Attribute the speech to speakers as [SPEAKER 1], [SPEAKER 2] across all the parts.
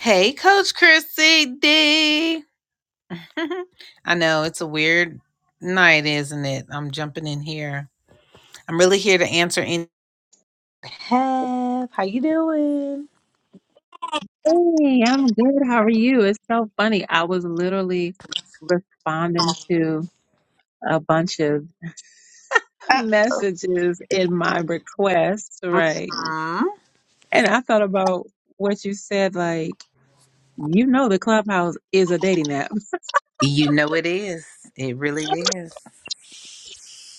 [SPEAKER 1] Hey, Coach Chrissy D. I know it's a weird night, isn't it? I'm jumping in here. I'm really here to answer any. Have how you doing?
[SPEAKER 2] Hey, I'm good. How are you? It's so funny. I was literally responding to a bunch of messages in my requests, right?
[SPEAKER 1] Um,
[SPEAKER 2] And I thought about what you said, like, you know, the Clubhouse is a dating app.
[SPEAKER 1] you know it is. It really is.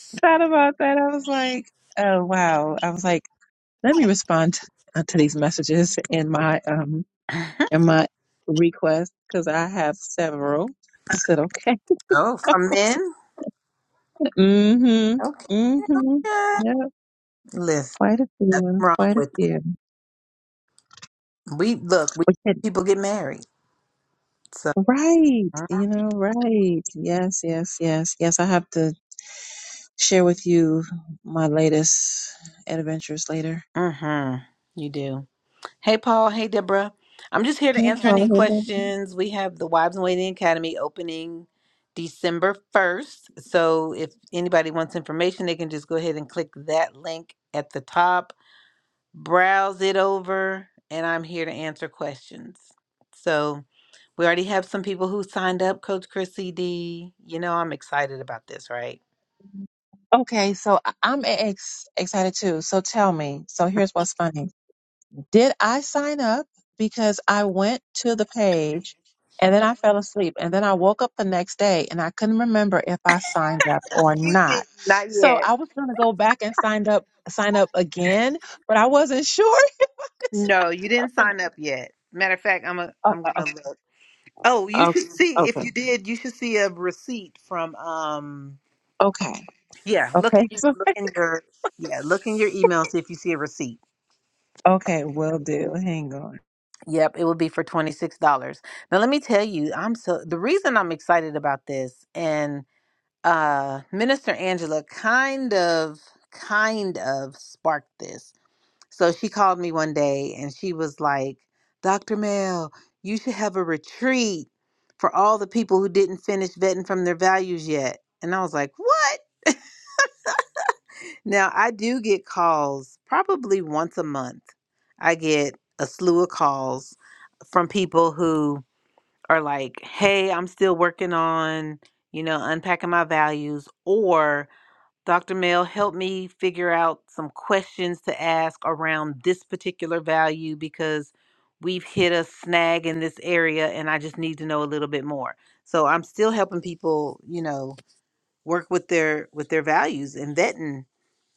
[SPEAKER 2] Thought about that. I was like, oh, wow. I was like, let me respond to, uh, to these messages in my, um, in my request because I have several. I said, okay.
[SPEAKER 1] oh, from men.
[SPEAKER 2] Mm-hmm.
[SPEAKER 1] Okay.
[SPEAKER 2] Mm-hmm. Yeah.
[SPEAKER 1] Listen,
[SPEAKER 2] Quite a
[SPEAKER 1] nothing
[SPEAKER 2] few,
[SPEAKER 1] wrong
[SPEAKER 2] quite a
[SPEAKER 1] with
[SPEAKER 2] few.
[SPEAKER 1] we look. We
[SPEAKER 2] We could,
[SPEAKER 1] people get married, so.
[SPEAKER 2] right, you know, right. Yes, yes, yes, yes. I have to share with you my latest adventures later.
[SPEAKER 1] Mm-hmm. You do. Hey, Paul. Hey, Deborah. I'm just here to
[SPEAKER 2] Hey,
[SPEAKER 1] answer any
[SPEAKER 2] Paula, hey, Becky.
[SPEAKER 1] questions. We have the Wives and Waiting Academy opening December 1st. So if anybody wants information, they can just go ahead and click that link at the top, browse it over, and I'm here to answer questions. So we already have some people who signed up, Coach Chrissy D. You know, I'm excited about this, right?
[SPEAKER 2] Okay, so I- I'm e-, ex- excited too. So tell me. So here's what's funny. Did I sign up? Because I went to the page and then I fell asleep. And then I woke up the next day and I couldn't remember if I signed up or
[SPEAKER 1] You did.
[SPEAKER 2] not.
[SPEAKER 1] Not
[SPEAKER 2] So
[SPEAKER 1] yet.
[SPEAKER 2] I was going to go back and signed up, sign up again, but I wasn't sure. if I
[SPEAKER 1] No, you didn't
[SPEAKER 2] signed up.
[SPEAKER 1] sign up yet. Matter of fact, I'm a,
[SPEAKER 2] Oh,
[SPEAKER 1] I'm
[SPEAKER 2] oh,
[SPEAKER 1] gonna look. Oh,
[SPEAKER 2] uh,
[SPEAKER 1] you
[SPEAKER 2] okay,
[SPEAKER 1] should see
[SPEAKER 2] oh,
[SPEAKER 1] if
[SPEAKER 2] okay.
[SPEAKER 1] you did. You should see a receipt from. um
[SPEAKER 2] Okay.
[SPEAKER 1] Yeah, look in
[SPEAKER 2] Okay.
[SPEAKER 1] your
[SPEAKER 2] So,
[SPEAKER 1] look in your yeah look in your email see if you see a receipt.
[SPEAKER 2] okay. Will do. Hang on.
[SPEAKER 1] Yep, it would be for twenty six dollars. Now let me tell you, I'm so the reason I'm excited about this and uh Minister Angela kind of kind of sparked this. So she called me one day and she was like, Dr. Mel, you should have a retreat for all the people who didn't finish vetting from their values yet. And I was like, what? Now, I do get calls probably once a month. I get a slew of calls from people who are like, hey, I'm still working on, you know, unpacking my values, or Dr. Mel, help me figure out some questions to ask around this particular value because we've hit a snag in this area and I just need to know a little bit more. So I'm still helping people, you know, work with their with their values and vetting.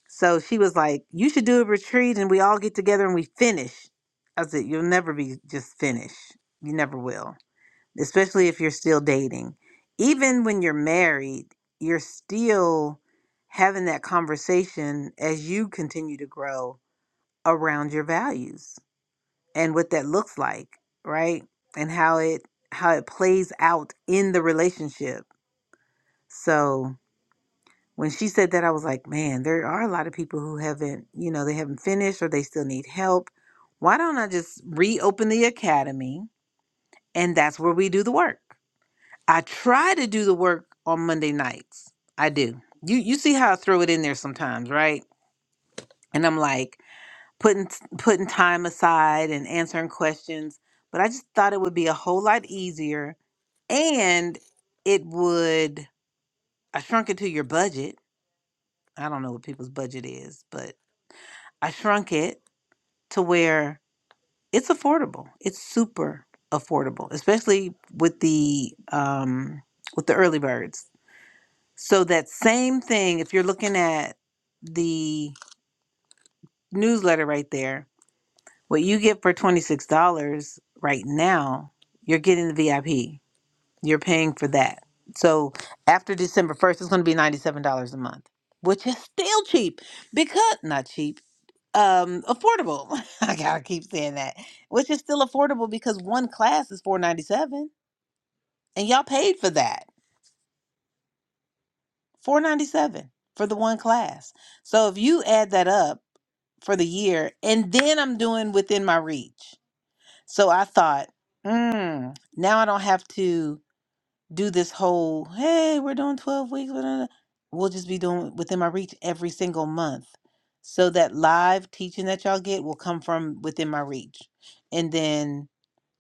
[SPEAKER 1] So she was like, "You should do a retreat and we all get together and we finish." I said, "You'll never be just finished. You never will." especially if you're still dating. Even when you're married, you're still having that conversation as you continue to grow around your values and what that looks like, right? And how it how it plays out in the relationship. So when she said that, I was like, man, there are a lot of people who haven't, you know, they haven't finished or they still need help. Why don't I just reopen the academy and that's where we do the work? I try to do the work on Monday nights. I do. You you see how I throw it in there sometimes, right? And I'm like putting putting time aside and answering questions, but I just thought it would be a whole lot easier and it would I shrunk it to your budget. I don't know what people's budget is, but I shrunk it to where it's affordable. It's super affordable, especially with the um with the early birds So that same thing, if you're looking at the newsletter right there, what you get for $26 right now, you're getting the VIP. You're paying for that. So after December 1st, it's going to be $97 a month, which is still cheap because not cheap, um affordable. I got to keep saying that. Which is still affordable because one class is 497 and y'all paid for that. 497 for the one class. So if you add that up for the year, and then I'm doing within my reach. So I thought, mm, now I don't have to do this whole, hey, we're doing 12 weeks. blah, blah, blah." We'll just be doing within my reach every single month. So that live teaching that y'all get will come from within my reach. And then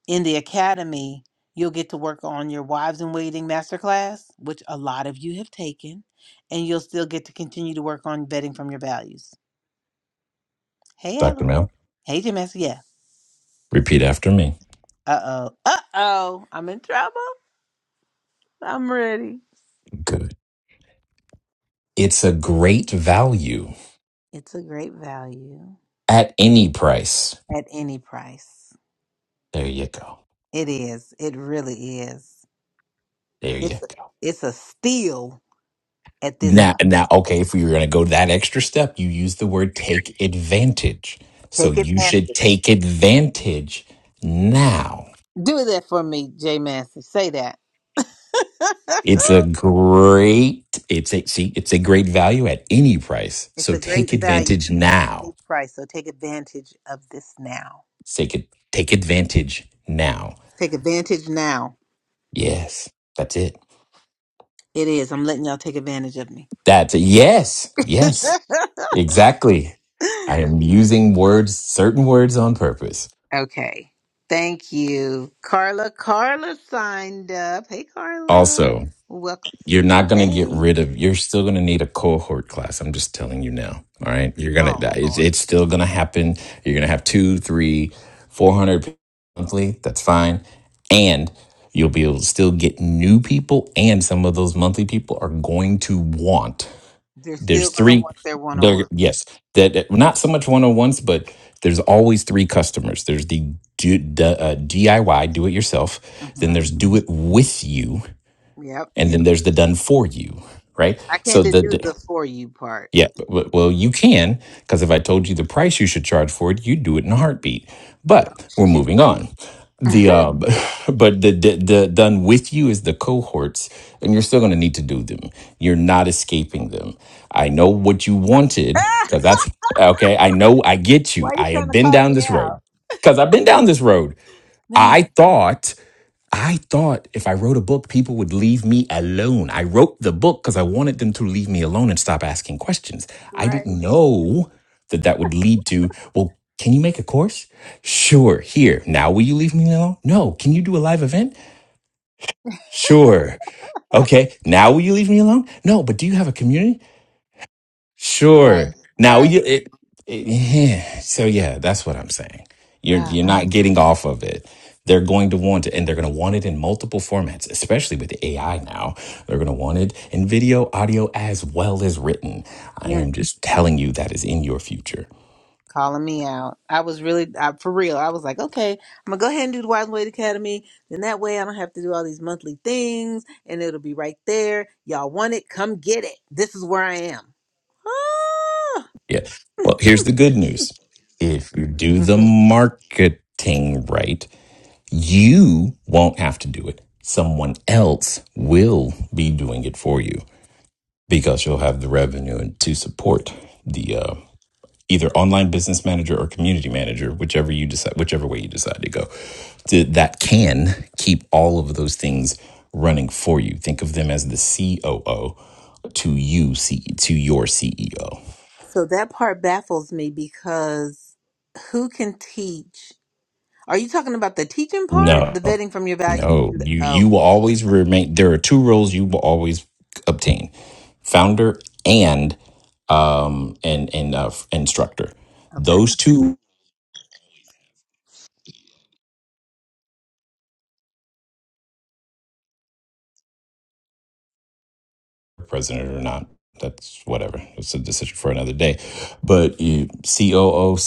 [SPEAKER 1] in the academy, you'll get to work on your wives in waiting masterclass, which a lot of you have taken, and you'll still get to continue to work on vetting from your values. Hey,
[SPEAKER 3] Dr.
[SPEAKER 1] Ella.
[SPEAKER 3] Mel,
[SPEAKER 1] Hey, James. Yeah.
[SPEAKER 3] repeat after me.
[SPEAKER 1] Uh oh. Uh oh. I'm in trouble. I'm ready.
[SPEAKER 3] Good. It's a great value
[SPEAKER 1] It's a great value
[SPEAKER 3] at any price.
[SPEAKER 1] at any price.
[SPEAKER 3] There you go.
[SPEAKER 1] It is. It really is.
[SPEAKER 3] There you
[SPEAKER 1] It's
[SPEAKER 3] go.
[SPEAKER 1] it's a steal at this
[SPEAKER 3] Now,
[SPEAKER 1] price.
[SPEAKER 3] now, okay, if we were going to go that extra step, you use the word take advantage. So
[SPEAKER 1] Take
[SPEAKER 3] you should
[SPEAKER 1] advantage.
[SPEAKER 3] take advantage now.
[SPEAKER 1] Do that for me, J Massey. Say that.
[SPEAKER 3] It's a great, it's a, see, it's a great value at any price.
[SPEAKER 1] It's
[SPEAKER 3] So
[SPEAKER 1] a
[SPEAKER 3] take
[SPEAKER 1] great value
[SPEAKER 3] advantage
[SPEAKER 1] at
[SPEAKER 3] now.
[SPEAKER 1] any price. So take advantage of this now.
[SPEAKER 3] Take it, take advantage now.
[SPEAKER 1] Take advantage now.
[SPEAKER 3] Yes, that's it.
[SPEAKER 1] It is. I'm letting y'all take advantage of me.
[SPEAKER 3] That's a yes. Yes. Exactly. I am using words, certain words on purpose.
[SPEAKER 1] okay. Thank you. Carla. Carla signed up. Hey, Carla.
[SPEAKER 3] Also,
[SPEAKER 1] Welcome to
[SPEAKER 3] you're not
[SPEAKER 1] the
[SPEAKER 3] going to get
[SPEAKER 1] stage.
[SPEAKER 3] rid of, you're still going to need a cohort class. I'm just telling you now. All right. You're going
[SPEAKER 1] Oh,
[SPEAKER 3] to, it's,
[SPEAKER 1] Lord.
[SPEAKER 3] it's still going to happen. You're going to have two, three, four hundred people monthly. That's fine. And you'll be able to still get new people. And some of those monthly people are going to want
[SPEAKER 1] They're
[SPEAKER 3] there's
[SPEAKER 1] still going to
[SPEAKER 3] three
[SPEAKER 1] want their one on
[SPEAKER 3] there
[SPEAKER 1] ones.
[SPEAKER 3] yes that that- not so much one-on-ones but there's always three customers there's the, do, the uh, diy do it yourself then
[SPEAKER 1] hmm
[SPEAKER 3] there's do it with you
[SPEAKER 1] Yep.
[SPEAKER 3] and then there's the done for you right
[SPEAKER 1] I
[SPEAKER 3] so
[SPEAKER 1] can't do
[SPEAKER 3] the, the
[SPEAKER 1] the for you part.
[SPEAKER 3] yeah, but, well, you can, because if I told you the price you should charge for it, you'd do it in a heartbeat.
[SPEAKER 1] Oh,
[SPEAKER 3] But we're
[SPEAKER 1] shoot.
[SPEAKER 3] moving on. The uh, but the, the the done with you is the cohorts, and you're still going to need to do them. You're not escaping them. I know what you wanted,
[SPEAKER 1] Ah!
[SPEAKER 3] because that's okay. I know. I get you.
[SPEAKER 1] Why are you
[SPEAKER 3] I
[SPEAKER 1] trying
[SPEAKER 3] have
[SPEAKER 1] to
[SPEAKER 3] been
[SPEAKER 1] call
[SPEAKER 3] down
[SPEAKER 1] me
[SPEAKER 3] this
[SPEAKER 1] out?
[SPEAKER 3] road, because I've been down this road.
[SPEAKER 1] Man.
[SPEAKER 3] I thought I thought if I wrote a book, people would leave me alone. I wrote the book because I wanted them to leave me alone and stop asking questions. I
[SPEAKER 1] Right.
[SPEAKER 3] didn't know that that would lead to, well, can you make a course? Sure. Here. Now will you leave me alone? No. Can you do a live event? Sure. Okay. Now will you leave me alone? No. But do you have a community?
[SPEAKER 1] Right.
[SPEAKER 3] Sure. Now
[SPEAKER 1] Right.
[SPEAKER 3] you it, it yeah. so yeah, that's what I'm saying. You're
[SPEAKER 1] Ah,
[SPEAKER 3] you're not getting off of it. They're going to want it and they're going to want it in multiple formats, especially with AI now. They're going to want it in video, audio as well as written. I
[SPEAKER 1] mm,
[SPEAKER 3] am just telling you that is in your future.
[SPEAKER 1] calling me out. I was really, I, for real, I was like, okay, I'm going to go ahead and do the Wise and Wade Academy. Then that way I don't have to do all these monthly things and it'll be right there. Y'all want it? Come get it. This is where I am.
[SPEAKER 3] Yeah. Well, here's the good news. If you do the
[SPEAKER 1] hmm
[SPEAKER 3] marketing right, you won't have to do it. Someone else will be doing it for you because you'll have the revenue to support the uh, either online business manager or community manager, whichever you decide, whichever way you decide to go. Th- That can keep all of those things running for you. Think of them as the COO to you, C- to your CEO.
[SPEAKER 1] So that part baffles me because who can teach? Are you talking about the teaching part?
[SPEAKER 3] No,
[SPEAKER 1] The vetting from your value?
[SPEAKER 3] No, you
[SPEAKER 1] Oh,
[SPEAKER 3] you will always remain. There are two roles you will always obtain: founder and um and and uh, instructor.
[SPEAKER 1] okay.
[SPEAKER 3] Those two president or not. That's whatever. It's a decision for another day. But you, COO,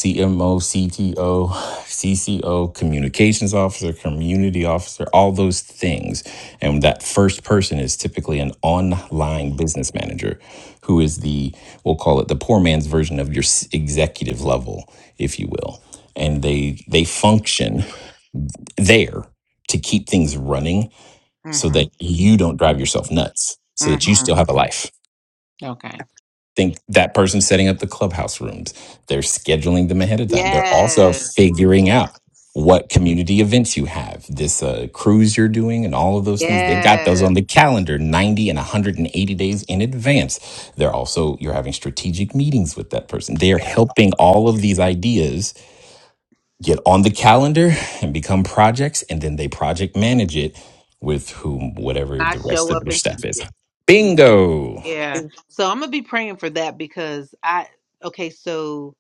[SPEAKER 3] communications officer, community officer, all those things. And that first person is typically an online business manager who is the, we'll call it the poor man's version of your s- executive level, if you will. And they they function there to keep things running
[SPEAKER 1] mm
[SPEAKER 3] so
[SPEAKER 1] hmm
[SPEAKER 3] that you don't drive yourself nuts, so
[SPEAKER 1] mm
[SPEAKER 3] that you still
[SPEAKER 1] hmm
[SPEAKER 3] have a life
[SPEAKER 1] Okay.
[SPEAKER 3] think that person's setting up the clubhouse rooms. They're scheduling them ahead of time. They're also
[SPEAKER 1] Yes.
[SPEAKER 3] figuring out what community events you have, this uh, cruise you're doing, and all of those things. They've
[SPEAKER 1] Yes.
[SPEAKER 3] got those on the calendar 90 and 180 days in advance. They're also, you're having strategic meetings with that person. They are
[SPEAKER 1] Yes.
[SPEAKER 3] helping all of these ideas get on the calendar and become projects, and then they project manage it with whom, whatever
[SPEAKER 1] I
[SPEAKER 3] the rest
[SPEAKER 1] show
[SPEAKER 3] of
[SPEAKER 1] up
[SPEAKER 3] their
[SPEAKER 1] and
[SPEAKER 3] staff
[SPEAKER 1] teach
[SPEAKER 3] is.
[SPEAKER 1] it. Yeah.
[SPEAKER 3] Bingo.
[SPEAKER 1] yeah. So I'm gonna be praying for that because I okay, so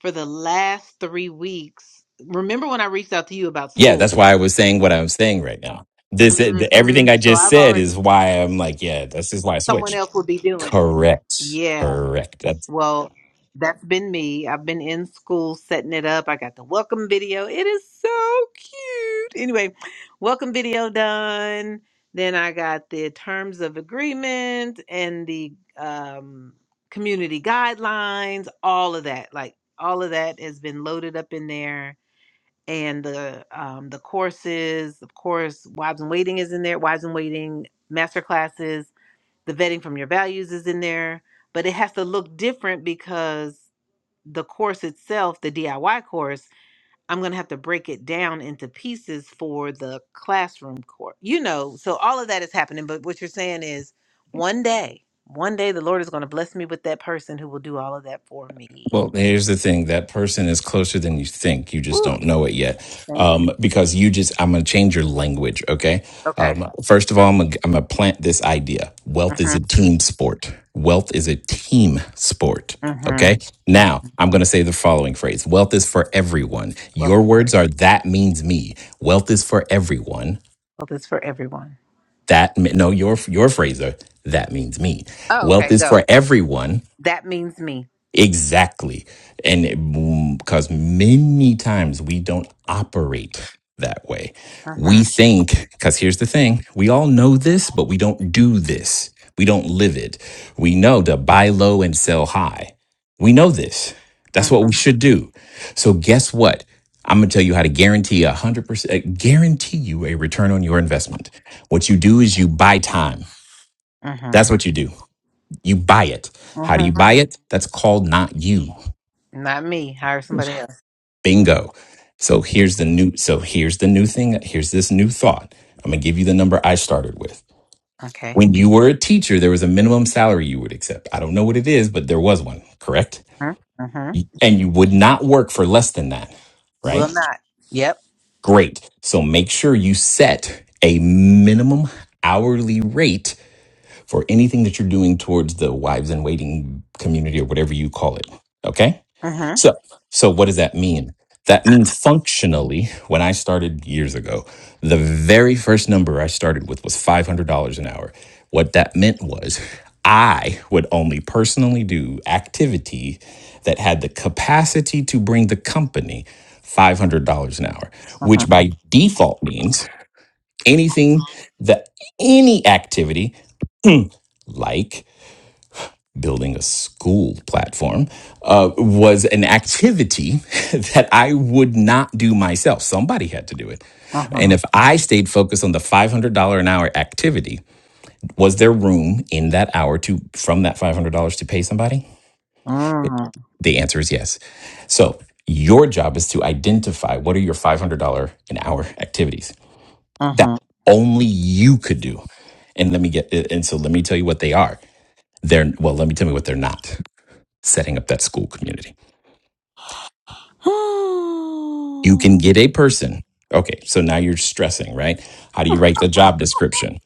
[SPEAKER 1] for the last three weeks, remember when I reached out to you about
[SPEAKER 3] Yeah, that's
[SPEAKER 1] school?
[SPEAKER 3] why I was saying what I'm saying right now. This eh, the,
[SPEAKER 1] hmm
[SPEAKER 3] everything I
[SPEAKER 1] So
[SPEAKER 3] just
[SPEAKER 1] I've
[SPEAKER 3] said
[SPEAKER 1] already
[SPEAKER 3] is why I'm like, yeah, this is why I
[SPEAKER 1] someone
[SPEAKER 3] switched.
[SPEAKER 1] else will be doing it.
[SPEAKER 3] Correct.
[SPEAKER 1] Yeah.
[SPEAKER 3] Correct.
[SPEAKER 1] Well, that's been me. I've been in school setting it up. I got the welcome video. It is so cute. Anyway, welcome video done. Then I got the terms of agreement and the um, community guidelines, all of that. Like all of that has been loaded up in there. And the um, the courses, of course, Wives and Waiting is in there. Wives and Waiting master classes the vetting from your values is in there, but it has to look different because the course itself, the DIY course, I'm going to have to break it down into pieces for the classroom course. You know, so all of that is happening, but what you're saying is one day, one day the Lord is going to bless me with that person who will do all of that for me.
[SPEAKER 3] Well, here's the thing. That person is closer than you think. You just
[SPEAKER 1] Woo,
[SPEAKER 3] don't know it yet.
[SPEAKER 1] thank you.
[SPEAKER 3] Um, because you just, I'm going to change your language. Okay.
[SPEAKER 1] Okay.
[SPEAKER 3] Um, first of all, I'm going to I'm going to plant this idea. Wealth is
[SPEAKER 1] Mhm,
[SPEAKER 3] a team sport. Wealth is a team sport.
[SPEAKER 1] mhm,
[SPEAKER 3] Okay. Now
[SPEAKER 1] mhm.
[SPEAKER 3] I'm going to say the following phrase. Wealth is for everyone.
[SPEAKER 1] Wealth
[SPEAKER 3] Your
[SPEAKER 1] is for
[SPEAKER 3] words are that means me. Wealth is for everyone.
[SPEAKER 1] Well, is for everyone.
[SPEAKER 3] That, me- no, your, your phrase are that means me.
[SPEAKER 1] Oh,
[SPEAKER 3] Wealth
[SPEAKER 1] okay,
[SPEAKER 3] is
[SPEAKER 1] go.
[SPEAKER 3] for everyone
[SPEAKER 1] That means me.
[SPEAKER 3] Exactly. And it, because many times we don't operate that way. We
[SPEAKER 1] Mhm,
[SPEAKER 3] think, because here's the thing we all know this, but we don't do this. We don't live it. We know to buy low and sell high. We know this. That's what we
[SPEAKER 1] mhm,
[SPEAKER 3] should do. So, guess what? I'm going to tell you how to guarantee a 100%, guarantee you a return on your investment. What you do is you buy time.
[SPEAKER 1] mhm,
[SPEAKER 3] That's what you do. You buy it.
[SPEAKER 1] mhm,
[SPEAKER 3] How do you buy it? That's called not used.
[SPEAKER 1] Not me. Hire somebody else.
[SPEAKER 3] Bingo. So here's the new so here's the new thing. Here's this new thought. I'm gonna give you the number I started with.
[SPEAKER 1] Okay.
[SPEAKER 3] When you were a teacher, there was a minimum salary you would accept. I don't know what it is, but there was one, correct?
[SPEAKER 1] Mm-hmm. Mm-hmm.
[SPEAKER 3] And you would not work for less than that,
[SPEAKER 1] Will
[SPEAKER 3] right?
[SPEAKER 1] not. Yep.
[SPEAKER 3] Great. So make sure you set a minimum hourly rate for anything that you're doing towards the wives in waiting community or whatever you call it. Okay
[SPEAKER 1] Mm-hmm.
[SPEAKER 3] So, so what does that mean? That means functionally, when I started years ago, the very first number I started with was $500 an hour. What that meant was I would only personally do activity that had the capacity to bring the company $500 an hour, which
[SPEAKER 1] Mm-hmm.
[SPEAKER 3] by default means anything that any activity like building a school platform uh, was an activity that I would not do myself. Somebody had to do it. And if
[SPEAKER 1] Mm-hmm.
[SPEAKER 3] I stayed focused on the $500 an hour activity, was there room in that hour to from that $500 to pay somebody? The answer is yes. So, your job is to identify what are your $500 an hour activities
[SPEAKER 1] Mm-hmm.
[SPEAKER 3] that only you could do. And let me get and so let me tell you what they are. They're well, let me tell you what they're not. Setting up that school community You can
[SPEAKER 1] Mm-hmm.
[SPEAKER 3] get a person. Okay, so now you're stressing, right? How do you write the job description?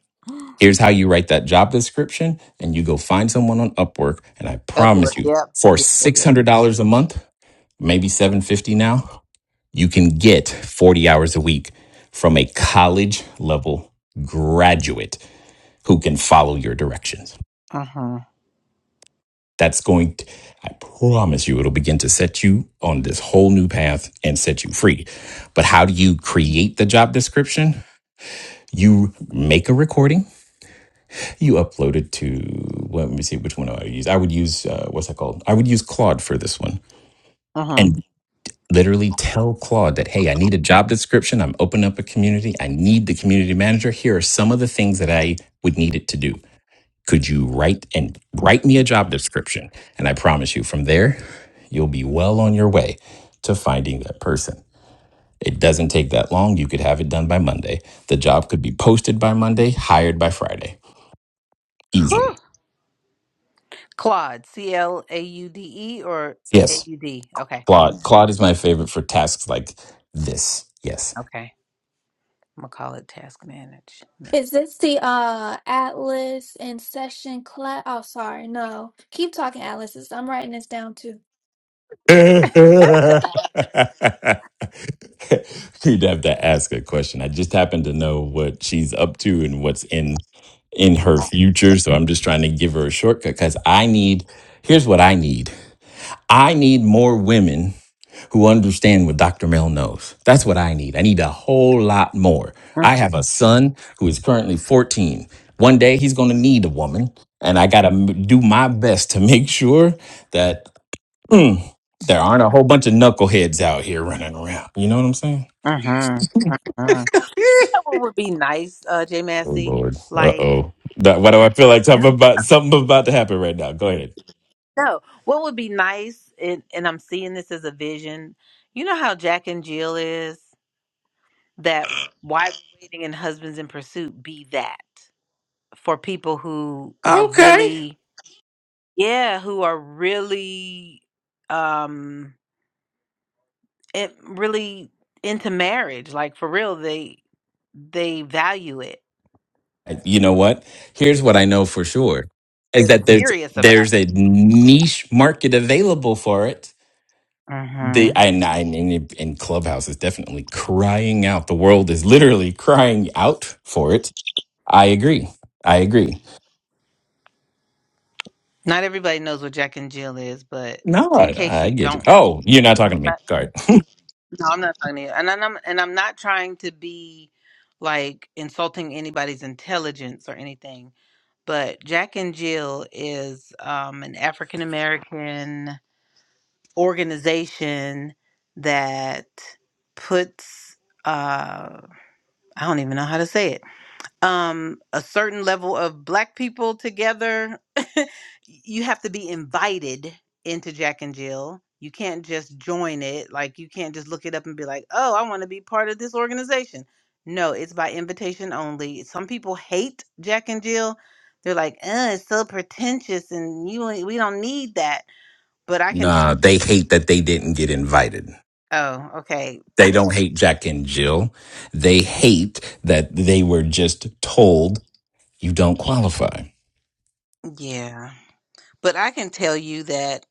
[SPEAKER 3] Here's how you write that job description, and you go find someone on Upwork, and I
[SPEAKER 1] Upward.
[SPEAKER 3] promise you,
[SPEAKER 1] Yep.
[SPEAKER 3] for
[SPEAKER 1] Yep. Yep.
[SPEAKER 3] six
[SPEAKER 1] Yep.
[SPEAKER 3] hundred dollars a month, maybe seven hundred fifty dollars now, you can get forty hours a week from a college level graduate who can follow your directions.
[SPEAKER 1] Mm-hmm.
[SPEAKER 3] That's going to, I promise you, it'll begin to set you on this whole new path and set you free. But how do you create the job description? You make a recording, you upload it to, well, let me see which one do I use. I would use, uh, what's that called? I would use Claude for this one.
[SPEAKER 1] Mm-hmm.
[SPEAKER 3] And literally tell Claude that, hey, I need a job description. I'm opening up a community. I need the community manager. Here are some of the things that I would need it to do. Could you write and write me a job description? And I promise you, from there, you'll be well on your way to finding that person. It doesn't take that long. You could have it done by Monday. The job could be posted by Monday, hired by Friday, easily.
[SPEAKER 1] Whew. Claude. C L A U D E or A
[SPEAKER 3] Yes,
[SPEAKER 1] U D. Okay.
[SPEAKER 3] Claude. Claude is my favorite for tasks like this. Yes.
[SPEAKER 1] Okay. I'm gonna call it task manage.
[SPEAKER 4] Is this the uh Atlas and session class? Oh, sorry, no. Keep talking, Atlas. It's- I'm writing this down too.
[SPEAKER 3] You'd have to ask a question. I just happen to know what she's up to and what's in in her future, so I'm just trying to give her a shortcut cuz I need here's what I need. I need more women who understand what Dr. Mel knows. That's what I need. I need a whole lot more. I
[SPEAKER 1] Mm-hmm.
[SPEAKER 3] have a son who is currently 14. One day he's going to need a woman, and I got to do my best to make sure that mm, there aren't a whole bunch of knuckleheads out here running around. You know what I'm saying?
[SPEAKER 1] Mm-hmm. You know what would be nice, uh, J
[SPEAKER 3] Oh
[SPEAKER 1] Massey?
[SPEAKER 3] Lord. Uh
[SPEAKER 1] Like.
[SPEAKER 3] oh. Why do I feel like something about something about to happen right now? Go ahead.
[SPEAKER 1] No. What would be nice, and, and I'm seeing this as a vision, you know how Jack and Jill is? That wives in waiting and husbands in pursuit be that for people who are
[SPEAKER 3] Okay.
[SPEAKER 1] really, yeah, who are really, um, it, really into marriage. Like for real, they they value it.
[SPEAKER 3] you know what? Here's what I know for sure is
[SPEAKER 1] They're
[SPEAKER 3] that there's
[SPEAKER 1] serious about
[SPEAKER 3] there's
[SPEAKER 1] it.
[SPEAKER 3] a niche market available for it.
[SPEAKER 1] hmm
[SPEAKER 3] The and, and, and and Clubhouse is definitely crying out. The world is literally crying out for it. I agree. I agree.
[SPEAKER 1] Not everybody knows what Jack and Jill is, but
[SPEAKER 3] No,
[SPEAKER 1] in
[SPEAKER 3] I,
[SPEAKER 1] case
[SPEAKER 3] I
[SPEAKER 1] you
[SPEAKER 3] get it.
[SPEAKER 1] don't.
[SPEAKER 3] Oh, you're not talking to me. Sorry.
[SPEAKER 1] No, I'm not talking to you. And I'm and I'm not trying to be like insulting anybody's intelligence or anything. But Jack and Jill is um, an African American organization that puts uh, I don't even know how to say it um a certain level of black people together you have to be invited into jack and jill you can't just join it like you can't just look it up and be like oh i want to be part of this organization no it's by invitation only some people hate jack and jill they're like uh it's so pretentious and you ain't- we don't need that but i can
[SPEAKER 3] Nah, they hate that they didn't get invited.
[SPEAKER 1] oh okay
[SPEAKER 3] They don't hate Jack and Jill. They hate that they were just told you don't qualify.
[SPEAKER 1] yeah but i can tell you that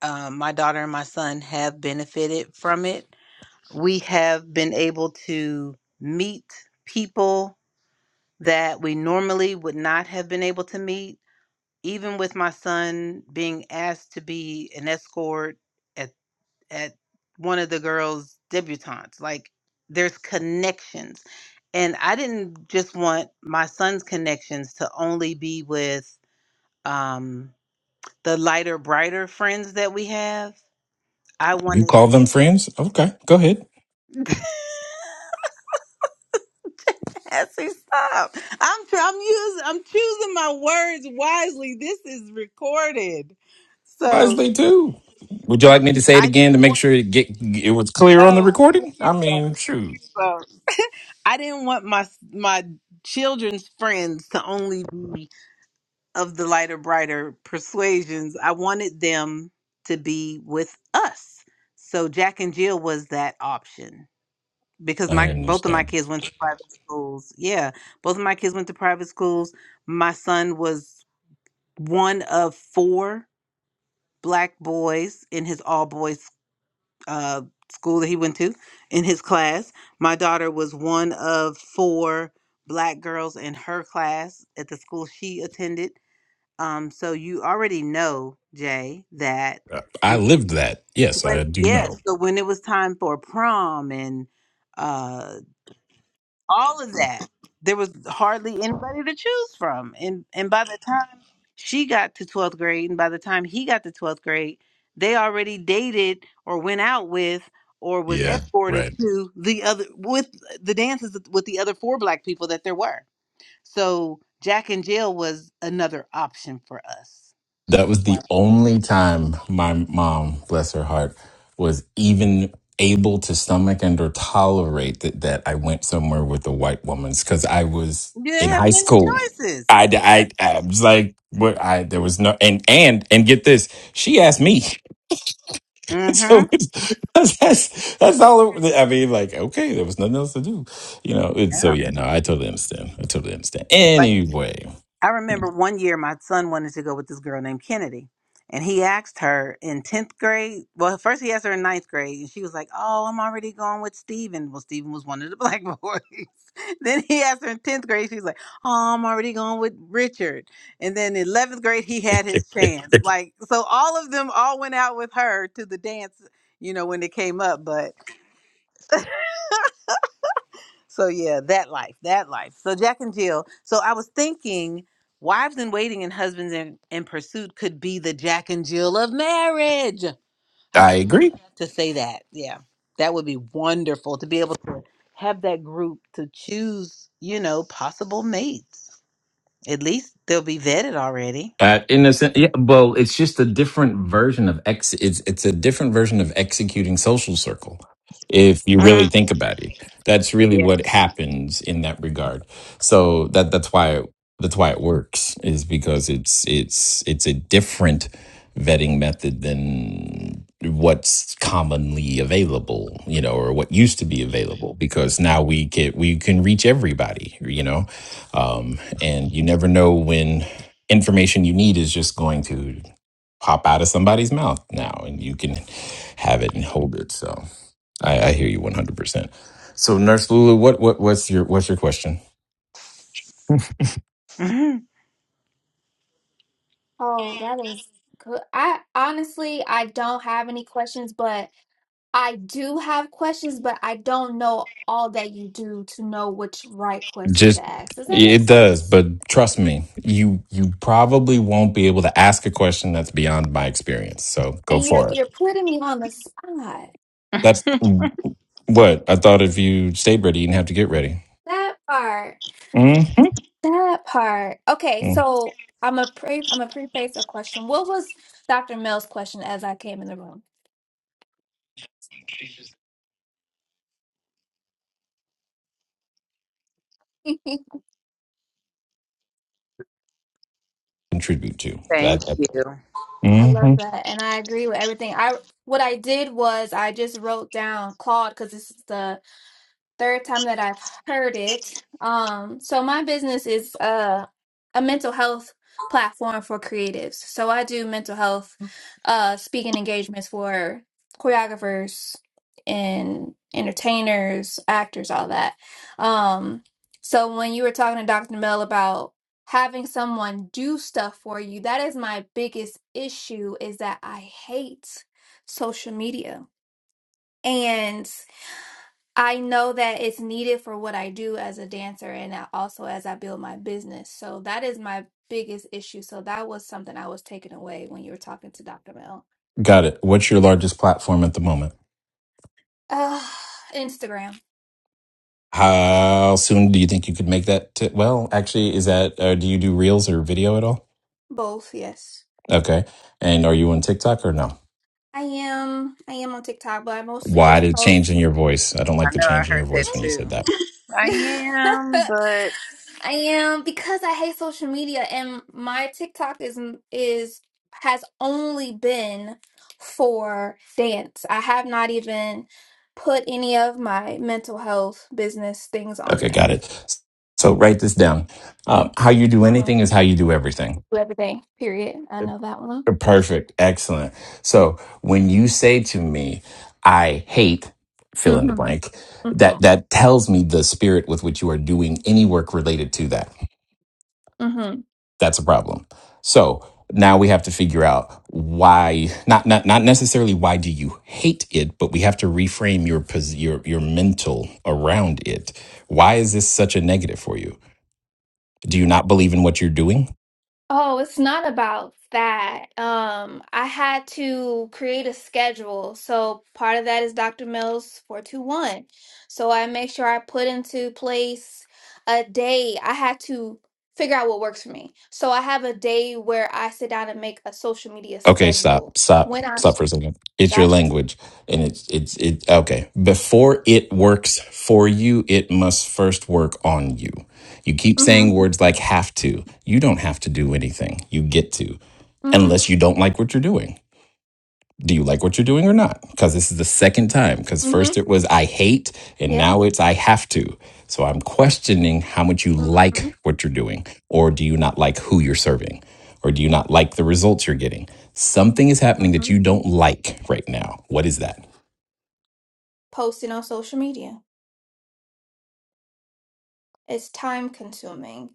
[SPEAKER 1] um, my daughter and my son have benefited from it we have been able to meet people that we normally would not have been able to meet. Even with my son being asked to be an escort at at one of the girls' debutantes, like there's connections. And I didn't just want my son's connections to only be with um, the lighter, brighter friends that we have. I
[SPEAKER 3] You
[SPEAKER 1] wanted
[SPEAKER 3] call them friends? Okay, go ahead.
[SPEAKER 1] Essie, stop. I'm tr- I'm using I'm choosing my words wisely. This is recorded. So
[SPEAKER 3] Wisely too. Would you like me to say it
[SPEAKER 1] I
[SPEAKER 3] again to
[SPEAKER 1] didn't
[SPEAKER 3] make
[SPEAKER 1] want
[SPEAKER 3] sure it get it was clear on the
[SPEAKER 1] no,
[SPEAKER 3] recording? I
[SPEAKER 1] please
[SPEAKER 3] mean,
[SPEAKER 1] don't.
[SPEAKER 3] shoot,
[SPEAKER 1] Please don't. I didn't want my my children's friends to only be of the lighter, brighter persuasions. I wanted them to be with us. So Jack and Jill was that option because
[SPEAKER 3] I
[SPEAKER 1] my both of my
[SPEAKER 3] understand.
[SPEAKER 1] kids went to private schools. Yeah, both of my kids went to private schools my son was one of four black boys in his all boys uh, school that he went to in his class. My daughter was one of four black girls in her class at the school she attended. Um, so you already know, Jay, that
[SPEAKER 3] Uh, I
[SPEAKER 1] when,
[SPEAKER 3] lived that. Yes,
[SPEAKER 1] when
[SPEAKER 3] I do
[SPEAKER 1] yeah,
[SPEAKER 3] know.
[SPEAKER 1] so when it was time for prom and uh. all of that. There was hardly anybody to choose from. And and by the time she got to 12th grade and by the time he got to 12th grade, they already dated or went out with or was
[SPEAKER 3] Yeah,
[SPEAKER 1] escorted
[SPEAKER 3] right.
[SPEAKER 1] to the other with the dances with the other four black people that there were. So Jack and Jill was another option for us.
[SPEAKER 3] That was
[SPEAKER 1] Wow.
[SPEAKER 3] the only time my mom, bless her heart, was even able to stomach and or tolerate that that I went somewhere with a white woman's because I was
[SPEAKER 1] You didn't
[SPEAKER 3] in
[SPEAKER 1] have
[SPEAKER 3] high
[SPEAKER 1] many
[SPEAKER 3] school.
[SPEAKER 1] choices.
[SPEAKER 3] I, I, I was like, what? I there was no and and and get this. She asked me.
[SPEAKER 1] Mm-hmm.
[SPEAKER 3] so it's- that's that's that's all. it- I mean, like, okay, there was nothing else to do, you know. It's so
[SPEAKER 1] Yeah.
[SPEAKER 3] yeah, no, I totally understand. I totally understand. Anyway,
[SPEAKER 1] I remember one year my son wanted to go with this girl named Kennedy. And he asked her in 10th grade. Well, first he asked her in ninth grade, and she was like, Oh, I'm already going with Steven. Well, Steven was one of the black boys. then he asked her in 10th grade, she was like, Oh, I'm already going with Richard. And then in 11th grade, he had his chance. Like, so all of them all went out with her to the dance, you know, when it came up. but. So yeah, that life, that life. So Jack and Jill. So I was thinking, wives in waiting and husbands in, in pursuit could be the Jack and Jill of marriage. I
[SPEAKER 3] I
[SPEAKER 1] should
[SPEAKER 3] agree.
[SPEAKER 1] have to say that. Yeah, that would be wonderful to be able to have that group to choose, you know, possible mates. At least they'll be vetted already.
[SPEAKER 3] That in a sense, yeah. Well, it's just a different version of ex. It's it's a different version of executing social circle. If you really
[SPEAKER 1] Mm.
[SPEAKER 3] think about it, that's really
[SPEAKER 1] Yeah,
[SPEAKER 3] what happens in that regard. So that that's why that's why it works is because it's it's it's a different vetting method than what's commonly available, you know, or what used to be available. Because now we can we can reach everybody, you know, um, and you never know when information you need is just going to pop out of somebody's mouth now and you can have it and hold it so i, I hear you 100% so nurse lulu what, what what's your what's your question
[SPEAKER 1] hmm
[SPEAKER 4] Oh, that is good. I honestly, I don't have any questions, but I do have questions, but I don't know all that you do to know which right question
[SPEAKER 3] just
[SPEAKER 4] to ask. Does that make
[SPEAKER 3] it does
[SPEAKER 4] sense?
[SPEAKER 3] but trust me you you probably won't be able to ask a question that's beyond my experience so go
[SPEAKER 4] And you're
[SPEAKER 3] for it
[SPEAKER 4] you're putting me on the spot.
[SPEAKER 3] that's what i thought if you stayed ready you didn't have to get ready
[SPEAKER 4] That part.
[SPEAKER 3] mm-hmm.
[SPEAKER 4] That part. Okay, so I'm a pre I'm a preface a question. What was Dr. Mel's question as I came in the room? I
[SPEAKER 3] contribute to
[SPEAKER 1] thank
[SPEAKER 3] that,
[SPEAKER 1] you.
[SPEAKER 4] love
[SPEAKER 3] Mhm.
[SPEAKER 4] that. And I agree with everything. I what I did was I just wrote down Claude because this is the third time that I've heard it. Um, so my business is uh, a mental health platform for creatives. So I do mental health uh, speaking engagements for choreographers and entertainers, actors, all that. Um, so when you were talking to Dr. Mel about having someone do stuff for you, that is my biggest issue is that I hate social media. And I know that it's needed for what I do as a dancer and I- also as I build my business. So that is my biggest issue. So that was something I was taking away when you were talking to Dr. Mel.
[SPEAKER 3] got it what's your largest platform at the moment
[SPEAKER 4] Uh, Instagram,
[SPEAKER 3] How soon do you think you could make that? T- well, actually, is that uh, do you do reels or video at all?
[SPEAKER 4] both, yes.
[SPEAKER 3] Okay, and are you on TikTok or no?
[SPEAKER 4] I am I am on TikTok, but I mostly
[SPEAKER 3] Why
[SPEAKER 4] just
[SPEAKER 3] did change in
[SPEAKER 4] post.
[SPEAKER 3] your voice? I don't like
[SPEAKER 1] I
[SPEAKER 3] the
[SPEAKER 1] know I
[SPEAKER 3] change in your
[SPEAKER 1] heard that
[SPEAKER 3] voice when you said
[SPEAKER 1] too.
[SPEAKER 3] that.
[SPEAKER 1] I am, but
[SPEAKER 4] I am because I hate social media and my TikTok is is has only been for dance. I have not even put any of my mental health business things on
[SPEAKER 3] Okay, got
[SPEAKER 4] there.
[SPEAKER 3] it. So write this down. Um, how you do
[SPEAKER 4] Oh,
[SPEAKER 3] anything is how you do everything.
[SPEAKER 4] do everything. Period. I know that one.
[SPEAKER 3] Perfect. Excellent. So when you say to me, I hate fill in the
[SPEAKER 4] Mhm.
[SPEAKER 3] blank, that that tells me the spirit with which you are doing any work related to that.
[SPEAKER 4] Mhm.
[SPEAKER 3] That's a problem. So now we have to figure out why not not not necessarily why do you hate it, but we have to reframe your pos- your your mental around it. Why is this such a negative for you? Do you not believe in what you're doing?
[SPEAKER 4] Oh, it's not about that. Um, I had to create a schedule. So part of that is Dr. Mills 421. So I make sure I put into place a day. I had to figure out what works for me. So I have a day where I sit down and make a social media
[SPEAKER 3] Okay, stop,
[SPEAKER 4] schedule.
[SPEAKER 3] stop,
[SPEAKER 4] When I
[SPEAKER 3] stop for a second. It's your
[SPEAKER 4] gotcha.
[SPEAKER 3] language, and it's it's it. Okay, before it works for you, it must first work on you. You keep saying
[SPEAKER 4] Mm-hmm.
[SPEAKER 3] words like "have to." You don't have to do anything. You get to,
[SPEAKER 4] Mm-hmm.
[SPEAKER 3] unless you don't like what you're doing. do you like what you're doing or not? Because this is the second time. Because
[SPEAKER 4] Mm-hmm.
[SPEAKER 3] first it was I hate, and
[SPEAKER 4] Yeah.
[SPEAKER 3] now it's I have to. So I'm questioning how much you
[SPEAKER 4] Mm-hmm.
[SPEAKER 3] like what you're doing, or do you not like who you're serving, or do you not like the results you're getting? Something is happening that
[SPEAKER 4] Mm-hmm.
[SPEAKER 3] you don't like right now. What is that?
[SPEAKER 4] Posting on social media. It's time consuming.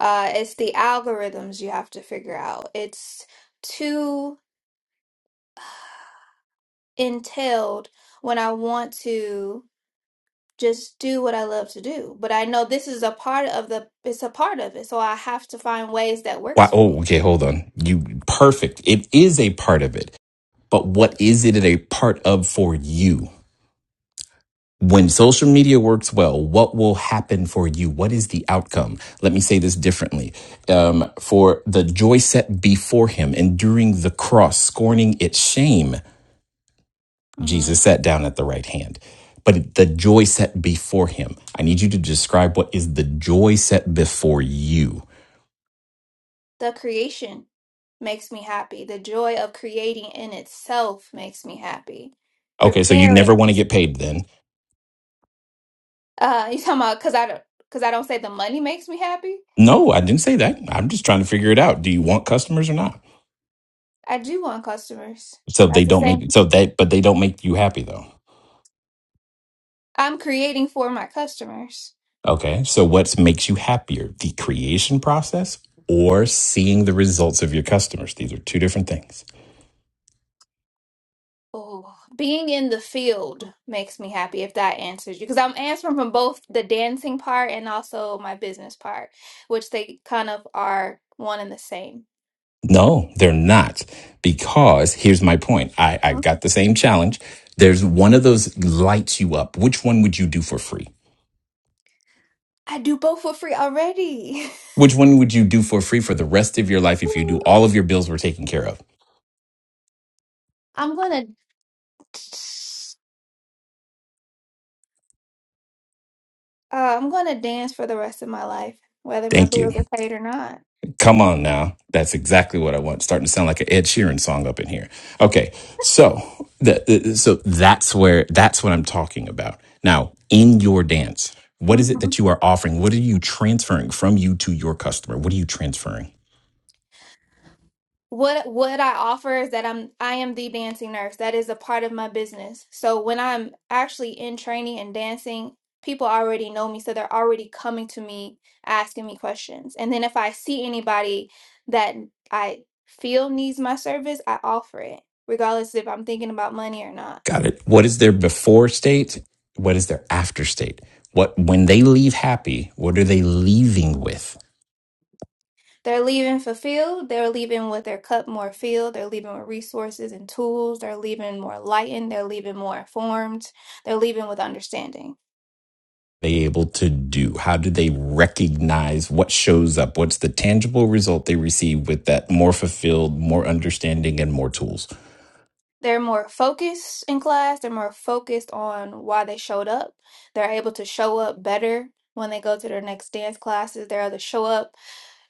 [SPEAKER 4] Uh, it's the algorithms you have to figure out. It's too entailed when I want to just do what I love to do. But I know this is a part of the, it's a part of it. So I have to find ways that
[SPEAKER 3] Why?
[SPEAKER 4] works for
[SPEAKER 3] Oh,
[SPEAKER 4] me.
[SPEAKER 3] okay, hold on. You perfect. It is a part of it, but what is it a part of for you? When social media works well, what will happen for you? What is the outcome? Let me say this differently. Um, for the joy set before him, enduring the cross, scorning its shame,
[SPEAKER 4] hmm
[SPEAKER 3] Jesus sat down at the right hand. But the joy set before him, I need you to describe what is the joy set before you.
[SPEAKER 4] The creation makes me happy. The joy of creating in itself makes me happy.
[SPEAKER 3] Okay, so you
[SPEAKER 4] Preparing.
[SPEAKER 3] never want to get paid then.
[SPEAKER 4] Uh, you talking about because I don't because I don't say the money makes me happy.
[SPEAKER 3] No, I didn't say that. I'm just trying to figure it out. Do you want customers or not?
[SPEAKER 4] I do want customers.
[SPEAKER 3] So they
[SPEAKER 4] That's the
[SPEAKER 3] don't
[SPEAKER 4] same.
[SPEAKER 3] make so that, but they don't make you happy though.
[SPEAKER 4] I'm creating for my customers.
[SPEAKER 3] Okay. So what makes you happier? The creation process or seeing the results of your customers? These are two different things.
[SPEAKER 4] Oh, being in the field makes me happy if that answers you because I'm answering from both the dancing part and also my business part, which they kind of are one and the same.
[SPEAKER 3] No, they're not. Because here's my point. I, I've
[SPEAKER 4] Mhm.
[SPEAKER 3] got the same challenge. There's one of those lights you up. Which one would you do for free?
[SPEAKER 4] I do both for free already.
[SPEAKER 3] Which one would you do for free for the rest of your life if you do
[SPEAKER 4] Ooh.
[SPEAKER 3] all of your bills were taken care of?
[SPEAKER 4] I'm gonna uh, I'm gonna dance for the rest of my life, whether my
[SPEAKER 3] Thank you.
[SPEAKER 4] bills are paid or not.
[SPEAKER 3] Come on now. That's exactly what I want. It's Starting to sound like an Ed Sheeran song up in here. Okay. So that so that's where that's what I'm talking about. Now, in your dance, what is
[SPEAKER 4] Mm-hmm.
[SPEAKER 3] it that you are offering? What are you transferring from you to your customer? What are you transferring?
[SPEAKER 4] What what I offer is that I'm I am the dancing nurse. That is a part of my business. So when I'm actually in training and dancing, people already know me, so they're already coming to me asking me questions. And then if I see anybody that I feel needs my service, I offer it, regardless if I'm thinking about money or not.
[SPEAKER 3] Got it. What is their before state? What is their after state? What when they leave happy, what are they leaving with?
[SPEAKER 4] They're leaving fulfilled, they're leaving with their cup more filled, they're leaving with resources and tools, they're leaving more lightened, they're leaving more informed, they're leaving with understanding.
[SPEAKER 3] They able to do? How do they recognize what shows up? What's the tangible result they receive with that more fulfilled, more understanding, and more tools?
[SPEAKER 4] They're more focused in class. They're more focused on why they showed up. They're able to show up better when they go to their next dance classes. They're able to show up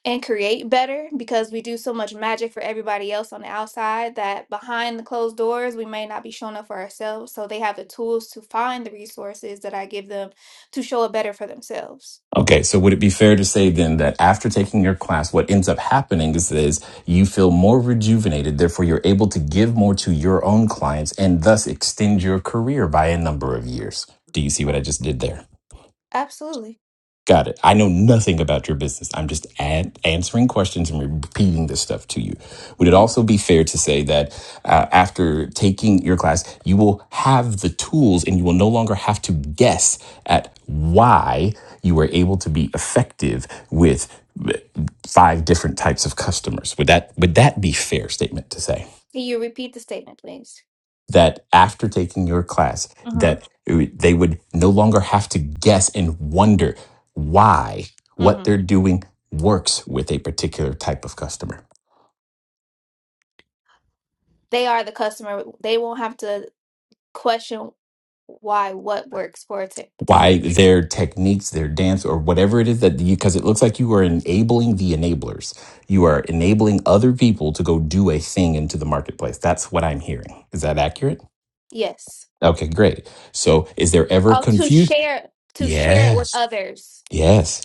[SPEAKER 4] and create better because we do so much magic for everybody else on the outside that behind the closed doors, we may not be showing up for ourselves. So they have the tools to find the resources that I give them to show up better for themselves.
[SPEAKER 3] Okay, so would it be fair to say then that after taking your class, what ends up happening is, is you feel more rejuvenated, therefore you're able to give more to your own clients and thus extend your career by a number of years. Do you see what I just did there?
[SPEAKER 4] Absolutely.
[SPEAKER 3] Got it. I know nothing about your business. I'm just ad- answering questions and repeating this stuff to you. Would it
[SPEAKER 4] hmm
[SPEAKER 3] also be fair to say that uh, after taking your class, you will have the tools and you will no longer have to guess at why you were able to be effective with uh, five different types of customers? Would that would that be a fair statement to say?
[SPEAKER 4] Can you repeat the statement, please?
[SPEAKER 3] that after taking your class
[SPEAKER 4] Mm-hmm.
[SPEAKER 3] that they would no longer have to guess and wonder why
[SPEAKER 4] Mm-hmm.
[SPEAKER 3] what they're doing works with a particular type of customer
[SPEAKER 4] They are the customer. They won't have to. question why what works for a t- particular
[SPEAKER 3] why
[SPEAKER 4] person.
[SPEAKER 3] their techniques their dance or whatever it is that you because it looks like you are enabling the enablers you are enabling other people to go do a thing into the marketplace that's what i'm hearing is that accurate
[SPEAKER 4] Yes.
[SPEAKER 3] okay great so is there ever
[SPEAKER 4] Oh, to
[SPEAKER 3] confusion
[SPEAKER 4] share to share it with
[SPEAKER 3] yes
[SPEAKER 4] others.
[SPEAKER 3] yes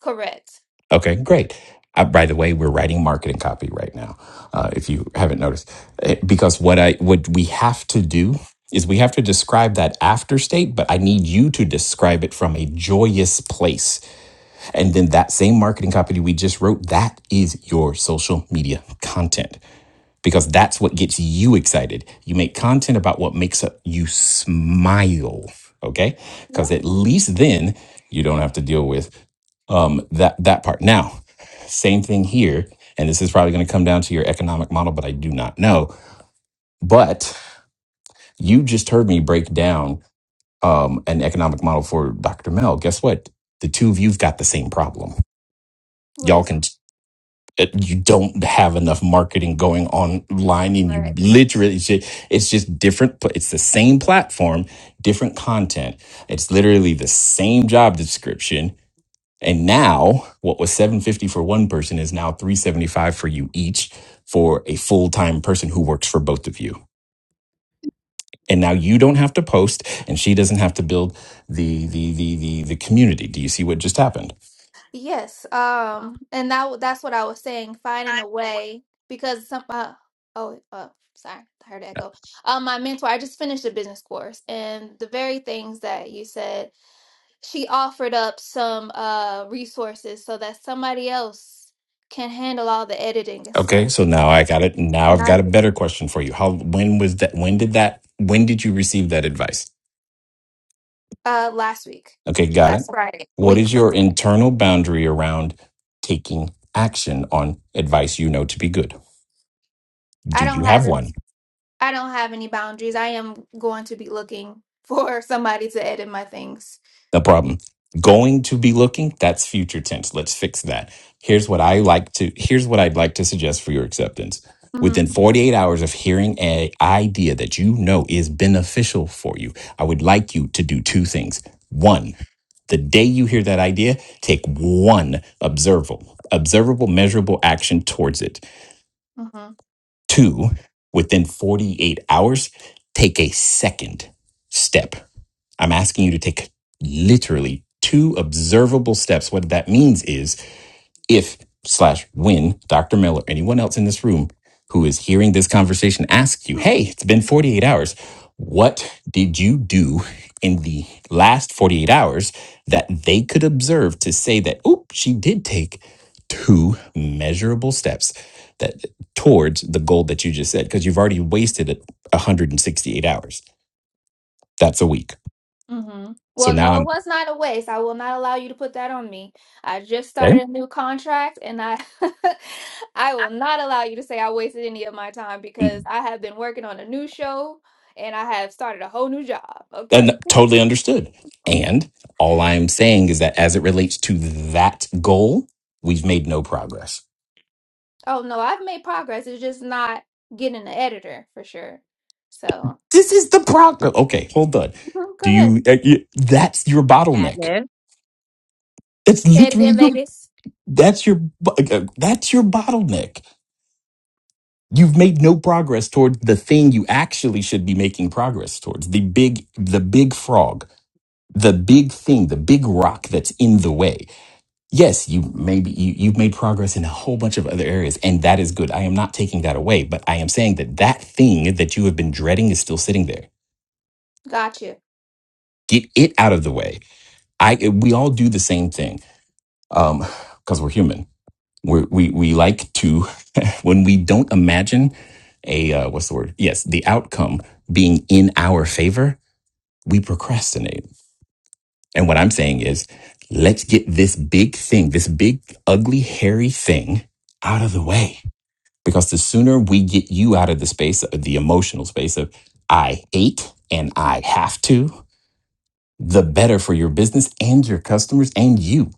[SPEAKER 4] Correct.
[SPEAKER 3] Okay, great. Uh, by the way, we're writing marketing copy right now. Uh, if you haven't noticed, Uh, because what I what we have to do is we have to describe that after state, but I need you to describe it from a joyous place, and then that same marketing copy we just wrote that is your social media content because that's what gets you excited. You make content about what makes up you smile, okay? Because
[SPEAKER 4] Yeah.
[SPEAKER 3] at least then you don't have to deal with um, that that part. Now, same thing here, and this is probably going to come down to your economic model, but I do not know. But you just heard me break down um, an economic model for Dr. Mel. Guess what? The two of you've got the same problem.
[SPEAKER 4] What
[SPEAKER 3] Y'all
[SPEAKER 4] is it?
[SPEAKER 3] can. You don't have enough marketing going online, and you
[SPEAKER 4] Correct.
[SPEAKER 3] literally, it's just, it's just different. pla- It's the same platform, different content. It's literally the same job description And now what was 750 for one person is now 375 for you each for a full-time person who works for both of you. And now you don't have to post and she doesn't have to build the the the the the community. Do you see what just happened?
[SPEAKER 4] Yes. Um. And that that's what I was saying. Finding a way because some. Uh, oh. Uh, sorry. I heard echo. Um. My mentor. I just finished a business course, and the very things that you said. She offered up some uh resources so that somebody else can handle all the editing and
[SPEAKER 3] Okay,
[SPEAKER 4] stuff.
[SPEAKER 3] so now I got it. Now
[SPEAKER 4] And
[SPEAKER 3] I've
[SPEAKER 4] I
[SPEAKER 3] got a better question for you. How when was that when did that when did you receive that advice?
[SPEAKER 4] uh last week,
[SPEAKER 3] Okay, got
[SPEAKER 4] last
[SPEAKER 3] it.
[SPEAKER 4] Okay. Friday, a
[SPEAKER 3] What
[SPEAKER 4] week
[SPEAKER 3] is
[SPEAKER 4] from
[SPEAKER 3] your
[SPEAKER 4] today.
[SPEAKER 3] internal boundary around taking action on advice you know to be good?
[SPEAKER 4] I
[SPEAKER 3] Do
[SPEAKER 4] don't
[SPEAKER 3] you
[SPEAKER 4] have
[SPEAKER 3] have
[SPEAKER 4] any,
[SPEAKER 3] one?
[SPEAKER 4] I don't have any boundaries. I am going to be looking for somebody to edit my things.
[SPEAKER 3] No problem. Going to be looking, that's future tense. Let's fix that. Here's what I like to here's what I'd like to suggest for your acceptance.
[SPEAKER 4] hmm
[SPEAKER 3] Within 48 hours of hearing a idea that you know is beneficial for you, I would like you to do two things. One, the day you hear that idea, take one observable, observable, measurable action towards it. Two, within 48 hours, take a second step. I'm asking you to take literally two observable steps. What that means is if slash when Dr. Miller, anyone else in this room who is hearing this conversation asks you,
[SPEAKER 4] hmm
[SPEAKER 3] hey, it's been 48 hours. What did you do in the last 48 hours that they could observe to say that, oop, she did take two measurable steps that towards the goal that you just said? Because you've already wasted it 168 hours. That's a week.
[SPEAKER 4] hmm
[SPEAKER 3] So
[SPEAKER 4] Well,
[SPEAKER 3] now
[SPEAKER 4] no, it
[SPEAKER 3] I'm
[SPEAKER 4] was not a waste. I will not allow you to put that on me. I just
[SPEAKER 3] there.
[SPEAKER 4] started a new contract and I I will not allow you to say I wasted any of my time because I have been working on a new show and I have started a whole new job, okay?
[SPEAKER 3] and totally understood. And all I'm saying is that as it relates to that goal, we've made no progress.
[SPEAKER 4] Oh no, I've made progress. It's just not getting an editor for sure. So,
[SPEAKER 3] This is the progress. Okay, hold on.
[SPEAKER 4] mhm,
[SPEAKER 3] Do
[SPEAKER 4] go ahead.
[SPEAKER 3] you, uh, you that's your bottleneck.
[SPEAKER 5] Atlas.
[SPEAKER 3] That's
[SPEAKER 4] Say it
[SPEAKER 3] literally
[SPEAKER 4] again,
[SPEAKER 3] your
[SPEAKER 4] Vegas.
[SPEAKER 3] that's your bo- uh, that's your bottleneck. You've made no progress toward the thing you actually should be making progress towards. The big the big frog, the big thing, the big rock that's in the way yes, you maybe you, you've made progress in a whole bunch of other areas, and that is good. I am not taking that away, but I am saying that that thing that you have been dreading is still sitting there.
[SPEAKER 4] Got you.
[SPEAKER 3] Get it out of the way. I we all do the same thing um, because we're human. We're, we we like to when we don't imagine a uh, what's the word? Yes, the outcome being in our favor, we procrastinate. And what I'm saying is, let's get this big thing, this big ugly hairy thing, out of the way because the sooner we get you out of the space, the emotional space of I hate and I have to, the better for your business and your customers and you.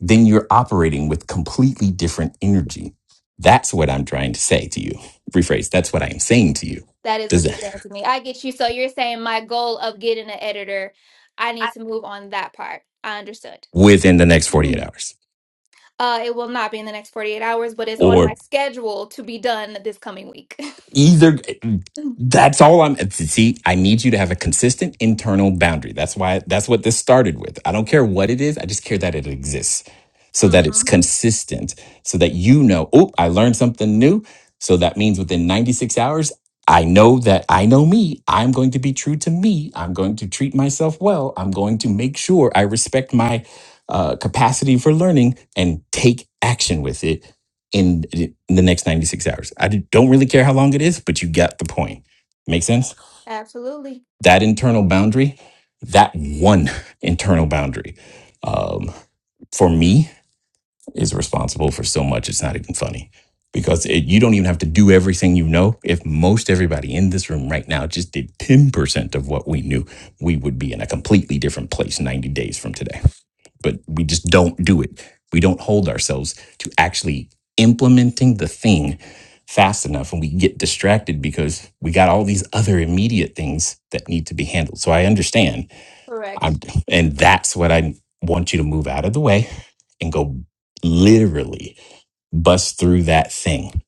[SPEAKER 3] Then you're operating with completely different energy. That's what I'm trying to say to you. Rephrase, that's what I am saying to you.
[SPEAKER 4] That is
[SPEAKER 3] Does
[SPEAKER 4] what you're
[SPEAKER 3] that
[SPEAKER 4] saying to me. I get you. So you're saying my goal of getting an editor, I need to move on that part. I understood.
[SPEAKER 3] within the next 48 hours?
[SPEAKER 4] Uh, it will not be in the next 48 hours, but it's on my
[SPEAKER 3] or?
[SPEAKER 4] schedule to be done this coming week.
[SPEAKER 3] either that's all i'm see i need you to have a consistent internal boundary that's why that's what this started with i don't care what it is i just care that it exists so that it's
[SPEAKER 4] hmm
[SPEAKER 3] consistent so that you know oh i learned something new so that means within 96 hours i know that i know me i'm going to be true to me i'm going to treat myself well i'm going to make sure i respect my uh, capacity for learning and take action with it in, in the next 96 hours. I d- don't really care how long it is, but you got the point. Make sense?
[SPEAKER 4] Absolutely.
[SPEAKER 3] That internal boundary, that one internal boundary um, for me is responsible for so much it's not even funny because it, you don't even have to do everything you know if most everybody in this room right now just did 10% of what we knew we would be in a completely different place 90 days from today but we just don't do it we don't hold ourselves to actually implementing the thing fast enough and we get distracted because we got all these other immediate things that need to be handled so i understand I'm,
[SPEAKER 4] Correct.
[SPEAKER 3] and that's what i want you to move out of the way and go literally bust through that thing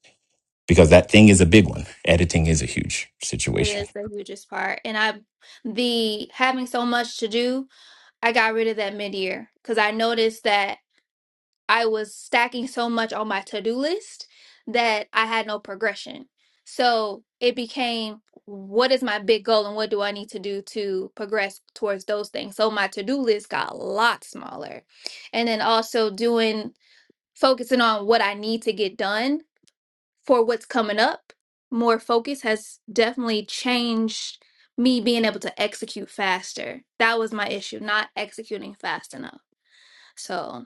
[SPEAKER 3] because that thing is a big one. Editing is a huge
[SPEAKER 4] It
[SPEAKER 3] situation.
[SPEAKER 4] is the hugest part. And I, the having so much to do, I got rid of that mid-year because I noticed that I was stacking so much on my to-do list that I had no progression. So it became, what is my big goal and what do I need to do to progress towards those things? So my to-do list got a lot smaller and then also doing focusing on what I need to get done for what's coming up, more focus has definitely changed me being able to execute faster. That was my issue, not executing fast enough. So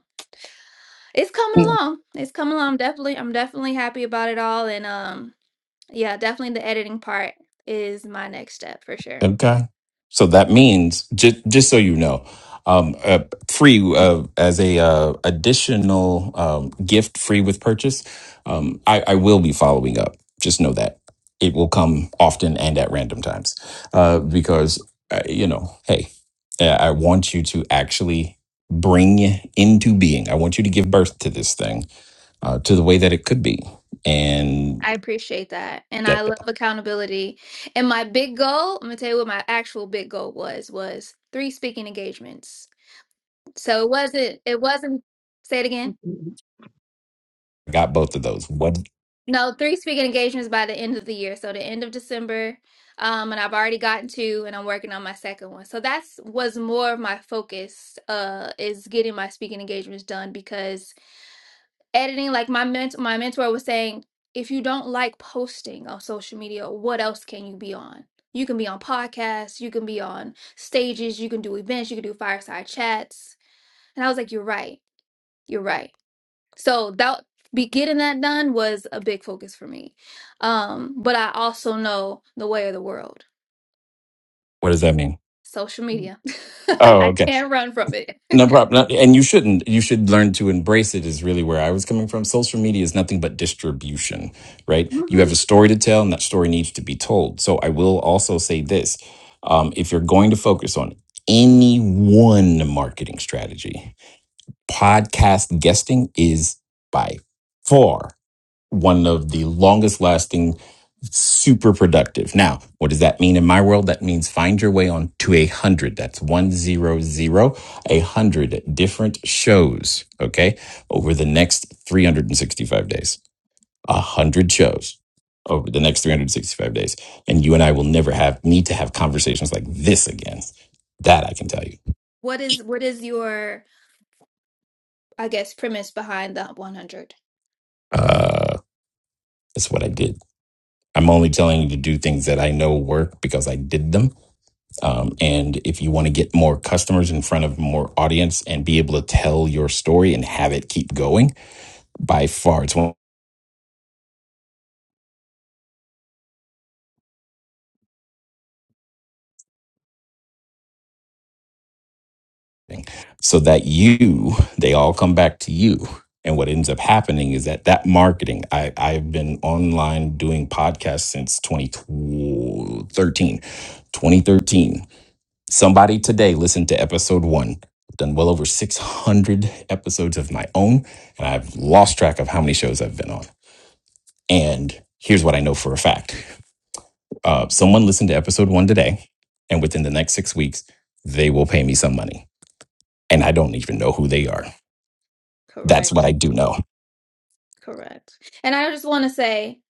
[SPEAKER 4] it's coming along. It's coming along. I'm definitely I'm definitely happy about it all. And um yeah, definitely the editing part is my next step for sure.
[SPEAKER 3] Okay. So that means just just so you know, um, uh, free uh, as a uh, additional um, gift, free with purchase. Um, I, I will be following up. Just know that it will come often and at random times uh, because uh, you know, hey, I I want you to actually bring into being. I want you to give birth to this thing uh, to the way that it could be. And
[SPEAKER 4] I appreciate that. And I
[SPEAKER 3] that
[SPEAKER 4] love accountability. And my big goal, I'm gonna tell you what my actual big goal was, was three speaking engagements. So it wasn't it wasn't say it again.
[SPEAKER 3] I got both of those. What
[SPEAKER 4] No, three speaking engagements by the end of the year. So the end of December. Um, and I've already gotten two and I'm working on my second one. So that's was more of my focus, uh, is getting my speaking engagements done because. editing like my ment- my mentor was saying if you don't like posting on social media what else can you be on you can be on podcasts you can be on stages you can do events you can do fireside chats and i was like you're right you're right so that be getting that done was a big focus for me um but i also know the way of the world
[SPEAKER 3] what does that mean?
[SPEAKER 4] social media
[SPEAKER 3] Oh,
[SPEAKER 4] i
[SPEAKER 3] okay.
[SPEAKER 4] can't run from it
[SPEAKER 3] No problem. No, And you shouldn't. You should learn to embrace it. Is really where I was coming from. Social media is nothing but distribution, right? You
[SPEAKER 4] Mhm.
[SPEAKER 3] have a story to tell, and that story needs to be told. So I will also say this: um, if you're going to focus on any one marketing strategy, podcast guesting is by far. one of the longest lasting, super productive. Now, what does that mean in my world? That means find your way on to a hundred. That's one zero zero, a hundred different shows. Okay. Over the next 365 days, a hundred shows over the next 365 days. And you and I will never have need to have conversations like this again. That I can tell you.
[SPEAKER 4] what is what is your i guess premise behind the 100
[SPEAKER 3] Uh, that's what I did. I'm only telling you to do things that I know work because I did them Um, and if you want to get more customers in front of more audience and be able to tell your story and have it keep going, by far it's one thing. So that you, they all come back to you. And what ends up happening is that that marketing, I, I've been online doing podcasts since 2013. 2013. Somebody today listened to episode one. I've done well over 600 episodes of my own, and I've lost track of how many shows I've been on And here's what I know for a fact uh,
[SPEAKER 4] Mhm.
[SPEAKER 3] someone listened to episode one today, and within the next six weeks, they will pay me some money. And I don't even know who they are. That's
[SPEAKER 4] correct
[SPEAKER 3] what I do know.
[SPEAKER 4] Correct. And I just want to say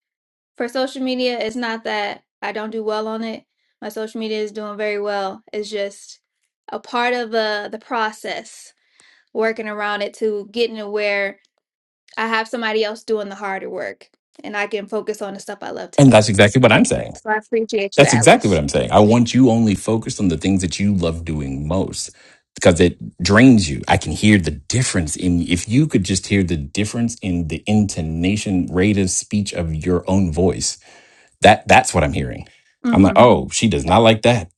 [SPEAKER 4] for social media, it's not that I don't do well on it. My social media is doing very well. It's just a part of the the process, working around it to getting to where I have somebody else doing the harder work and I can focus on the stuff I love to
[SPEAKER 3] And
[SPEAKER 4] do.
[SPEAKER 3] that's exactly what I'm saying.
[SPEAKER 4] So I appreciate you,
[SPEAKER 3] That's exactly what
[SPEAKER 4] Atlas.
[SPEAKER 3] I'm saying. I want you only focused on the things that you love doing most because it drains you. I can hear the difference in, if you could just hear the difference in the intonation, rate of speech of your own voice That that's what I'm hearing. I'm
[SPEAKER 4] hmm
[SPEAKER 3] like, oh, she does not like that.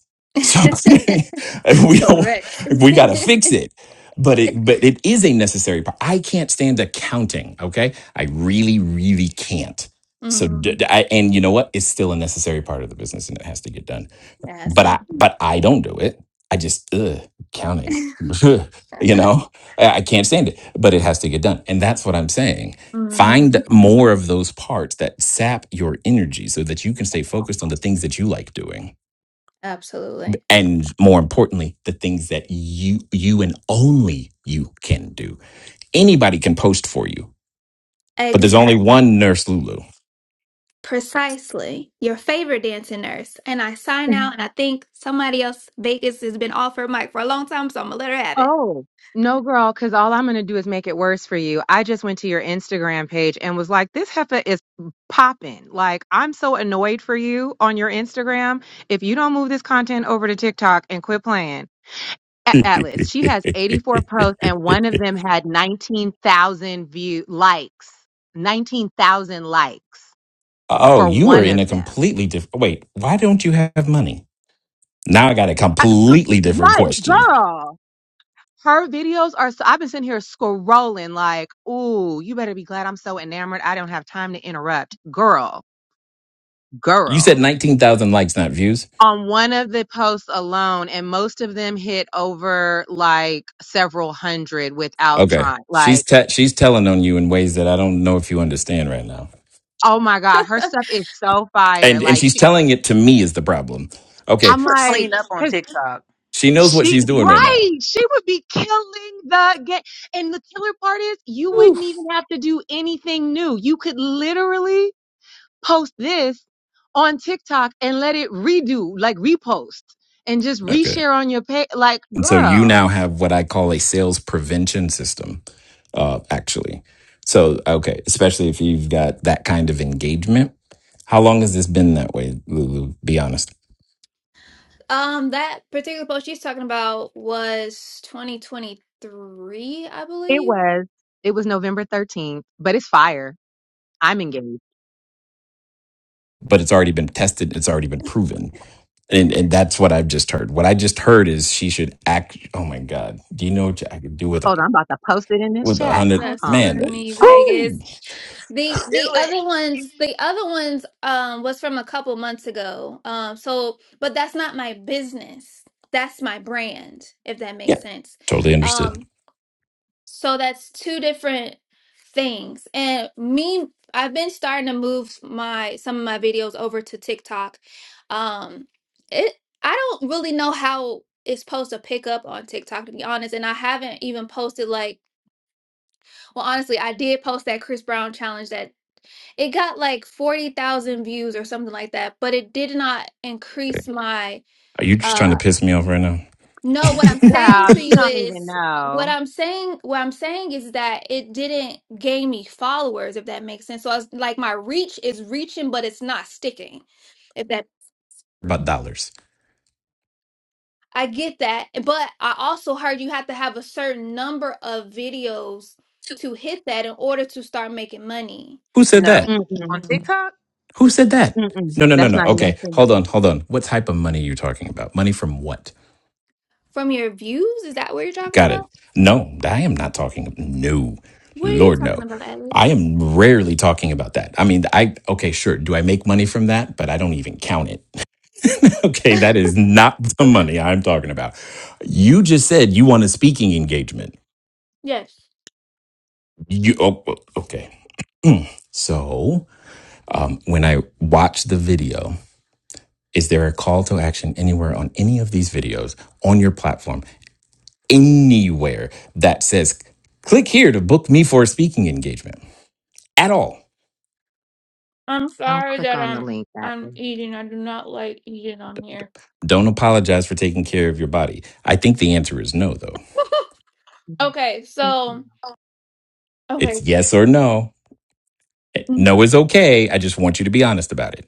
[SPEAKER 3] So we don't
[SPEAKER 4] Correct.
[SPEAKER 3] we gotta fix it. But it but it is a necessary part. I can't stand accounting, okay? I really, really can't. So
[SPEAKER 4] hmm
[SPEAKER 3] d- d- I- and you know what? It's still a necessary part of the business and it has to get done
[SPEAKER 4] Yes.
[SPEAKER 3] but I but I don't do it. I just ugh, counting. you know, I, I can't stand it, but it has to get done, and that's what I'm saying.
[SPEAKER 4] hmm
[SPEAKER 3] Find more of those parts that sap your energy so that you can stay focused on the things that you like doing.
[SPEAKER 4] Absolutely.
[SPEAKER 3] And more importantly, the things that you you and only you can do. Anybody can post for you, but there's
[SPEAKER 4] Exactly.
[SPEAKER 3] only one nurse Lulu.
[SPEAKER 4] Precisely. Your favorite dancing nurse. And I sign out, and I think somebody else, Vegas, has been off her mic for a long time, so I'm going to let her have it.
[SPEAKER 5] Oh, no, girl, because all I'm going to do is make it worse for you. I just went to your Instagram page and was like, this heifer is popping. Like, I'm so annoyed for you on your Instagram. If you don't move this content over to TikTok and quit playing, A- Atlas, she has 84 posts and one of them had 19,000 view likes, 19,000 likes
[SPEAKER 3] oh,
[SPEAKER 5] for
[SPEAKER 3] you are
[SPEAKER 5] one
[SPEAKER 3] in
[SPEAKER 5] of
[SPEAKER 3] a
[SPEAKER 5] them.
[SPEAKER 3] completely different wait, why don't you have money? Now I got a completely different
[SPEAKER 5] Right,
[SPEAKER 3] question.
[SPEAKER 5] girl. her videos are so I've been sitting here scrolling like, ooh, you better be glad I'm so enamored. I don't have time to interrupt. Girl,
[SPEAKER 3] You said
[SPEAKER 5] girl.
[SPEAKER 3] 19,000 likes, not views.
[SPEAKER 5] On one of the posts alone, and most of them hit over like several hundred without
[SPEAKER 3] Okay.
[SPEAKER 5] trying.
[SPEAKER 3] She's
[SPEAKER 5] Like,
[SPEAKER 3] te- she's telling on you in ways that I don't know if you understand right now.
[SPEAKER 5] oh my God, her stuff is so fire.
[SPEAKER 3] And and
[SPEAKER 5] Like,
[SPEAKER 3] she's
[SPEAKER 5] she-
[SPEAKER 3] telling it to me is the problem. Okay.
[SPEAKER 5] I'm
[SPEAKER 1] put
[SPEAKER 3] S-
[SPEAKER 5] like,
[SPEAKER 1] clean up on
[SPEAKER 5] cause
[SPEAKER 1] TikTok.
[SPEAKER 3] She knows what
[SPEAKER 5] she,
[SPEAKER 3] she's doing right now.
[SPEAKER 5] right, she would be killing the game. And the killer part is you
[SPEAKER 3] Woo.
[SPEAKER 5] wouldn't even have to do anything new. You could literally post this on TikTok and let it redo, like repost and just
[SPEAKER 3] Okay.
[SPEAKER 5] reshare on your page. Like,
[SPEAKER 3] And so you
[SPEAKER 5] girl,
[SPEAKER 3] now have what I call a sales prevention system uh actually. So, okay, especially if you've got that kind of engagement. How long has this been that way, Lulu? Be honest.
[SPEAKER 4] Um, That particular post she's talking about was 2023, I
[SPEAKER 5] it
[SPEAKER 4] believe.
[SPEAKER 5] was, it was November 13th, but it's fire. I'm engaged.
[SPEAKER 3] But it's already been tested, it's already been proven. And and that's what I've just heard. What I just heard is she should act. Oh my God, do you know what I could do with a
[SPEAKER 5] Hold on. I'm about to post it in this
[SPEAKER 3] with a
[SPEAKER 5] chat.
[SPEAKER 3] hundred
[SPEAKER 5] Hold
[SPEAKER 4] That's
[SPEAKER 5] on.
[SPEAKER 3] man?
[SPEAKER 5] It's
[SPEAKER 4] Bernie
[SPEAKER 5] fire.
[SPEAKER 3] Woo!
[SPEAKER 4] Vegas. The
[SPEAKER 1] Do
[SPEAKER 4] the
[SPEAKER 1] it.
[SPEAKER 4] other ones, the other ones um was from a couple months ago. Um so but that's not my business. That's my brand, if that makes
[SPEAKER 3] Yeah,
[SPEAKER 4] sense.
[SPEAKER 3] totally understood.
[SPEAKER 4] Um so that's two different things. And me I've been starting to move my some of my videos over to TikTok. Um it I don't really know how it's supposed to pick up on TikTok to be honest, and I haven't even posted like well honestly, I did post that Chris Brown challenge that it got like 40,000 views or something like that, but it did not increase
[SPEAKER 3] Okay.
[SPEAKER 4] my
[SPEAKER 3] Are you just trying to
[SPEAKER 4] uh
[SPEAKER 3] piss me off right now
[SPEAKER 4] no, what I'm saying
[SPEAKER 5] Wow.
[SPEAKER 4] to
[SPEAKER 5] You
[SPEAKER 4] you
[SPEAKER 5] don't even
[SPEAKER 4] is what
[SPEAKER 5] know.
[SPEAKER 4] I'm saying what I'm saying is that it didn't gain me followers if that makes sense. So I was like my reach is reaching but it's not sticking. If that
[SPEAKER 3] about dollars?
[SPEAKER 4] I get that, but I also heard you have to have a certain number of videos to hit that in order to start making money
[SPEAKER 3] Who said
[SPEAKER 1] No.
[SPEAKER 3] that?
[SPEAKER 1] On
[SPEAKER 5] Mm-mm.
[SPEAKER 1] TikTok?
[SPEAKER 3] Who said that?
[SPEAKER 5] Mm-mm.
[SPEAKER 3] No, no, no,
[SPEAKER 5] That's
[SPEAKER 3] no.
[SPEAKER 5] not even
[SPEAKER 3] Okay,
[SPEAKER 5] true.
[SPEAKER 3] hold on, hold on. What type of money are you talking about? Money from what?
[SPEAKER 4] from your views. Is that what you're talking
[SPEAKER 3] Got it.
[SPEAKER 4] about?
[SPEAKER 3] No, I am not talking. No,
[SPEAKER 4] What are you
[SPEAKER 3] Lord,
[SPEAKER 4] talking
[SPEAKER 3] no.
[SPEAKER 4] about,
[SPEAKER 3] I
[SPEAKER 4] Alice?
[SPEAKER 3] am rarely talking about that. I mean, I okay, sure. Do I make money from that? But I don't even count it. Okay, that is not the money I'm talking about. You just said you want a speaking engagement.
[SPEAKER 4] Yes.
[SPEAKER 3] You oh, oh, okay? So um, when I watch the video, is there a call to action anywhere on any of these videos on your platform, anywhere that says click here to book me for a speaking engagement at all?
[SPEAKER 4] I'm
[SPEAKER 5] Don't
[SPEAKER 4] sorry
[SPEAKER 5] click
[SPEAKER 4] that
[SPEAKER 5] on the
[SPEAKER 4] I'm
[SPEAKER 5] link that
[SPEAKER 4] I'm
[SPEAKER 5] way.
[SPEAKER 4] eating. I do not like eating on here.
[SPEAKER 3] Don't apologize for taking care of your body. I think the answer is no, though.
[SPEAKER 5] Mhm.
[SPEAKER 4] Okay,
[SPEAKER 5] It's-
[SPEAKER 4] so okay,
[SPEAKER 3] It's yes or no. Eh, No is okay. I just want you to be honest about it.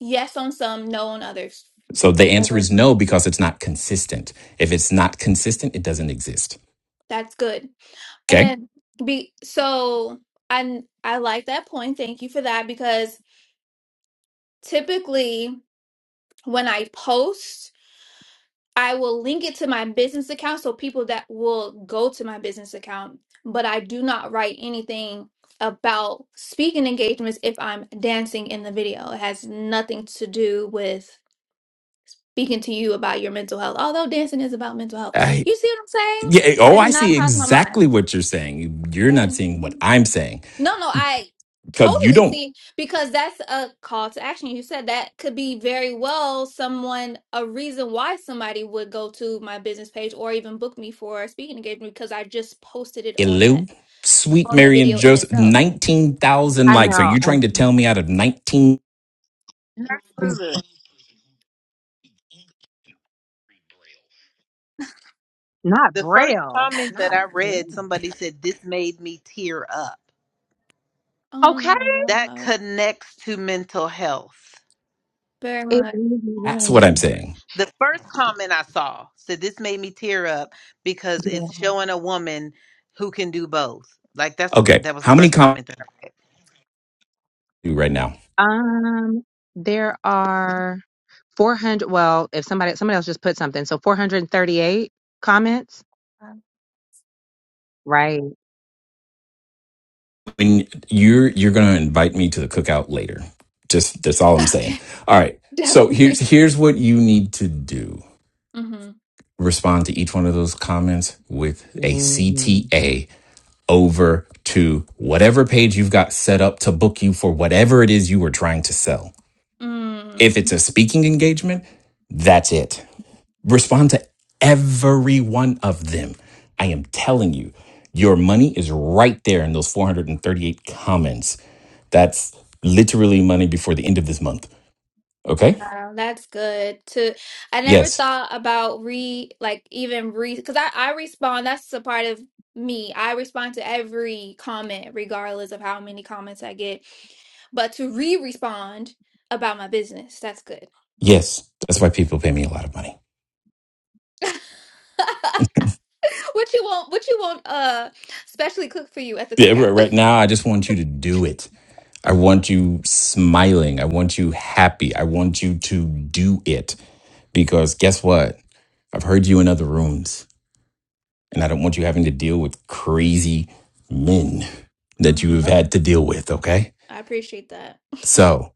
[SPEAKER 4] yes on some, no on others.
[SPEAKER 3] So the answer
[SPEAKER 4] Whatever.
[SPEAKER 3] is no because it's not consistent. If it's not consistent, it doesn't exist.
[SPEAKER 4] That's good.
[SPEAKER 3] Okay?
[SPEAKER 4] And be so I I like that point. Thank you for that because typically when I post. I will link it to my business account so people that will go to my business account, but I do not write anything about speaking engagements if I'm dancing in the video. It has nothing to do with speaking to you about your mental health, although dancing is about mental health.
[SPEAKER 3] I,
[SPEAKER 4] You see what I'm saying?
[SPEAKER 3] yeah, eh, oh,
[SPEAKER 4] That did
[SPEAKER 3] I
[SPEAKER 4] not
[SPEAKER 3] see
[SPEAKER 4] cross my mind.
[SPEAKER 3] exactly what you're saying. You're
[SPEAKER 4] That
[SPEAKER 3] not seeing what
[SPEAKER 4] didn't.
[SPEAKER 3] I'm saying
[SPEAKER 4] No, no, I
[SPEAKER 3] because you
[SPEAKER 4] totally
[SPEAKER 3] don't.
[SPEAKER 4] see because that's a call to action. You said that could be very well someone a reason why somebody would go to my business page or even book me for a speaking engagement because I just posted it on that
[SPEAKER 3] Hello, sweet
[SPEAKER 4] on that
[SPEAKER 3] Mary and
[SPEAKER 4] video in
[SPEAKER 3] Joseph,
[SPEAKER 4] itself.
[SPEAKER 3] 19,000
[SPEAKER 5] I
[SPEAKER 3] likes. Are
[SPEAKER 5] know.
[SPEAKER 3] you
[SPEAKER 5] I'm
[SPEAKER 3] trying to tell me out of 19?
[SPEAKER 1] Absolutely.
[SPEAKER 5] not
[SPEAKER 1] The first
[SPEAKER 5] braille.
[SPEAKER 1] comment that
[SPEAKER 5] Not
[SPEAKER 1] I read,
[SPEAKER 5] braille.
[SPEAKER 1] somebody said, This made me tear up.
[SPEAKER 4] Oh
[SPEAKER 5] Okay.
[SPEAKER 4] my
[SPEAKER 1] That
[SPEAKER 4] gosh,
[SPEAKER 1] connects to mental health.
[SPEAKER 4] very
[SPEAKER 5] It
[SPEAKER 4] much.
[SPEAKER 5] really
[SPEAKER 3] That's what I'm
[SPEAKER 5] was.
[SPEAKER 3] saying.
[SPEAKER 1] The first comment I saw said, This made me tear up because
[SPEAKER 5] Yeah.
[SPEAKER 1] it's showing a woman who can do both. Like that's
[SPEAKER 3] Okay,
[SPEAKER 1] that was
[SPEAKER 3] how
[SPEAKER 1] the
[SPEAKER 3] many
[SPEAKER 1] first
[SPEAKER 3] comments
[SPEAKER 1] comment that
[SPEAKER 3] do you right now?
[SPEAKER 5] Um, there are 400. Well, if somebody somebody else just put something, so 438 comments. Right.
[SPEAKER 3] When you're you're going to invite me to the cookout later. Just that's all I'm saying.
[SPEAKER 4] Okay,
[SPEAKER 3] All right. So here's
[SPEAKER 4] definitely.
[SPEAKER 3] here's what you need to do.
[SPEAKER 4] Mm-hmm.
[SPEAKER 3] respond to each one of those comments with a
[SPEAKER 5] Mhm.
[SPEAKER 3] CTA over to whatever page you've got set up to book you for whatever it is you were trying to sell.
[SPEAKER 4] Mm.
[SPEAKER 3] If it's a speaking engagement, that's it. Respond to every one of them. I am telling you, your money is right there in those 438 comments. That's literally money before the end of this month. Okay?
[SPEAKER 4] Wow, that's good to I never
[SPEAKER 3] Yes.
[SPEAKER 4] thought about re like even re because I I respond that's a part of me. I respond to every comment regardless of how many comments I get. But to re-respond about my business, that's good.
[SPEAKER 3] Yes. That's why people pay me a lot of money.
[SPEAKER 4] What you want, what you want uh specially cook for you at the
[SPEAKER 3] Yeah, right
[SPEAKER 4] cookout.
[SPEAKER 3] right now, I just want you to do it I want you smiling. I want you happy. I want you to do it because guess what? I've heard you in other rooms and I don't want you having to deal with crazy men that you have
[SPEAKER 4] hmm
[SPEAKER 3] had to deal with, okay?
[SPEAKER 4] I appreciate that.
[SPEAKER 3] So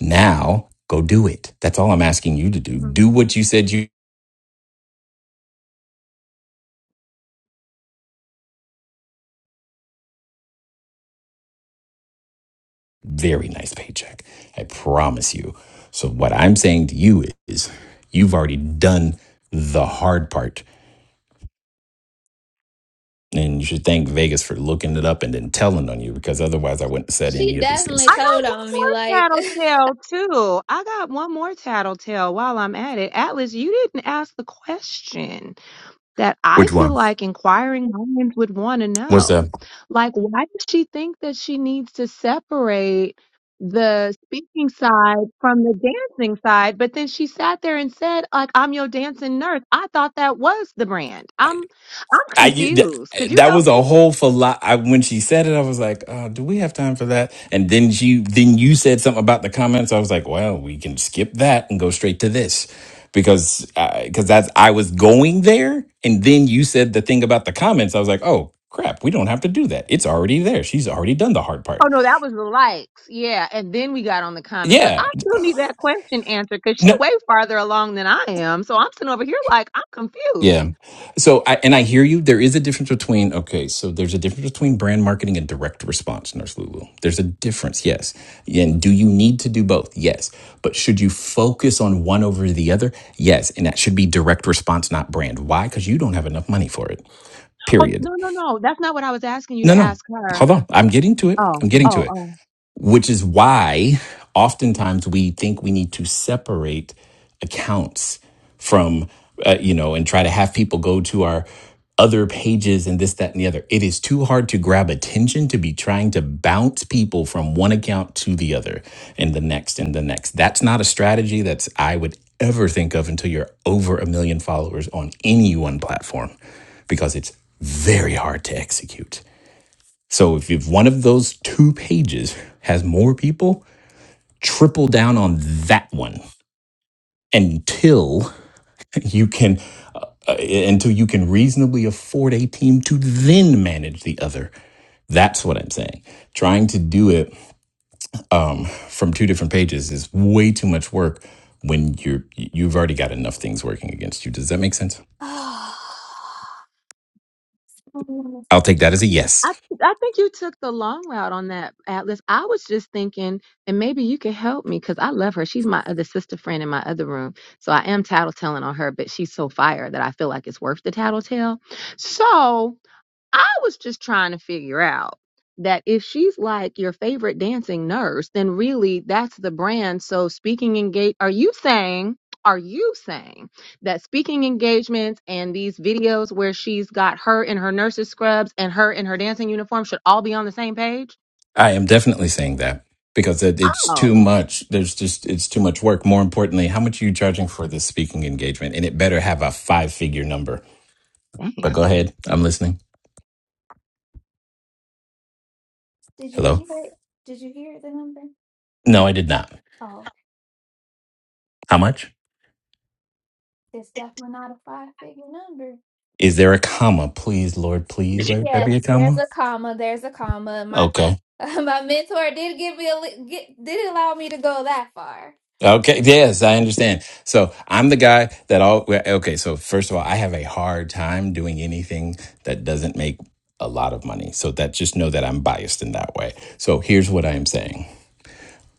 [SPEAKER 3] now go do it. That's all I'm asking you to do.
[SPEAKER 4] Mhm.
[SPEAKER 3] Do what you said you very nice paycheck. I promise you. So what I'm saying to you is you've already done the hard part. And you should thank Vegas for looking it up and then telling on you because otherwise I wouldn't have said
[SPEAKER 4] She
[SPEAKER 3] any of these things.
[SPEAKER 4] definitely
[SPEAKER 5] I
[SPEAKER 4] told
[SPEAKER 5] got one
[SPEAKER 4] on me
[SPEAKER 5] more
[SPEAKER 4] like
[SPEAKER 5] tattletale too. I got one more tattletale while I'm at it. Atlas, you didn't ask the question. that I
[SPEAKER 3] Which
[SPEAKER 5] feel
[SPEAKER 3] one?
[SPEAKER 5] like inquiring minds would want to
[SPEAKER 3] What's
[SPEAKER 5] know.
[SPEAKER 3] that?
[SPEAKER 5] Like, why does she think that she needs to separate the speaking side from the dancing side? But then she sat there and said, like, I'm your dancing nurse. I thought that was the brand. I'm I'm
[SPEAKER 3] I th-
[SPEAKER 5] confused. Could you
[SPEAKER 3] that
[SPEAKER 5] help
[SPEAKER 3] was a
[SPEAKER 5] me?
[SPEAKER 3] whole philo- I when she said it, I was like, uh, "Do we have time for that?" And then she, then you said something about the comments. I was like, "Well, we can skip that and go straight to this," because because that's I was going there, and then you said the thing about the comments. I was like, "Oh crap, we don't have to do that. It's already there. She's already done the hard part."
[SPEAKER 5] Oh no, that was the likes. Yeah. And then we got on the comments. But
[SPEAKER 3] Yeah,
[SPEAKER 5] I still need that question answered because she
[SPEAKER 3] no.
[SPEAKER 5] way farther along than I am. So I'm sitting over here like I'm confused.
[SPEAKER 3] Yeah. So I and I hear you. There is a difference between okay, so there's a difference between brand marketing and direct response, Nurse Lulu. There's a difference, yes. And do you need to do both? Yes. But should you focus on one over the other? Yes. And that should be direct response, not brand. Why? Because you don't have enough money for it.
[SPEAKER 5] Oh
[SPEAKER 3] Period.
[SPEAKER 5] no, no, no. That's not what I was asking you
[SPEAKER 3] No,
[SPEAKER 5] to
[SPEAKER 3] no.
[SPEAKER 5] ask her.
[SPEAKER 3] Hold on. I'm getting to it.
[SPEAKER 5] Oh,
[SPEAKER 3] I'm getting to
[SPEAKER 5] oh,
[SPEAKER 3] it
[SPEAKER 5] oh.
[SPEAKER 3] which is why oftentimes we think we need to separate accounts from uh, you know and try to have people go to our other pages and this that and the other it is too hard to grab attention to be trying to bounce people from one account to the other and the next and the next that's not a strategy that's i would ever think of until you're over a million followers on any one platform because it's very hard to execute so if, if one of those two pages has more people, triple down on that one until you can uh, uh, until you can reasonably afford a team to then manage the other. That's what I'm saying. Trying to do it um, from two different pages is way too much work when you're you've already got enough things working against you. Does that make sense?
[SPEAKER 4] Oh,
[SPEAKER 3] I'll take that as a yes.
[SPEAKER 5] I I think you took the long route on that, Atlas. I was just thinking, and maybe you could help me because I love her. She's my other sister friend in my other room, so I am tattletelling on her. But she's so fire that I feel like it's worth the tattletale. So. I was just trying to figure out that if she's like your favorite dancing nurse, then really that's the brand. So speaking engage, are you saying? Are you saying that speaking engagements and these videos where she's got her in her nurse's scrubs and her in her dancing uniform should all be on the same page?
[SPEAKER 3] I am definitely saying that because it, it's too
[SPEAKER 5] Oh,
[SPEAKER 3] much. There's just it's too much work. More importantly, how much are you charging for this speaking engagement? And it better have a five figure number. But
[SPEAKER 5] dang.
[SPEAKER 3] go ahead, I'm listening.
[SPEAKER 4] did you
[SPEAKER 3] Hello.
[SPEAKER 4] hear it? Did you hear the number?
[SPEAKER 3] No, I did not. How much?
[SPEAKER 4] It's definitely not a five figure number.
[SPEAKER 3] Is there a comma? Please, Lord, please let there
[SPEAKER 4] Yes,
[SPEAKER 3] be a
[SPEAKER 4] there's
[SPEAKER 3] comma.
[SPEAKER 4] a comma. There's a comma. My
[SPEAKER 3] Okay.
[SPEAKER 4] my mentor did give me a li- get, did allow me to go that far.
[SPEAKER 3] Okay. Yes, I understand. So I'm the guy that all. well, Okay. So first of all, I have a hard time doing anything that doesn't make a lot of money. So that just know that I'm biased in that way. So here's what I am saying.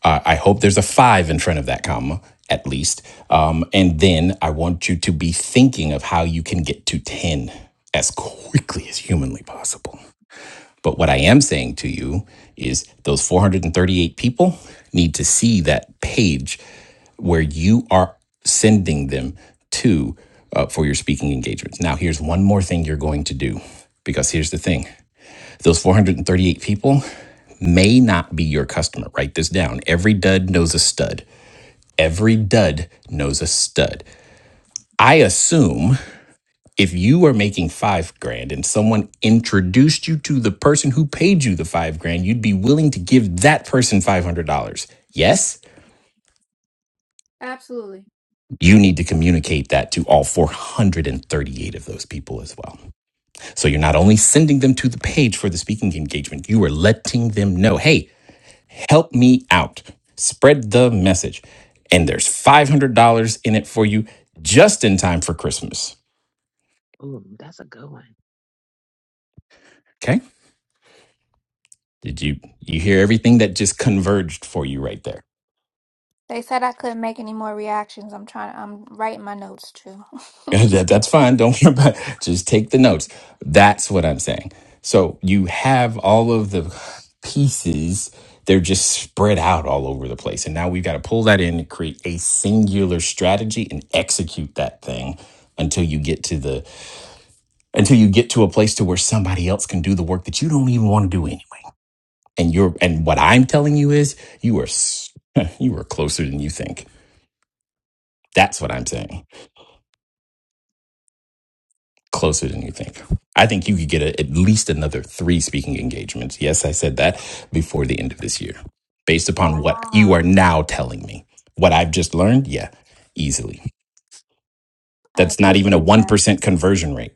[SPEAKER 3] Uh, I hope there's a five in front of that comma, at least. Um, and then I want you to be thinking of how you can get to 10 as quickly as humanly possible. But what I am saying to you is those 438 people need to see that page where you are sending them to uh, for your speaking engagements. Now, here's one more thing you're going to do because here's the thing those 438 people may not be your customer. Write this down. Every dud knows a stud. Every dud knows a stud. I assume if you are making five grand and someone introduced you to the person who paid you the five grand, you'd be willing to give that person $500. Yes,
[SPEAKER 4] Absolutely.
[SPEAKER 3] you need to communicate that to all 438 of those people as well. So you're not only sending them to the page for the speaking engagement, you are letting them know, hey, Help me out. Spread the message. And there's $500 in it for you just in time for Christmas.
[SPEAKER 5] Ooh, that's a good one.
[SPEAKER 3] Okay? Did you you hear everything that just converged for you right there?
[SPEAKER 4] They said I couldn't make any more reactions. I'm trying. I'm writing my notes too.
[SPEAKER 3] that, that's fine. Don't worry about it. Just take the notes. That's what I'm saying. So you have all of the pieces. They're just spread out all over the place. And now we've got to pull that in and create a singular strategy and execute that thing until you get to the until you get to a place to where somebody else can do the work that you don't even want to do anyway. And you're and what I'm telling you is you are s- you are closer than you think. That's what I'm saying. Closer than you think. I think you could get a, at least another 3 speaking engagements. Yes, I said that before the end of this year. Based upon what you
[SPEAKER 4] Wow,
[SPEAKER 3] are now telling me. What I've just learned, yeah, easily.
[SPEAKER 4] I
[SPEAKER 3] That's not even a
[SPEAKER 4] appreciate that.
[SPEAKER 3] 1% conversion rate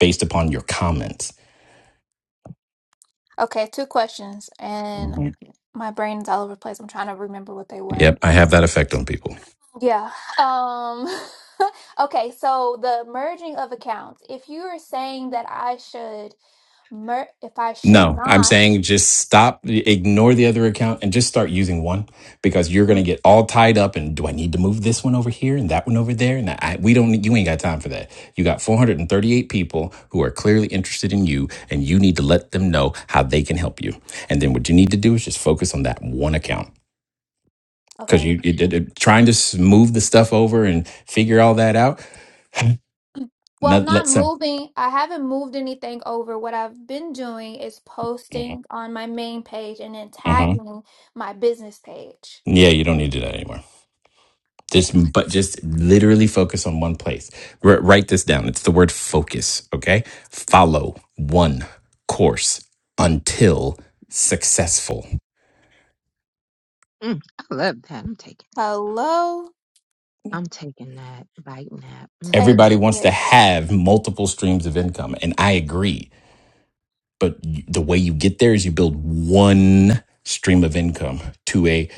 [SPEAKER 3] based upon your comments.
[SPEAKER 4] Okay, two questions, and
[SPEAKER 3] Mhm.
[SPEAKER 4] my brain's all over the place. I'm trying to remember what they were.
[SPEAKER 3] Yep, I have that effect on people.
[SPEAKER 4] Yeah. Um okay, so the merging of accounts. If you are saying that I should Mer- if I should
[SPEAKER 3] No, I'm
[SPEAKER 4] not,
[SPEAKER 3] saying just stop, ignore the other account and just start using one because you're going to
[SPEAKER 4] Mm.
[SPEAKER 3] get all tied up. And do I need to move this one over here and that one over there? And I, we don't, you ain't got time for that. You got 438 people who are clearly interested in you and you need to let them know how they can help you. And then what you need to do is just focus on that one account because
[SPEAKER 4] okay.
[SPEAKER 3] you, you did it, trying to s- move the stuff over and figure all that out.
[SPEAKER 4] Well, I'm
[SPEAKER 3] Not, let
[SPEAKER 4] not
[SPEAKER 3] some,
[SPEAKER 4] moving. I haven't moved anything over. What I've been doing is
[SPEAKER 3] Mhm.
[SPEAKER 4] posting on my main page and then
[SPEAKER 3] Mhm.
[SPEAKER 4] tagging my business page.
[SPEAKER 3] yeah, you don't need to do that anymore.
[SPEAKER 4] Okay.
[SPEAKER 3] Just, but just literally focus on one place. R- write this down. It's the word focus. Okay. Follow one course until successful.
[SPEAKER 5] Mm, I love that. I'm taking
[SPEAKER 4] Hello,
[SPEAKER 5] I'm taking that bite
[SPEAKER 4] take
[SPEAKER 5] nap.
[SPEAKER 3] Everybody wants to
[SPEAKER 4] this.
[SPEAKER 3] have multiple streams of income. And I agree. But y- the way you get there is you build one stream of income to a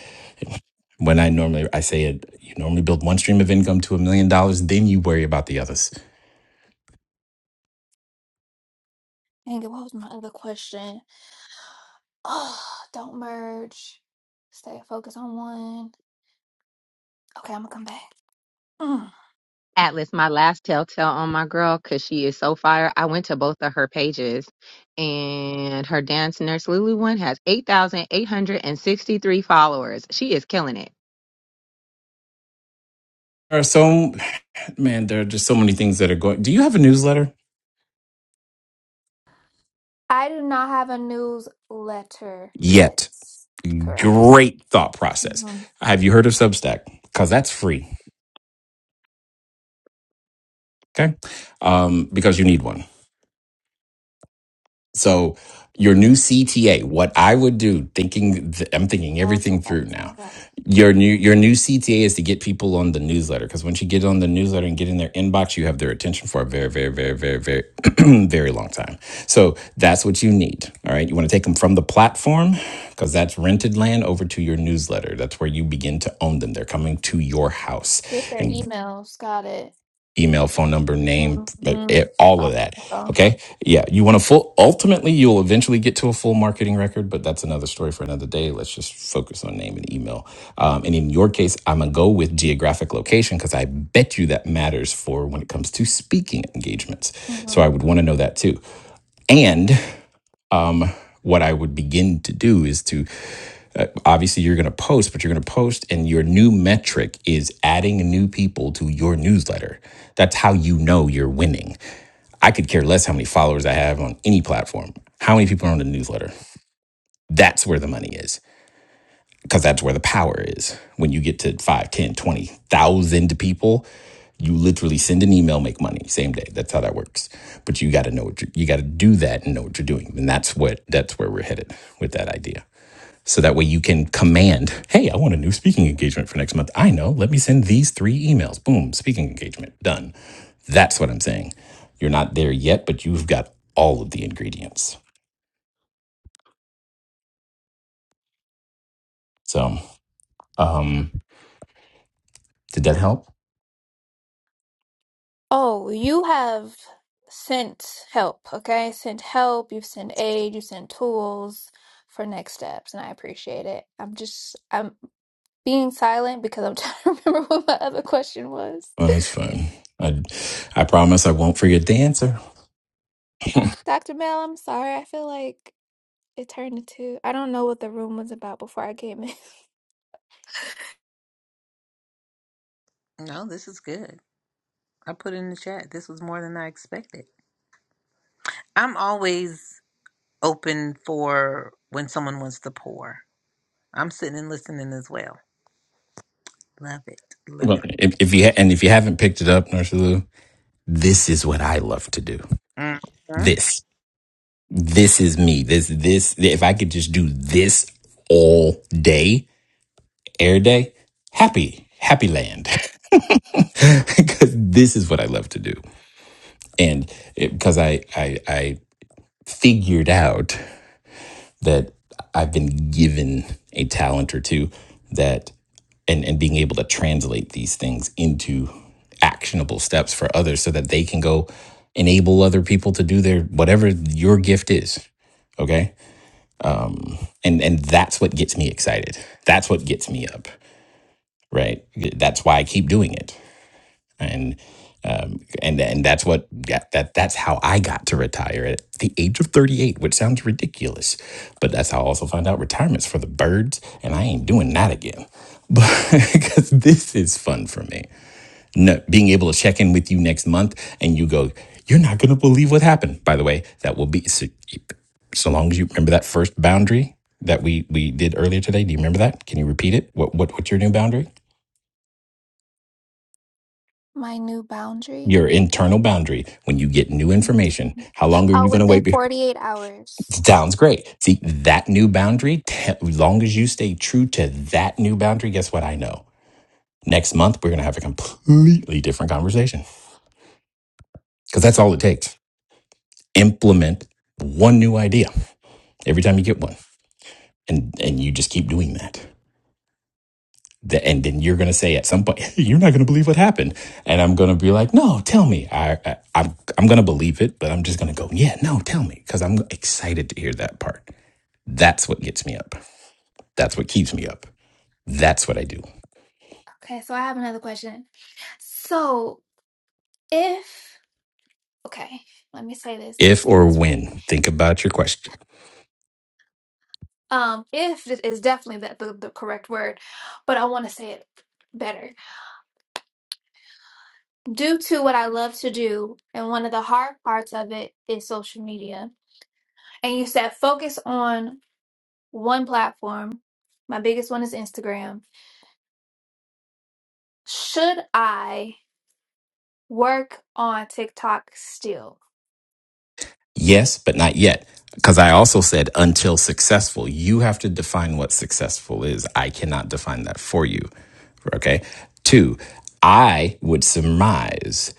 [SPEAKER 3] when I normally I say it, you normally build one stream of income to a million dollars, then you worry about the others.
[SPEAKER 4] Dang it, what was my other question? Oh, don't merge. Stay focused on one. Okay, I'm gonna come back. Mm.
[SPEAKER 5] Atlas, my last telltale on my girl, because she is so fire. I went to both of her pages, and her dance nurse Lulu one has 8,863 followers. She is killing it.
[SPEAKER 3] There are so man, there are just so many things that are going. Do you have a newsletter
[SPEAKER 4] I do not have a newsletter yet.
[SPEAKER 3] yet?
[SPEAKER 4] Correct.
[SPEAKER 3] Great thought process.
[SPEAKER 4] Mm-hmm.
[SPEAKER 3] Have you heard of Substack? Because that's free. Okay, um, because you need one. So your new CTA, what I would do, thinking th- I'm thinking everything through now. Your new your new CTA is to get people on the newsletter because once you get on the newsletter and get in their inbox, you have their attention for a very, very, very, very, very, very long time. So that's what you need. All right, you want to take them from the platform because that's rented land over to your newsletter. That's where you begin to own them. They're coming to your house,
[SPEAKER 4] Get their
[SPEAKER 3] and
[SPEAKER 4] emails. Got it.
[SPEAKER 3] email, phone number, name, eh,
[SPEAKER 4] Mm-hmm.
[SPEAKER 3] eh, all of that. Okay. Yeah. You want a full, ultimately, you'll eventually get to a full marketing record, but that's another story for another day. Let's just focus on name and email. Um, and in your case, I'm going to go with geographic location because I bet you that matters for when it comes to speaking engagements.
[SPEAKER 4] hmm
[SPEAKER 3] So I would want to know that too. And um, what I would begin to do is to Obviously, you're going to post, but you're going to post, and your new metric is adding new people to your newsletter. That's how you know you're winning. I could care less how many followers I have on any platform. How many people are on the newsletter? That's where the money is because that's where the power is. When you get to 5, 10, 20,000 people, you literally send an email, make money same day. That's how that works. But you got to know what you got to do that and know what you're doing, and that's what that's where we're headed with that idea. So that way you can command, hey, I want a new speaking engagement for next month. I know, let me send these three emails. Boom, speaking engagement, done. That's what I'm saying. You're not there yet, but you've got all of the ingredients. So, um, did that help?
[SPEAKER 4] Oh, you have sent help, okay? Sent help, you've sent aid, you've sent tools for next steps, and I appreciate it. I'm just I'm being silent because I'm trying to remember what my other question was.
[SPEAKER 3] Well, that's fine. I, I promise I won't forget the answer.
[SPEAKER 4] Dr. Mel, I'm sorry. I feel like it turned into I don't know what the room was about before I came in.
[SPEAKER 1] I No, this is good. I put in the chat. This was more than I expected. I'm always open for when someone wants to pour. I'm sitting and listening as well. Love it. Love it.
[SPEAKER 3] well, if, if you ha- and if you haven't picked it up, Nurse Lou, this is what I love to do.
[SPEAKER 1] hmm
[SPEAKER 3] This, this is me. This, this. If I could just do this all day, air day, happy, happy land. because this is what I love to do. And it, because I, I, I figured out that I've been given a talent or two that, and, and being able to translate these things into actionable steps for others so that they can go enable other people to do their whatever your gift is. Okay. And, and that's what gets me excited. That's what gets me up. Right. That's why I keep doing it and um, and and that's what that, that that's how I got to retire at the age of 38, which sounds ridiculous, but that's how I also found out retirement's for the birds, and I ain't doing that again. But because this is fun for me, no, being able to check in with you next month, and you go, you're not gonna believe what happened. By the way, that will be so, so long as you remember that first boundary that we we did earlier today. Do you remember that? Can you repeat it? What what what's your new boundary?
[SPEAKER 4] My new boundary.
[SPEAKER 3] your internal boundary when you get new information. How long are
[SPEAKER 4] Oh,
[SPEAKER 3] you going to
[SPEAKER 4] within
[SPEAKER 3] wait? be-
[SPEAKER 4] 48 hours.
[SPEAKER 3] Sounds great. See, that new boundary, te- as long as you stay true to that new boundary, guess what I know? Next month, we're going to have a completely different conversation because that's all it takes. Implement one new idea every time you get one. And, and you just keep doing that. The, and then you're going to say at some point, you're not going to believe what happened. And I'm going to be like, no, tell me. I, I, I'm, I'm going to believe it, but I'm just going to go, yeah, no, tell me. Cause I'm excited to hear that part. That's what gets me up. That's what keeps me up. That's what I do.
[SPEAKER 4] Okay, so I have another question. So if okay, let me say this, let me
[SPEAKER 3] If
[SPEAKER 4] say
[SPEAKER 3] or
[SPEAKER 4] this right.
[SPEAKER 3] when, think about your question.
[SPEAKER 4] Um, if it is definitely the, the, the correct word, but I want to say it better. Due to what I love to do, and one of the hard parts of it is social media. And you said focus on one platform. My biggest one is Instagram. Should I work on TikTok still?
[SPEAKER 3] Yes, but not yet. Because I also said until successful. You have to define what successful is. I cannot define that for you. Okay. Two, I would surmise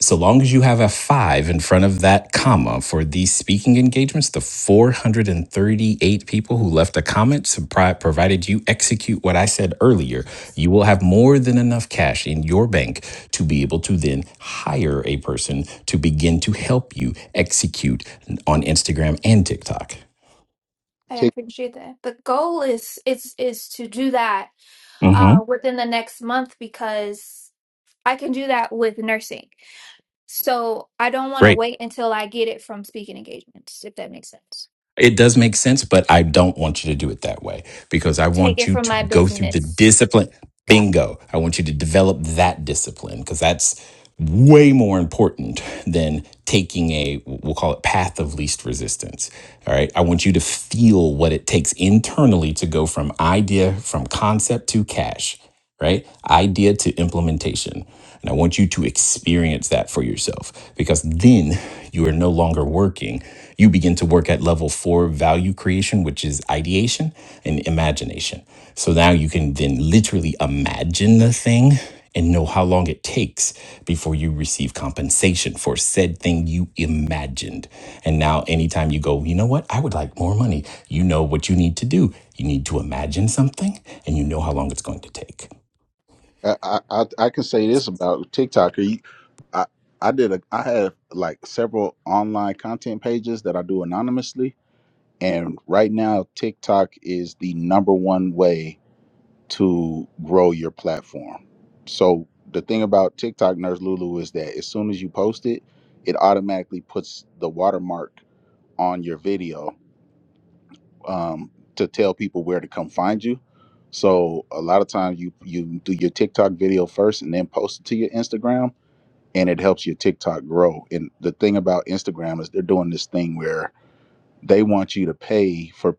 [SPEAKER 3] so long as you have a five in front of that comma for these speaking engagements, the 438 people who left a comment, supri- provided you execute what I said earlier, you will have more than enough cash in your bank to be able to then hire a person to begin to help you execute on Instagram and TikTok.
[SPEAKER 4] I
[SPEAKER 6] Tik,
[SPEAKER 4] appreciate that. The goal is is is to do that
[SPEAKER 3] mm hmm
[SPEAKER 4] uh, within the next month because I can do that with nursing. So I don't want to
[SPEAKER 3] Great.
[SPEAKER 4] wait until I get it from speaking engagements, if that makes sense.
[SPEAKER 3] It does make sense, but I don't want you to do it that way because I
[SPEAKER 4] Take
[SPEAKER 3] want
[SPEAKER 4] it
[SPEAKER 3] you
[SPEAKER 4] from
[SPEAKER 3] to
[SPEAKER 4] my
[SPEAKER 3] go through the
[SPEAKER 4] business.
[SPEAKER 3] discipline.
[SPEAKER 4] Got
[SPEAKER 3] Bingo. I want you to develop that discipline because that's way more important than taking a, we'll call it path of least resistance. All right. I want you to feel what it takes internally to go from idea, from concept to cash right? Idea to implementation. And I want you to experience that for yourself because then you are no longer working. You begin to work at level four value creation, which is ideation and imagination. So now you can then literally imagine the thing and know how long it takes before you receive compensation for said thing you imagined. And now, anytime you go, you know what, I would like more money, you know what you need to do. You need to imagine something and you know how long it's going to take.
[SPEAKER 6] I, I I I can say this about TikTok. You- I I did a I have like several online content pages that I do anonymously, and right now TikTok is the number one way to grow your platform. So the thing about TikTok, Nurse Lulu, is that as soon as you post it, it automatically puts the watermark on your video um, to tell people where to come find you. So a lot of times you you do your TikTok video first and then post it to your Instagram, and it helps your TikTok grow. And the thing about Instagram is they're doing this thing where they want you to pay for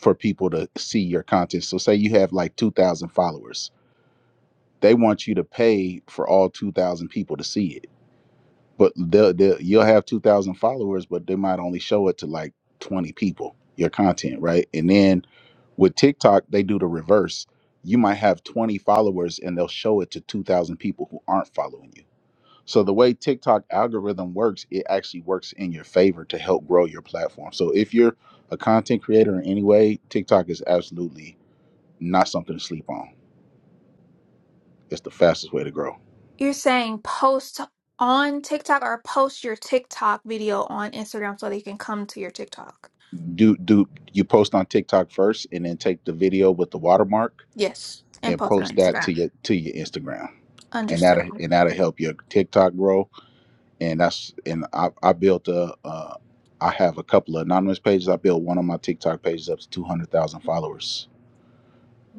[SPEAKER 6] for people to see your content. So say you have like two thousand followers, they want you to pay for all two thousand people to see it. But they'll, they'll, you'll have two thousand followers, but they might only show it to like twenty people your content, right? And then With TikTok, they do the reverse. You might have 20 followers and they'll show it to 2,000 people who aren't following you. So the way TikTok algorithm works, it actually works in your favor to help grow your platform. So if you're a content creator in any way, TikTok is absolutely not something to sleep on. It's the fastest way to grow.
[SPEAKER 4] it. You're saying post on TikTok or post your TikTok video on Instagram so they can come to your TikTok.
[SPEAKER 6] Do do you post on TikTok first and then take the video with the watermark
[SPEAKER 4] Yes, and
[SPEAKER 6] and
[SPEAKER 4] post it on
[SPEAKER 6] post that
[SPEAKER 4] Instagram.
[SPEAKER 6] to your to your Instagram. And that'll
[SPEAKER 4] Understood.
[SPEAKER 6] and that'll help your TikTok grow and that's and I, I built a uh, I have a couple of anonymous pages. I built one of my TikTok pages up to two hundred thousand followers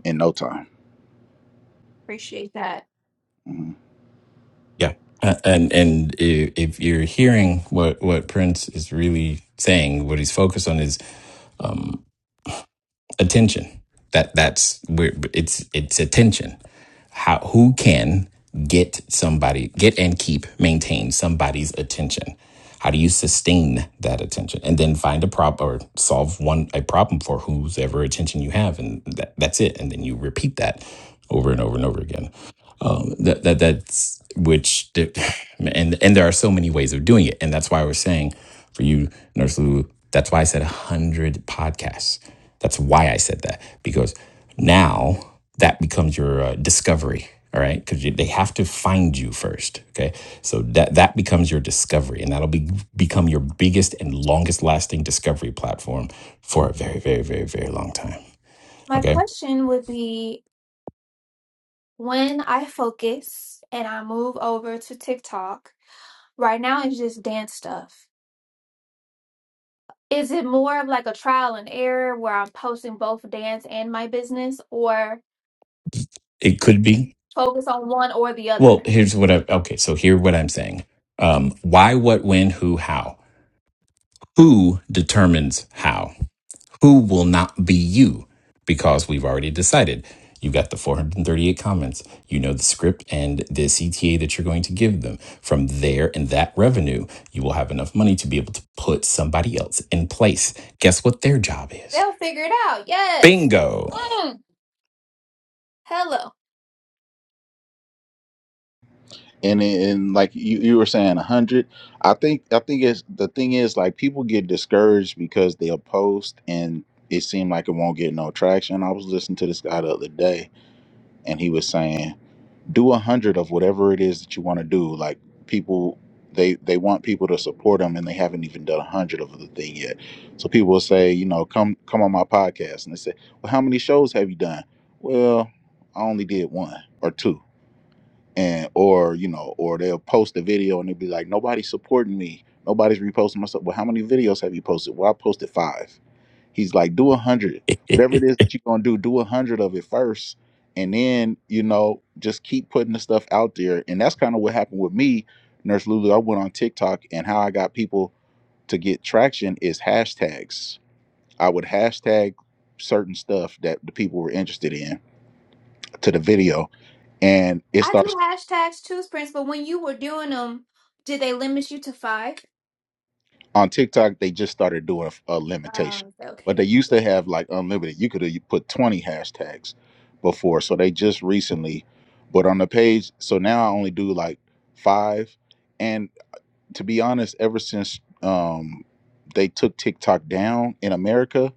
[SPEAKER 6] in no time.
[SPEAKER 4] Appreciate that.
[SPEAKER 6] Mhm.
[SPEAKER 3] Yeah. Uh, and and if, if you're hearing what what Prince is really saying, what he's focused on is attention. That that's where it's it's attention. How who can get somebody get and keep maintain somebody's attention? How do you sustain that attention and then find a problem or solve one a problem for whose attention you have and that, that's it and then you repeat that over and over and over again um, that that that's which and and there are so many ways of doing it and that's why we're saying for you nurse lou that's why i said 100 podcasts that's why i said that because now that becomes your uh, discovery all right because they have to find you first okay so that that becomes your discovery and that'll be become your biggest and longest lasting discovery platform for a very very very very long time
[SPEAKER 4] My
[SPEAKER 3] okay
[SPEAKER 4] question would be When I focus and I move over to TikTok, right now it's just dance stuff. Is it more of like a trial and error where I'm posting both dance and my business or
[SPEAKER 3] it could be
[SPEAKER 4] focus on one or the
[SPEAKER 3] Well,
[SPEAKER 4] other?
[SPEAKER 3] here's what I okay, so here what I'm saying. Um, why, what, when, who, how. Who determines how? Who will not be you? Because we've already decided. You got the 438 comments. You know the script and the CTA that you're going to give them. From there and that revenue, you will have enough money to be able to put somebody else in place. Guess what their job is?
[SPEAKER 4] They'll figure it out. Yes.
[SPEAKER 3] Bingo.
[SPEAKER 4] Mm. Hello.
[SPEAKER 6] And and like you, you were saying, a hundred. I think I think it's the thing is like people get discouraged because they'll post and it seemed like it won't get no traction. I was listening to this guy the other day, and he was saying. do a hundred of whatever it is that you want to do. Like people, they they want people to support them, and they haven't even done a hundred of the thing yet. So people will say, you know, come come on my podcast, and they say, well, how many shows have you done? Well, I only did one or two, and or you know, or they'll post a video and they'll be like, nobody's supporting me, nobody's reposting myself. Well, how many videos have you posted? Well, I posted five He's like, do a hundred. Whatever it is that you're gonna do, do a hundred of it first. And then, you know, just keep putting the stuff out there. And that's kind of what happened with me, Nurse Lulu. I went on TikTok and how I got people to get traction is hashtags. I would hashtag certain stuff that the people were interested in to the video. And it
[SPEAKER 4] I
[SPEAKER 6] starts
[SPEAKER 4] do hashtags too, Prince, but when you were doing them, did they limit you to five?
[SPEAKER 6] on TikTok, they just started doing a limitation,
[SPEAKER 4] Um,
[SPEAKER 6] but
[SPEAKER 4] okay.
[SPEAKER 6] they used to have like unlimited. You could have put 20 hashtags before. So they just recently, but on the page, so now I only do like five. And to be honest, ever since um, they took TikTok down in America,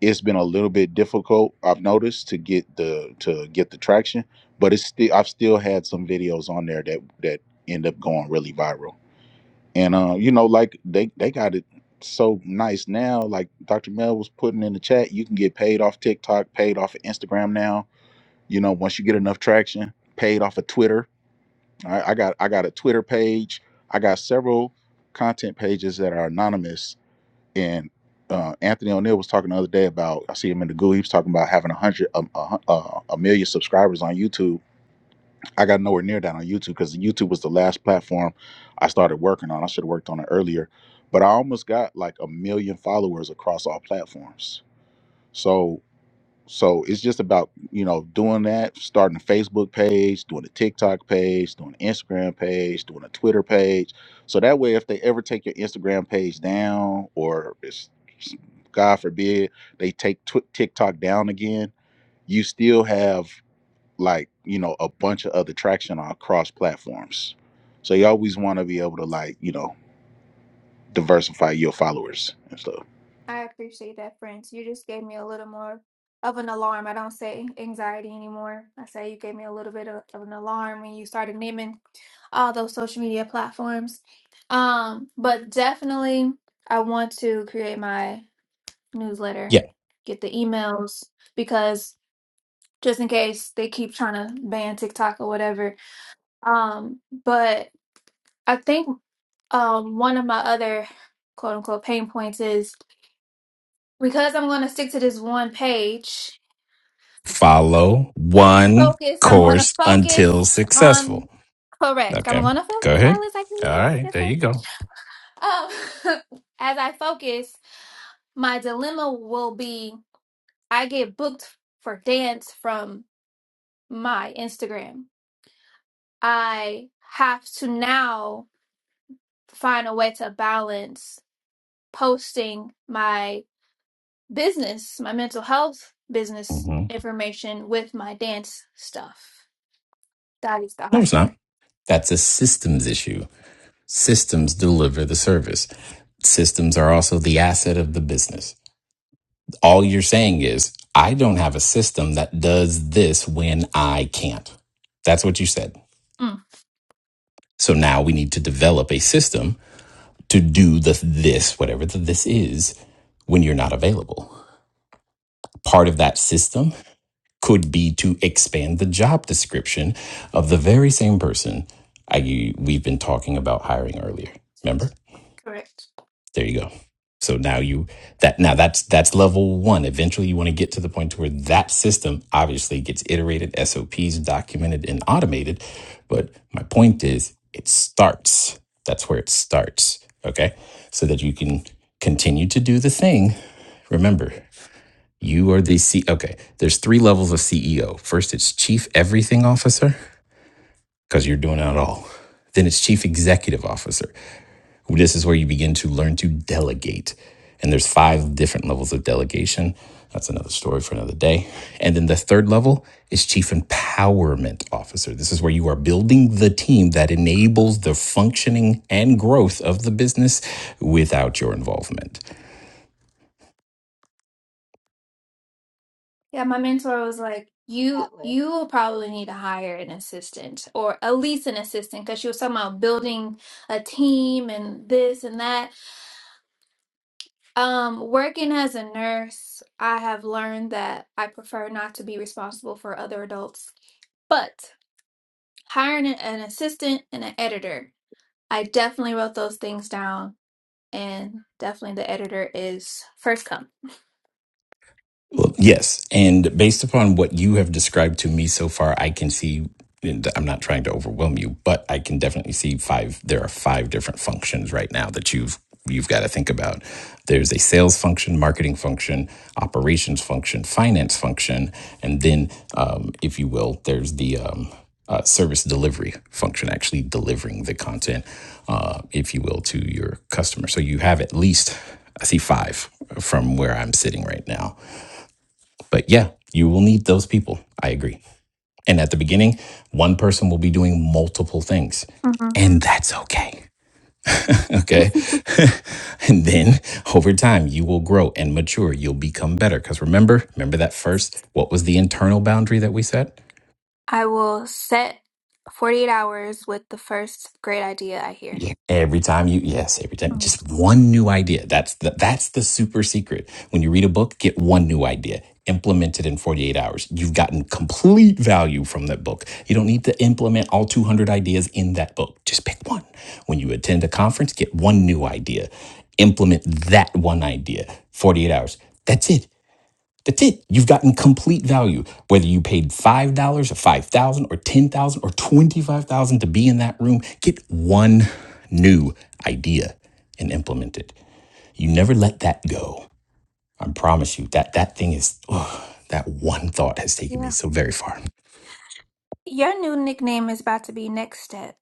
[SPEAKER 6] it's been a little bit difficult. I've noticed to get the to get the traction, but it's still I've still had some videos on there that that end up going really viral. And uh, you know, like they they got it so nice now. Like Dr. Mel was putting in the chat, you can get paid off TikTok, paid off of Instagram now. You know, once you get enough traction, paid off of Twitter. I, I got I got a Twitter page. I got several content pages that are anonymous. And uh, Anthony O'Neill was talking the other day about I see him in the goo. He was talking about having a hundred a, a, a a million subscribers on YouTube I got nowhere near that on YouTube because YouTube was the last platform I started working on. I should have worked on it earlier, but I almost got like a million followers across all platforms. So so it's just about you know doing that, starting a Facebook page, doing a TikTok page, doing an Instagram page, doing a Twitter page. So that way, if they ever take your Instagram page down, or it's, God forbid they take tw- TikTok down again, you still have like you know a bunch of other traction on cross platforms so you always want to be able to like you know diversify your followers and stuff
[SPEAKER 4] I appreciate that, friends. You just gave me a little more of an alarm. I don't say anxiety anymore. I say you gave me a little bit of, of an alarm when you started naming all those social media platforms. Um, but definitely, I want to create my newsletter,
[SPEAKER 3] yeah.
[SPEAKER 4] get the emails because just in case they keep trying to ban TikTok or whatever. Um, but I think um, one of my other quote unquote pain points is because I'm going to stick to this one page
[SPEAKER 3] Follow one
[SPEAKER 4] focus. I'm going to
[SPEAKER 3] course until
[SPEAKER 4] focus on
[SPEAKER 3] successful.
[SPEAKER 4] correct. I'm
[SPEAKER 3] Okay.
[SPEAKER 4] going to
[SPEAKER 3] Go
[SPEAKER 4] focus.
[SPEAKER 3] ahead.
[SPEAKER 4] Alice. I can
[SPEAKER 3] All right.
[SPEAKER 4] yes,
[SPEAKER 3] There you go.
[SPEAKER 4] yes, sir. Um, as I focus, my dilemma will be: I get booked for dance from my Instagram. I have to now find a way to balance posting my business, my mental health business
[SPEAKER 3] hmm
[SPEAKER 4] information with my dance stuff. That is the
[SPEAKER 3] No,
[SPEAKER 4] hard
[SPEAKER 3] it's not.
[SPEAKER 4] part.
[SPEAKER 3] That's a systems issue. Systems deliver the service. Systems are also the asset of the business. All you're saying is, I don't have a system that does this when I can't. That's what you said.
[SPEAKER 4] Mm,
[SPEAKER 3] So now we need to develop a system to do the this, whatever the this is, when you're not available. Part of that system could be to expand the job description of the very same person I, we've been talking about hiring earlier. Remember?
[SPEAKER 4] correct.
[SPEAKER 3] There you go. So now you that now that's that's level one. Eventually, you want to get to the point to where that system obviously gets iterated, SOPs documented and automated. But my point is, it starts. That's where it starts. Okay, so that you can continue to do the thing. Remember, you are the C. Okay, there's three levels of CEO. First, it's Chief Everything Officer because you're doing it all. Then it's Chief Executive Officer well, This is where you begin to learn to delegate. And there's five different levels of delegation. That's another story for another day. And then the third level is chief empowerment officer. This is where you are building the team that enables the functioning and growth of the business without your involvement.
[SPEAKER 4] Yeah, my mentor was like, "You
[SPEAKER 5] Atlas.
[SPEAKER 4] you will probably need to hire an assistant or at least an assistant because she was talking about building a team and this and that. Um, working as a nurse, I have learned that I prefer not to be responsible for other adults. But hiring an an assistant and an editor, I definitely wrote those things down, and definitely the editor is first come.
[SPEAKER 3] Well, yes. And based upon what you have described to me so far, I can see, and I'm not trying to overwhelm you, but I can definitely see five. There are five different functions right now that you've you've got to think about there's a sales function marketing function operations function finance function and then um, if you will there's the um, uh, service delivery function actually delivering the content uh, if you will to your customer so you have at least i see five from where i'm sitting right now but yeah, you will need those people. I agree. And at the beginning, one person will be doing multiple things,
[SPEAKER 4] hmm
[SPEAKER 3] and that's okay. okay. and then over time, you will grow and mature. You'll become better. Because remember, remember that first, what was the internal boundary that we set?
[SPEAKER 4] I will set 48 hours with the first great idea I hear.
[SPEAKER 3] Yeah, Every time you, yes, every time,
[SPEAKER 4] Oh,
[SPEAKER 3] just one new idea. That's the, that's the super secret. When you read a book, get one new idea, implement it in 48 hours. You've gotten complete value from that book. You don't need to implement all 200 ideas in that book. Just pick one. When you attend a conference, get one new idea, implement that one idea, 48 hours. That's it. That's it. You've gotten complete value, whether you paid $5 or $5,000 or $10,000 or $25,000 to be in that room. Get one new idea and implement it. You never let that go. I promise you that that thing is, oh, that one thought has taken me
[SPEAKER 4] Yeah.
[SPEAKER 3] so very far.
[SPEAKER 4] Your new nickname is about to be Next Step.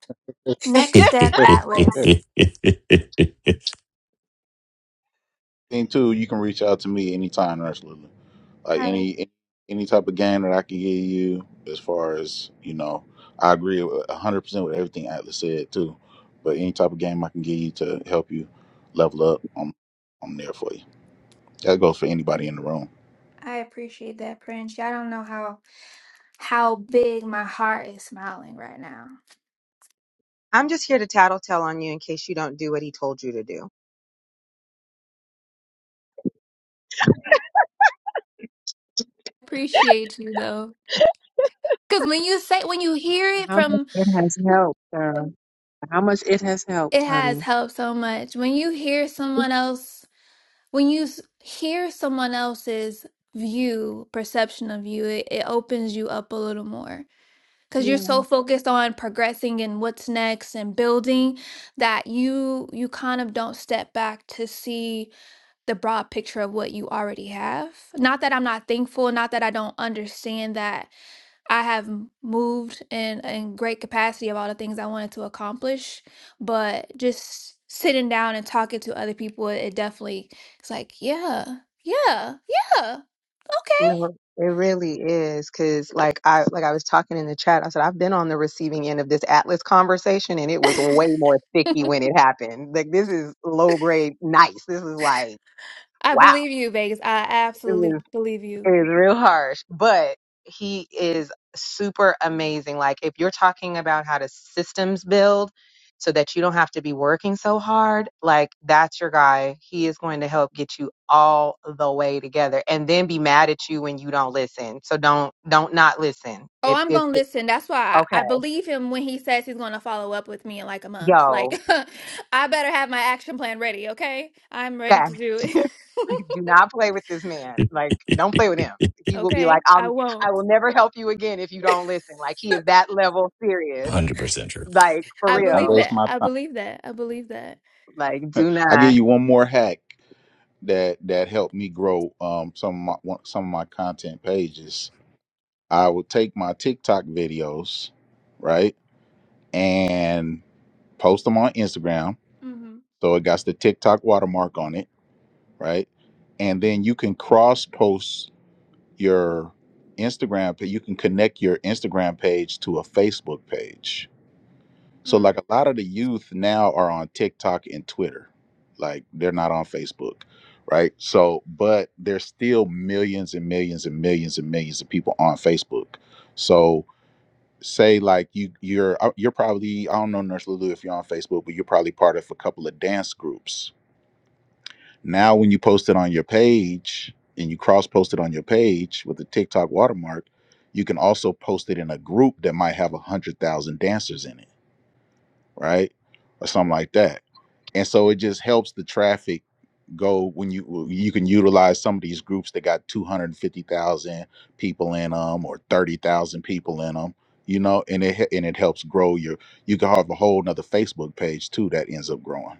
[SPEAKER 4] Next Step Atlas.
[SPEAKER 6] thing too you can reach out to me anytime nurse Lulu. like
[SPEAKER 4] I
[SPEAKER 6] any any any type of game that i can give you as far as you know i agree with 100% with everything atlas said too but any type of game i can give you to help you level up i'm i'm there for you that goes for anybody in the room
[SPEAKER 4] I appreciate that, Prince. Y'all don't know how how big my heart is smiling right now.
[SPEAKER 5] I'm just here to tattletale on you in case you don't do what he told you to do.
[SPEAKER 4] Appreciate you though. Cause when you say when you hear it
[SPEAKER 2] How much
[SPEAKER 4] from
[SPEAKER 2] it has helped, sir. How much it has
[SPEAKER 4] it
[SPEAKER 2] helped,
[SPEAKER 4] has
[SPEAKER 2] honey.
[SPEAKER 4] helped so much. When you hear someone else when you s- hear someone else's view, perception of you, it, it opens you up a little more.
[SPEAKER 5] You
[SPEAKER 4] because you're so focused on progressing and what's next and building that you you kind of don't step back to see the broad picture of what you already have not that i'm not thankful not that i don't understand that i have m- moved in in great capacity of all the things i wanted to accomplish but just sitting down and talking to other people it it definitely it's like yeah yeah yeah okay
[SPEAKER 5] No, it really is because, like I like I was talking in the chat, I said I've been on the receiving end of this Atlas conversation, and it was way more sticky when it happened. Like this is low grade, nice. This is like
[SPEAKER 4] i
[SPEAKER 5] wow.
[SPEAKER 4] believe you vegas i absolutely believe
[SPEAKER 5] It
[SPEAKER 4] you
[SPEAKER 5] is real harsh, but he is super amazing. Like, if you're talking about how to systems build so that you don't have to be working so hard, like, that's your guy. He is going to help get you all the way together and then be mad at you when you don't listen. So don't, don't not listen.
[SPEAKER 4] Oh,
[SPEAKER 5] If
[SPEAKER 4] I'm
[SPEAKER 5] it's
[SPEAKER 4] gonna listen. That's why
[SPEAKER 5] okay,
[SPEAKER 4] I, I believe him when he says he's gonna follow up with me in like a month. Like,
[SPEAKER 5] yo,
[SPEAKER 4] I better have my action plan ready, okay? I'm ready
[SPEAKER 5] back.
[SPEAKER 4] to do it.
[SPEAKER 5] Like, do not play with this man. Like, don't play with him. He will be like,
[SPEAKER 4] Okay, I
[SPEAKER 5] I'm,
[SPEAKER 4] won't.
[SPEAKER 5] I will never help you again if you don't listen. Like, he is that level serious
[SPEAKER 3] 100% sure.
[SPEAKER 5] Like for
[SPEAKER 4] I
[SPEAKER 6] Don't
[SPEAKER 4] believe
[SPEAKER 5] real.
[SPEAKER 6] waste
[SPEAKER 4] that.
[SPEAKER 6] my
[SPEAKER 4] I
[SPEAKER 6] time.
[SPEAKER 4] believe that. I believe that.
[SPEAKER 5] Like do
[SPEAKER 6] I give
[SPEAKER 5] not.
[SPEAKER 6] you one more hack that that helped me grow um some of my one- some of my content pages. I would take my TikTok videos, right, and post them on Instagram.
[SPEAKER 4] hmm
[SPEAKER 6] So it got the TikTok watermark on it, right? And then you can cross post your Instagram page. You can connect your Instagram page to a Facebook page So like a lot of the youth now are on TikTok and Twitter. Like they're not on Facebook, right? So but there's still millions and millions and millions and millions of people on Facebook. So say like you you're uh, you're probably I don't know Nurse Lulu if you're on Facebook, but you're probably part of a couple of dance groups. Now when you post it on your page and you cross post it on your page with the TikTok watermark, you can also post it in a group that might have a hundred thousand dancers in it, right? Or something like that and so it just helps the traffic go when you you can utilize some of these groups that got 250,000 people in them or 30,000 people in them you know and it he- and it helps grow your you can have a whole nother Facebook page too that ends up growing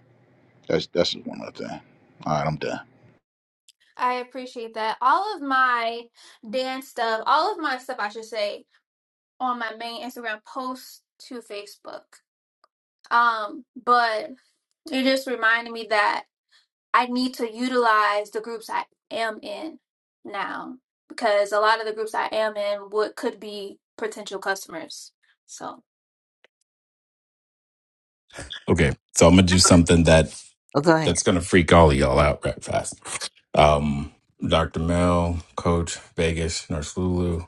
[SPEAKER 6] that's that's just one other thing all right I'm done
[SPEAKER 4] I appreciate that. All of my dance stuff, all of my stuff, I should say, on my main Instagram post to Facebook. Um, but it just reminded me that I need to utilize the groups I am in now because a lot of the groups I am in would could be potential customers. So,
[SPEAKER 3] Okay. So I'm going to do something that
[SPEAKER 1] Oh, go ahead.
[SPEAKER 3] that's going to freak all of y'all out right fast. Um, Dr. Mel, Coach Vegas, Nurse Lulu,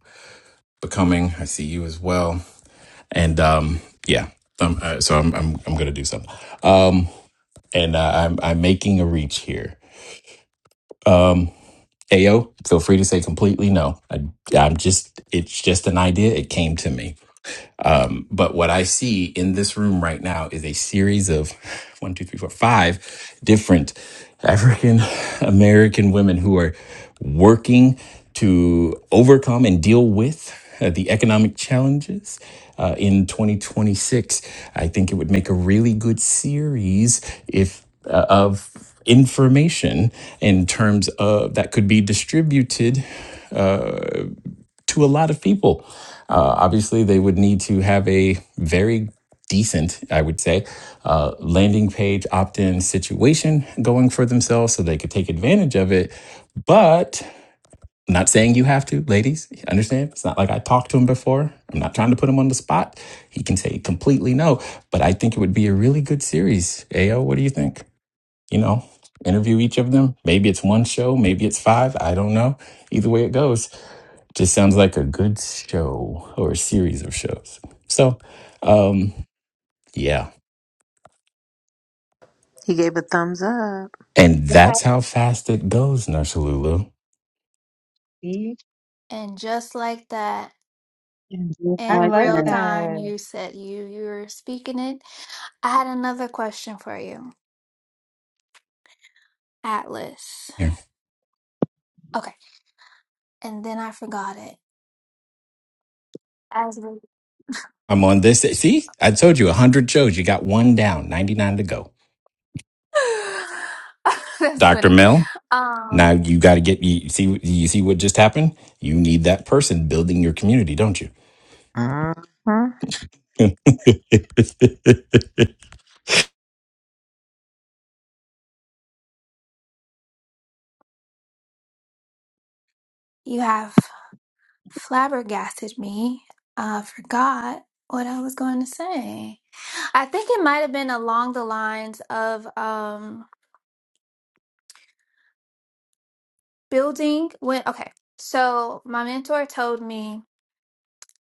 [SPEAKER 3] becoming. I see you as well, and um, yeah. Um, uh, so I'm I'm I'm gonna do something. Um, and uh, I'm I'm making a reach here. Ayo, feel free to say completely no. I, I'm just it's just an idea. It came to me. But what I see in this room right now is a series of one, two, three, four, five different African American women who are working to overcome and deal with uh, the economic challenges uh, in 2026. I think it would make a really good series if uh, of information in terms of that could be distributed to a lot of people. Uh, obviously, they would need to have a very decent, I would say, uh, landing page opt in situation going for themselves so they could take advantage of it. But I'm not saying you have to, ladies. Understand? It's not like I talked to him before. I'm not trying to put him on the spot. He can say completely no, but I think it would be a really good series. Ayo, what do you think? you know, interview each of them. Maybe it's one show, maybe it's five. I don't know. Either way it goes, just sounds like a good show or a series of shows. So, um, yeah.
[SPEAKER 1] He gave a thumbs up.
[SPEAKER 3] And
[SPEAKER 5] Yeah,
[SPEAKER 3] that's how fast it goes, Nursalulu.
[SPEAKER 5] see?
[SPEAKER 4] and just like that,
[SPEAKER 2] And just
[SPEAKER 5] I
[SPEAKER 4] in
[SPEAKER 2] like
[SPEAKER 5] love
[SPEAKER 4] real
[SPEAKER 2] that.
[SPEAKER 4] time,
[SPEAKER 5] that.
[SPEAKER 4] you said you you were speaking it. I had another question for you, Atlas.
[SPEAKER 3] Here.
[SPEAKER 4] Okay, and then I forgot it. As
[SPEAKER 3] I'm on this. See, I told you 100 shows. You got one down, 99 to go.
[SPEAKER 4] That's
[SPEAKER 3] Dr.
[SPEAKER 4] funny.
[SPEAKER 3] Mel,
[SPEAKER 4] Um,
[SPEAKER 3] now you got to get you see you see what just happened? You need that person building your community, don't you?
[SPEAKER 1] hmm
[SPEAKER 4] you have flabbergasted me. I forgot what I was going to say. I think it might have been along the lines of um building when okay. So my mentor told me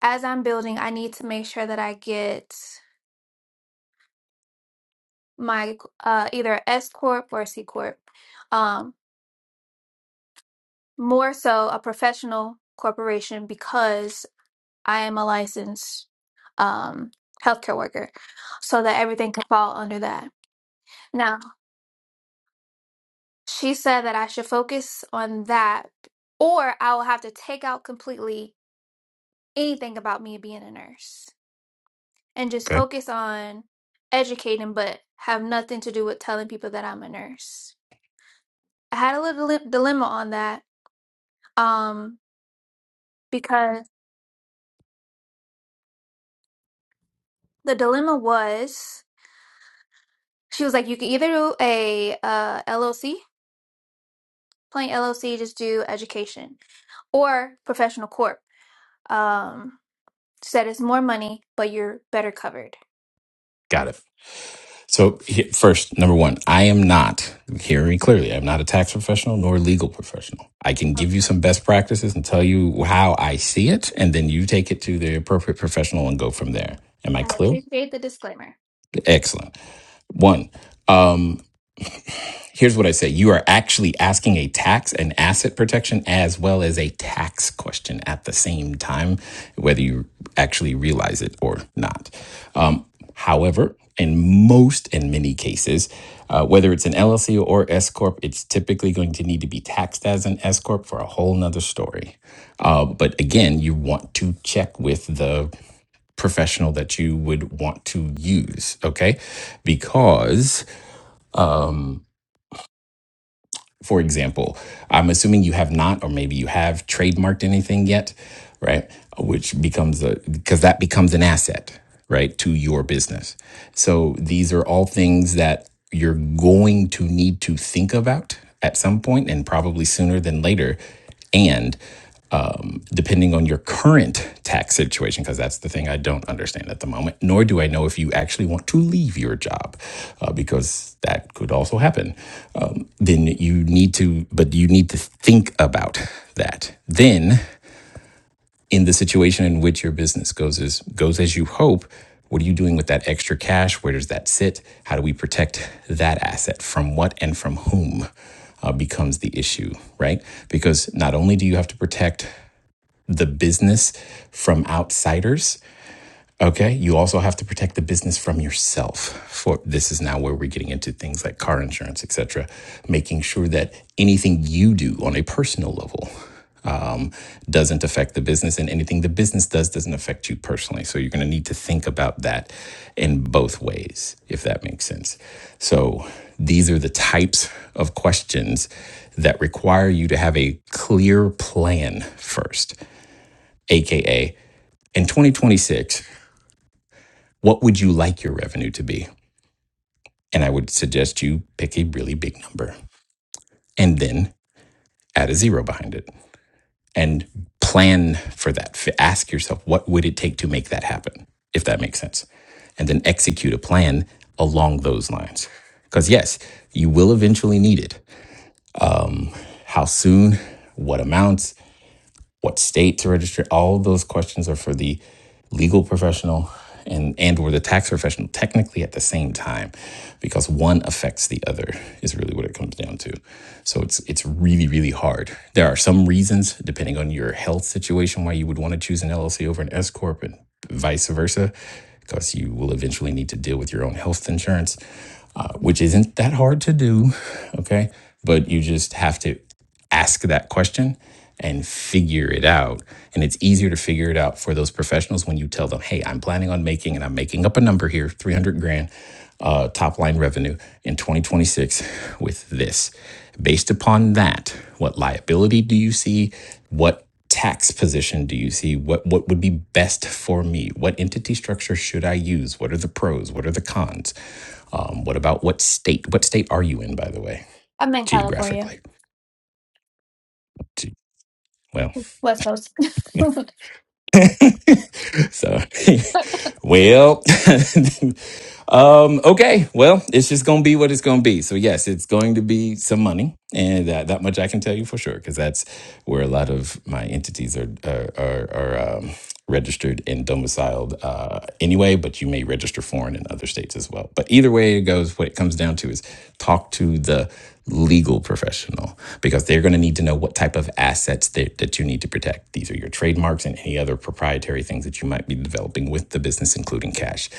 [SPEAKER 4] as I'm building, I need to make sure that I get my uh either S corp or C corp. Um, more so a professional corporation because I am a licensed um, healthcare worker, so that everything could fall under that. Now, she said that I should focus on that, or I will have to take out completely anything about me being a nurse and just focus on educating, but have nothing to do with telling people that I'm a nurse. I had a little dile- dilemma on that um, because the dilemma was she was like, you can either do a uh, LLC, plain LLC, just do education or professional corp um, said it's more money, but you're better covered.
[SPEAKER 3] Got it. So he- first, number one, I am not hearing me clearly. I'm not a tax professional nor a legal professional. I can give you some best practices and tell you how I see it, and then you take it to the appropriate professional and go from there. Am I
[SPEAKER 4] I
[SPEAKER 3] clear?
[SPEAKER 4] appreciate the disclaimer.
[SPEAKER 3] Excellent. One. Um, here's what I say you are actually asking a tax and asset protection as well as a tax question at the same time, whether you actually realize it or not. Um, however, in most and many cases, uh, whether it's an LLC or S Corp, it's typically going to need to be taxed as an S Corp for a whole nother story. Uh, but again, you want to check with the professional that you would want to use, okay? Because um, for example, I'm assuming you have not, or maybe you have trademarked anything yet, right? Which becomes a, because that becomes an asset, right, to your business. So these are all things that you're going to need to think about at some point and probably sooner than later. and depending on your current tax situation, because that's the thing I don't understand at the moment, nor do I know if you actually want to leave your job, uh, because that could also happen. Um, then you need to, but you need to think about that. Then, in the situation in which your business goes as goes as you hope, what are you doing with that extra cash? Where does that sit? How do we protect that asset from what and from whom? uh, becomes the issue, right? Because not only do you have to protect the business from outsiders. Okay. You also have to protect the business from yourself. For this is now where we're getting into things like car insurance, et cetera, making sure that anything you do on a personal level um, doesn't affect the business, and anything the business does doesn't affect you personally. So you're going to need to think about that in both ways, if that makes sense. So these are the types of questions that require you to have a clear plan first AKA, in 2026, what would you like your revenue to be? And I would suggest you pick a really big number and then add a zero behind it and plan for that. Ask yourself, what would it take to make that happen? If that makes sense. And then execute a plan along those lines. Because yes, you will eventually need it. How soon? What amounts? what state to register all those questions are for the legal professional and and or the tax professional technically at the same time because one affects the other is really what it comes down to so it's it's really really hard there are some reasons depending on your health situation why you would want to choose an llc over an s corp and vice versa because you will eventually need to deal with your own health insurance uh, which isn't that hard to do okay but you just have to ask that question and figure it out. And it's easier to figure it out for those professionals when you tell them, hey, I'm planning on making, and I'm making up a number here, 300 grand uh, top line revenue in 2026 with this. Based upon that, what liability do you see? What tax position do you see? What, what would be best for me? What entity structure should I use? What are the pros? What are the cons? Um, what about what state? What state are you in, by the way,
[SPEAKER 4] I'm in California,
[SPEAKER 3] geographically? Well,
[SPEAKER 4] West Coast.
[SPEAKER 3] so, well, um, okay. Well, it's just going to be what it's going to be. So, yes, it's going to be some money, and that, that much I can tell you for sure, because that's where a lot of my entities are are are, are um, registered and domiciled uh, anyway. But you may register foreign in other states as well. But either way it goes, what it comes down to is talk to the legal professional because they're going to need to know what type of assets that, that you need to protect. These are your trademarks and any other proprietary things that you might be developing with the business, including cash.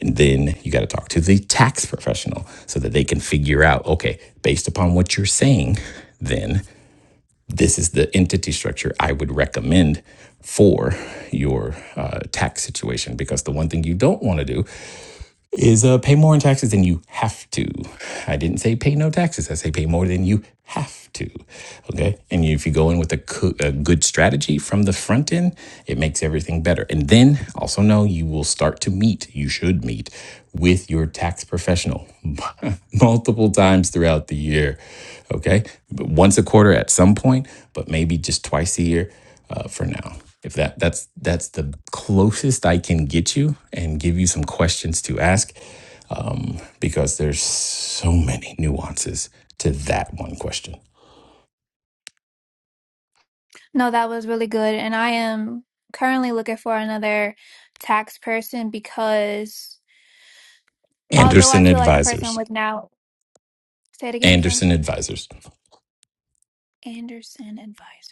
[SPEAKER 3] And then you got to talk to the tax professional so that they can figure out okay, based upon what you're saying, then this is the entity structure I would recommend for your uh, tax situation. Because the one thing you don't want to do is uh, pay more in taxes than you have to. I didn't say pay no taxes. I say pay more than you have to. Okay. And if you go in with a, coo- a good strategy from the front end, it makes everything better. And then also know you will start to meet, you should meet with your tax professional multiple times throughout the year. Okay. Once a quarter at some point, but maybe just twice a year uh, for now if that that's that's the closest I can get you and give you some questions to ask um, because there's so many nuances to that one question.
[SPEAKER 4] no, that was really good. And I am currently looking for another tax person because although I
[SPEAKER 3] Anderson
[SPEAKER 4] feel like the person I'm
[SPEAKER 3] Advisors.
[SPEAKER 4] with now, say it again, I'm sorry,
[SPEAKER 3] Anderson Advisors.
[SPEAKER 4] Anderson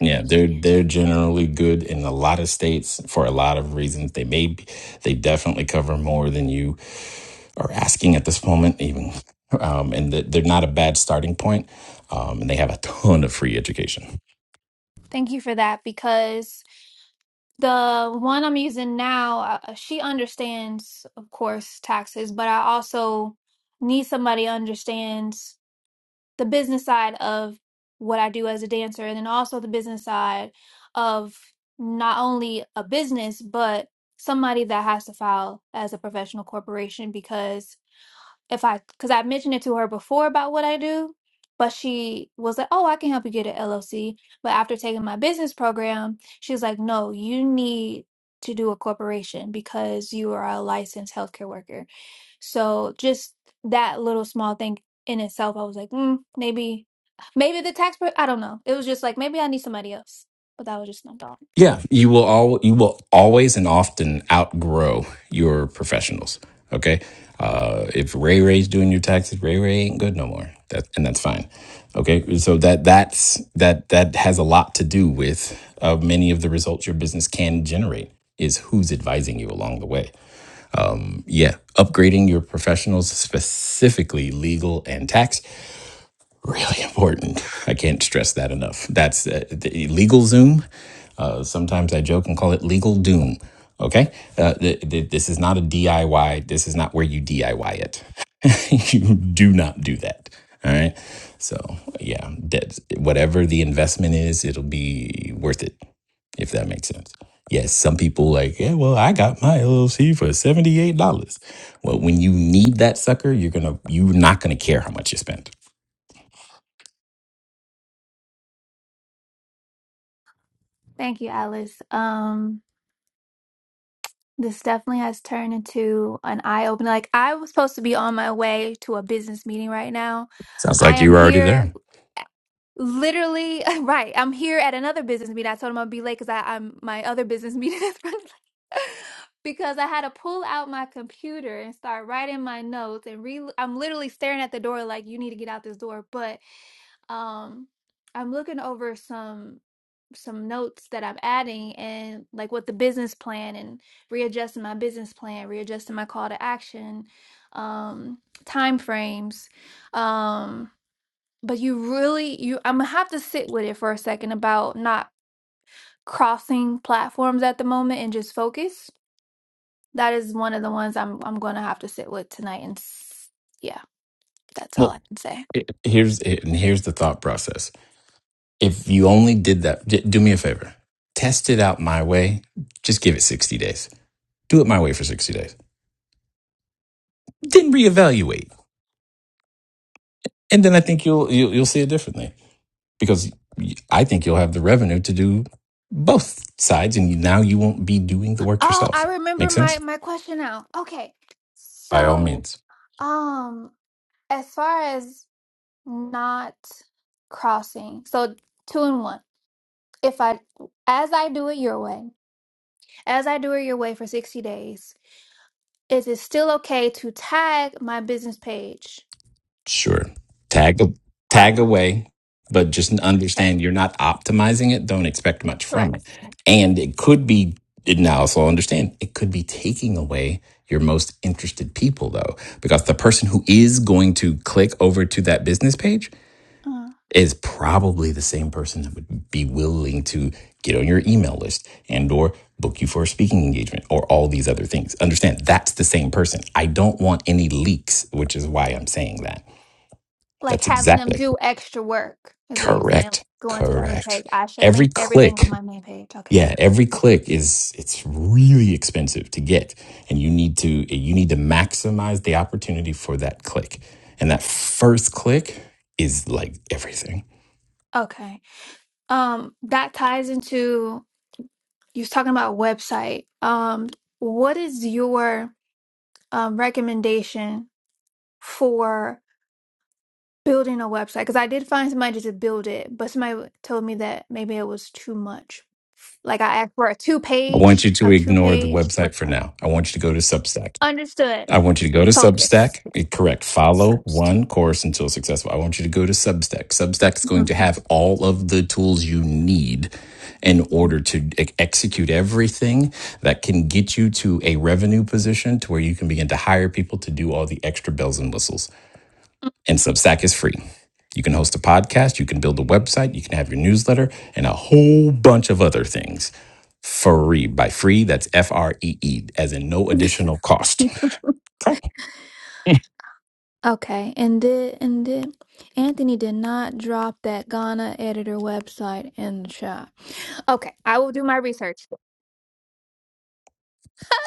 [SPEAKER 3] Yeah, they're they're generally good in a lot of states for a lot of reasons. They may be, they definitely cover more than you are asking at this moment, even, um, and that they're not a bad starting point. Um, and they have a ton of free education.
[SPEAKER 4] Thank you for that because The one I'm using now, uh, uh, she understands, of course, taxes, but I also need somebody who understands the business side of what I do as a dancer and then also the business side of not only a business, but somebody that has to file as a professional corporation because if I, because I mentioned it to her before about what I do, but she was like, oh, I can help you get an LLC. But after taking my business program, she was like, no, you need to do a corporation because you are a licensed healthcare worker. So just that little small thing in itself, I was like, mm, maybe, maybe the tax, per- I don't know. It was just like, maybe I need somebody else. But that was just my thought.
[SPEAKER 3] Yeah, you will all you will always and often outgrow your professionals. Okay, uh, if Ray Ray's doing your taxes, Ray Ray ain't good no more. That and that's fine. Okay, so that that's that that has a lot to do with uh, many of the results your business can generate is who's advising you along the way. Yeah, upgrading your professionals specifically legal and tax really important. I can't stress that enough. That's uh, the legal Zoom. Uh, sometimes I joke and call it legal doom. Okay, uh, th- th- this is not a DIY. This is not where you DIY it. you do not do that. All right. So yeah, that, whatever the investment is, it'll be worth it if that makes sense. Yes, some people like, yeah, well, I got my LLC for seventy eight dollars. Well, when you need that sucker, you're gonna you're not gonna care how much you spent
[SPEAKER 4] Thank you, Alice. Um, This definitely has turned into an eye opener. Like, I was supposed to be on my way to a business meeting right now.
[SPEAKER 3] Sounds
[SPEAKER 4] I
[SPEAKER 3] like you
[SPEAKER 4] am
[SPEAKER 3] were already
[SPEAKER 4] here
[SPEAKER 3] there.
[SPEAKER 4] eh, literally, right. I'm here at another business meeting. I told him I'd be late because I'm my other business meeting is running late. because I had to pull out my computer and start writing my notes and re I'm literally staring at the door like you need to get out this door. But um I'm looking over some some notes that I'm adding and like with the business plan and readjusting my business plan, readjusting my call to action, um, time frames. Um, but you really you I'm gonna have to sit with it for a second about not crossing platforms at the moment and just focus. That is one of the ones I'm I'm gonna have to sit with tonight and s- yeah, that's all
[SPEAKER 3] Well,
[SPEAKER 4] I can say.
[SPEAKER 3] i- here's and here's the thought process. If you only did that, d- do me a favor. Test it out my way. Just give it 60 days. Do it my way for 60 days. Then reevaluate. And then I think you'll you'll, you'll see it differently because y- I think you'll have the revenue to do both sides and you- now you won't be doing the work
[SPEAKER 4] Oh,
[SPEAKER 3] yourself.
[SPEAKER 4] I remember
[SPEAKER 3] Make
[SPEAKER 4] my
[SPEAKER 3] sense?
[SPEAKER 4] my question now. Okay.
[SPEAKER 3] By all
[SPEAKER 4] So,
[SPEAKER 3] means.
[SPEAKER 4] um as far as not crossing. So two and one. If I, as I do it your way, as I do it your way for 60 days, is it still okay to tag my business page?
[SPEAKER 3] Sure. Tag
[SPEAKER 4] Part
[SPEAKER 3] tag
[SPEAKER 4] one.
[SPEAKER 3] away, but just
[SPEAKER 4] Okay.
[SPEAKER 3] understand you're not optimizing it. Don't expect much from it.
[SPEAKER 4] Correct.
[SPEAKER 3] And it could be now also understand it could be taking away your most interested people though, because the person who is going to click over to that business page is probably the same person that would be willing to get on your email list and or book you for a speaking engagement or all these other things. Understand that's the same person. I don't want any leaks, which is why I'm saying that
[SPEAKER 4] like
[SPEAKER 3] that's
[SPEAKER 4] having them
[SPEAKER 3] exactly
[SPEAKER 4] do extra work is what you're saying.
[SPEAKER 3] correct.
[SPEAKER 4] Going to the other
[SPEAKER 3] Correct.
[SPEAKER 4] page. I should
[SPEAKER 3] Every
[SPEAKER 4] link everything on
[SPEAKER 3] click,
[SPEAKER 4] my main page. Okay.
[SPEAKER 3] yeah, every click is it's really expensive to get, and you need to you need to maximize the opportunity for that click. And that first click is like everything.
[SPEAKER 4] Okay. Um, that ties into you was talking about website. Um, what is your um recommendation for? building a website because I did find somebody to build it, but somebody told me that maybe it was too much. Like I asked for a two
[SPEAKER 3] I want
[SPEAKER 4] page,
[SPEAKER 3] you to
[SPEAKER 4] a two
[SPEAKER 3] ignore the
[SPEAKER 4] page
[SPEAKER 3] website for
[SPEAKER 4] website.
[SPEAKER 3] now. I want you to go to Substack.
[SPEAKER 4] Understood.
[SPEAKER 3] I want you to go to
[SPEAKER 4] Focus.
[SPEAKER 3] Substack. Eh, Correct. Follow
[SPEAKER 4] Understood.
[SPEAKER 3] one course until successful. I want you to go to Substack. Substack is going to
[SPEAKER 4] Mhm.
[SPEAKER 3] have all of the tools you need in order to e- execute everything that can get you to a revenue position to where you can begin to hire people to do all the extra bells and whistles. And Substack is free. You can host a podcast, you can build a website, you can have your newsletter, and a whole bunch of other things free. By free, that's F R E E, as in no additional cost. Okay.
[SPEAKER 4] Okay, and did and did Anthony did not drop that Ghana editor website in the chat. Okay, I will do my research.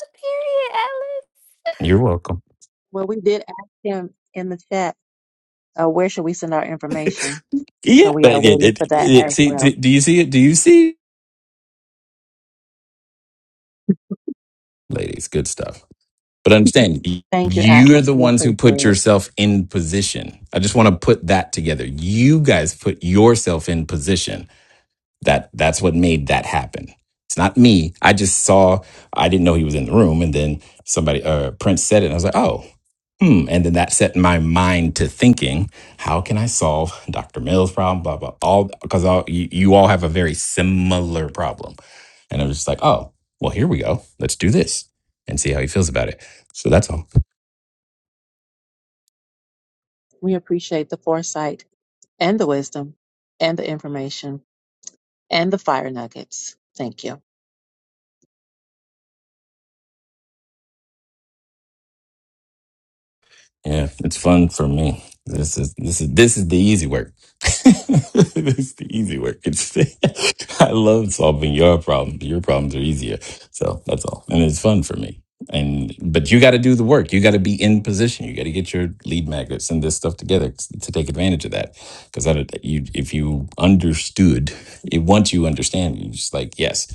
[SPEAKER 4] Period,
[SPEAKER 3] You're welcome.
[SPEAKER 2] Well, we did ask him in the chat Uh, where should we send our information? So
[SPEAKER 3] Yeah,
[SPEAKER 2] we
[SPEAKER 3] but
[SPEAKER 2] are
[SPEAKER 3] it,
[SPEAKER 2] waiting
[SPEAKER 3] it,
[SPEAKER 2] for that
[SPEAKER 3] it,
[SPEAKER 2] as
[SPEAKER 3] see, do
[SPEAKER 2] well.
[SPEAKER 3] do you see it? Do you see, ladies? Good stuff. But understand, y-
[SPEAKER 2] Thank you,
[SPEAKER 3] you're
[SPEAKER 2] Atlas.
[SPEAKER 3] the
[SPEAKER 2] We
[SPEAKER 3] ones who put
[SPEAKER 2] appreciate it.
[SPEAKER 3] yourself in position. I just want to put that together. You guys put yourself in position. That that's what made that happen. It's not me. I just saw. I didn't know he was in the room, and then somebody, uh, Prince said it, and I was like, oh, hmm. And then that set my mind to thinking, how can I solve Dr. Mill's problem? Blah blah. All because all you, you all have a very similar problem, and I was just like, oh, well, here we go. Let's do this and see how he feels about it. So that's all.
[SPEAKER 2] We appreciate the foresight and the wisdom and the information and the fire nuggets. Thank you.
[SPEAKER 3] Yeah, it's fun for me. This is this is this is the easy work. this is the easy work. It's I love solving your problems. Your problems are easier. So that's all. And it's fun for me. And but you gotta do the work. You gotta be in position. You gotta get your lead magnets and this stuff together t- to take advantage of that. Because I don't- you if you understood it once you understand, you just like, yes.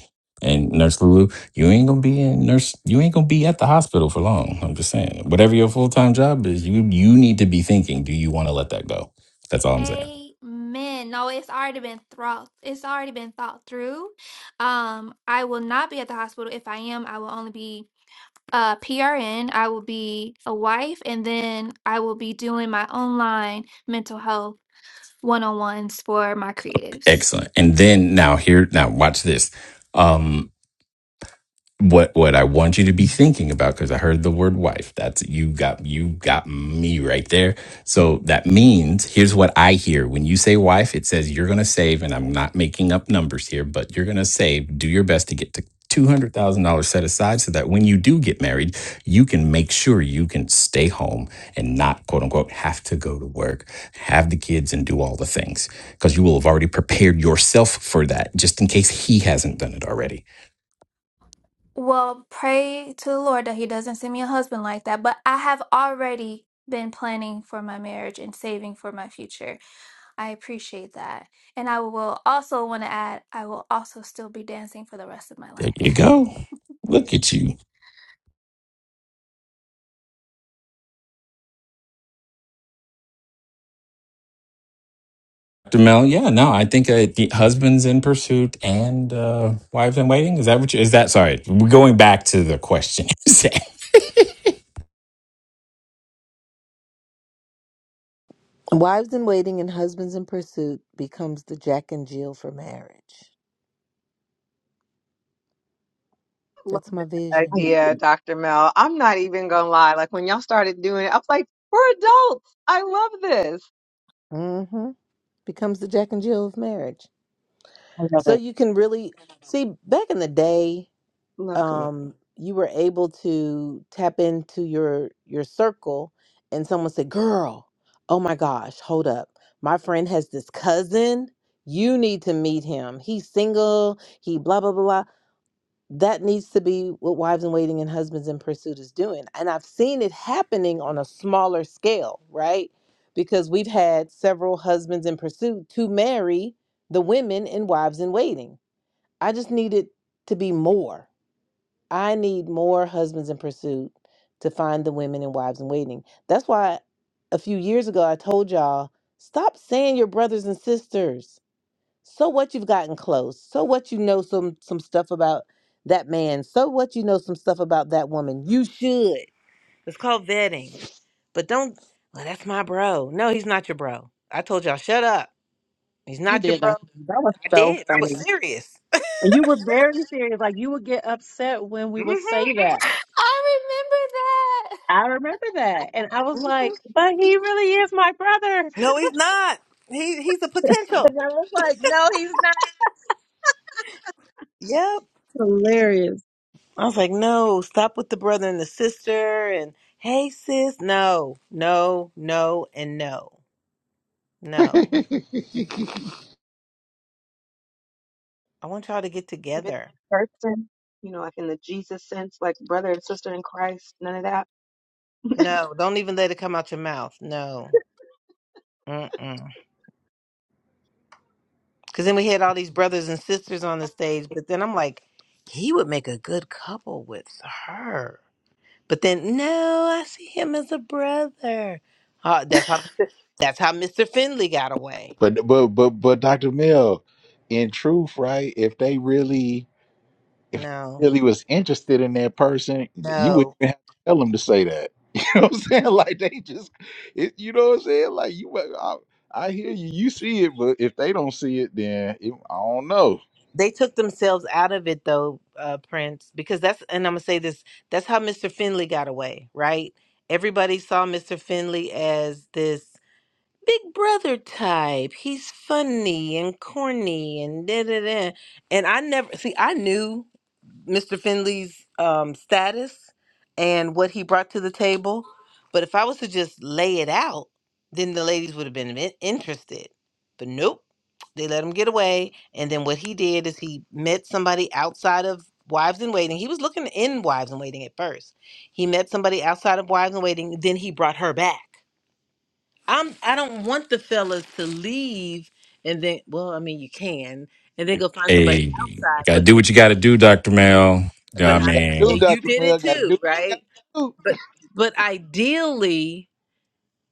[SPEAKER 3] And Nurse Lulu, you ain't gonna be in nurse. You ain't gonna be at the hospital for long. I'm just saying. Whatever your full time job is, you you need to be thinking. Do you want to let that go? That's all I'm saying.
[SPEAKER 4] Amen. No, it's already been thought. It's already been thought through. Um, I will not be at the hospital. If I am, I will only be a PRN. I will be a wife, and then I will be doing my online mental health one-on-ones for my creatives.
[SPEAKER 3] Excellent. And then now here now watch this. Um. what what I want you to be thinking about because I heard the word wife. That's you got you got me right there. So that means here's what I hear when you say wife. It says you're going to save, and I'm not making up numbers here, but you're going to save. Do your best to get to. $200,000 set aside so that when you do get married, you can make sure you can stay home and not, quote unquote, have to go to work, have the kids, and do all the things because you will have already prepared yourself for that just in case he hasn't done it already.
[SPEAKER 4] Well, pray to the Lord that He doesn't send me a husband like that. But I have already been planning for my marriage and saving for my future. I appreciate that. And I will also want to add, I will also still be dancing for the rest of my
[SPEAKER 3] There
[SPEAKER 4] life.
[SPEAKER 3] you go. Look at you. Dr. Mel, yeah, no, I think uh, the husbands in pursuit and uh, wives in waiting. Is that what you, is that? Sorry, we're going back to the question.
[SPEAKER 1] Wives in waiting and husbands in pursuit becomes the Jack and Jill for marriage.
[SPEAKER 5] Love
[SPEAKER 1] That's my
[SPEAKER 5] that
[SPEAKER 2] I
[SPEAKER 1] vision.
[SPEAKER 2] love
[SPEAKER 5] idea,
[SPEAKER 2] it.
[SPEAKER 5] Dr. Mel. I'm not even gonna lie. Like when y'all started doing it, I was like, we're adults. I love this.
[SPEAKER 1] Mm-hmm. Becomes the Jack and Jill of marriage.
[SPEAKER 2] I love
[SPEAKER 1] So
[SPEAKER 2] it.
[SPEAKER 1] you can really see back in the day.
[SPEAKER 5] Love community.
[SPEAKER 1] um you were able to tap into your your circle and someone said girl oh my gosh hold up my friend has this cousin you need to meet him he's single he blah blah blah blah." that needs to be what wives in waiting and husbands in pursuit is doing and i've seen it happening on a smaller scale right because we've had several husbands in pursuit to marry the women in wives in waiting i just needed to be more I need more husbands in pursuit to find the women and wives in waiting. That's why a few years ago I told y'all stop saying your brothers and sisters. So what you've gotten close. So what you know some some stuff about that man. So what you know some stuff about that woman. You should. It's called vetting. But don't well, that's my bro. No, he's not your bro. I told y'all shut up. He's
[SPEAKER 2] You
[SPEAKER 1] not your
[SPEAKER 2] did,
[SPEAKER 1] bro.
[SPEAKER 2] Dr. That was
[SPEAKER 1] I
[SPEAKER 2] so
[SPEAKER 1] did. I was
[SPEAKER 2] funny.
[SPEAKER 1] serious.
[SPEAKER 2] And You were very serious. Like you would get upset when we would say that.
[SPEAKER 4] I remember
[SPEAKER 2] I remember that. And I was
[SPEAKER 1] hmm
[SPEAKER 2] like, but he really is my brother.
[SPEAKER 1] No, he's not. He he's a potential.
[SPEAKER 2] And I was like, no, he's not.
[SPEAKER 1] Yep.
[SPEAKER 2] Hilarious.
[SPEAKER 1] I was like, no, stop with the brother and the sister and hey sis. No, no, no, and no, no. I want y'all to get
[SPEAKER 5] Even
[SPEAKER 1] together.
[SPEAKER 5] person, you know, like in the Jesus sense, like brother and sister in Christ, none of that.
[SPEAKER 1] No, don't even let it come out your mouth. No. Mm-mm. Cause then we had all these brothers and sisters on the stage, but then I'm like, he would make a good couple with her. But then no, I see him as a brother. Uh, that's
[SPEAKER 4] that.
[SPEAKER 1] how that's how Mr. Finley got away.
[SPEAKER 6] but but but but Dr. Mill in truth right if they really if they
[SPEAKER 1] No,
[SPEAKER 6] really was interested in that person, you
[SPEAKER 1] no,
[SPEAKER 6] wouldn't even have to tell them to say that. You know what I'm saying? Like they just, it, you know what I'm saying? Like you, I, I hear you, you see it, but if they don't see it, then it, I don't know.
[SPEAKER 1] they took themselves out of it though uh prince because that's and i'm gonna say this that's how mr finley got away right everybody saw mr finley as this big brother type he's funny and corny and da da da and i never see i knew Mr. Finley's um, status and what he brought to the table. But if I was to just lay it out, then the ladies would have been in- interested. But nope, they let him get away. And then what he did is he met somebody outside of Wives in Waiting. He was looking in Wives in Waiting at first. He met somebody outside of Wives in Waiting. Then he brought her back. I'm. I don't want the fellas to leave and then. Well, I mean, you can and then go find somebody
[SPEAKER 3] hey, I
[SPEAKER 1] outside
[SPEAKER 3] gotta do what you gotta do, Dr. Mel.
[SPEAKER 6] Do
[SPEAKER 1] but
[SPEAKER 3] I
[SPEAKER 6] what you
[SPEAKER 1] I
[SPEAKER 6] got to
[SPEAKER 1] yeah,
[SPEAKER 6] do,
[SPEAKER 3] mean,
[SPEAKER 1] you
[SPEAKER 6] Doctor
[SPEAKER 1] did it
[SPEAKER 6] Mel. Got to
[SPEAKER 1] too,
[SPEAKER 6] do what you got
[SPEAKER 1] right?
[SPEAKER 6] to do.
[SPEAKER 1] But but ideally,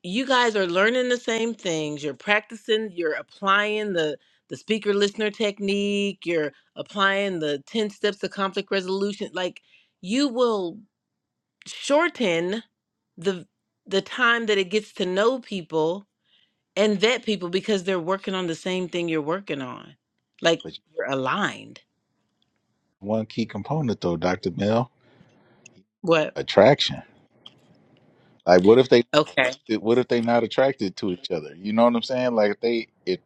[SPEAKER 1] you guys are learning the same things. You're practicing, you're applying the the speaker listener technique, you're applying the 10 steps to conflict resolution. Like you will shorten the the time that it gets to know people and vet people because they're working on the same thing you're working on. Like
[SPEAKER 6] But
[SPEAKER 1] you're aligned.
[SPEAKER 6] one key component though, Doctor Mel,
[SPEAKER 1] What?
[SPEAKER 6] attraction. Like what if they,
[SPEAKER 1] Okay.
[SPEAKER 6] what if they not attracted to each other? You know what I'm saying? Like if they, if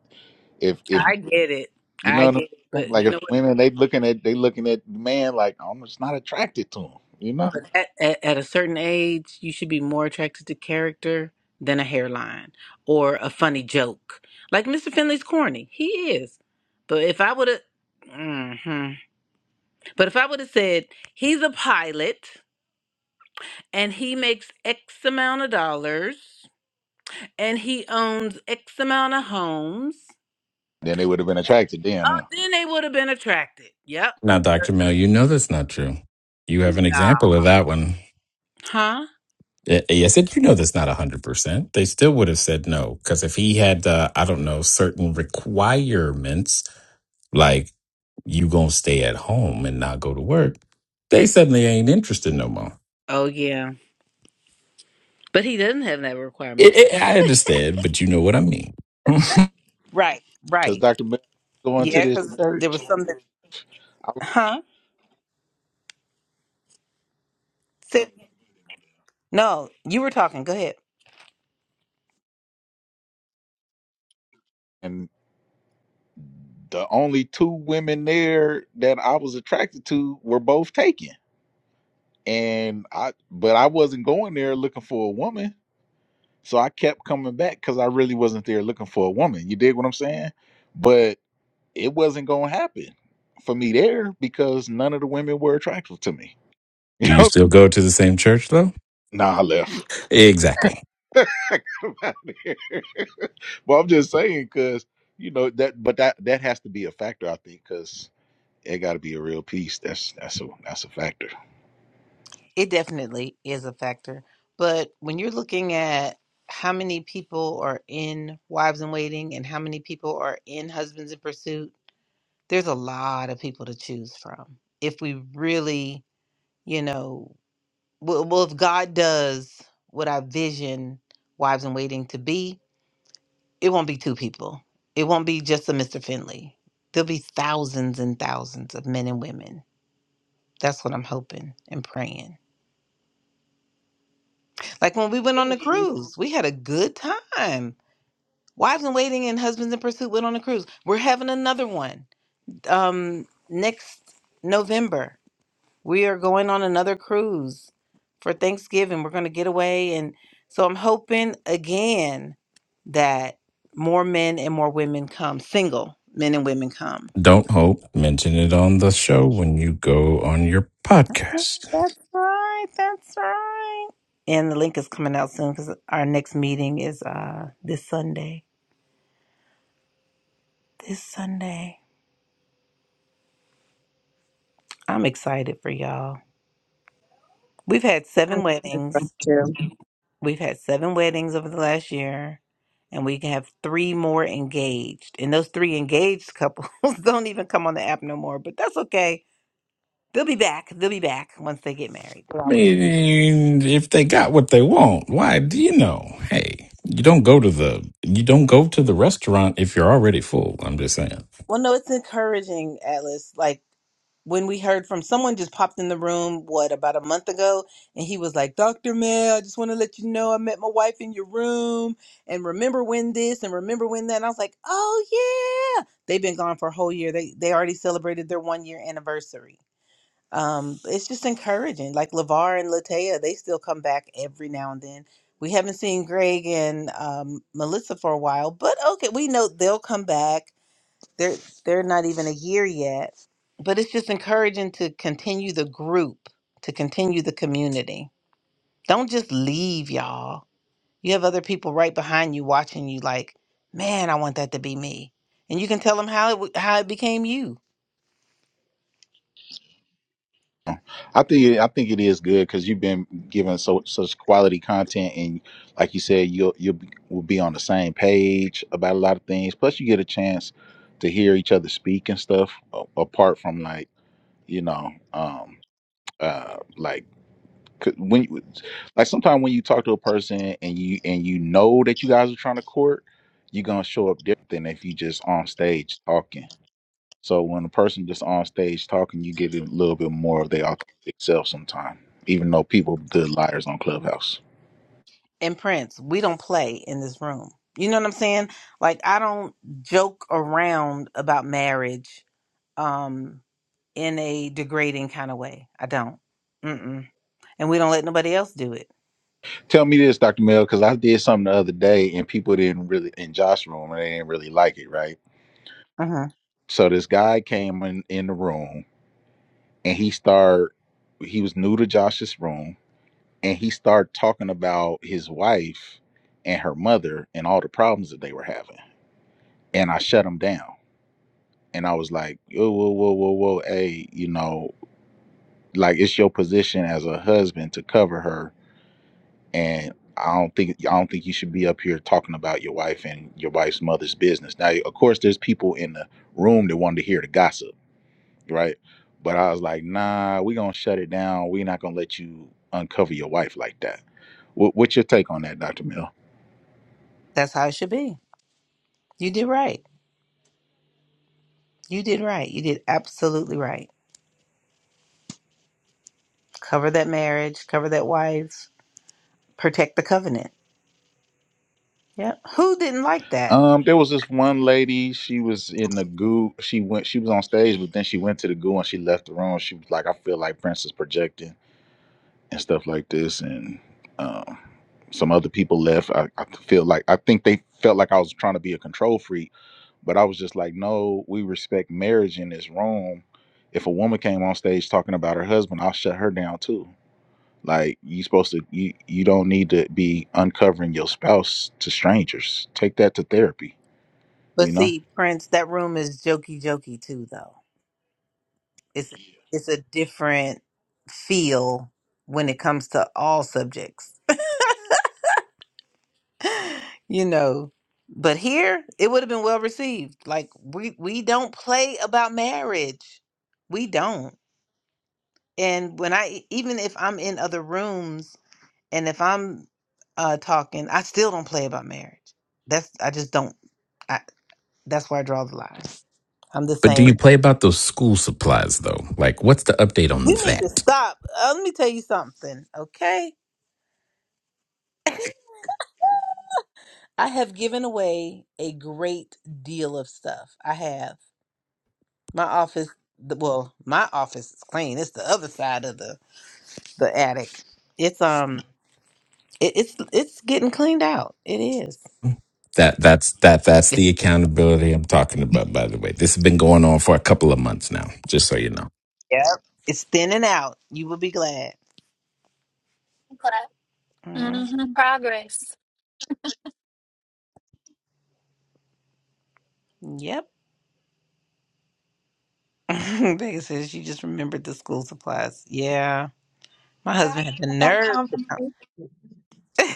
[SPEAKER 6] if if
[SPEAKER 1] I get it.
[SPEAKER 6] You
[SPEAKER 1] I
[SPEAKER 6] know what I'm
[SPEAKER 1] get it.
[SPEAKER 6] saying?
[SPEAKER 1] But you
[SPEAKER 6] Like if
[SPEAKER 1] know what?
[SPEAKER 6] women they looking at they looking at the man like I'm just not attracted to him, you know?
[SPEAKER 1] But at, at, at a certain age, you should be more attracted to character than a hairline or a funny joke. Like Mr. Finley's corny, he is. But if I would have, hmm but if I would have said he's a pilot and he makes X amount of dollars and he owns X amount of homes,
[SPEAKER 6] Then they would have been
[SPEAKER 1] eh,
[SPEAKER 6] attracted then,
[SPEAKER 1] oh,
[SPEAKER 6] huh?
[SPEAKER 1] then they would have been attracted. Yep.
[SPEAKER 3] not Dr. Mel, you know that's not true. You have an
[SPEAKER 1] Nah.
[SPEAKER 3] example of that one.
[SPEAKER 1] Huh?
[SPEAKER 3] Y- Yes, and you know that's not 100%. They still would have said no. Because if he had, uh, I don't know, certain requirements, like you going to stay at home and not go to work, they suddenly ain't interested no more.
[SPEAKER 1] Oh yeah. But he doesn't have that
[SPEAKER 3] It,
[SPEAKER 1] requirement.
[SPEAKER 3] it, I understand, but you know what I mean. Do
[SPEAKER 1] Right.
[SPEAKER 6] Because
[SPEAKER 1] Right.
[SPEAKER 6] Dr. Miller going to
[SPEAKER 1] Yeah,
[SPEAKER 6] this
[SPEAKER 1] because there
[SPEAKER 6] church,
[SPEAKER 1] was something.
[SPEAKER 6] I was,
[SPEAKER 1] Huh? Say- no, you were talking. Go ahead.
[SPEAKER 6] and the only two women there that I was attracted to were both taken, and I but I wasn't going there looking for a woman, so I kept coming back because I really wasn't there looking for a woman. You dig what I'm saying? But it wasn't gonna happen for me there because none of the women were attractive to me. You
[SPEAKER 3] you
[SPEAKER 6] know.
[SPEAKER 3] still go to the same church, though?
[SPEAKER 6] Nah, I left.
[SPEAKER 3] Exactly.
[SPEAKER 6] Come out of here. Well, I'm just saying, cause you know that, but that that has to be a factor, I think, cause it got to be a real piece. That's that's a that's a factor.
[SPEAKER 1] It definitely is a factor. But when you're looking at how many people are in wives in waiting and how many people are in husbands in pursuit, there's a lot of people to choose from. If we really, you know, well, well if God does what I vision wives in waiting to be, it won't be two people. It won't be just a Mr. Finley. There'll be thousands and thousands of men and women That's what I'm hoping and praying. Like when we went
[SPEAKER 2] It
[SPEAKER 1] on
[SPEAKER 2] was.
[SPEAKER 1] the cruise, we had a good time. Wives in Waiting and Husbands in Pursuit went on a cruise. We're having another one um, next November. We are going on another cruise for Thanksgiving. We're going to get away. And so I'm hoping again that more men and more women come, single men and women come
[SPEAKER 3] Don't hope. Mention it on the show when you go on your
[SPEAKER 1] Yeah,
[SPEAKER 3] podcast.
[SPEAKER 1] That's right. That's right. And the link is coming out soon because our next meeting is uh this Sunday. This Sunday. I'm excited for y'all. We've had
[SPEAKER 2] I
[SPEAKER 1] seven weddings.
[SPEAKER 2] was too.
[SPEAKER 1] We've had seven weddings over the last year, and we have three more engaged. And those three engaged couples don't even come on the app no more, but that's okay. They'll be back. They'll be back once they get married. They
[SPEAKER 3] I
[SPEAKER 1] always.
[SPEAKER 3] mean, if they got what they want, why do you know? Hey, you don't go to the you don't go to the restaurant if you're already full. I'm just saying.
[SPEAKER 1] Well, no, it's encouraging, Atlas. Like when we heard from someone just popped in the room, what, about a month ago? And he was like, Dr. Mel, I just want to let you know I met my wife in your room. And remember when this and remember when that. And I was like, oh, yeah. They've been gone for a whole year. They, they already celebrated their one year anniversary. Um, it's just encouraging. Like LeVar and Latea, they still come back every now and then. We haven't seen Greg and um, Melissa for a while, but okay, we know they'll come back they're they're not even a year yet but it's just encouraging to continue the group to continue the community don't just leave y'all you have other people right behind you watching you like man i want that to be me and you can tell them how it w- how it became you
[SPEAKER 6] I think it, I think it is good because you've been given so such quality content, and like you said, you'll you'll be, will be on the same page about a lot of things. Plus, you get a chance to hear each other speak and stuff. a- Apart from like you know, um, uh, like 'cause when you- like sometimes when you talk to a person and you and you know that you guys are trying to court, you're gonna show up different than if you just on stage talking so when a person just on stage talking, you get a little bit more of their authentic self sometime, even though people are good liars on Clubhouse.
[SPEAKER 1] and prince we don't play in this room you know what i'm saying like i don't joke around about marriage um in a degrading kind of way i don't Mm-mm. and we don't let nobody else do it
[SPEAKER 6] Tell me this, Dr. Mel, because I did something the other day and people didn't really in Josh's room and they didn't really like it, right?
[SPEAKER 1] Mm-hmm.
[SPEAKER 6] So this guy came in, in the room and he started he was new to Josh's room and he started talking about his wife and her mother and all the problems that they were having. And I shut him down. And I was like, whoa, whoa, whoa, whoa, whoa, hey, you know, like it's your position as a husband to cover her and I don't think I don't think you should be up here talking about your wife and your wife's mother's business. Now, of course, there's people in the room that wanted to hear the gossip, right? But I was like, nah, we're gonna shut it down. We're not gonna let you uncover your wife like that. What, what's your take on that, Doctor Mill?
[SPEAKER 1] That's how it should be. You did right. You did right. You did absolutely right. Cover that marriage, cover that wife, protect the covenant. Yep. Who didn't like that?
[SPEAKER 6] Um, there was this one lady. She was in the goo. She went. She was on stage, but then she went to the goo and she left the room. She was like, I feel like Prince is projecting and stuff like this and um, some other people left I, I feel like i think they felt like i was trying to be a control freak but i was just like no we respect marriage in this room if a woman came on stage talking about her husband i'll shut her down too like you supposed to you you don't need to be uncovering your spouse to strangers take that to therapy
[SPEAKER 1] But
[SPEAKER 6] you know
[SPEAKER 1] see, Prince, that room is jokey jokey too though. It's it's a different feel when it comes to all subjects. you know. But here it would have been well received. Like we we don't play about marriage. We don't. And when I even if I'm in other rooms And if I'm uh talking, I still don't play about marriage. That's I just don't. I that's where I draw the line. I'm the
[SPEAKER 3] But do
[SPEAKER 1] same.
[SPEAKER 3] you play about those school supplies though? Like, what's the update on
[SPEAKER 1] You need to
[SPEAKER 3] that?
[SPEAKER 1] stop. Uh, let me tell you something, okay? I have given away a great deal of stuff. I have my office. the- Well, my office is clean. It's the other side of the the attic. It's um, it, it's it's getting cleaned out. It is.
[SPEAKER 3] That that's that that's the accountability I'm talking about. By the way, this has been going on for a couple of months now. Just so you know.
[SPEAKER 1] Yep. It's thinning out. You will be glad.
[SPEAKER 4] Class.
[SPEAKER 1] Mm,
[SPEAKER 4] hmm Progress.
[SPEAKER 1] Yep. Vegas says she just remembered the school supplies. Yeah. My
[SPEAKER 5] Forgot
[SPEAKER 1] husband had the
[SPEAKER 5] about that
[SPEAKER 1] nerve to
[SPEAKER 5] conversation.
[SPEAKER 1] come.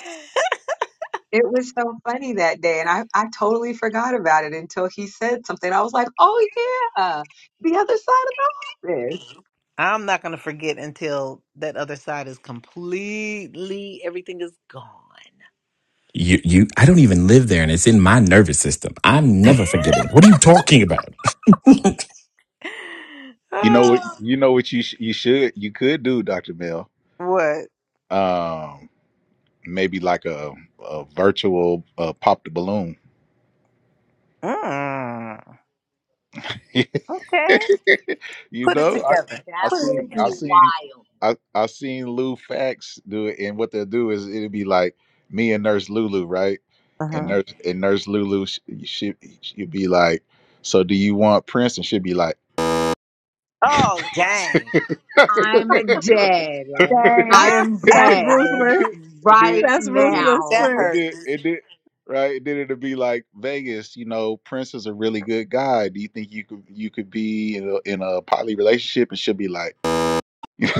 [SPEAKER 5] It was so funny that day, and I, I totally forgot about it until he said something. I was like, oh yeah, the other side of the office.
[SPEAKER 1] I'm not gonna forget until that other side is completely everything is gone.
[SPEAKER 3] You, you, I don't even live there and it's in my nervous system. I'm never forgetting. What are you talking about?
[SPEAKER 6] you know what
[SPEAKER 1] Oh,
[SPEAKER 6] you know what you sh- you should you could do dr mel
[SPEAKER 1] what?
[SPEAKER 6] um maybe like a, a virtual uh, pop the balloon
[SPEAKER 1] Mm, okay.
[SPEAKER 6] you
[SPEAKER 1] Put it
[SPEAKER 6] know, I
[SPEAKER 1] together.
[SPEAKER 6] I
[SPEAKER 5] That
[SPEAKER 1] Put it
[SPEAKER 6] seen
[SPEAKER 5] will
[SPEAKER 6] I
[SPEAKER 5] be
[SPEAKER 1] together.
[SPEAKER 6] seen
[SPEAKER 5] wild.
[SPEAKER 6] I I seen Lou Fax do it, and what they'll do is it'll be like me and Nurse Lulu, right? And
[SPEAKER 1] Uh-huh.
[SPEAKER 6] Nurse and Nurse Lulu, she she she'll be like, "So do you want Prince?" And she'll be like,
[SPEAKER 1] Oh dang.
[SPEAKER 6] Right.
[SPEAKER 5] I'm dead.
[SPEAKER 2] Dang.
[SPEAKER 5] I
[SPEAKER 1] Ah,
[SPEAKER 5] am
[SPEAKER 6] it
[SPEAKER 2] That's
[SPEAKER 6] did,
[SPEAKER 5] dead
[SPEAKER 6] it did, it
[SPEAKER 2] ruthless.
[SPEAKER 6] did, it did,
[SPEAKER 5] right
[SPEAKER 2] That's ruthless,
[SPEAKER 5] now.
[SPEAKER 1] that
[SPEAKER 6] it
[SPEAKER 1] hurt.
[SPEAKER 2] Prince.
[SPEAKER 6] did, it did, right? It did it to be like Vegas. You know, Prince is a really good guy. Do you think you could you could be in a, in a poly relationship? And she'll be like, you know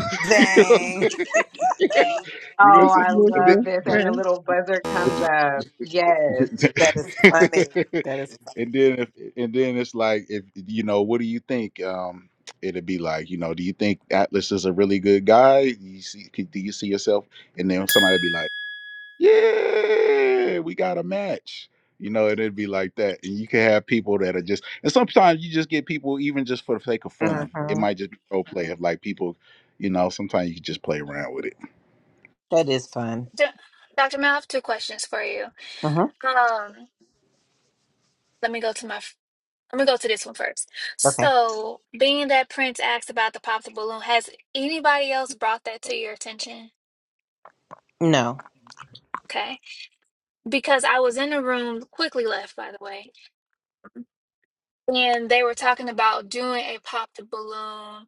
[SPEAKER 6] what I'm
[SPEAKER 1] Dang.
[SPEAKER 6] saying?
[SPEAKER 5] Oh,
[SPEAKER 6] You know
[SPEAKER 2] That's
[SPEAKER 6] what I'm
[SPEAKER 5] I love
[SPEAKER 2] Ruthless,
[SPEAKER 5] this. And the
[SPEAKER 2] Prince.
[SPEAKER 5] little buzzer comes
[SPEAKER 6] saying?
[SPEAKER 5] up. Yes.
[SPEAKER 1] That is funny.
[SPEAKER 6] It did-
[SPEAKER 1] That is
[SPEAKER 6] And then if and then it's like if you know, what do you think? Um, it'd be like, you know, do you think Atlas is a really good guy? Do you see could- do you see yourself? And then somebody'd be like, Yeah, we got a match. You know, and it'd be like that. And you can have people that are just and sometimes you just get people even just for the sake of
[SPEAKER 1] fun.
[SPEAKER 6] fun. It
[SPEAKER 1] Mhm.
[SPEAKER 6] might just be role play if like people, you know, sometimes you can just play around with it.
[SPEAKER 1] That is fun.
[SPEAKER 4] D- Dr. Mel, I have two questions for you.
[SPEAKER 1] hmm
[SPEAKER 4] Um, let me go to my I'm gonna go to this one first.
[SPEAKER 1] Okay.
[SPEAKER 4] So, being that Prince asked about the pop the balloon, has anybody else brought that to your attention?
[SPEAKER 1] No.
[SPEAKER 4] Okay, because I was in the room, quickly left by the way, and they were talking about doing a pop the balloon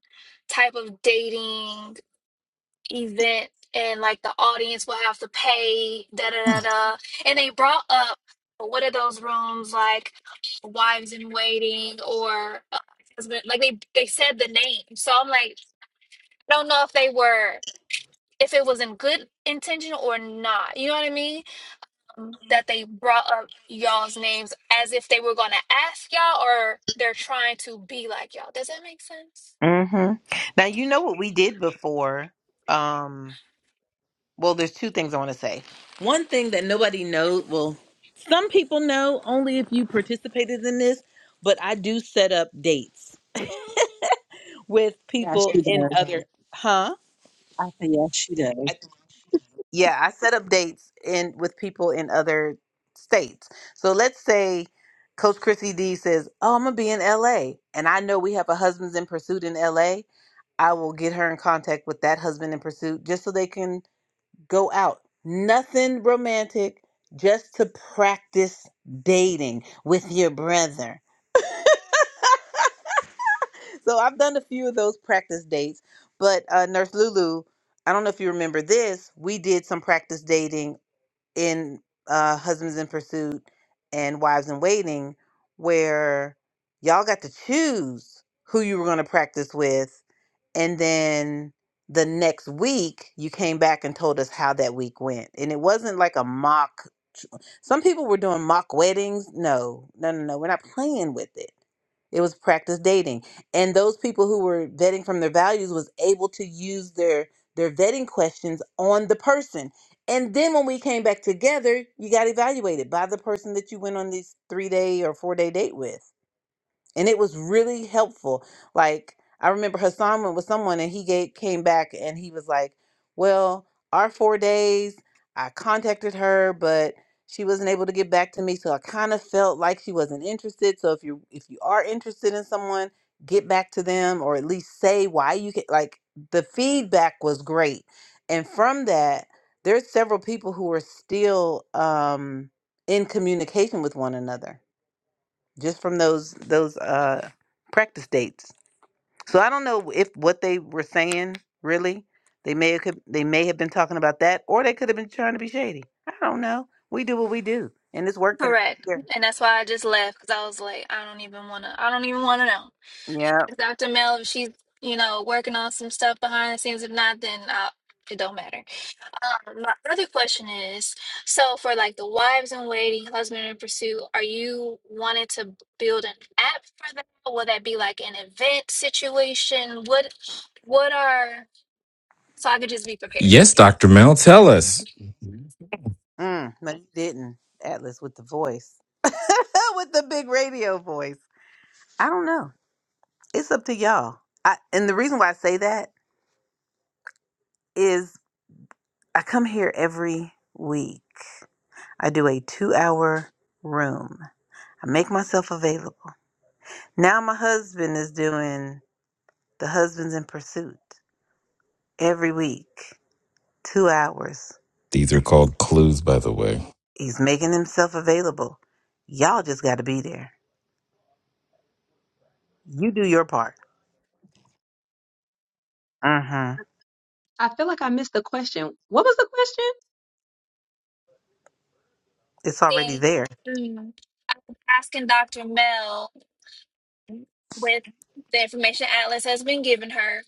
[SPEAKER 4] type of dating event, and like the audience will have to pay da da da da, and they brought up what are those rooms like, wives in waiting or uh, husband like they they said the name so i'm like don't know if they were if it was in good intention or not. You know what I mean? Um, That they brought up y'all's names as if they were gonna ask y'all or they're trying to be like y'all. Does that make sense?
[SPEAKER 1] hmm Now you know what we did before. Um, well, there's two things I want to say. One thing that nobody knows, well, some people know only if you participated in this, but I do set up dates with
[SPEAKER 2] Yeah,
[SPEAKER 1] people
[SPEAKER 2] she
[SPEAKER 1] Yes, in you
[SPEAKER 2] does.
[SPEAKER 1] other, huh?
[SPEAKER 2] I say yes, she does.
[SPEAKER 1] I, yeah, I set up dates in with people in other states. So let's say Coach Chrissy D says, "Oh, I'm gonna be in L.A." and I know we have a Husbands in Pursuit in L.A I will get her in contact with that husband in pursuit just so they can go out. Nothing romantic, just to practice dating with your brother. So I've done a few of those practice dates, but uh, Nurse Lulu, I don't know if you remember this, we did some practice dating in uh, Husbands in Pursuit and Wives in Waiting where y'all got to choose who you were going to practice with and then the next week you came back and told us how that week went and it wasn't like a mock some people were doing mock weddings no no no no we're not playing with it it was practice dating and those people who were vetting from their values was able to use their their vetting questions on the person and then when we came back together you got evaluated by the person that you went on this three day or four day date with and it was really helpful. Like I remember Hassan went with someone, and he gave, came back and he was like, "Well, our four days, I contacted her, but she wasn't able to get back to me, so I kind of felt like she wasn't interested. So if you if you are interested in someone, get back to them, or at least say why you can." Like the feedback was great, and from that, there's several people who are still um, in communication with one another just from those those uh practice dates. So I don't know if what they were saying really they may have, could- they may have been talking about that, or they could have been trying to be shady. I don't know. We do what we do, and it's working.
[SPEAKER 4] Correct.
[SPEAKER 1] here.
[SPEAKER 4] And that's why I just left because I was like, I don't even wanna I don't even wanna know.
[SPEAKER 1] Yeah. Yep.
[SPEAKER 4] If Dr. Mel if she's, you know, working on some stuff behind the scenes, if not, then I, it don't matter. Um, my other question is, so for like the wives in waiting, husband in pursuit, are you wanting to b- build an app for that? Or will that be like an event situation? What what are so I could just be prepared,
[SPEAKER 3] yes,
[SPEAKER 4] you know?
[SPEAKER 3] Dr. Mel, tell us.
[SPEAKER 1] Mm, no, you didn't, Atlas, with the voice, with the big radio voice. I don't know. It's up to y'all. I, and the reason why I say that is I come here every week. I do a two-hour room I make myself available. Now my husband is doing the Husbands in Pursuit every week, two hours.
[SPEAKER 3] These are called clues, by the way.
[SPEAKER 1] He's making himself available. Y'all just got to be there. You do your part. Uh huh.
[SPEAKER 5] I feel like I missed the question. What was the question?
[SPEAKER 1] It's already
[SPEAKER 4] Okay.
[SPEAKER 1] there.
[SPEAKER 4] Mm, Asking Dr. Mel with the information Atlas has been giving her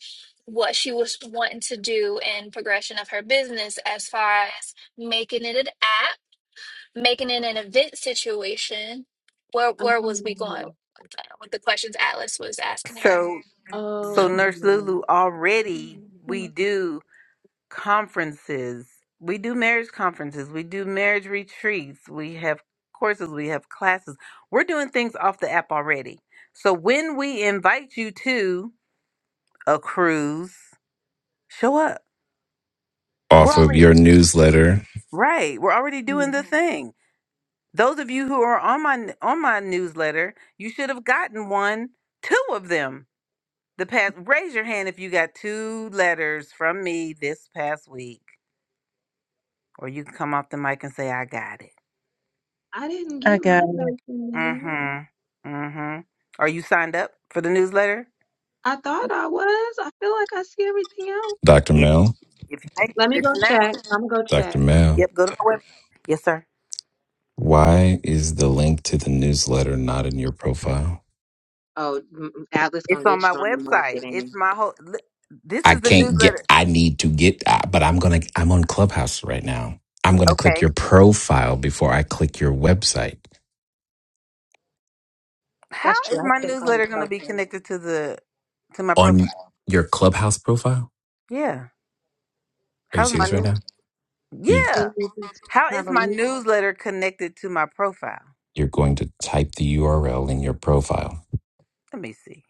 [SPEAKER 4] what she was wanting to do in progression of her business as far as making it an app making it an event situation. Where where was we going
[SPEAKER 5] Oh,
[SPEAKER 4] with that- with the questions Atlas was asking her?
[SPEAKER 1] So, so Nurse
[SPEAKER 5] oh.
[SPEAKER 1] Lulu, already we do conferences. We do marriage conferences. We do marriage retreats. We have courses. We have classes. We're doing things off the app already. So when we invite you to a cruise, show up. We're
[SPEAKER 3] Off of
[SPEAKER 1] already
[SPEAKER 3] your newsletter,
[SPEAKER 1] right. We're already
[SPEAKER 5] hmm.
[SPEAKER 1] doing the thing. Those of you who are on my on my newsletter, you should have gotten one, two of them. The past raise your hand if you got two letters from me this past week. Or you can come off the mic and say, I got it.
[SPEAKER 5] I didn't get
[SPEAKER 2] Okay.
[SPEAKER 5] my document. now.
[SPEAKER 1] Mm-hmm. Mm-hmm. Are you signed up for the newsletter?
[SPEAKER 5] I thought I was. I feel like I see everything else.
[SPEAKER 3] Dr.
[SPEAKER 1] If
[SPEAKER 3] Mel.
[SPEAKER 1] if you ain't,
[SPEAKER 5] Let me go
[SPEAKER 1] listen now.
[SPEAKER 5] check. I'm gonna go
[SPEAKER 3] Dr.
[SPEAKER 5] check.
[SPEAKER 3] Mel,
[SPEAKER 1] Yep, go to my website. Yes, sir.
[SPEAKER 3] why is the link to the newsletter not in your profile?
[SPEAKER 5] Oh, mm, mm, Atlas gonna
[SPEAKER 1] It's on
[SPEAKER 5] get
[SPEAKER 1] my
[SPEAKER 5] you on the
[SPEAKER 1] website. It's
[SPEAKER 5] marketing.
[SPEAKER 1] my whole li- this
[SPEAKER 3] I
[SPEAKER 1] is the
[SPEAKER 5] Mm,
[SPEAKER 3] can't get,
[SPEAKER 1] newsletter.
[SPEAKER 3] I need to get, uh, but I'm going to, I'm on Clubhouse right now. I'm going to
[SPEAKER 1] Okay.
[SPEAKER 3] click your profile before I click your website
[SPEAKER 1] How
[SPEAKER 5] That's true.
[SPEAKER 1] is
[SPEAKER 5] I
[SPEAKER 1] my
[SPEAKER 5] check all the
[SPEAKER 1] newsletter going to be
[SPEAKER 5] stuff.
[SPEAKER 1] connected to the to my
[SPEAKER 3] on
[SPEAKER 1] profile?
[SPEAKER 3] your Clubhouse profile.
[SPEAKER 1] Yeah.
[SPEAKER 3] Are you
[SPEAKER 1] How's my
[SPEAKER 3] serious right
[SPEAKER 1] new?
[SPEAKER 3] now? You.
[SPEAKER 1] Yeah.
[SPEAKER 5] When we
[SPEAKER 1] How
[SPEAKER 5] have
[SPEAKER 1] is
[SPEAKER 5] a
[SPEAKER 1] my
[SPEAKER 5] meet.
[SPEAKER 1] newsletter connected to my profile?
[SPEAKER 3] You're going to type the URL in your profile.
[SPEAKER 1] Let me see.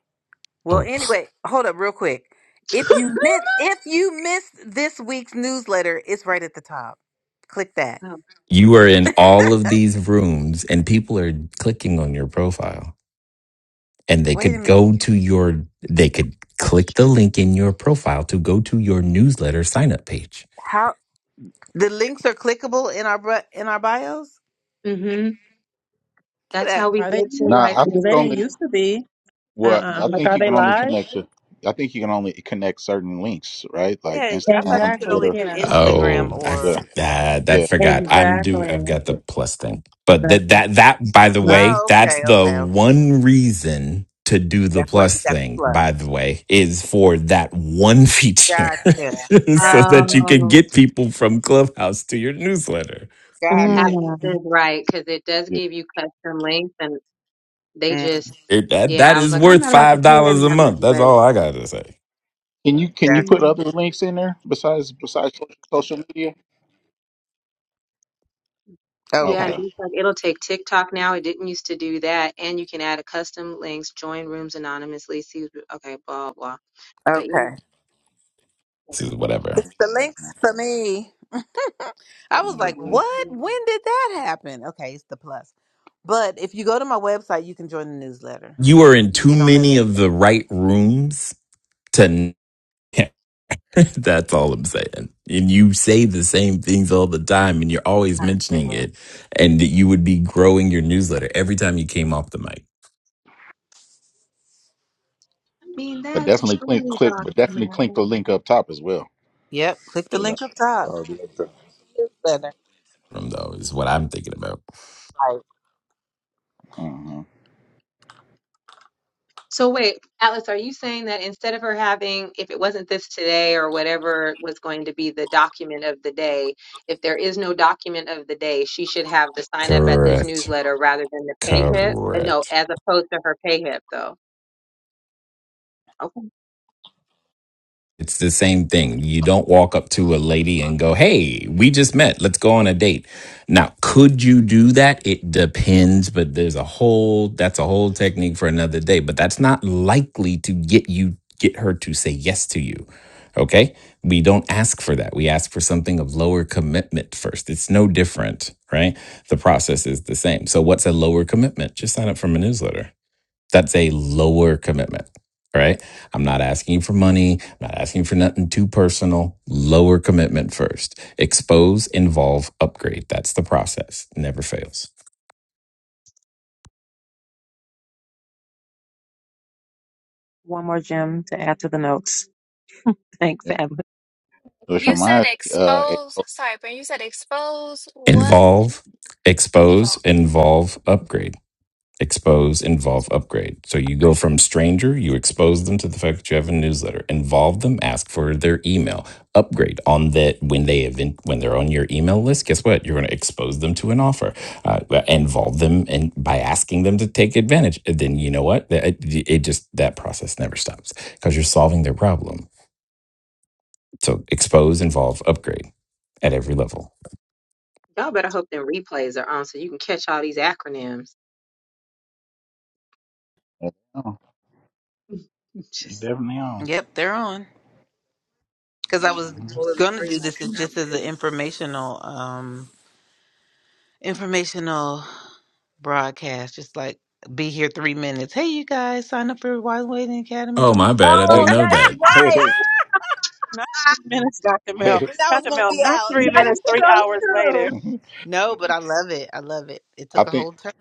[SPEAKER 1] Well,
[SPEAKER 3] Oh,
[SPEAKER 1] anyway, hold up real quick. If you missed if you missed this week's newsletter, it's right at the top. Click that.
[SPEAKER 5] Oh,
[SPEAKER 3] you are in
[SPEAKER 5] okay.
[SPEAKER 3] all of these rooms and people are clicking on your profile and they
[SPEAKER 1] Wait a
[SPEAKER 3] could
[SPEAKER 1] minute.
[SPEAKER 3] go to your, they could
[SPEAKER 5] That's
[SPEAKER 3] click the
[SPEAKER 5] true.
[SPEAKER 3] link in your profile to go to your newsletter sign up page.
[SPEAKER 1] How the links are clickable in our bro- in our bios?
[SPEAKER 5] hmm
[SPEAKER 1] Get
[SPEAKER 5] That's
[SPEAKER 1] out.
[SPEAKER 5] how we
[SPEAKER 2] Are they?
[SPEAKER 5] get to like
[SPEAKER 6] Nah, I
[SPEAKER 2] Because
[SPEAKER 6] think
[SPEAKER 2] they didn't
[SPEAKER 5] a.
[SPEAKER 6] only
[SPEAKER 2] used to be.
[SPEAKER 6] Well,
[SPEAKER 2] Uh-uh.
[SPEAKER 6] I
[SPEAKER 2] Like,
[SPEAKER 6] think
[SPEAKER 2] are
[SPEAKER 6] you
[SPEAKER 2] they
[SPEAKER 6] can only
[SPEAKER 2] live?
[SPEAKER 6] connect to. I think you can only connect certain links, right? Like
[SPEAKER 1] Yeah, I thought you
[SPEAKER 6] Instagram,
[SPEAKER 1] could
[SPEAKER 2] Exactly.
[SPEAKER 1] only
[SPEAKER 6] Twitter.
[SPEAKER 1] do
[SPEAKER 2] Yeah.
[SPEAKER 3] Oh,
[SPEAKER 1] Instagram
[SPEAKER 3] I
[SPEAKER 6] Yeah,
[SPEAKER 1] or
[SPEAKER 3] forgot. I
[SPEAKER 6] yeah,
[SPEAKER 5] Hold
[SPEAKER 3] forgot. I'm
[SPEAKER 5] on.
[SPEAKER 3] do.
[SPEAKER 2] Exactly.
[SPEAKER 3] I've got the
[SPEAKER 6] yeah,
[SPEAKER 3] plus thing. But that
[SPEAKER 2] Exactly.
[SPEAKER 3] that that by the
[SPEAKER 2] Yeah.
[SPEAKER 3] way,
[SPEAKER 1] Oh,
[SPEAKER 3] that's
[SPEAKER 1] okay,
[SPEAKER 3] the
[SPEAKER 1] okay, okay.
[SPEAKER 3] one reason to do the
[SPEAKER 1] That's why you
[SPEAKER 3] plus
[SPEAKER 1] got the
[SPEAKER 3] thing.
[SPEAKER 1] plus.
[SPEAKER 3] By the way, is for that one feature,
[SPEAKER 1] Gotcha.
[SPEAKER 3] so
[SPEAKER 6] yeah.
[SPEAKER 3] that you can
[SPEAKER 5] Oh,
[SPEAKER 3] get people from Clubhouse to your newsletter.
[SPEAKER 6] yeah.
[SPEAKER 1] Gotcha.
[SPEAKER 2] Mm.
[SPEAKER 5] atlases, right? Because it does
[SPEAKER 6] yeah.
[SPEAKER 5] give you custom links, and they
[SPEAKER 1] Mm,
[SPEAKER 5] just,
[SPEAKER 3] It, that
[SPEAKER 5] yeah.
[SPEAKER 3] that
[SPEAKER 5] I was
[SPEAKER 3] is
[SPEAKER 5] like, I'm
[SPEAKER 3] worth
[SPEAKER 5] not about to
[SPEAKER 3] five
[SPEAKER 5] pay
[SPEAKER 3] dollars
[SPEAKER 5] them
[SPEAKER 3] a
[SPEAKER 5] that money,
[SPEAKER 3] month. That's
[SPEAKER 5] but
[SPEAKER 3] all I gotta say.
[SPEAKER 6] Can you can you
[SPEAKER 1] gotcha.
[SPEAKER 6] put
[SPEAKER 5] Mhm.
[SPEAKER 6] other links in there besides besides social social media?
[SPEAKER 5] yeah, and
[SPEAKER 1] Okay.
[SPEAKER 6] Okay,
[SPEAKER 5] it's like it'll take TikTok now. It didn't used to do that, and you can add a custom links, join rooms anonymously, see, okay, blah blah. But yeah,
[SPEAKER 1] Okay.
[SPEAKER 3] This is whatever.
[SPEAKER 1] It's the links for me. I
[SPEAKER 5] it's
[SPEAKER 1] was
[SPEAKER 5] a
[SPEAKER 6] uh
[SPEAKER 1] like,
[SPEAKER 6] uh.
[SPEAKER 1] what?
[SPEAKER 5] link.
[SPEAKER 1] When did that happen? Okay, it's the plus. But if you go to my website, you can join the newsletter.
[SPEAKER 3] You are in
[SPEAKER 1] You can
[SPEAKER 3] too
[SPEAKER 1] get on the
[SPEAKER 3] many of the right rooms to. That's all I'm saying. And you say the same things all the time and you're always mentioning
[SPEAKER 1] newsletter.
[SPEAKER 3] it. And that you would be growing your newsletter every time you came off the mic
[SPEAKER 5] I mean,
[SPEAKER 6] but
[SPEAKER 5] that's
[SPEAKER 6] definitely click
[SPEAKER 5] true,
[SPEAKER 6] click, but
[SPEAKER 5] Dr.
[SPEAKER 6] definitely click the
[SPEAKER 5] Mel.
[SPEAKER 6] link up top as well.
[SPEAKER 1] Yep. Click the
[SPEAKER 6] So that-
[SPEAKER 1] link up top.
[SPEAKER 6] that'll be up there.
[SPEAKER 1] Newsletter.
[SPEAKER 3] From though, is what I'm thinking about.
[SPEAKER 1] Right.
[SPEAKER 6] Uh-huh.
[SPEAKER 5] So wait, Atlas, are you saying that instead of her having, if it wasn't this today or whatever was going to be the document of the day, if there is no document of the day, she should have the sign up at this
[SPEAKER 3] Correct.
[SPEAKER 5] newsletter rather than the pay hip? Uh,
[SPEAKER 3] Correct.
[SPEAKER 5] No, as opposed to her pay hip though. Okay.
[SPEAKER 3] It's the same thing. You don't walk up to a lady and go, Hey, we just met. Let's go on a date. Now, could you do that? It depends, but there's a whole, that's a whole technique for another day, but that's not likely to get you, get her to say yes to you. Okay. We don't ask for that. We ask for something of lower commitment first. It's no different, right? The process is the same. So, what's a lower commitment? Just sign up for my newsletter. That's a lower commitment, right? I'm not asking you for money. I'm not asking you for nothing too personal. Lower commitment first. Expose, involve, upgrade. That's the process. Never fails.
[SPEAKER 2] One more gem to add to the notes. Thanks,
[SPEAKER 6] Yeah.
[SPEAKER 2] Evelyn.
[SPEAKER 6] Which
[SPEAKER 4] You said
[SPEAKER 6] reminds me, uh, hey,
[SPEAKER 4] expose.
[SPEAKER 6] oh,
[SPEAKER 4] Sorry, Brent. You said expose what and
[SPEAKER 3] Involve, expose,
[SPEAKER 4] evolve.
[SPEAKER 3] involve, upgrade. expose, involve, upgrade. So you go from stranger, you expose them to the fact that you have a newsletter, involve them, ask for their email, upgrade on that when they event when they're on your email list. Guess what? You're going to expose them to an offer, uh, uh, involve them, and by asking them to take advantage, And then you know what? It, it just that process never stops because you're solving their problem. So expose, involve, upgrade at every level.
[SPEAKER 5] Y'all better hope them replays are on so you can catch all these acronyms.
[SPEAKER 6] oh, you
[SPEAKER 5] Just saying.
[SPEAKER 6] definitely on.
[SPEAKER 1] Yep, they're on. Because I
[SPEAKER 5] I
[SPEAKER 1] was
[SPEAKER 5] have a
[SPEAKER 6] Mhm.
[SPEAKER 5] whole other
[SPEAKER 1] gonna
[SPEAKER 5] screen
[SPEAKER 1] do
[SPEAKER 5] like,
[SPEAKER 1] this as
[SPEAKER 5] "Ooh, that
[SPEAKER 1] just
[SPEAKER 5] was
[SPEAKER 1] as an
[SPEAKER 5] good.
[SPEAKER 1] informational, um, informational broadcast, just like be here three minutes. Hey, you guys, sign up for Wise Waiting Academy.
[SPEAKER 3] Oh, my bad. I didn't
[SPEAKER 5] Oh,
[SPEAKER 6] Hey,
[SPEAKER 3] know
[SPEAKER 5] that's
[SPEAKER 3] that.
[SPEAKER 6] hey,
[SPEAKER 5] right.
[SPEAKER 6] hey.
[SPEAKER 2] Not three minutes, Dr. Mel.
[SPEAKER 6] hey.
[SPEAKER 1] Then I was
[SPEAKER 2] Dr.
[SPEAKER 1] gonna
[SPEAKER 2] Mel,
[SPEAKER 1] be
[SPEAKER 2] not
[SPEAKER 1] out.
[SPEAKER 2] three
[SPEAKER 5] That
[SPEAKER 2] minutes,
[SPEAKER 5] is
[SPEAKER 2] three
[SPEAKER 5] so
[SPEAKER 2] hours later.
[SPEAKER 5] true.
[SPEAKER 6] Mhm.
[SPEAKER 1] No, but I love it. I love it. It
[SPEAKER 6] I
[SPEAKER 1] took a
[SPEAKER 6] think.
[SPEAKER 1] whole turn.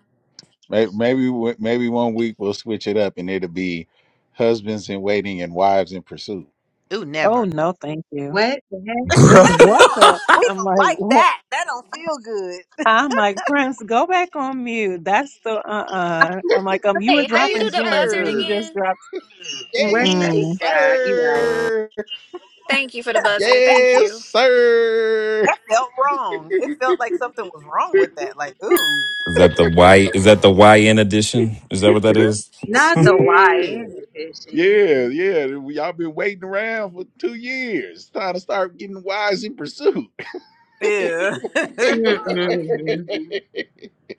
[SPEAKER 6] Maybe maybe maybe one week we'll switch it up and it'll be husbands in waiting and wives in pursuit.
[SPEAKER 1] Ooh,
[SPEAKER 2] Oh,
[SPEAKER 1] never.
[SPEAKER 2] no, thank you.
[SPEAKER 5] What the heck? What
[SPEAKER 3] Bro.
[SPEAKER 5] happened?
[SPEAKER 2] What the?
[SPEAKER 1] We
[SPEAKER 2] I'm
[SPEAKER 1] don't
[SPEAKER 2] like,
[SPEAKER 1] like
[SPEAKER 2] what?
[SPEAKER 1] that. That don't feel good.
[SPEAKER 2] I'm like, Prince, go back on mute. That's the uh-uh. I'm like, um, you were
[SPEAKER 4] Hey, how you
[SPEAKER 2] dropping
[SPEAKER 4] do
[SPEAKER 6] Yes,
[SPEAKER 4] the
[SPEAKER 2] gems and
[SPEAKER 4] buzzard
[SPEAKER 2] then you
[SPEAKER 6] sir.
[SPEAKER 2] just
[SPEAKER 4] again?
[SPEAKER 2] dropped
[SPEAKER 5] Where's that?
[SPEAKER 2] mm-mm.
[SPEAKER 6] Yes,
[SPEAKER 5] Yeah, you're right.
[SPEAKER 6] sir.
[SPEAKER 4] Thank you for the buzzard. Thank
[SPEAKER 6] Yes,
[SPEAKER 4] you.
[SPEAKER 6] sir.
[SPEAKER 1] That felt wrong. It felt like something was wrong with that. Like, ooh.
[SPEAKER 3] Is that the Y? Is that the YN edition? Is that what that is?
[SPEAKER 5] Not the
[SPEAKER 6] Yeah,
[SPEAKER 5] YN edition.
[SPEAKER 6] yeah, yeah. We- Y'all been waiting around for two years. It's time to start getting wives in pursuit.
[SPEAKER 1] Yeah.
[SPEAKER 5] Mm-mm.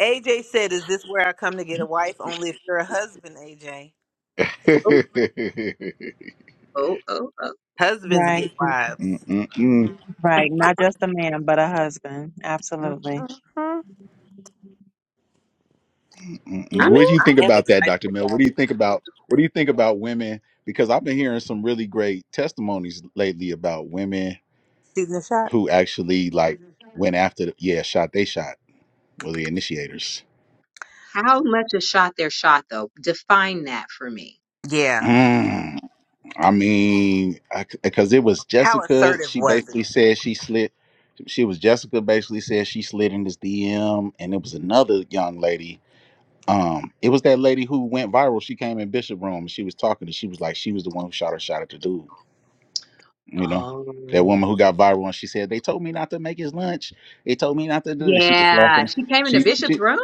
[SPEAKER 1] AJ said, Is this where I come to get a wife? Only if you're a husband, AJ.
[SPEAKER 5] Oh, oh, oh, oh.
[SPEAKER 1] Husbands
[SPEAKER 2] Right.
[SPEAKER 1] get wives.
[SPEAKER 6] Mm-mm-mm.
[SPEAKER 2] Right. Not just a man, but a husband. Absolutely.
[SPEAKER 1] Mhm.
[SPEAKER 6] Mm-mm.
[SPEAKER 1] I
[SPEAKER 6] What
[SPEAKER 1] mean,
[SPEAKER 6] do
[SPEAKER 5] Ooh.
[SPEAKER 6] you think
[SPEAKER 1] I am
[SPEAKER 6] about that,
[SPEAKER 1] excited
[SPEAKER 6] Dr.
[SPEAKER 1] for
[SPEAKER 6] Mill? What
[SPEAKER 1] y'all.
[SPEAKER 6] do you think about what do you think about women? Because I've been hearing some really great testimonies lately about women
[SPEAKER 1] Shooting the shot?
[SPEAKER 6] who actually like went after the yeah shot they shot were the initiators.
[SPEAKER 5] How much a shot their shot though? Define that for me.
[SPEAKER 1] Yeah.
[SPEAKER 6] Mm, I mean, because it was
[SPEAKER 1] How
[SPEAKER 6] Jessica.
[SPEAKER 1] assertive
[SPEAKER 6] She
[SPEAKER 1] was it?
[SPEAKER 6] basically said she slid. She was Jessica. Basically said she slid in this DM, and it was another young lady. Um, it was that lady who went viral. She came in Bishop Room. and She was talking, and she was like, she was the one who shot her shot at the dude. You know, that
[SPEAKER 5] Oh,
[SPEAKER 6] woman who got viral and she said they told me not to make his lunch. They told me not to do this. She was
[SPEAKER 5] Yeah,
[SPEAKER 6] laughing.
[SPEAKER 5] she came in the
[SPEAKER 6] She,
[SPEAKER 5] bishop's
[SPEAKER 6] she
[SPEAKER 5] room?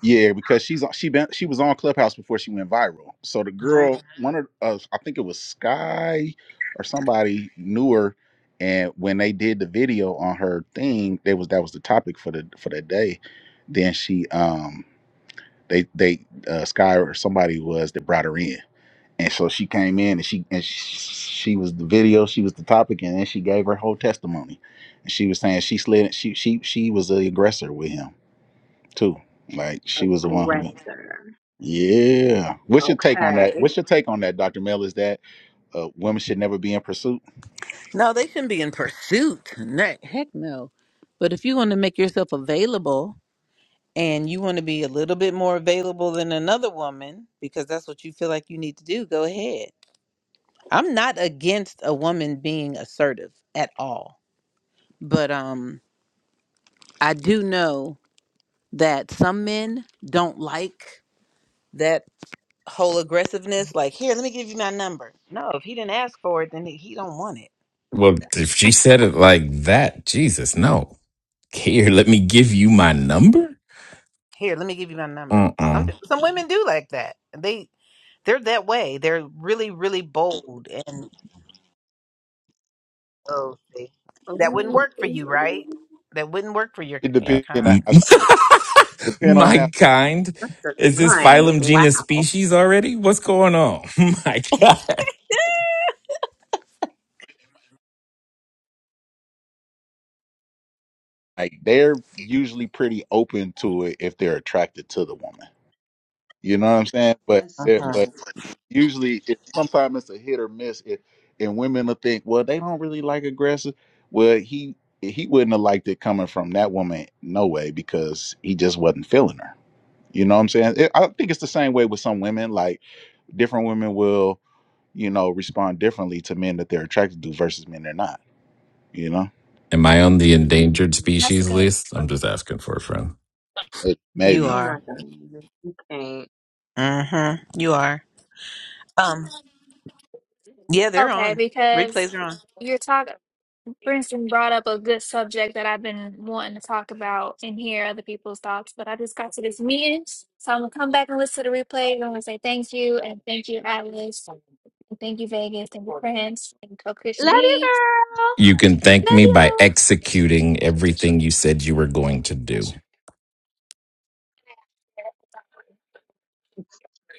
[SPEAKER 6] yeah, because she's on- she been she was on Clubhouse before she went viral. So the
[SPEAKER 1] Hmm?
[SPEAKER 6] girl, one of uh, I think it was Sky or somebody knew her, and when they did the video on her thing, they was that was the topic for the for that day. Then she um they they uh, Sky or somebody was that brought her in and so she came in and she and she, she was the video, she was the topic, and then she gave her whole testimony. And she was saying she slid she she she was the aggressor with him too. Like she was the one who
[SPEAKER 5] Aggressor.
[SPEAKER 6] Yeah. What's your take on
[SPEAKER 5] Okay.
[SPEAKER 6] that? What's your take on that, Dr. Mel? Is that uh, women should never be in pursuit?
[SPEAKER 1] No, they shouldn't be in pursuit. No, heck no. But if you want to make yourself available and you want to be a little bit more available than another woman because that's what you feel like you need to do, go ahead. I'm not against a woman being assertive at all. But um I do know that some men don't like that whole aggressiveness like here let me give you my number no if he didn't ask for it then he he don't want it
[SPEAKER 3] well, if she said it like that, Jesus, no. Here, let me give you my number.
[SPEAKER 1] here let me give you my number some
[SPEAKER 3] Mm-mm.
[SPEAKER 1] some women do like that they They're that way. They're really, really bold and oh, see, that wouldn't
[SPEAKER 5] Ooh,
[SPEAKER 1] work for you, right? That wouldn't work for your
[SPEAKER 6] It
[SPEAKER 1] your
[SPEAKER 3] Uh,
[SPEAKER 6] depends on
[SPEAKER 3] m-
[SPEAKER 6] how
[SPEAKER 1] kind.
[SPEAKER 6] depend on
[SPEAKER 3] my
[SPEAKER 6] how
[SPEAKER 3] kind.
[SPEAKER 5] That's the
[SPEAKER 3] Is this
[SPEAKER 5] kind.
[SPEAKER 3] phylum, genus,
[SPEAKER 5] Wow.
[SPEAKER 3] species already? What's going on? my God.
[SPEAKER 6] like they're usually pretty open to it if they're attracted to the woman. You know what I'm saying? But
[SPEAKER 5] That's
[SPEAKER 6] it-
[SPEAKER 1] Uh-huh.
[SPEAKER 6] but
[SPEAKER 5] yeah.
[SPEAKER 6] it usually, it, sometimes it's a hit or miss. It, and women will think, well, they don't really like aggressive. Well, he he wouldn't have liked it coming from that woman, no way, because he just wasn't feeling her. You know what I'm saying? It, I think it's the same way with some women. Like different women will, you know, respond differently to men that they're attracted to versus men they're not. You know,
[SPEAKER 3] Am I on the endangered
[SPEAKER 5] mm.
[SPEAKER 4] That's
[SPEAKER 3] species
[SPEAKER 4] good.
[SPEAKER 3] list? I'm just asking for a friend.
[SPEAKER 6] it,
[SPEAKER 1] You
[SPEAKER 5] Oh
[SPEAKER 6] maybe
[SPEAKER 5] my
[SPEAKER 1] are.
[SPEAKER 5] God. Okay.
[SPEAKER 1] Mm-hmm. You are. Um. Yeah, they're
[SPEAKER 4] Okay,
[SPEAKER 1] on.
[SPEAKER 4] because
[SPEAKER 1] Replays are on.
[SPEAKER 4] you're talking. Princeton brought up a good subject that I've been wanting to talk about and hear other people's thoughts, but I just got to this meeting. So I'm gonna come back and listen to the replay. I'm gonna say thank you and thank you, Atlas. And thank you, Vegas. Thank you, Prince. Thank you, Coach Christian
[SPEAKER 5] Love you,
[SPEAKER 4] B.
[SPEAKER 5] girl.
[SPEAKER 3] You can thank
[SPEAKER 4] Love
[SPEAKER 3] me by
[SPEAKER 4] y'all.
[SPEAKER 3] executing everything you said you were going to do.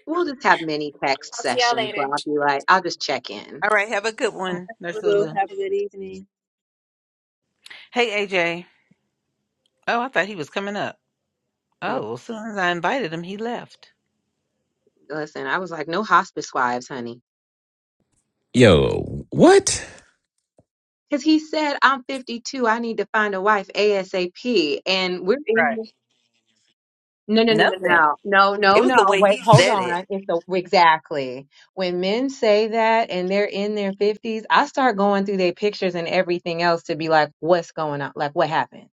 [SPEAKER 5] We'll just have mini text
[SPEAKER 4] I'll see y'all
[SPEAKER 5] sessions
[SPEAKER 4] later.
[SPEAKER 5] where I'll be like, I'll just check in.
[SPEAKER 1] All right. Have a good
[SPEAKER 2] Bye,
[SPEAKER 1] one, Nurse
[SPEAKER 2] Lulu.
[SPEAKER 1] Lulu.
[SPEAKER 2] Have a good evening.
[SPEAKER 1] Hey, AJ. Oh, I thought he was coming up. Oh,
[SPEAKER 5] Mm,
[SPEAKER 1] well, as soon as I invited him, he left.
[SPEAKER 5] Listen, I was like, no hospice wives, honey.
[SPEAKER 3] Yo, what?
[SPEAKER 5] Because he said, I'm 52. I need to find a wife ASAP. And we're in
[SPEAKER 1] Right.
[SPEAKER 5] No, no, no, no,
[SPEAKER 1] Nothing.
[SPEAKER 5] no, no,
[SPEAKER 1] It
[SPEAKER 5] no,
[SPEAKER 1] was
[SPEAKER 5] no.
[SPEAKER 1] the way
[SPEAKER 5] Wait,
[SPEAKER 1] he
[SPEAKER 5] hold
[SPEAKER 1] said it.
[SPEAKER 5] on. It's the exactly when men say that and they're in their fifties, I start going through their pictures and everything else to be like, what's going on? Like, what happened?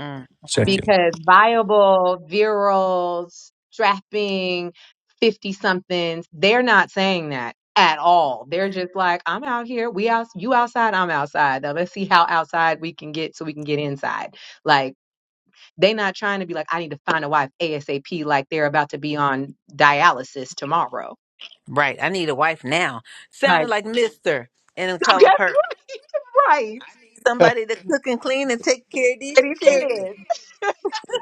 [SPEAKER 1] Mm-hmm.
[SPEAKER 3] Checking.
[SPEAKER 5] Because viable, virile, strapping, fifty somethings, they're not saying that at all. They're just like, I'm out here. We out. You outside. I'm outside. Now let's see how outside we can get so we can get inside. Like. They not trying to be like, I need to find a wife ASAP, like they're about to be on dialysis tomorrow.
[SPEAKER 1] Right. I need a wife now.
[SPEAKER 5] Like,
[SPEAKER 1] Sounded like Mister in the
[SPEAKER 5] that's
[SPEAKER 1] color purple.
[SPEAKER 5] right. Right.
[SPEAKER 1] somebody to cook and clean and take care of
[SPEAKER 5] And
[SPEAKER 1] these
[SPEAKER 5] these kids.
[SPEAKER 1] children.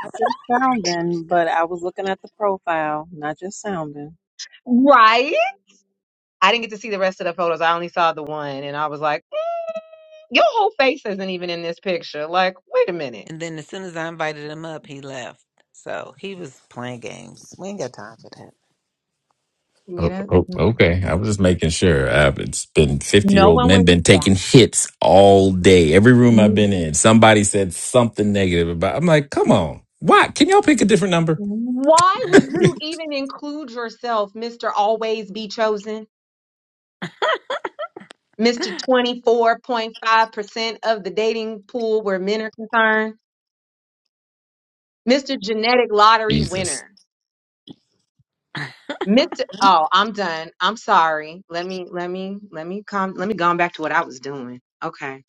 [SPEAKER 2] Not just sounding, but I was looking at the profile, not just sounding.
[SPEAKER 5] Right. I didn't get to see the rest of the photos. I only saw the one and I was like, "Mm, your whole face isn't even in this picture. Like, wait a minute.
[SPEAKER 1] And then as soon as I invited him up, he left. So he was playing games. We ain't got time for that.
[SPEAKER 5] You
[SPEAKER 3] Oh,
[SPEAKER 5] know?
[SPEAKER 3] oh,
[SPEAKER 5] Mm.
[SPEAKER 3] okay. I was just making sure. Uh, it's been 50 year
[SPEAKER 5] No
[SPEAKER 3] old
[SPEAKER 5] one
[SPEAKER 3] men
[SPEAKER 5] was
[SPEAKER 3] been taking
[SPEAKER 5] bashing.
[SPEAKER 3] hits all day. Every room I've
[SPEAKER 5] Mm,
[SPEAKER 3] been in, somebody said something negative about. I'm like, come on. Why? Can y'all pick a different number?
[SPEAKER 5] Why would you even include yourself, Mr. Always Be Chosen? Mr. 24.5% of the dating pool where men are concerned. Mr. Genetic Lottery
[SPEAKER 3] Jesus.
[SPEAKER 5] winner. Mr. Oh, I'm done. I'm sorry. Let me, let me, let me come, let me go on back to what I was doing. Okay.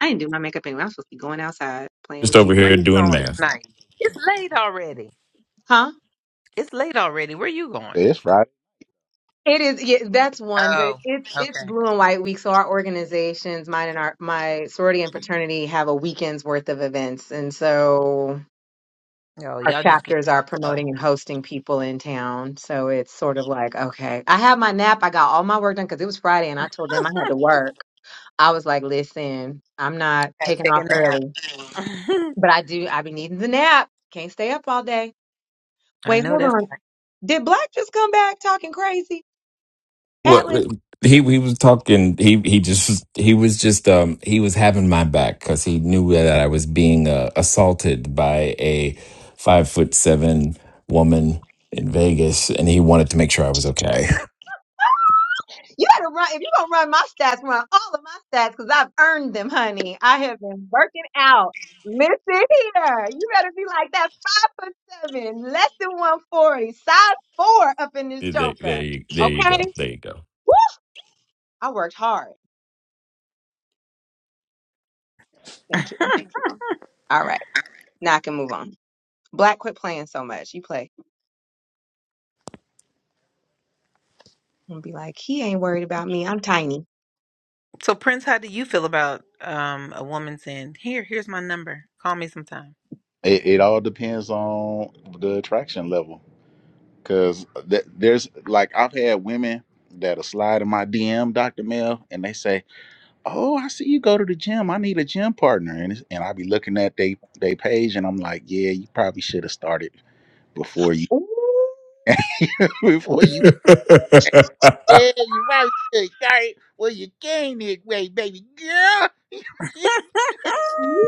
[SPEAKER 5] I didn't do my makeup anyway. I'm supposed to be going outside playing
[SPEAKER 3] just
[SPEAKER 5] with you.
[SPEAKER 3] over
[SPEAKER 1] Where
[SPEAKER 3] here
[SPEAKER 1] you
[SPEAKER 3] doing
[SPEAKER 1] going
[SPEAKER 3] math.
[SPEAKER 1] tonight? It's late already.
[SPEAKER 5] Huh?
[SPEAKER 1] It's late already. Where you going?
[SPEAKER 6] it's right.
[SPEAKER 5] It is, yeah, that's one, but
[SPEAKER 1] Oh,
[SPEAKER 5] it's, it's
[SPEAKER 1] okay.
[SPEAKER 5] blue and white week. So our organizations, mine and our, my sorority and fraternity have a weekend's worth of events. And so
[SPEAKER 1] Oh,
[SPEAKER 5] our
[SPEAKER 1] y'all just get
[SPEAKER 5] chapters are
[SPEAKER 1] fucked up.
[SPEAKER 5] promoting and hosting people in town. So it's sort of like, okay, I had my nap. I got all my work done because it was Friday and I told them I had to work. I was like, listen, I'm not
[SPEAKER 1] Gotta
[SPEAKER 5] taking
[SPEAKER 1] take
[SPEAKER 5] off
[SPEAKER 1] a nap.
[SPEAKER 5] early, but I do, I be needing the nap. Can't stay up all day.
[SPEAKER 1] I
[SPEAKER 5] Wait,
[SPEAKER 1] know
[SPEAKER 5] hold
[SPEAKER 1] that's
[SPEAKER 5] on. Did Black just come back talking crazy?
[SPEAKER 3] Well,
[SPEAKER 5] Atlas?
[SPEAKER 3] he he was talking. He he just he was just um he was having my back because he knew that I was being uh, assaulted by a five foot seven woman in Vegas, and he wanted to make sure I was okay.
[SPEAKER 5] You better run if you're gonna run my stats, run all of my stats because I've earned them, honey. I have been working out. Listen here. You better be like that five foot seven, less than one forty, size four up in this
[SPEAKER 3] There, there,
[SPEAKER 5] joker.
[SPEAKER 3] you, there you
[SPEAKER 5] Okay?
[SPEAKER 3] go. There you go.
[SPEAKER 5] Woo! I worked hard. Thank you. All right. Now I can move on. Black quit playing so much. You play. I'm gonna be like, he ain't worried about me. I'm tiny.
[SPEAKER 1] so. Prince, how do you feel about um a woman saying, "Here, here's my number. Call me sometime."
[SPEAKER 6] It, it all depends on the attraction level. Cause th- there's like I've had women that'll slide in my DM, Dr. Mel, and they say, "Oh, I see you go to the gym. I need a gym partner." And it's, and I be looking at they they page, and I'm like, "Yeah, you probably should have started before you
[SPEAKER 5] Ooh,
[SPEAKER 6] before you." Yeah, you probably should have started when you gained this weight, baby girl.
[SPEAKER 5] ooh,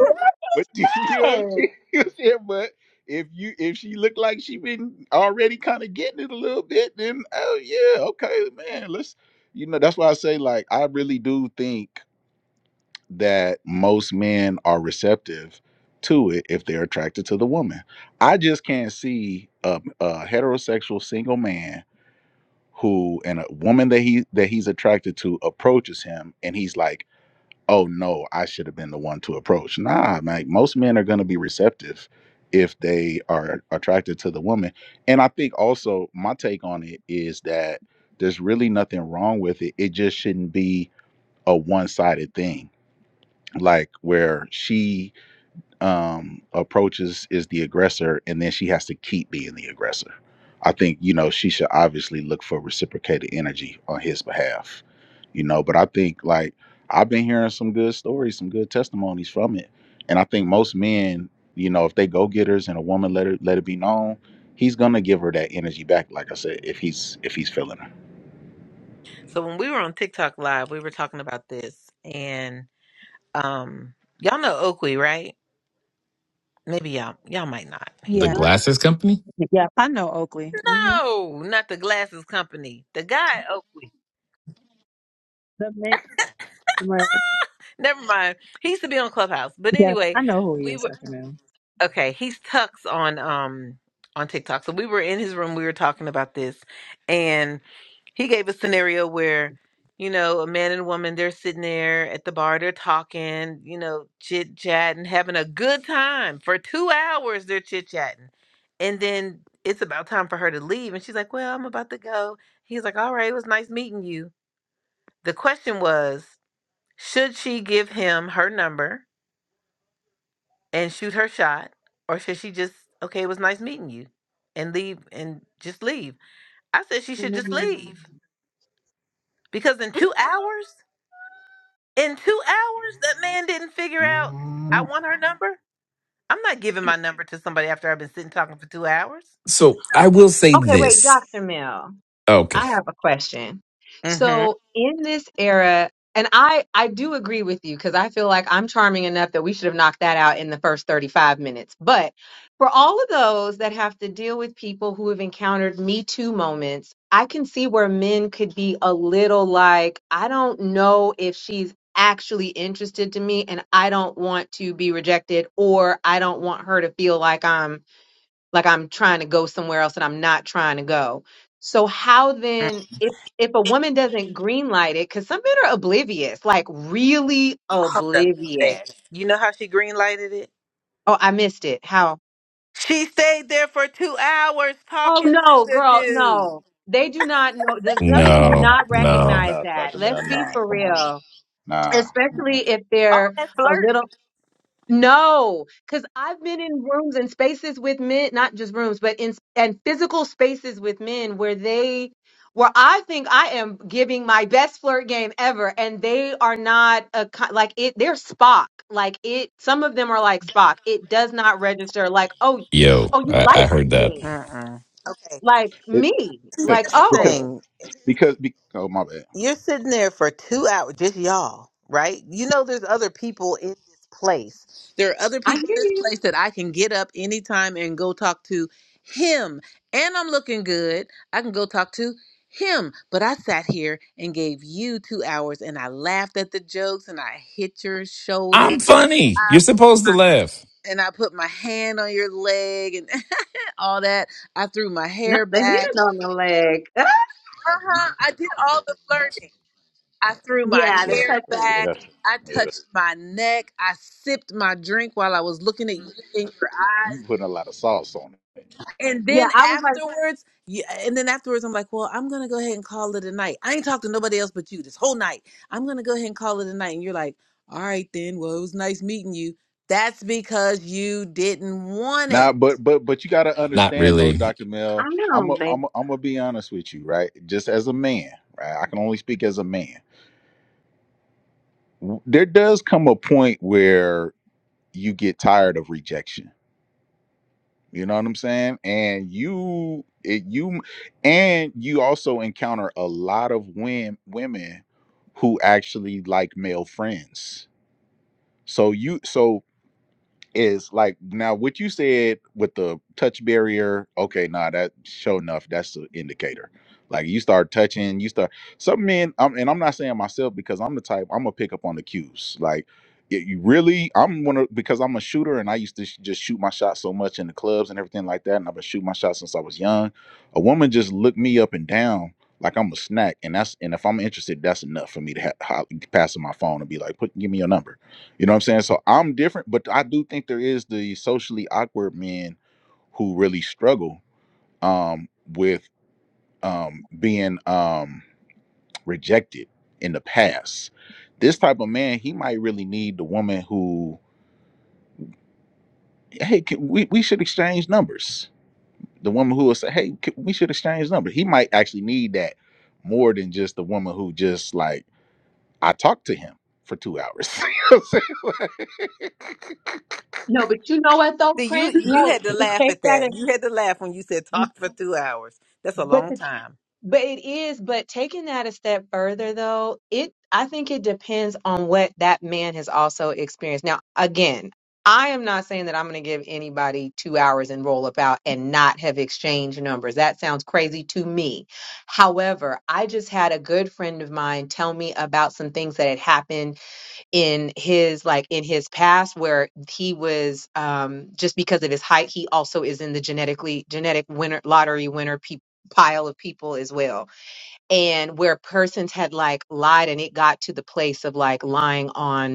[SPEAKER 6] But you know what I'm saying? You said, But if you if she looked like she been already kind of getting it a little bit, then oh yeah, okay, man. Let's you know that's why I say like I really do think that most men are receptive to it if they're attracted to the woman. I just can't see a, a heterosexual single man who and a woman that he that he's attracted to approaches him and he's like oh no, I should have been the one to approach. Nah, like most men are going to be receptive if they are attracted to the woman. And I think also my take on it is that there's really nothing wrong with it. It just shouldn't be a one sided thing, like where she um, approaches is the aggressor, and then she has to keep being the aggressor. I think you know she should obviously look for reciprocated energy on his behalf, you know. But I think like I've been hearing some good stories, some good testimonies from it, and I think most men, you know, if they go getters and a woman let her let it be known, he's gonna give her that energy back. Like I said, if he's if he's feeling her.
[SPEAKER 1] so when we were on TikTok live, we were talking about this, Um, y'all know Oakley, right? Maybe y'all y'all might not. He's
[SPEAKER 3] The
[SPEAKER 2] Yeah.
[SPEAKER 5] What?
[SPEAKER 3] glasses company?
[SPEAKER 2] Yeah. I know Oakley. Mm-hmm.
[SPEAKER 1] no, not the glasses company. The guy at Oakley.
[SPEAKER 2] The man, right.
[SPEAKER 1] Never mind. He used to be on Clubhouse. But
[SPEAKER 2] Yes,
[SPEAKER 1] anyway,
[SPEAKER 2] I know who he
[SPEAKER 1] we were
[SPEAKER 2] is after now.
[SPEAKER 1] Okay, he's Tux on um on TikTok. So we were in his room, we were talking about this, and he gave a scenario where, you know, a man and a woman, they're sitting there at the bar, they're talking, you know, chit chatting, having a good time. For two hours they're chit chatting. And then it's about time for her to leave. And she's like, Well, I'm about to go. He's like, All right, it was nice meeting you. The question was, should she give him her number? and shoot her shot, or should she just okay? It was nice meeting you, and leave and just leave. I said she
[SPEAKER 5] Mm.
[SPEAKER 1] should just leave because in two hours, in two hours, that man didn't figure out I
[SPEAKER 6] Mm,
[SPEAKER 1] want her number. I'm not giving my number to somebody after I've been sitting talking for two hours.
[SPEAKER 3] So I will say
[SPEAKER 5] Okay, wait,
[SPEAKER 3] this.
[SPEAKER 5] Dr. Mill.
[SPEAKER 3] Okay.
[SPEAKER 5] I have a question.
[SPEAKER 1] No. Mm-hmm.
[SPEAKER 5] So in this era, and I I do agree with you because I feel like I'm charming enough that we should have knocked that out in the first 35 minutes. But for all of those that have to deal with people who have encountered Me Too moments, I can see where men could be a little like, I don't know if she's actually interested to me and I don't want to be rejected or I don't want her to feel like I'm like I'm trying to go somewhere else and I'm not trying to go. So how then if if a woman doesn't green light it, because some men are oblivious, like really
[SPEAKER 1] Hold up, though, baby.
[SPEAKER 5] oblivious.
[SPEAKER 1] You know how she green lighted it?
[SPEAKER 5] Oh, I missed it. How?
[SPEAKER 1] She stayed there for two hours
[SPEAKER 5] Oh
[SPEAKER 1] talking to
[SPEAKER 5] no,
[SPEAKER 1] the
[SPEAKER 5] girl,
[SPEAKER 1] dude.
[SPEAKER 5] no. They do not know the some men do
[SPEAKER 3] No,
[SPEAKER 6] Nah,
[SPEAKER 5] not
[SPEAKER 3] no.
[SPEAKER 5] recognize
[SPEAKER 6] nah,
[SPEAKER 5] that.
[SPEAKER 6] Dr.
[SPEAKER 5] Let's
[SPEAKER 6] Mel,
[SPEAKER 5] be
[SPEAKER 6] nah,
[SPEAKER 5] for
[SPEAKER 6] come on,
[SPEAKER 5] real.
[SPEAKER 6] nah.
[SPEAKER 5] Especially
[SPEAKER 6] mm-mm.
[SPEAKER 5] if
[SPEAKER 1] All
[SPEAKER 5] they're
[SPEAKER 1] that
[SPEAKER 5] a
[SPEAKER 1] flirting.
[SPEAKER 5] little No, because I've been in rooms and spaces with men, not just rooms, but in and physical spaces with men where they, where I think I am giving my best flirt game ever, and they are not a co- like it. They're Spock, like it. Some of them are like Spock. It does not register. Like, oh,
[SPEAKER 3] Yo,
[SPEAKER 5] oh, you
[SPEAKER 3] I, I
[SPEAKER 5] like
[SPEAKER 3] heard that.
[SPEAKER 5] me,
[SPEAKER 1] Mm-mm. Okay.
[SPEAKER 5] like
[SPEAKER 6] It,
[SPEAKER 5] me,
[SPEAKER 1] See,
[SPEAKER 5] like
[SPEAKER 1] here's the
[SPEAKER 6] because
[SPEAKER 5] oh,
[SPEAKER 1] thing.
[SPEAKER 6] because be, oh my bad,
[SPEAKER 1] you're sitting there for two hours, just y'all, right? You know, there's other people in this place. There are other
[SPEAKER 5] I
[SPEAKER 1] people in
[SPEAKER 5] hear
[SPEAKER 1] this
[SPEAKER 5] you.
[SPEAKER 1] place that I can get up anytime and go talk to him. And I'm looking good. I can go talk to him. But I sat here and gave you two hours and I laughed at the jokes and I hit your shoulder
[SPEAKER 3] I'm funny.
[SPEAKER 1] I,
[SPEAKER 3] You're supposed to laugh.
[SPEAKER 1] and I put my hand on your leg and all that. I threw my
[SPEAKER 5] Not
[SPEAKER 1] hair
[SPEAKER 5] the hand
[SPEAKER 1] back.
[SPEAKER 5] on the leg.
[SPEAKER 1] Uh huh. I did all the flirting. I threw my
[SPEAKER 5] yeah, the
[SPEAKER 6] Yeah,
[SPEAKER 1] hair
[SPEAKER 5] touching.
[SPEAKER 6] yeah,
[SPEAKER 1] back.
[SPEAKER 6] that's
[SPEAKER 1] I
[SPEAKER 6] yeah.
[SPEAKER 1] touched my neck. I sipped my drink while I was looking at you in your
[SPEAKER 6] you
[SPEAKER 1] eyes.
[SPEAKER 6] putting a lot of sauce on it
[SPEAKER 1] And
[SPEAKER 5] Yeah,
[SPEAKER 1] then
[SPEAKER 5] I was like,
[SPEAKER 1] afterwards, yeah, and then afterwards, I'm like, well, I'm gonna go ahead and call it a night. I ain't talked to nobody else but you this whole night. I'm gonna go ahead and call it a night. And you're like, all right then. Well, it was nice meeting you. That's because you didn't want
[SPEAKER 6] now.
[SPEAKER 1] it.
[SPEAKER 6] But but but you got to
[SPEAKER 3] Not
[SPEAKER 6] understand though,
[SPEAKER 3] really.
[SPEAKER 6] Doctor Mel.
[SPEAKER 5] I
[SPEAKER 6] I'm a,
[SPEAKER 5] don't think.
[SPEAKER 6] I'm a, I'm gonna be honest with you, right? Just as a man, right? I can only speak as a man. W- There does come a point where you get tired of rejection. You know what I'm saying? And you it, you and you also encounter a lot of women women who actually like male friends. So you so is like now what you said with the touch barrier okay nah that show enough that's an indicator like you start touching you start some men I'm, and i'm not saying myself because i'm the type i'm gonna pick up on the cues like y- you really i'm one of because i'm a shooter and i used to sh- just shoot my shots so much in the clubs and everything like that and i've been shooting my shots since i was young a woman just looked me up and down like i'm a snack and that's and if i'm interested that's enough for me to ha- ho- pass on my phone and be like put give me your number you know what I'm saying? So I'm different, but I do think there is the socially awkward men who really struggle um, with um, being um, rejected in the past. This type of man, he might really need the woman who, hey, can, we, we should exchange numbers. The woman who will say, hey, can, we should exchange numbers. He might actually need that more than just the woman who just like, I talked to him for two hours. You know what I'm saying?
[SPEAKER 5] No, but you know what though,
[SPEAKER 1] See, you
[SPEAKER 5] Prince?
[SPEAKER 1] you
[SPEAKER 5] No,
[SPEAKER 1] had to
[SPEAKER 5] to
[SPEAKER 1] laugh
[SPEAKER 5] take
[SPEAKER 1] at
[SPEAKER 5] that
[SPEAKER 1] that.
[SPEAKER 5] as
[SPEAKER 1] You had to laugh when you said talk for two hours. That's a
[SPEAKER 5] but
[SPEAKER 1] long
[SPEAKER 5] the,
[SPEAKER 1] time.
[SPEAKER 5] but it is, but taking that a step further though, it I think it depends on what that man has also experienced. Now, again, I am not saying that I'm going to give anybody 2 hours and roll up out and not have exchanged numbers. That sounds crazy to me. However, I just had a good friend of mine tell me about some things that had happened in his like in his past where he was um just because of his height he also is in the genetically genetic winner lottery winner pe- pile of people as well and where persons had like lied and it got to the place of like lying on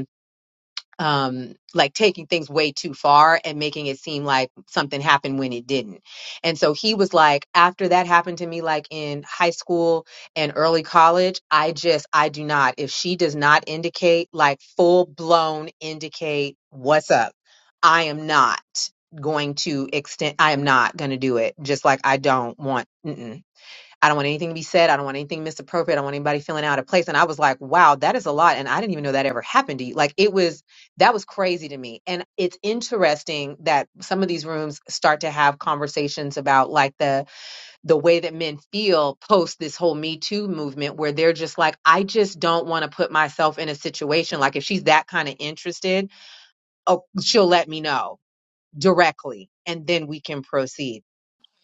[SPEAKER 5] um like taking things way too far and making it seem like something happened when it didn't. And so he was like after that happened to me like in high school and early college, I just I do not if she does not indicate like full blown indicate what's up, I am not going to extend I am not going to do it. Just like I don't want mm-mm. I don't want anything to be said. I don't want anything misappropriate. I don't want anybody feeling out of place. And I was like, wow, that is a lot. And I didn't even know that ever happened to you. Like it was, that was crazy to me. And it's interesting that some of these rooms start to have conversations about like the, the way that men feel post this whole Me Too movement, where they're just like, I just don't want to put myself in a situation. Like if she's that kind of interested, oh, she'll let me know directly and then we can proceed.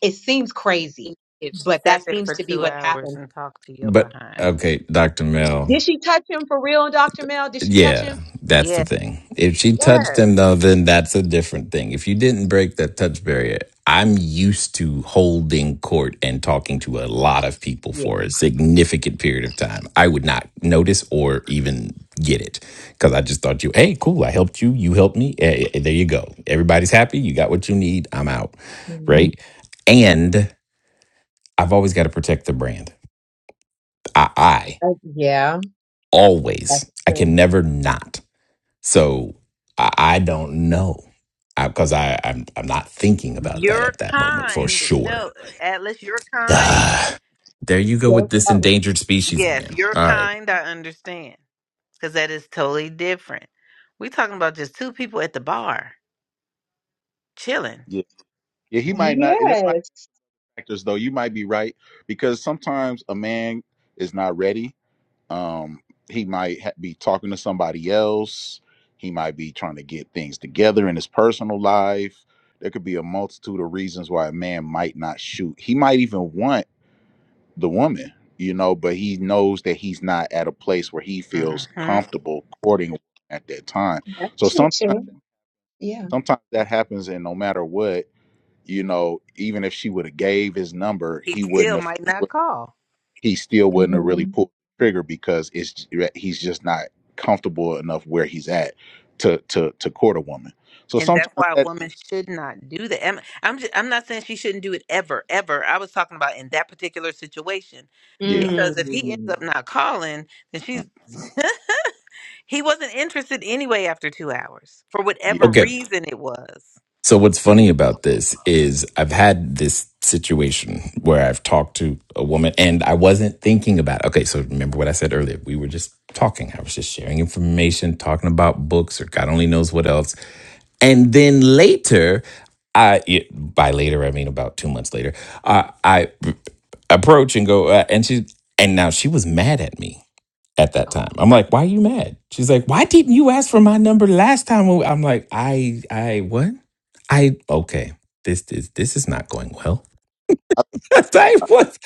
[SPEAKER 5] It seems
[SPEAKER 1] She,
[SPEAKER 5] crazy
[SPEAKER 1] if she
[SPEAKER 5] but
[SPEAKER 1] sat
[SPEAKER 5] that
[SPEAKER 1] there
[SPEAKER 5] seems
[SPEAKER 1] for
[SPEAKER 5] to be
[SPEAKER 1] two
[SPEAKER 5] what's happened
[SPEAKER 1] hours and talked to your
[SPEAKER 3] But
[SPEAKER 1] behind.
[SPEAKER 3] okay, Dr. Mel.
[SPEAKER 5] Did she touch him for real, Dr. Mel? Did she touch
[SPEAKER 3] Yeah,
[SPEAKER 5] him?
[SPEAKER 3] that's
[SPEAKER 1] Yeah.
[SPEAKER 3] the thing. If she touched
[SPEAKER 1] Yes.
[SPEAKER 3] him, though, then that's a different thing. If you didn't break that touch barrier, I'm used to holding court and talking to a lot of people
[SPEAKER 5] Yeah.
[SPEAKER 3] for a significant period of time. I would not notice or even get it because I just thought you, hey, cool, I helped you, you helped me. eh, eh, there you go. Everybody's happy. You got what you need. I'm out.
[SPEAKER 5] Mm.
[SPEAKER 3] Right. And I've always got to protect the brand. I, I
[SPEAKER 5] Uh, yeah,
[SPEAKER 3] always,
[SPEAKER 5] that's
[SPEAKER 3] I
[SPEAKER 5] true.
[SPEAKER 3] can never not. So I, I don't know because I, 'cause I I'm I'm not thinking about that
[SPEAKER 1] You're
[SPEAKER 3] at that moment for
[SPEAKER 1] kind.
[SPEAKER 3] sure.
[SPEAKER 1] No, Atlas, you're kind.
[SPEAKER 3] Ah, there you go
[SPEAKER 5] Yes,
[SPEAKER 3] with this
[SPEAKER 5] uh,
[SPEAKER 3] endangered species
[SPEAKER 1] Yes,
[SPEAKER 3] again.
[SPEAKER 1] you're
[SPEAKER 3] All right.
[SPEAKER 1] kind. I understand. Because that is totally different. We're talking about just two people at the bar chilling.
[SPEAKER 6] yeah. yeah, he might not. There
[SPEAKER 5] yes,
[SPEAKER 6] factors though you might be right because sometimes a man is not ready um he might ha- be talking to somebody else he might be trying to get things together in his personal life there could be a multitude of reasons why a man might not shoot he might even want the woman you know but he knows that he's not at a place where he feels
[SPEAKER 1] hmm
[SPEAKER 6] comfortable courting at that time
[SPEAKER 5] that's
[SPEAKER 6] so
[SPEAKER 5] true
[SPEAKER 6] sometimes
[SPEAKER 5] too. Yeah.
[SPEAKER 6] sometimes that happens and no matter what you know, even if she would have gave his number,
[SPEAKER 1] He
[SPEAKER 6] he wouldn't
[SPEAKER 1] still might not
[SPEAKER 6] have
[SPEAKER 1] call.
[SPEAKER 6] he still wouldn't have really
[SPEAKER 5] hmm
[SPEAKER 6] pulled the trigger because it's he's just not comfortable enough where he's at to to to court a woman. So
[SPEAKER 1] and that's
[SPEAKER 6] sometimes
[SPEAKER 1] why a
[SPEAKER 6] that
[SPEAKER 1] woman should not do that. I'm I'm, just, I'm not saying she shouldn't do it ever, ever. I was talking about in that particular situation,
[SPEAKER 6] yeah
[SPEAKER 1] because if he ends
[SPEAKER 5] Mm.
[SPEAKER 1] up not calling, then
[SPEAKER 6] uh,
[SPEAKER 1] she's he wasn't interested anyway after two hours for
[SPEAKER 6] yeah
[SPEAKER 1] whatever
[SPEAKER 3] Okay.
[SPEAKER 1] reason it was.
[SPEAKER 3] So what's funny about this is I've had this situation where I've talked to a woman and I wasn't thinking about okay, so remember what I said earlier. We were just talking. I was just sharing information, talking about books or God only knows what else. And then later, I it- by later I mean about two months later, uh, I approach and go uh, and she and now she was mad at me at that
[SPEAKER 5] Oh.
[SPEAKER 3] time. I'm like, why are you mad? She's like, why didn't you ask for my number last time? when we-" I'm like, I, I, what? I, okay, this is, this is not going well. I was,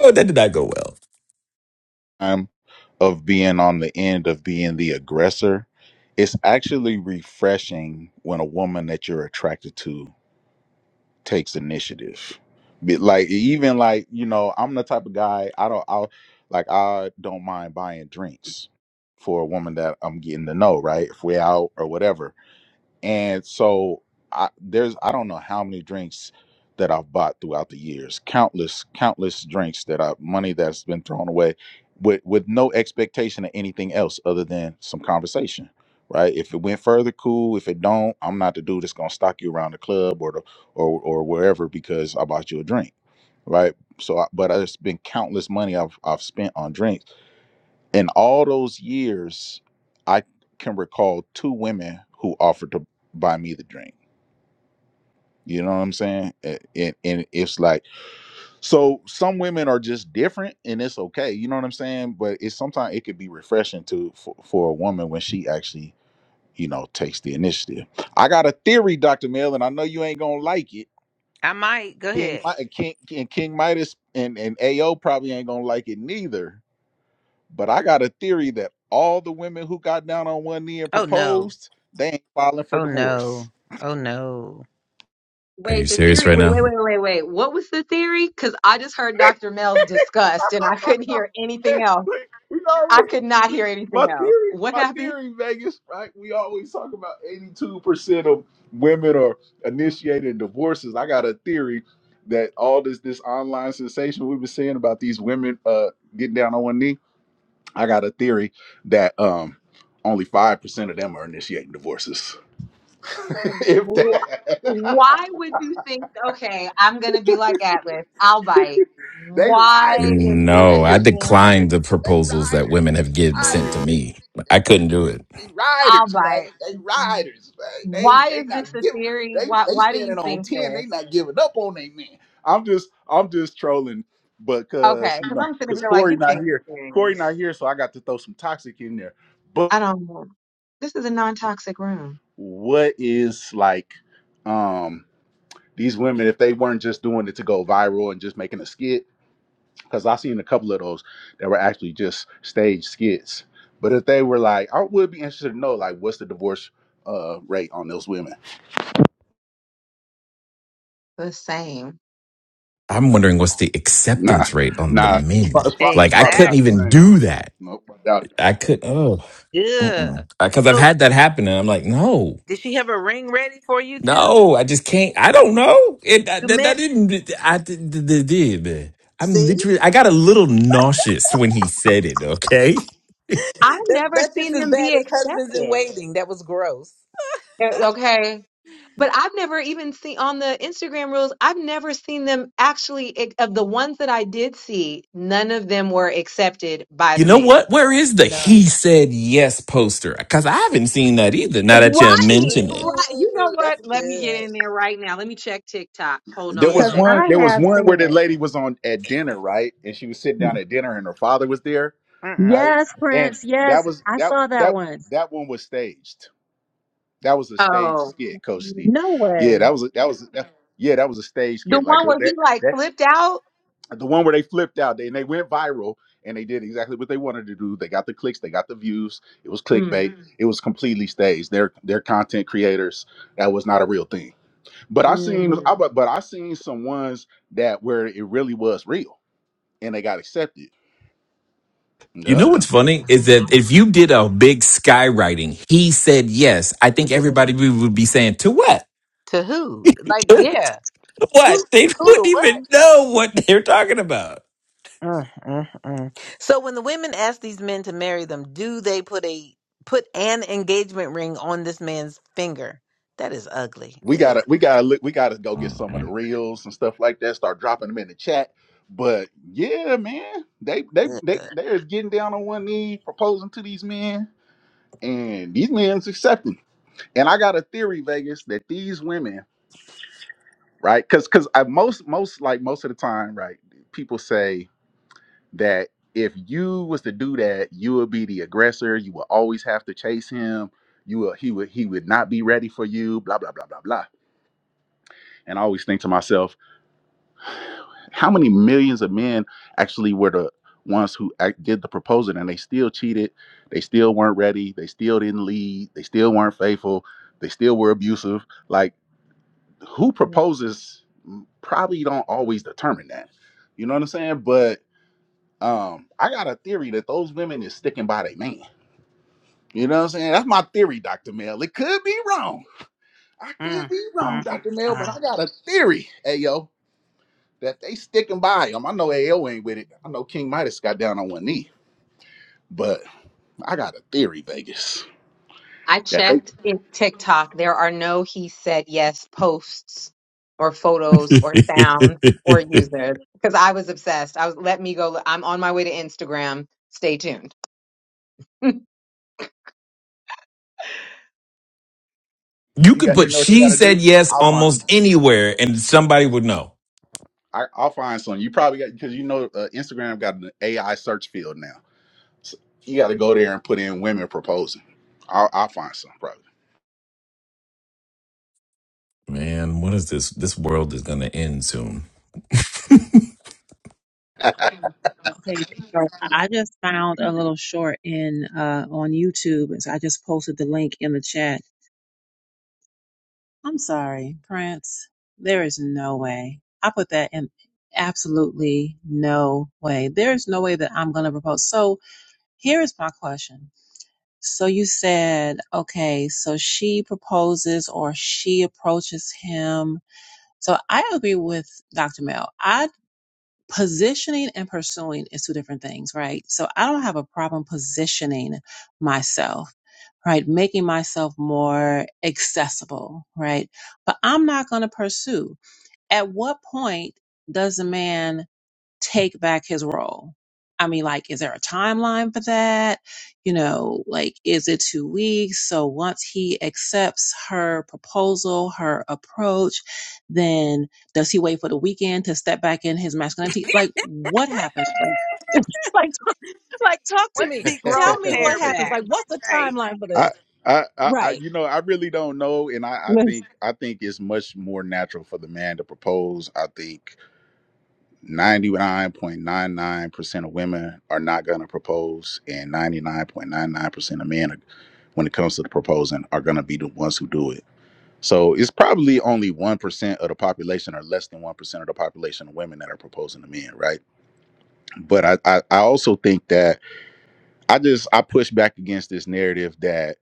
[SPEAKER 3] oh, that did not go well.
[SPEAKER 6] time of being on the end of being the aggressor, it's actually refreshing when a woman that you're attracted to takes initiative. But like even like you know I'm the type of guy I don't I like I don't mind buying drinks for a woman that I'm getting to know right if we're out or whatever And so I, there's I don't know how many drinks that I've bought throughout the years, countless countless drinks that I money that's been thrown away with with no expectation of anything else other than some conversation. Right. If it went further, cool. If it don't, I'm not the dude that's gonna stalk you around the club or the or or wherever because I bought you a drink. Right. So, I, but it has been countless money I've I've spent on drinks in all those years, I can recall two women who offered to buy me the drink. You know what I'm saying? A- And, and it's like, so some women are just different and it's okay. You know what I'm saying? But it's sometimes it could be refreshing to for, for a woman when she actually, you know, takes the initiative. I got a theory, Dr. Mill, and I know you ain't going to like it.
[SPEAKER 1] I might go
[SPEAKER 6] King,
[SPEAKER 1] ahead.
[SPEAKER 6] Mi- King, King Midas and, and AO probably ain't going to like it neither But I got a theory that all the women who got down on one knee and
[SPEAKER 1] Oh no!
[SPEAKER 6] proposed, they ain't filing for
[SPEAKER 1] Oh
[SPEAKER 6] divorce.
[SPEAKER 1] no! Oh no!
[SPEAKER 3] Are you
[SPEAKER 5] Wait, the
[SPEAKER 3] serious
[SPEAKER 5] theory.
[SPEAKER 3] right
[SPEAKER 5] Wait,
[SPEAKER 3] now?
[SPEAKER 5] wait, wait, wait, wait. What was the theory? Because I just heard Dr. Mel's disgust, and I couldn't hear anything else.
[SPEAKER 6] we, we
[SPEAKER 5] I
[SPEAKER 6] always
[SPEAKER 5] could not
[SPEAKER 6] we,
[SPEAKER 5] hear anything
[SPEAKER 6] my
[SPEAKER 5] else.
[SPEAKER 6] theory,
[SPEAKER 5] What
[SPEAKER 6] my
[SPEAKER 5] happened?
[SPEAKER 6] theory, Vegas, right? We always talk about 82% of women are initiating divorces. I got a theory that all this this online sensation we've been seeing about these women uh getting down on one knee. I got a theory that um only five percent of them are initiating divorces. if
[SPEAKER 5] Wh- Why
[SPEAKER 6] that
[SPEAKER 5] would you think? Okay, I'm gonna be like Atlas. I'll bite.
[SPEAKER 6] They
[SPEAKER 5] Why
[SPEAKER 6] riders.
[SPEAKER 5] is this
[SPEAKER 3] No,
[SPEAKER 6] They
[SPEAKER 3] I
[SPEAKER 6] is
[SPEAKER 5] even?
[SPEAKER 3] declined the
[SPEAKER 6] riders. They
[SPEAKER 3] proposals that
[SPEAKER 6] riders.
[SPEAKER 3] women
[SPEAKER 6] They
[SPEAKER 3] have given sent
[SPEAKER 6] riders.
[SPEAKER 3] to
[SPEAKER 6] They
[SPEAKER 3] me. I
[SPEAKER 6] they, they,
[SPEAKER 3] couldn't do it.
[SPEAKER 6] they
[SPEAKER 5] I'm
[SPEAKER 6] riders, man.
[SPEAKER 5] like,
[SPEAKER 6] They riders, man. They
[SPEAKER 5] why
[SPEAKER 6] they
[SPEAKER 5] is
[SPEAKER 6] not
[SPEAKER 5] this a
[SPEAKER 6] giving.
[SPEAKER 5] theory?
[SPEAKER 6] They
[SPEAKER 5] Why
[SPEAKER 6] they
[SPEAKER 5] why do you
[SPEAKER 6] standing on
[SPEAKER 5] think
[SPEAKER 6] ten.
[SPEAKER 5] this?
[SPEAKER 6] They not giving up on they man. I'm just I'm just trolling, but
[SPEAKER 5] Okay,
[SPEAKER 6] cause you
[SPEAKER 5] because
[SPEAKER 6] know,
[SPEAKER 5] I'm sitting
[SPEAKER 6] cause
[SPEAKER 5] here like, you
[SPEAKER 6] Corey not
[SPEAKER 5] can't be
[SPEAKER 6] here. Corey
[SPEAKER 5] serious.
[SPEAKER 6] not here, so I got to throw some toxic in there. But
[SPEAKER 5] I don't know. This is a non-toxic room.
[SPEAKER 6] what is like, um, these women if they weren't just doing it to go viral and just making a skit? because I seen a couple of those that were actually just stage skits. But if they were like, I would be interested to know like what's the divorce uh, rate on those women.
[SPEAKER 5] The same.
[SPEAKER 3] I'm wondering what's the
[SPEAKER 6] Nah,
[SPEAKER 3] acceptance rate on the
[SPEAKER 6] nah,
[SPEAKER 3] men.
[SPEAKER 6] Pro- it's, pro- it's
[SPEAKER 3] Like I
[SPEAKER 1] Exactly.
[SPEAKER 6] probably
[SPEAKER 3] couldn't
[SPEAKER 6] not the
[SPEAKER 3] even
[SPEAKER 6] same though.
[SPEAKER 3] do that.
[SPEAKER 6] Nope, I doubt it.
[SPEAKER 3] I could. Oh,
[SPEAKER 1] Yeah.
[SPEAKER 3] because I've
[SPEAKER 1] So
[SPEAKER 3] had that happen, and I'm like, no.
[SPEAKER 1] did she have a ring ready for you too?
[SPEAKER 3] No, I just can't. I don't know. It that,
[SPEAKER 1] You
[SPEAKER 3] that, that
[SPEAKER 1] meant
[SPEAKER 3] didn't. I did. did- did, man. I'm
[SPEAKER 1] see
[SPEAKER 3] literally. I got a little nauseous when he said it. Okay.
[SPEAKER 5] I've
[SPEAKER 1] that,
[SPEAKER 5] never
[SPEAKER 1] that's just
[SPEAKER 5] seen
[SPEAKER 1] as
[SPEAKER 5] them be
[SPEAKER 1] bad as husbands in
[SPEAKER 5] accepted.
[SPEAKER 1] waiting. That was gross.
[SPEAKER 5] Eh, Okay. But I've never even seen on the Instagram rules, I've never seen them actually, ex- of the ones that I did see, none of them were accepted by
[SPEAKER 3] You
[SPEAKER 5] the
[SPEAKER 3] know
[SPEAKER 5] man.
[SPEAKER 3] what? Where is the
[SPEAKER 1] None.
[SPEAKER 3] he said yes poster? Because I haven't seen that either. Now that you
[SPEAKER 5] Right,
[SPEAKER 3] mention it.
[SPEAKER 5] right. You know
[SPEAKER 1] Ooh,
[SPEAKER 5] what?
[SPEAKER 1] that's
[SPEAKER 5] Let me
[SPEAKER 1] good.
[SPEAKER 5] get in there right now. Let me check TikTok. Hold
[SPEAKER 6] There
[SPEAKER 5] on a
[SPEAKER 2] Because
[SPEAKER 1] Yeah.
[SPEAKER 6] was
[SPEAKER 5] second.
[SPEAKER 6] one.
[SPEAKER 2] I
[SPEAKER 6] There was
[SPEAKER 2] have
[SPEAKER 6] one where
[SPEAKER 2] seen
[SPEAKER 6] the
[SPEAKER 2] it.
[SPEAKER 6] lady was on at dinner, right? And she was sitting down at dinner, and her father was there,
[SPEAKER 1] Mm-mm.
[SPEAKER 6] right?
[SPEAKER 2] Yes,
[SPEAKER 6] And
[SPEAKER 2] Prince.
[SPEAKER 6] that
[SPEAKER 2] Yes,
[SPEAKER 6] was
[SPEAKER 2] I
[SPEAKER 6] that
[SPEAKER 2] saw that
[SPEAKER 6] that
[SPEAKER 2] one.
[SPEAKER 6] that one was staged. That was a stage
[SPEAKER 5] Oh,
[SPEAKER 6] skit, Coach Steve.
[SPEAKER 2] No
[SPEAKER 6] Yeah,
[SPEAKER 2] way.
[SPEAKER 6] that was a, that was a, that, yeah, that was a stage
[SPEAKER 5] the
[SPEAKER 6] skit. Like
[SPEAKER 5] one where he
[SPEAKER 6] that
[SPEAKER 5] like
[SPEAKER 6] that
[SPEAKER 5] flipped out.
[SPEAKER 6] the one where they flipped out they, and they went viral and they did exactly what they wanted to do they got the clicks they got the views it was
[SPEAKER 5] Mm,
[SPEAKER 6] clickbait Mhm. it was completely staged they're they're content creators that was not a real thing but i seen I,
[SPEAKER 5] mm,
[SPEAKER 6] Mhm. but, but i seen some ones that where it really was real and they got accepted
[SPEAKER 3] You
[SPEAKER 6] yep
[SPEAKER 3] know what's funny is that if you did a big skywriting, he said yes. I think everybody would be saying to what?
[SPEAKER 1] To who? Like, yeah. Who?
[SPEAKER 3] What? They
[SPEAKER 1] Who to
[SPEAKER 3] wouldn't
[SPEAKER 1] what?
[SPEAKER 3] even know what they're talking about.
[SPEAKER 1] Mm-mm-mm. So when the women ask these men to marry them, do they put a put an engagement ring on this man's finger? That is ugly.
[SPEAKER 6] we
[SPEAKER 1] Ugh,
[SPEAKER 6] gotta we gotta look we gotta go get some of the
[SPEAKER 3] Mm.
[SPEAKER 6] reels and stuff like that start dropping them in the chat but yeah man they they they
[SPEAKER 1] ugh.
[SPEAKER 6] they're getting down on one knee proposing to these men and these men's accepting And I got a theory, Vegas, that these women, right? Because because I most most like most of the time, right? People say that if you was to do that, you would be the aggressor. You would always have to chase him. You will he would he would not be ready for you. Blah blah blah blah blah. And I always think to myself, how many millions of men actually were the ones who act, did the proposal and they still cheated. They still weren't ready. They still didn't lead. They still weren't faithful. They still were abusive. Like who
[SPEAKER 5] mm.
[SPEAKER 6] proposes probably don't always determine that. You know what I'm saying? But um, I got a theory that those women is sticking by their man. You know what I'm saying? That's my theory, Dr. Mel. It could be wrong. I could be wrong, Dr. Mel, but
[SPEAKER 1] Mm-mm-mm.
[SPEAKER 6] I got a theory, Ayo, that they sticking by him. I know Ayo ain't with it. I know King Midas got down on one knee, but I got a theory, Vegas.
[SPEAKER 5] I
[SPEAKER 6] That they
[SPEAKER 5] checked in TikTok. There are no he said yes posts or photos or sounds or users because I was obsessed. I was let me go. I'm on my way to Instagram. Stay tuned.
[SPEAKER 3] you
[SPEAKER 6] you
[SPEAKER 3] could
[SPEAKER 6] got
[SPEAKER 3] put
[SPEAKER 6] you know what you
[SPEAKER 3] she
[SPEAKER 6] gotta
[SPEAKER 3] said
[SPEAKER 6] do?
[SPEAKER 3] yes
[SPEAKER 6] I'll find
[SPEAKER 3] almost
[SPEAKER 6] some.
[SPEAKER 3] anywhere and somebody would know.
[SPEAKER 6] I, I'll find some. You probably got because you know uh, Instagram got an AI search field now. So you got to go there and put in women proposing. I'll, I'll find some probably.
[SPEAKER 3] Man, what is this? This world is going to end soon.
[SPEAKER 2] Okay, so I just found a little short in uh on YouTube, and so I just posted the link in the chat. I'm sorry, Prince. There is no way. I put that in absolutely no way. There's no way that I'm gonna propose. So here is my question. So you said, okay, so she proposes or she approaches him. So I agree with Dr. Mel. I Positioning and pursuing is two different things, right? So I don't have a problem positioning myself, right? Making myself more accessible, right? But I'm not going to pursue. At what point does a man take back his role? I mean, like, is there a timeline for that? You know, like, is it two weeks? So once he accepts her proposal, her approach, then does he wait for the weekend to step back in his masculinity? Like, what happens? Like, like, like, talk to
[SPEAKER 1] What does
[SPEAKER 2] me.
[SPEAKER 1] he grow
[SPEAKER 2] Tell
[SPEAKER 1] a
[SPEAKER 2] me what
[SPEAKER 1] pair
[SPEAKER 2] happens.
[SPEAKER 1] back?
[SPEAKER 2] Like, what's the
[SPEAKER 1] Right.
[SPEAKER 2] timeline for
[SPEAKER 6] I,
[SPEAKER 2] this?
[SPEAKER 6] I, I, I,
[SPEAKER 2] Right.
[SPEAKER 6] you know, I really don't know, and I, I
[SPEAKER 2] Listen,
[SPEAKER 6] think, I think it's much more natural for the man to propose. I think ninety-nine point nine nine percent of women are not going to propose, and ninety-nine point nine nine percent of men, are, when it comes to the proposing, are going to be the ones who do it. So it's probably only one percent of the population, or less than one percent of the population of women that are proposing to men, right? but I, I I also think that I just I push back against this narrative that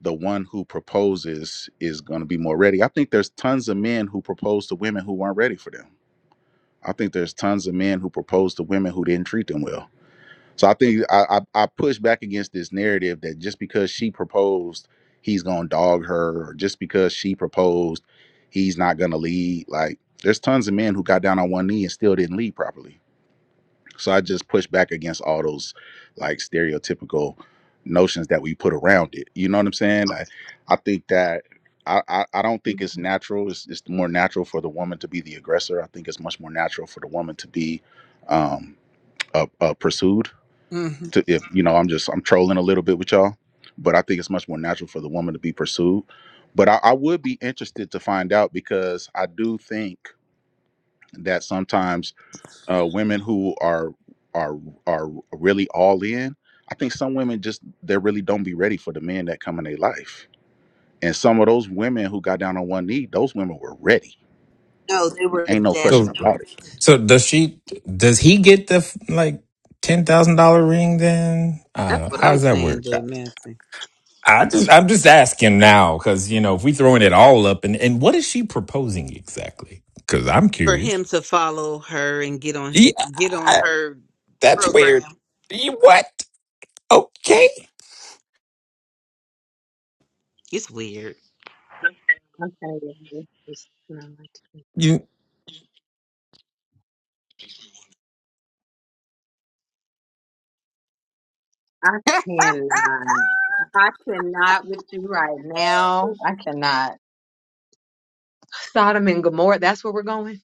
[SPEAKER 6] the one who proposes is going to be more ready. I think there's tons of men who propose to women who weren't ready for them. I think there's tons of men who propose to women who didn't treat them well. So I think I I, I push back against this narrative that just because she proposed, he's going to dog her, or just because she proposed, he's not going to lead. Like there's tons of men who got down on one knee and still didn't lead properly so I just push back against all those like stereotypical notions that we put around it. You know what I'm saying? I, I think that I, I, I don't think it's natural. It's, it's more natural for the woman to be the aggressor. I think it's much more natural for the woman to be um, uh, uh, pursued.
[SPEAKER 1] Mhm.
[SPEAKER 6] To if you know, I'm just I'm trolling a little bit with y'all, but I think it's much more natural for the woman to be pursued. But I, I would be interested to find out because I do think that sometimes uh, women who are are are really all in. I think some women just they really don't be ready for the men that come in their life. And some of those women who got down on one knee, those women were ready.
[SPEAKER 1] No, they were
[SPEAKER 6] Ain't no question
[SPEAKER 3] So,
[SPEAKER 1] desperate.
[SPEAKER 6] about it.
[SPEAKER 3] so does she? Does he get the like ten thousand dollar ring? Then
[SPEAKER 1] That's
[SPEAKER 3] uh,
[SPEAKER 1] what
[SPEAKER 3] how
[SPEAKER 1] I'm
[SPEAKER 3] does that
[SPEAKER 1] saying,
[SPEAKER 3] work?
[SPEAKER 1] Jay Massey.
[SPEAKER 3] I just I'm just asking now because you know if we throwing it all up and and what is she proposing exactly? Because I'm
[SPEAKER 1] for
[SPEAKER 3] curious.
[SPEAKER 1] him to follow her and get on
[SPEAKER 3] Yeah,
[SPEAKER 1] get on
[SPEAKER 3] I-
[SPEAKER 1] her
[SPEAKER 3] that's weird.
[SPEAKER 1] program.
[SPEAKER 3] You what? Okay.
[SPEAKER 1] It's weird.
[SPEAKER 5] Okay, yeah, this is not.
[SPEAKER 3] You
[SPEAKER 5] I cannot. I cannot with you right now. I cannot. Sodom and Gomorrah. That's where we're going.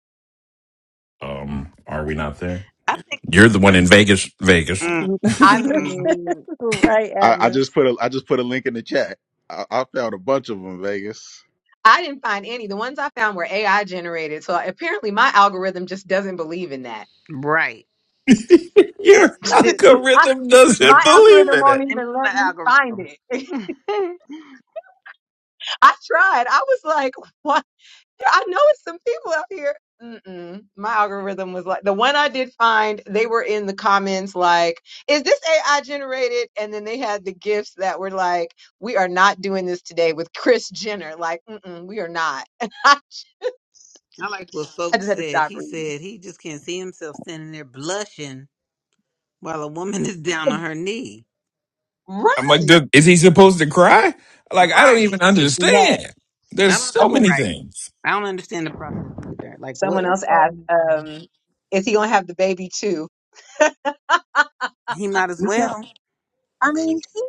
[SPEAKER 3] um, are we not there?
[SPEAKER 1] I think
[SPEAKER 3] You're the one in Vegas. Vegas.
[SPEAKER 1] mm,
[SPEAKER 5] I
[SPEAKER 1] mm,
[SPEAKER 2] listen,
[SPEAKER 1] mm.
[SPEAKER 5] mean.
[SPEAKER 2] right,
[SPEAKER 6] I, I
[SPEAKER 2] Atlas.
[SPEAKER 6] just put a I just put a link in the chat. I, I found a bunch of them, Vegas.
[SPEAKER 5] I didn't find any. The ones I found were AI generated. So apparently my algorithm just doesn't believe in that.
[SPEAKER 1] right as
[SPEAKER 3] Your
[SPEAKER 1] it shouldn't.
[SPEAKER 5] I,
[SPEAKER 3] algorithm
[SPEAKER 5] my
[SPEAKER 3] doesn't believe
[SPEAKER 5] algorithm
[SPEAKER 3] in it.
[SPEAKER 5] won't even
[SPEAKER 1] Blame it on
[SPEAKER 5] let
[SPEAKER 1] the
[SPEAKER 5] me find
[SPEAKER 1] algorithm.
[SPEAKER 5] it. I tried. I was like, what? I know it's some people out here. Mm-mm. My algorithm was like, the one I did find, they were in the comments like, is this AI generated? And then they had the gifts that were like, we are not doing this today with Chris Jenner. Like, mm-mm, we are not. I
[SPEAKER 1] I like what folks
[SPEAKER 5] just had to
[SPEAKER 1] said.
[SPEAKER 5] stop
[SPEAKER 1] He
[SPEAKER 5] reading.
[SPEAKER 1] said he just can't see himself standing there blushing while a woman is down on her knee.
[SPEAKER 3] I'm like,
[SPEAKER 5] Right.
[SPEAKER 3] dude, is he supposed to cry? Like, I don't
[SPEAKER 1] Right.
[SPEAKER 3] even
[SPEAKER 5] Next.
[SPEAKER 3] understand.
[SPEAKER 1] I
[SPEAKER 3] There's
[SPEAKER 1] don't.
[SPEAKER 3] so
[SPEAKER 5] Someone
[SPEAKER 3] many
[SPEAKER 1] Right.
[SPEAKER 3] things.
[SPEAKER 1] I don't understand the process either. Like what?
[SPEAKER 5] Someone else
[SPEAKER 2] It's so
[SPEAKER 5] asked,
[SPEAKER 2] many things.
[SPEAKER 5] um, is he gonna have the baby too?
[SPEAKER 1] He might as well.
[SPEAKER 2] I mean, he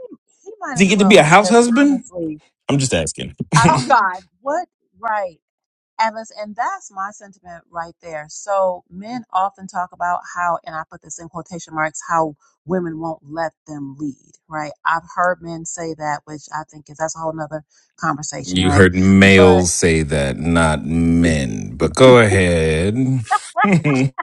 [SPEAKER 2] he might
[SPEAKER 3] Does he
[SPEAKER 2] as
[SPEAKER 3] get to
[SPEAKER 2] well
[SPEAKER 3] be a house
[SPEAKER 2] because
[SPEAKER 3] husband?
[SPEAKER 2] honestly,
[SPEAKER 3] I'm just asking.
[SPEAKER 2] I
[SPEAKER 5] Oh
[SPEAKER 2] mean,
[SPEAKER 5] God.
[SPEAKER 2] what right, Atlas, and that's my sentiment right there. So men often talk about how, and I put this in quotation marks, how women won't let them lead, right? I've heard men say that, which I think is that's a whole nother conversation,
[SPEAKER 3] You
[SPEAKER 2] right?
[SPEAKER 3] heard
[SPEAKER 2] But
[SPEAKER 3] males say that, not men. But go ahead.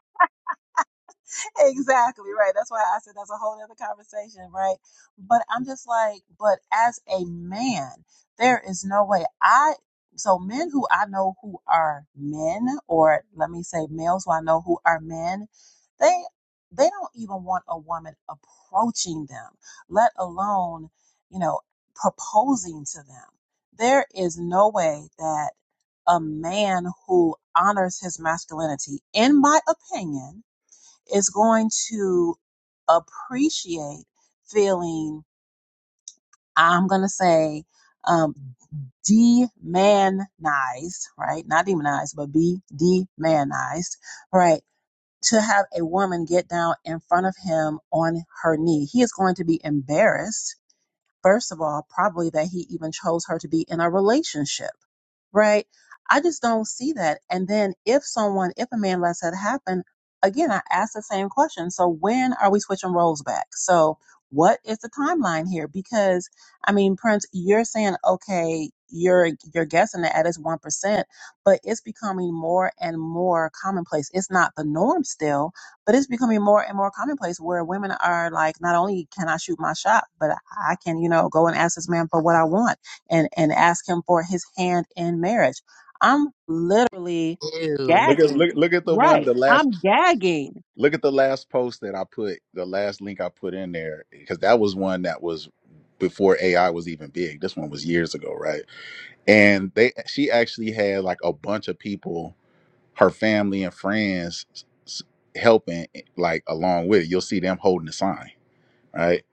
[SPEAKER 2] exactly right. That's why I said that's a whole other conversation, right? But I'm just like, but as a man, there is no way I. So men who I know who are men, or let me say males who I know who are men, they they don't even want a woman approaching them, let alone you know proposing to them. There is no way that a man who honors his masculinity, in my opinion is going to appreciate feeling, I'm going to say, um, demanized, right? Not demonized, but be demanized, right? To have a woman get down in front of him on her knee. He is going to be embarrassed, first of all, probably that he even chose her to be in a relationship right? I just don't see that. And then if someone, if a man lets that happen, again, I ask the same question. So when are we switching roles back? So what is the timeline here? Because I mean, Prince, you're saying okay, you're you're guessing that at is one percent, but it's becoming more and more commonplace. It's not the norm still, but it's becoming more and more commonplace where women are like, not only can I shoot my shot, but I can, you know, go and ask this man for what I want and, and ask him for his hand in marriage. I'm literally
[SPEAKER 1] Ew.
[SPEAKER 6] Look at look
[SPEAKER 2] gagging.
[SPEAKER 6] look at the one
[SPEAKER 2] Right.
[SPEAKER 6] the last
[SPEAKER 2] I'm gagging.
[SPEAKER 6] look at the last post that I put the last link I put in there because that was one that was before AI was even big. This one was years ago, right? and they she actually had like a bunch of people her family and friends s- helping eh, like along with it you'll see them holding the sign right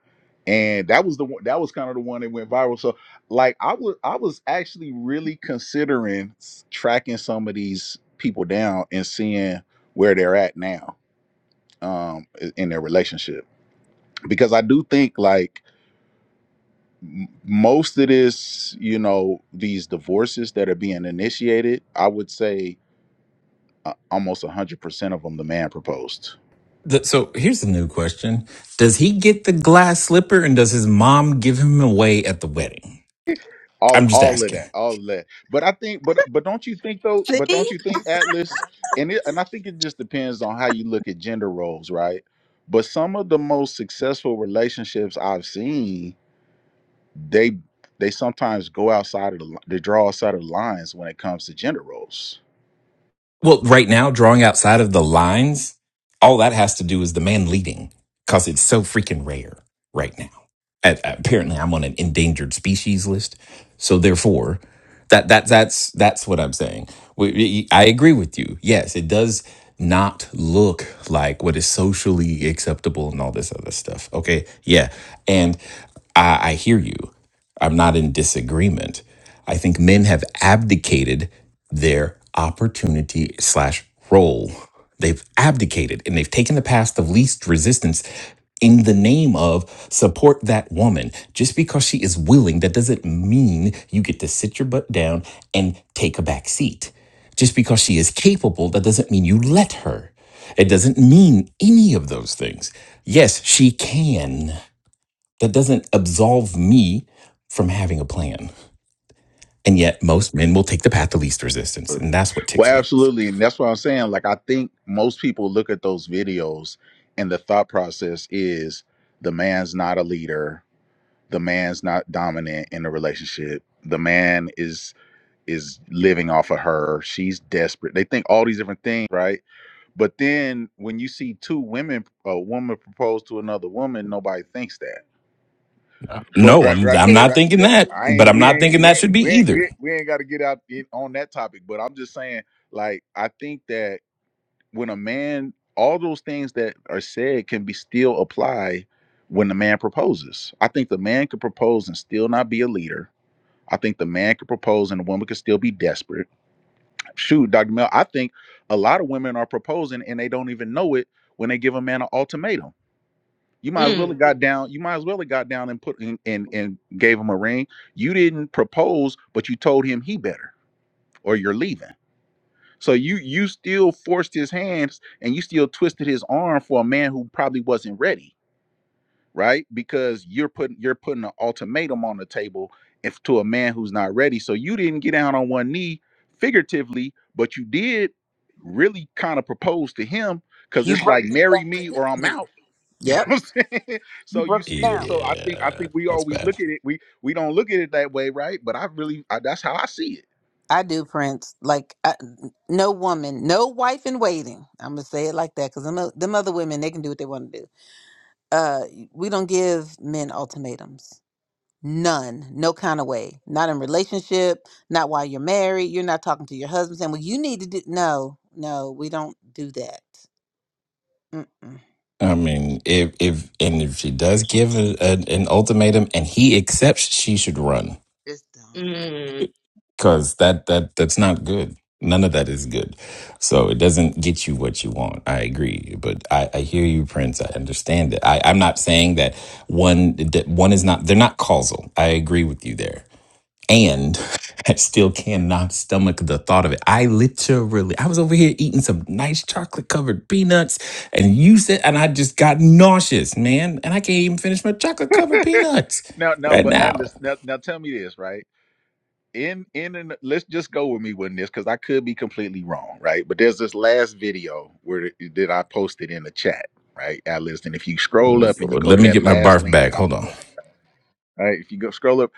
[SPEAKER 6] and that was the one that was kind of the one that went viral so like i was i was actually really considering s- tracking some of these people down and seeing where they're at now um i- in their relationship because i do think like m- most of this you know these divorces that are being initiated i would say uh, almost 100% of them the man proposed
[SPEAKER 3] The- so here's the new question Does he get the glass slipper and does his mom give him away at the wedding?
[SPEAKER 6] all
[SPEAKER 3] I'm just
[SPEAKER 6] all of
[SPEAKER 3] asking.
[SPEAKER 6] that all of that but i think but but don't you think though but
[SPEAKER 1] See.
[SPEAKER 6] don't you think atlas and it, and i think it just depends on how you look at gender roles right but some of the most successful relationships i've seen they they sometimes go outside of the li- they draw outside of the lines when it comes to gender roles
[SPEAKER 3] Well, right now, drawing outside of the lines, all that has to do is the man leading because it's so freaking rare right now. A- apparently, I'm on an endangered species list. So therefore, that that that's that's what I'm saying. We, we- I agree with you. Yes, it does not look like what is socially acceptable and all this other stuff. Okay. Yeah. And I, I hear you. I'm not in disagreement. I think men have abdicated their opportunity slash role. They've abdicated and they've taken the path of least resistance in the name of support that woman. Just because she is willing, that doesn't mean you get to sit your butt down and take a back seat. Just because she is capable, that doesn't mean you let her. It doesn't mean any of those things. Yes, she can. That doesn't absolve me from having a plan. And yet, most men will take the path of least resistance, and that's what ticks
[SPEAKER 6] well
[SPEAKER 3] me.
[SPEAKER 6] absolutely and that's what i'm saying like i think most people look at those videos and the thought process is the man's not a leader the man's not dominant in the relationship the man is is living off of her she's desperate they think all these different things right but then when you see two women a woman propose to another woman nobody thinks that but
[SPEAKER 3] No,
[SPEAKER 6] right
[SPEAKER 3] I'm
[SPEAKER 6] right
[SPEAKER 3] I'm not
[SPEAKER 6] right
[SPEAKER 3] thinking
[SPEAKER 6] that-
[SPEAKER 3] that,
[SPEAKER 6] i
[SPEAKER 3] but
[SPEAKER 6] ain't
[SPEAKER 3] I'm
[SPEAKER 6] we
[SPEAKER 3] not
[SPEAKER 6] ain't
[SPEAKER 3] thinking
[SPEAKER 6] we
[SPEAKER 3] that
[SPEAKER 6] ain't
[SPEAKER 3] should be
[SPEAKER 6] we ain't, we
[SPEAKER 3] either.
[SPEAKER 6] ain't, we ain't got to get out in, on that topic but i'm just saying like i think that when a man all those things that are said can be still apply when the man proposes i think the man could propose and still not be a leader I think the man could propose and the woman could still be desperate. Shoot, Dr. Mel, I think a lot of women are proposing and they don't even know it when they give a man an ultimatum. You might as well
[SPEAKER 5] Mm,
[SPEAKER 6] have got down. You might as well have got down and put in and, and gave him a ring. You didn't propose, but you told him he better or you're leaving. So you you still forced his hands and you still twisted his arm for a man who probably wasn't ready right? Because you're putting you're putting an ultimatum on the table if to a man who's not ready. So you didn't get down on one knee figuratively, but you did really kind of propose to him because
[SPEAKER 1] You
[SPEAKER 6] it's
[SPEAKER 1] broke
[SPEAKER 6] like
[SPEAKER 1] him down
[SPEAKER 6] marry
[SPEAKER 1] to
[SPEAKER 6] me
[SPEAKER 1] his
[SPEAKER 6] or I'm
[SPEAKER 1] knee.
[SPEAKER 6] out. You know
[SPEAKER 1] Yep.
[SPEAKER 6] what I'm saying?
[SPEAKER 1] You
[SPEAKER 6] So you
[SPEAKER 1] broke him down.
[SPEAKER 6] still so I think I
[SPEAKER 3] Yeah,
[SPEAKER 6] think we
[SPEAKER 3] that's
[SPEAKER 6] always
[SPEAKER 3] bad.
[SPEAKER 6] look at it. We we don't look at it that way, right? But I really I, that's how I see it.
[SPEAKER 1] I do, Prince. Like I, no woman, no wife in waiting. I'm gonna say it like that because them, o- them other women, they can do what they want to do. Uh, we don't give men ultimatums. None, no kind of way. Not in relationship. Not while you're married. You're not talking to your husband saying, "Well, you need to do." No, no, we don't do that. Mm-mm.
[SPEAKER 3] I mean, if if and if she does give a, an an ultimatum and he accepts, she should run.
[SPEAKER 1] It's dumb.
[SPEAKER 5] mm,
[SPEAKER 3] because that that that's not good none of that is good so it doesn't get you what you want i agree but i, I hear you prince i understand it I, i'm not saying that one that one is not they're not causal i agree with you there and i still cannot stomach the thought of it i literally i was over here eating some nice chocolate covered peanuts and you said and i just got nauseous man and i can't even finish my chocolate covered peanuts
[SPEAKER 6] now, now,
[SPEAKER 3] right
[SPEAKER 6] but
[SPEAKER 3] now
[SPEAKER 6] Atlas, now, now tell me this, right? In, in, in, let's just go with me with this because I could be completely wrong, right? But there's this last video where that I posted in the chat, right, Atlas? And if you scroll
[SPEAKER 3] Oh,
[SPEAKER 6] up and you go
[SPEAKER 3] let
[SPEAKER 6] to
[SPEAKER 3] me
[SPEAKER 6] that
[SPEAKER 3] get my
[SPEAKER 6] last
[SPEAKER 3] barf
[SPEAKER 6] link
[SPEAKER 3] back
[SPEAKER 6] that I
[SPEAKER 3] hold
[SPEAKER 6] put
[SPEAKER 3] on
[SPEAKER 6] in, right? If you go scroll up,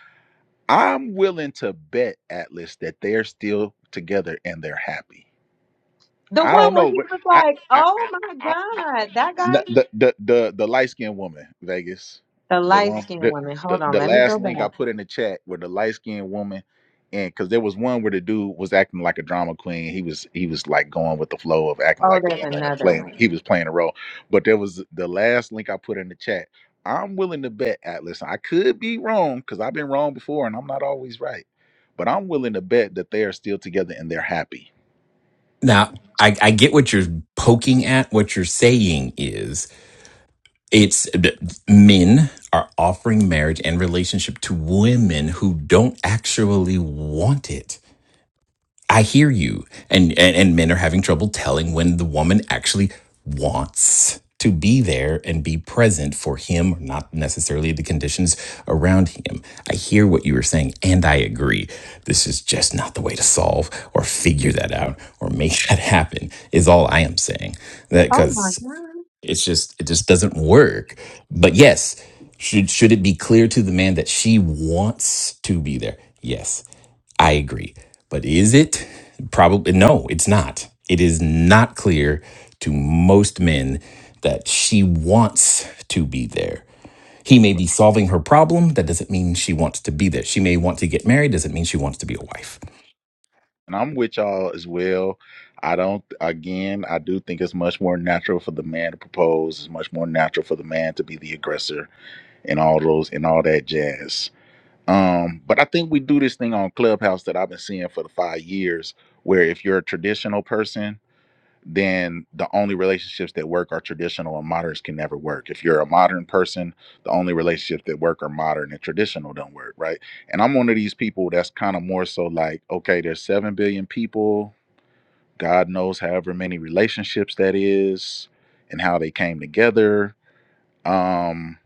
[SPEAKER 6] I'm willing to bet Atlas that they're still together and they're happy.
[SPEAKER 5] The
[SPEAKER 6] I
[SPEAKER 5] one
[SPEAKER 6] don't
[SPEAKER 5] where
[SPEAKER 6] know,
[SPEAKER 5] he
[SPEAKER 6] but
[SPEAKER 5] was
[SPEAKER 6] I,
[SPEAKER 5] like,
[SPEAKER 6] I,
[SPEAKER 5] Oh
[SPEAKER 6] I,
[SPEAKER 5] my
[SPEAKER 6] I, I,
[SPEAKER 5] God, that
[SPEAKER 6] n-
[SPEAKER 5] guy?
[SPEAKER 6] the the the, the light skinned woman, Vegas,
[SPEAKER 5] The
[SPEAKER 6] the
[SPEAKER 5] light
[SPEAKER 6] one
[SPEAKER 5] skinned
[SPEAKER 6] the,
[SPEAKER 5] woman. Hold
[SPEAKER 6] the
[SPEAKER 5] on,
[SPEAKER 6] the
[SPEAKER 5] let me go
[SPEAKER 6] last
[SPEAKER 5] back.
[SPEAKER 6] link I put in the chat with the light skinned woman, and because there was one where the dude was acting like a drama queen. He was he was like going with the flow of acting
[SPEAKER 5] Oh,
[SPEAKER 6] like the
[SPEAKER 5] there's
[SPEAKER 6] woman and
[SPEAKER 5] another
[SPEAKER 6] playing.
[SPEAKER 5] one.
[SPEAKER 6] He was playing a role, but there was the last link I put in the chat. I'm willing to bet Atlas. I could be wrong because I've been wrong before, and I'm not always right. But I'm willing to bet that they are still together and they're happy
[SPEAKER 3] Now, I, I get what you're poking at. What you're saying is it's men are offering marriage and relationship to women who don't actually want it. I hear you. And, and and men are having trouble telling when the woman actually wants to be there and be present for him, not necessarily the conditions around him. I hear what you were saying and I agree. This is just not the way to solve or figure that out or make that happen is all I am saying. That
[SPEAKER 5] Oh my
[SPEAKER 3] cuz
[SPEAKER 5] God.
[SPEAKER 3] it's just it just doesn't work but yes should should it be clear to the man that she wants to be there yes i agree but is it probably no it's not it is not clear to most men that she wants to be there he may be solving her problem that doesn't mean she wants to be there she may want to get married doesn't mean she wants to be a wife
[SPEAKER 6] and I'm with y'all as well. I don't, again, I do think it's much more natural for the man to propose. It's much more natural for the man to be the aggressor and all those and all that jazz. Um, but I think we do this thing on Clubhouse that I've been seeing for the five years, where if you're a traditional person then the only relationships that work are traditional and moderns can never work. If you're a modern person, the only relationships that work are modern and traditional don't work, right? And I'm one of these people that's kind of more so like, okay, there's 7 billion people, God knows however many relationships that is and how they came together. Um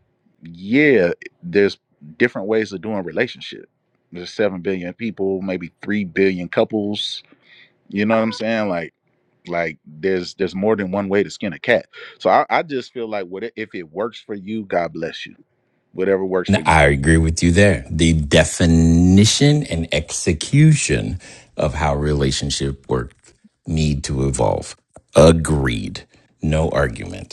[SPEAKER 6] yeah, there's different ways of doing relationship. There's 7 billion people, maybe 3 billion couples, you know what I'm saying? Like like there's there's more than one way to skin a cat so i, I just feel like what if it works for you god bless you whatever works
[SPEAKER 3] No,
[SPEAKER 6] for you
[SPEAKER 3] I agree with you there. The definition and execution of how relationship work need to evolve. Agreed. No argument.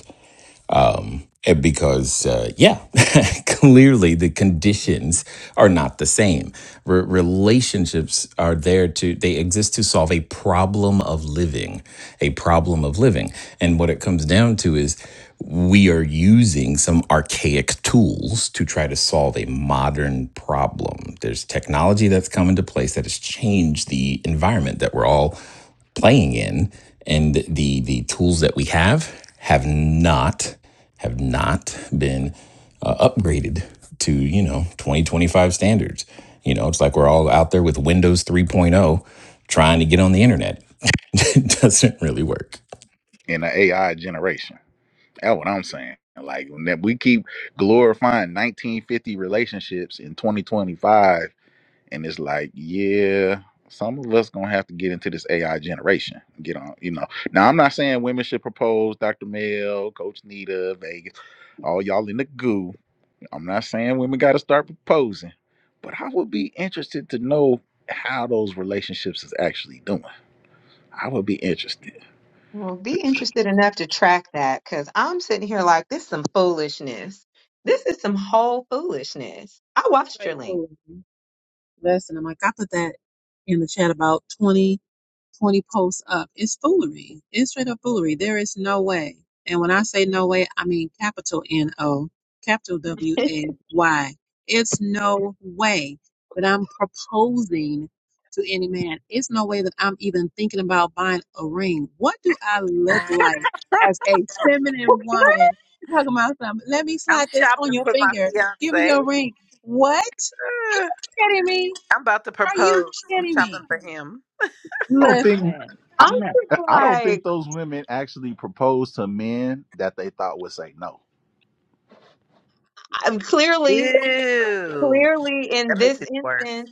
[SPEAKER 3] Eh, because uh, yeah clearly the conditions are not the same Re- relationships are there to they exist to solve a problem of living a problem of living and what it comes down to is we are using some archaic tools to try to solve a modern problem there's technology that's come into place that has changed the environment that we're all playing in and the the tools that we have have not have not been uh, upgraded to you know 2025 standards you know it's like we're all out there with windows 3.0 trying to get on the internet it doesn't really work
[SPEAKER 6] in the ai generation that's what i'm saying like when that- we keep glorifying 1950 relationships in 2025 and it's like yeah some of us gonna have to get into this ai generation get on you know now i'm not saying women should propose dr mel coach nita vegas all y'all in the goo I'm not saying women got to start proposing, but I would be interested to know how those relationships is actually doing. I would be interested.
[SPEAKER 5] Well,
[SPEAKER 6] to
[SPEAKER 5] be
[SPEAKER 6] see.
[SPEAKER 5] interested enough to track that because I'm sitting here like this is some foolishness. This is some whole foolishness. I watched your link.
[SPEAKER 2] Straightforward. Listen, I'm like, I put that in the chat about 20 20 posts up. It's foolery. It's straight up foolery. There is no way. And when I say no way, I mean capital N O, capital W A Y. It's no way that I'm proposing to any man. It's no way that I'm even thinking about buying a ring. What do I look like as a feminine
[SPEAKER 5] Okay.
[SPEAKER 2] woman? You're talking about something. Let me
[SPEAKER 1] I'm
[SPEAKER 2] slide this on
[SPEAKER 1] shopping
[SPEAKER 2] your
[SPEAKER 1] for my
[SPEAKER 2] finger. Give me
[SPEAKER 1] fiance.
[SPEAKER 2] your ring. What? Are
[SPEAKER 1] Uh,
[SPEAKER 2] you kidding me?
[SPEAKER 1] I'm about to
[SPEAKER 2] Are you
[SPEAKER 1] propose. I'm
[SPEAKER 2] kidding
[SPEAKER 1] shopping
[SPEAKER 2] me?
[SPEAKER 1] for him.
[SPEAKER 6] I don't think I,
[SPEAKER 5] I'm
[SPEAKER 2] Listen.
[SPEAKER 5] just
[SPEAKER 6] I don't think
[SPEAKER 5] like,
[SPEAKER 6] those women actually propose to men that they thought would say no.
[SPEAKER 5] I'm clearly,
[SPEAKER 1] Ew,
[SPEAKER 5] clearly in
[SPEAKER 1] that
[SPEAKER 5] this
[SPEAKER 1] makes it worse.
[SPEAKER 5] instance.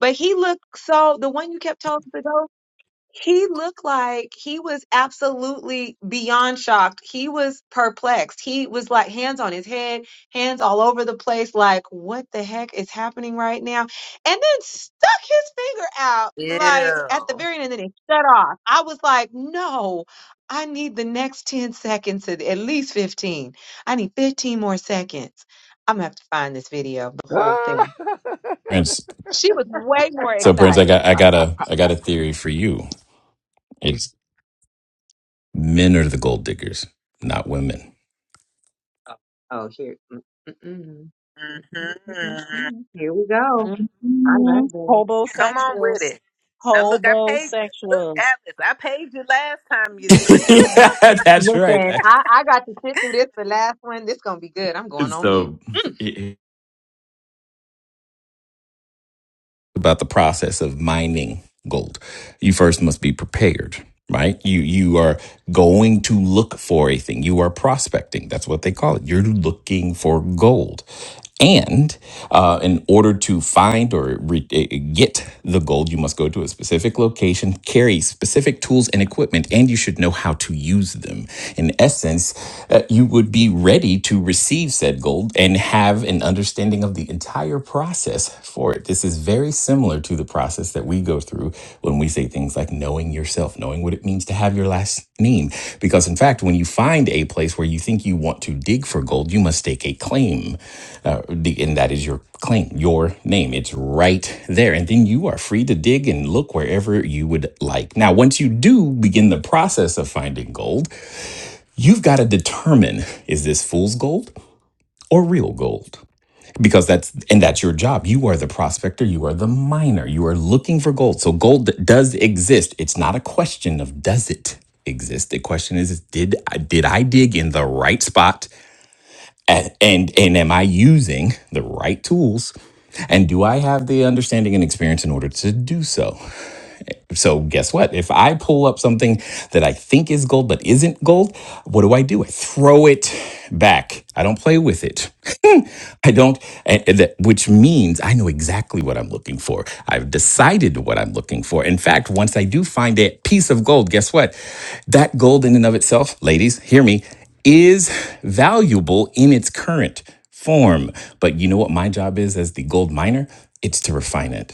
[SPEAKER 5] But he looked so the one you kept telling us to go, he looked like he was absolutely beyond shocked. He was perplexed. He was like hands on his head, hands all over the place, like, what the heck is happening right now? And then stuck his finger out like
[SPEAKER 1] Yeah.
[SPEAKER 5] at the very end and then it shut off. I was like, no, I need the next 10 seconds to at least 15. I need 15 more seconds. I'm gonna have to find this video, of the whole thing.
[SPEAKER 6] I,
[SPEAKER 3] prince
[SPEAKER 5] She was way more
[SPEAKER 3] so prince i
[SPEAKER 5] excited.
[SPEAKER 3] got i got a i got a theory for you it's men are the gold diggers not women
[SPEAKER 5] Oh, here. mm, mm, mm,
[SPEAKER 1] hmm
[SPEAKER 5] mm, mm, mm, mm. Here we go. I
[SPEAKER 2] Mm-hmm.
[SPEAKER 5] love this.
[SPEAKER 1] Come on with
[SPEAKER 2] Hobosexuals.
[SPEAKER 1] it. Now look, I paid. Look,
[SPEAKER 2] Hobosexuals.
[SPEAKER 1] Atlas, I paid you last time. You. s-
[SPEAKER 3] yeah that's right
[SPEAKER 5] Listen, I, I got to sit through this, the last one. This going to be good. I'm going
[SPEAKER 3] it's
[SPEAKER 5] on mute.
[SPEAKER 3] so about the process of mining gold. You first must be prepared, right? You you are going to look for a thing. You are prospecting. That's what they call it. You're looking for gold, and uh, in order to find or re- eh, get the gold, you must go to a specific location, carry specific tools and equipment, and you should know how to use them. In essence uh, you would be ready to receive said gold and have an understanding of the entire process for it. This is very similar to the process that we go through when we say things like knowing yourself, knowing what it means to have your last name. Because, in fact, when you find a place where you think you want to dig for gold, you must stake a claim. Uh, the- and that is your claim, your name. It's right there. And then you are free to dig and look wherever you would like. Now, once you do begin the process of finding gold, You've got to determine is this fool's gold or real gold? Because that's, and that's your job. You are the prospector, you are the miner, you are looking for gold. So gold does exist. It's not a question of does it exist. The question is, is did I, did I dig in the right spot and, and, and am I using the right tools? And do I have the understanding and experience in order to do so? So guess what? If I pull up something that I think is gold but isn't gold, what do I do? I throw it back. I don't play with it. I don't, and- and that- which means I know exactly what I'm looking for. I've decided what I'm looking for. In fact, once I do find a piece of gold, guess what? That gold in and of itself, ladies, hear me, is valuable in its current form. But you know what my job is as the gold miner? It's to refine it.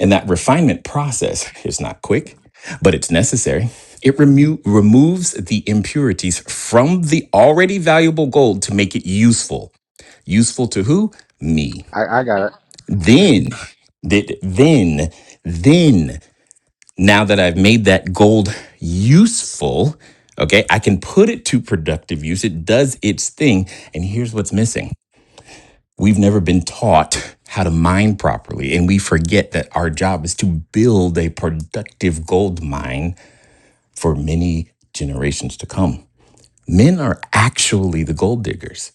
[SPEAKER 3] And that refinement process is not quick, but it's necessary. It remo- removes the impurities from the already valuable gold to make it useful. Useful to who? Me.
[SPEAKER 6] I got it.
[SPEAKER 3] Then, th- then, then, now that I've made that gold useful, okay, I can put it to productive use. It does its thing. And here's what's missing We've never been taught how to mine properly, and we forget that our job is to build a productive gold mine for many generations to come. Men are actually the gold diggers.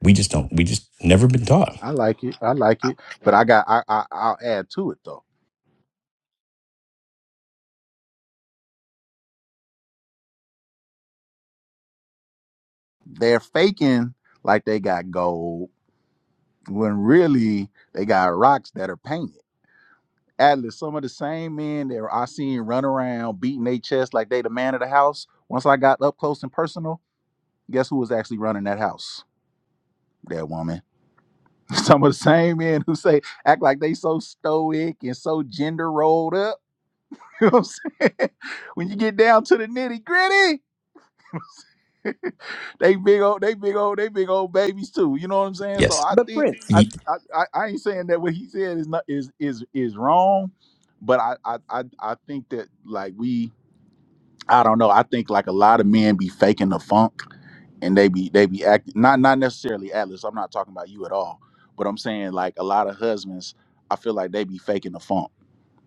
[SPEAKER 3] We just don't, we just never been taught.
[SPEAKER 6] I like it. I like it. But I got I, I I'll add to it though. They're faking like they got gold when really they got rocks that are painted. Atlas, some of the same men that I seen run around beating their chest like they the man of the house. Once I got up close and personal, guess who was actually running that house? That woman. Some of the same men who say act like they so stoic and so gender rolled up. You know what I'm saying? When you get down to the nitty gritty, they big old, they big old, they big old babies too. You know what I'm saying? So
[SPEAKER 3] Yes.
[SPEAKER 6] I
[SPEAKER 1] But
[SPEAKER 6] think
[SPEAKER 1] Prince,
[SPEAKER 6] I
[SPEAKER 3] You-
[SPEAKER 6] I, I I ain't saying that what he said is not is is is wrong, but I I I, I think that like we I don't know. I think like a lot of men be faking the funk and they be they be acting not not necessarily Atlas. I'm not talking about you at all. But I'm saying like a lot of husbands, I feel like they be faking the funk,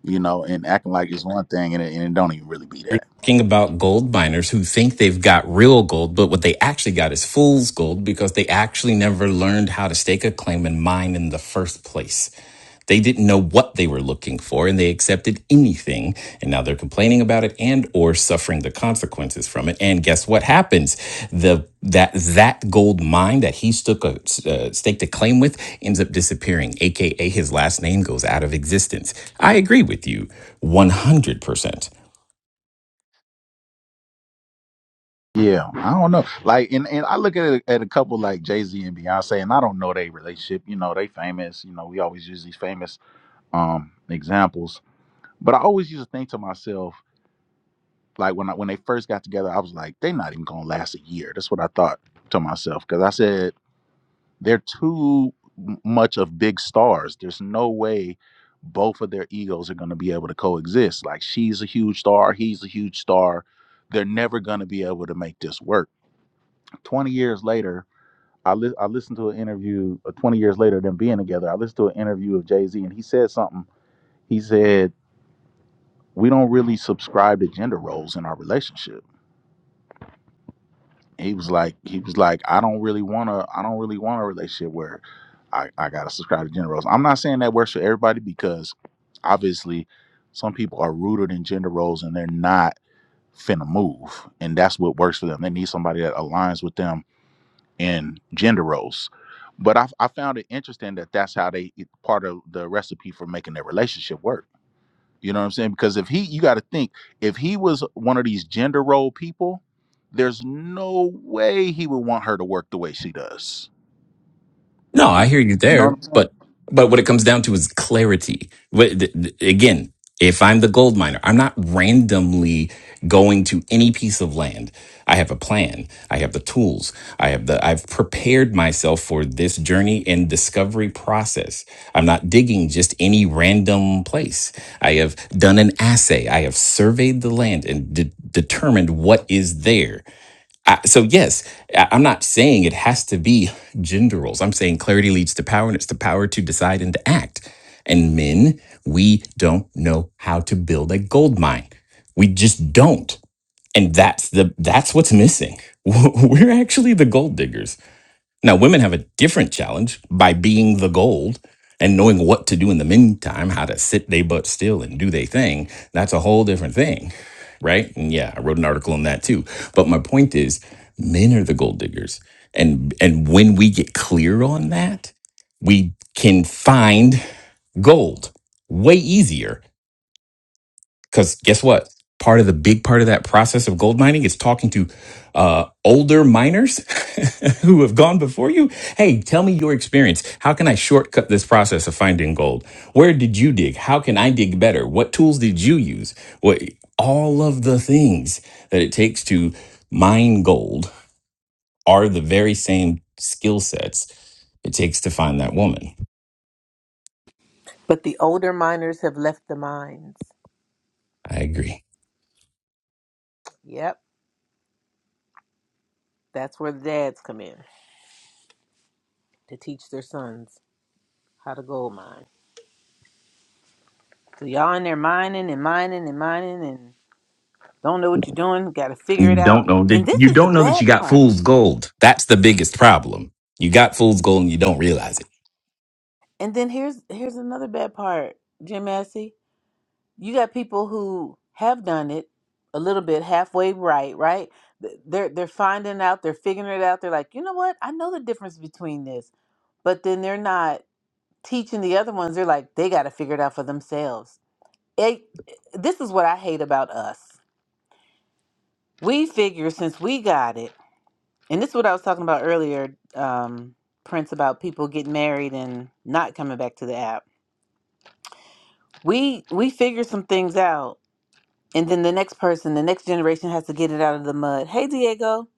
[SPEAKER 6] you know, and acting like it's one thing and it, and it don't even really be that.
[SPEAKER 3] Talking about gold miners who think they've got real gold, but what they actually got is fool's gold because they actually never learned how to stake a claim and mine in the first place. They didn't know what they were looking for and they accepted anything. And now they're complaining about it and or suffering the consequences from it. And guess what happens? The that that gold mine that he stuck a uh, stake to claim with ends up disappearing, aka his last name goes out of existence. I agree with you 100%.
[SPEAKER 6] Yeah, I don't know. Like, and, and I look at at a couple like Jay Z and Beyonce, and I don't know their relationship. You know, they famous. You know, we always use these famous um examples. But I always used to think to myself, Like when I, when they first got together, I was like, they're not even gonna last a year. That's what I thought to myself because I said they're too m- much of big stars. There's no way both of their egos are gonna be able to coexist. Like she's a huge star, he's a huge star. They're never gonna be able to make this work. Twenty years later. I, li- I listened to an interview uh, 20 years later them being together i listened to an interview of jay-z and he said something he said we don't really subscribe to gender roles in our relationship he was like he was like i don't really want to i don't really want a relationship where i i gotta subscribe to gender roles i'm not saying that works for everybody because obviously some people are rooted in gender roles and they're not finna move and that's what works for them they need somebody that aligns with them in gender roles but i, I found it interesting that that's how they part of the recipe for making their relationship work you know what I'm saying? Because if he, you got to think, if he was one of these gender role people, there's no way he would want her to work the way she does.
[SPEAKER 3] No, I hear you
[SPEAKER 6] You know what
[SPEAKER 3] there,
[SPEAKER 6] I'm saying?
[SPEAKER 3] but but what it comes down to is clarity. Wh- th- th- Again, if I'm the gold miner, I'm not randomly going to any piece of land. I have a plan. I have the tools. I have the I've prepared myself for this journey and discovery process. I'm not digging just any random place. I have done an assay. I have surveyed the land and de- determined what is there I, so yes, I- I'm not saying it has to be gender roles. I'm saying clarity leads to power, and it's the power to decide and to act. And men, we don't know how to build a gold mine. We just don't. And that's the that's what's missing. We're actually the gold diggers. Now, women have a different challenge by being the gold and knowing what to do in the meantime, how to sit they butt still and do they thing. That's a whole different thing, right? And yeah, I wrote an article on that too. But my point is, men are the gold diggers, and and when we get clear on that, we can find gold way easier because guess what? Part of the big part of that process of gold mining is talking to uh, older miners who have gone before you. Hey, tell me your experience. How can I shortcut this process of finding gold? Where did you dig? How can I dig better? What tools did you use? What all of the things that it takes to mine gold are the very same skill sets it takes to find that woman.
[SPEAKER 1] But the older miners have left the mines.
[SPEAKER 3] I agree.
[SPEAKER 1] Yep, that's where the dads come in to teach their sons how to gold mine. So y'all in there mining and mining and mining and don't know what you're doing. Got to
[SPEAKER 3] And
[SPEAKER 1] figure
[SPEAKER 3] you
[SPEAKER 1] it
[SPEAKER 3] don't
[SPEAKER 1] out.
[SPEAKER 3] know
[SPEAKER 1] And
[SPEAKER 3] that
[SPEAKER 1] this
[SPEAKER 3] you
[SPEAKER 1] is the
[SPEAKER 3] don't know that you
[SPEAKER 1] bad
[SPEAKER 3] got
[SPEAKER 1] part.
[SPEAKER 3] fool's gold. That's the biggest problem. You got fool's gold and you don't realize it.
[SPEAKER 1] And then here's here's another bad part, Jim Massey. you got people who have done it a little bit halfway right right Th- they're they're finding out they're figuring it out they're like you know what i know the difference between this but then they're not teaching the other ones they're like they got to figure it out for themselves it, this is what i hate about us we figure since we got it and this is what i was talking about earlier um prince about people getting married and not coming back to the app we we figure some things out And then the next person, the next generation has to get it out of the mud. Hey, Diego.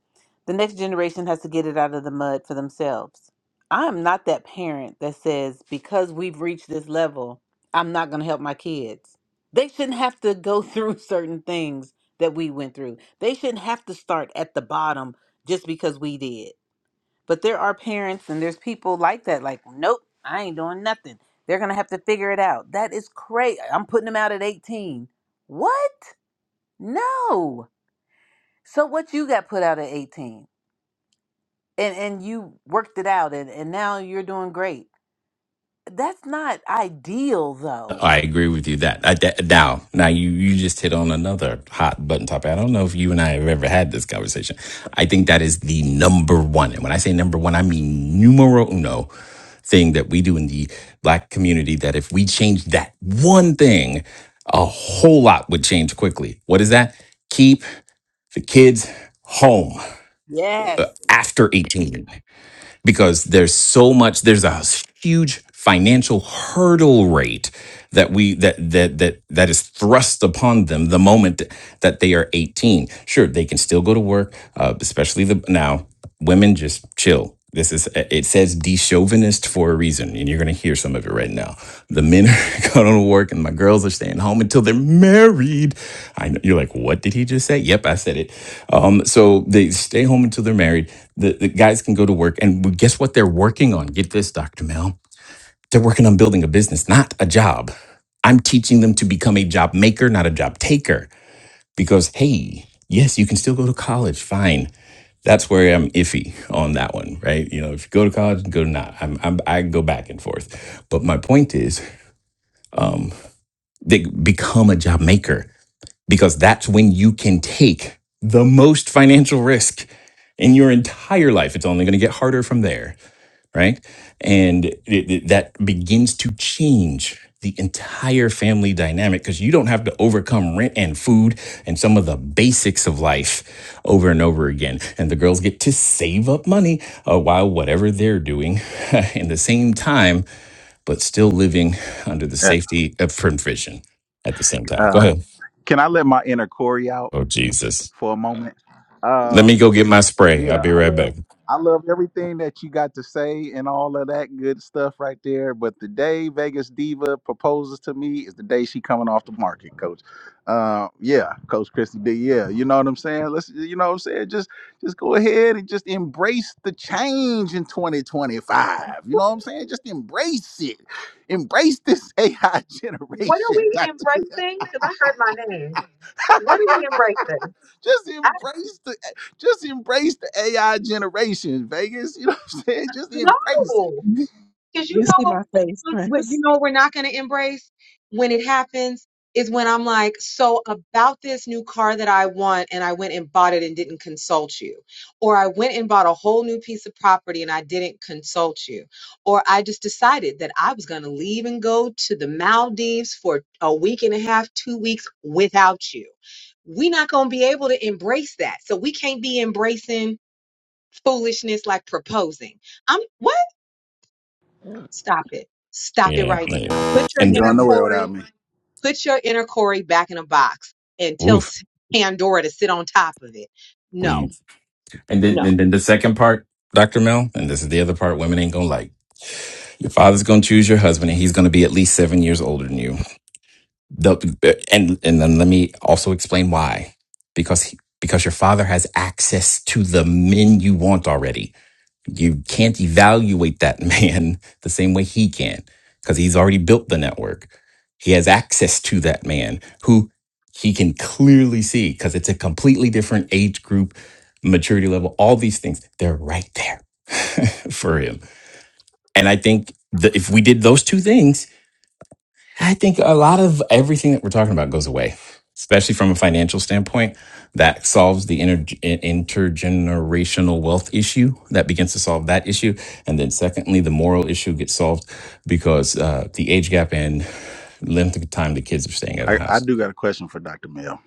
[SPEAKER 1] The next generation has to get it out of the mud for themselves. I am not that parent that says, because we've reached this level, I'm not going to help my kids. They shouldn't have to go through certain things that we went through. They shouldn't have to start at the bottom just because we did. But there are parents and there's people like that, like, nope, I ain't doing nothing. They're going to have to figure it out. That is crazy. I'm putting them out at 18. What? No. So what you got put out at 18 and and you worked it out and and now you're doing great. That's not ideal though.
[SPEAKER 3] I agree with you that, I, that now now you you just hit on another hot button topic. I don't know if you and I have ever had this conversation. I think that is the number one, and when I say number one, I mean numero uno thing that we do in the black community. That if we change that one thing, a whole lot would change quickly. What is that? Keep the kids home uh,
[SPEAKER 1] Yes.
[SPEAKER 3] after eighteen because there's so much there's a huge financial hurdle rate that we that that that that is thrust upon them the moment that they are 18 sure they can still go to work uh, especially the now women just chill this is it says de chauvinist for a reason and you're going to hear some of it right now the men are going to work and my girls are staying home until they're married. I know you're like, what did he just say? Yep, I said it. Um, so they stay home until they're married. The, the guys can go to work. And guess what they're working on? Get this, Dr. Mel. They're working on building a business, not a job. I'm teaching them to become a job maker, not a job taker. Because, hey, yes, you can still go to college, fine. That's where I'm iffy on that one, right? You know, if you go to college, go to not. I'm, I'm I go back and forth. But my point is, um, they become a job maker because that's when you can take the most financial risk in your entire life. It's only going to get harder from there right? And it, it- that begins to change the entire family dynamic because you don't have to overcome rent and food and some of the basics of life over and over again. And the girls get to save up money uh, while whatever they're doing in the same time, but still living under the
[SPEAKER 6] Yeah.
[SPEAKER 3] safety of provision at the same time. Go
[SPEAKER 6] Uh,
[SPEAKER 3] ahead.
[SPEAKER 6] can I let my inner Corey out
[SPEAKER 3] Oh, Jesus.
[SPEAKER 6] for a moment?
[SPEAKER 3] Let
[SPEAKER 6] Uh,
[SPEAKER 3] me go get my spray. I'll
[SPEAKER 6] yeah,
[SPEAKER 3] be
[SPEAKER 6] I
[SPEAKER 3] right back.
[SPEAKER 6] love I love everything that you got to say and all of that good stuff right there. But the day Vegas Diva proposes to me is the day she coming off the market, Coach. Uh, yeah, Coach Christy D. Yeah, you know what I'm saying. Let's, you know what I'm saying. Just just go ahead and just embrace the change in 2025. You know what I'm saying. Just embrace it. Embrace this AI
[SPEAKER 5] What are
[SPEAKER 6] generation,
[SPEAKER 5] we
[SPEAKER 6] Doctor.
[SPEAKER 5] embracing? Because I heard my name. What are we embracing?
[SPEAKER 6] just
[SPEAKER 5] I,
[SPEAKER 6] embrace the just embrace the AI generation, Vegas. You know what I'm saying? Just embrace it.
[SPEAKER 5] no.
[SPEAKER 2] You,
[SPEAKER 5] Because you
[SPEAKER 2] you
[SPEAKER 5] know
[SPEAKER 2] see
[SPEAKER 5] what,
[SPEAKER 2] my
[SPEAKER 5] we
[SPEAKER 2] face,
[SPEAKER 5] what you
[SPEAKER 2] Prince.
[SPEAKER 5] know we're not going to embrace when it happens is when I'm like, so about this new car that I want, and I went and bought it and didn't consult you, or I went and bought a whole new piece of property and I didn't consult you, or I just decided that I was going to leave and go to the Maldives for a week and a half, two weeks without you. We're not going to be able to embrace that, so we can't be embracing foolishness like proposing. I'm what? Stop it. Stop it
[SPEAKER 3] Yeah.
[SPEAKER 5] right
[SPEAKER 3] man.
[SPEAKER 5] now. Put
[SPEAKER 6] You
[SPEAKER 5] your
[SPEAKER 6] ain't
[SPEAKER 3] And,
[SPEAKER 6] going
[SPEAKER 5] inner
[SPEAKER 6] nowhere
[SPEAKER 5] Corey,
[SPEAKER 6] without me.
[SPEAKER 5] put your inner Corey back in a box and tell
[SPEAKER 3] oof,
[SPEAKER 5] S- Pandora to sit on top of it.
[SPEAKER 3] please.
[SPEAKER 5] No,
[SPEAKER 3] And then,
[SPEAKER 5] no.
[SPEAKER 3] and then the second part, Dr. Mel, and this is the other part women ain't gonna like. Your father's gonna choose your husband, and he's gonna be at least seven years older than you. The- and and then let me also explain why, because he, because your father has access to the men you want already you can't evaluate that man the same way he can because he's already built the network. He has access to that man who he can clearly see because it's a completely different age group, maturity level, all these things. They're right there for him. And I think that if we did those two things, I think a lot of everything that we're talking about goes away, especially from a financial standpoint. That solves the inter- intergenerational wealth issue. That begins to solve that issue. And then, secondly, the moral issue gets solved because uh, the age gap and length of time the kids are staying at the
[SPEAKER 6] I, I
[SPEAKER 3] house.
[SPEAKER 6] do got a question for Dr. Mel.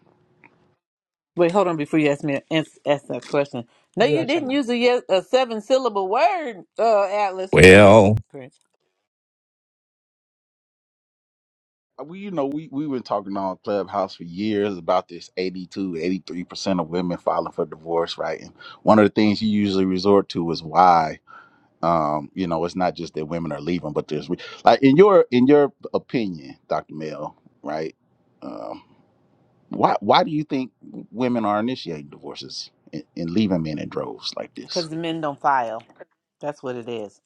[SPEAKER 1] Wait, hold on before you ask me ask, ask that question. No,
[SPEAKER 5] Yeah,
[SPEAKER 1] you didn't
[SPEAKER 5] child.
[SPEAKER 1] use a, yes, a seven syllable word, uh, Atlas. Go ahead,
[SPEAKER 3] Well,
[SPEAKER 1] Prince.
[SPEAKER 6] We you know we we've been talking on Clubhouse for years about this 82, 83 percent of women filing for divorce, right? And one of the things you usually resort to is why. Um, you know, it's not just that women are leaving, but there's re- like in your in your opinion, Dr. Mel, right? Um. Why why do you think women are initiating divorces and, and leaving men in droves like
[SPEAKER 1] Because
[SPEAKER 6] this?
[SPEAKER 1] the men don't file. That's what it is.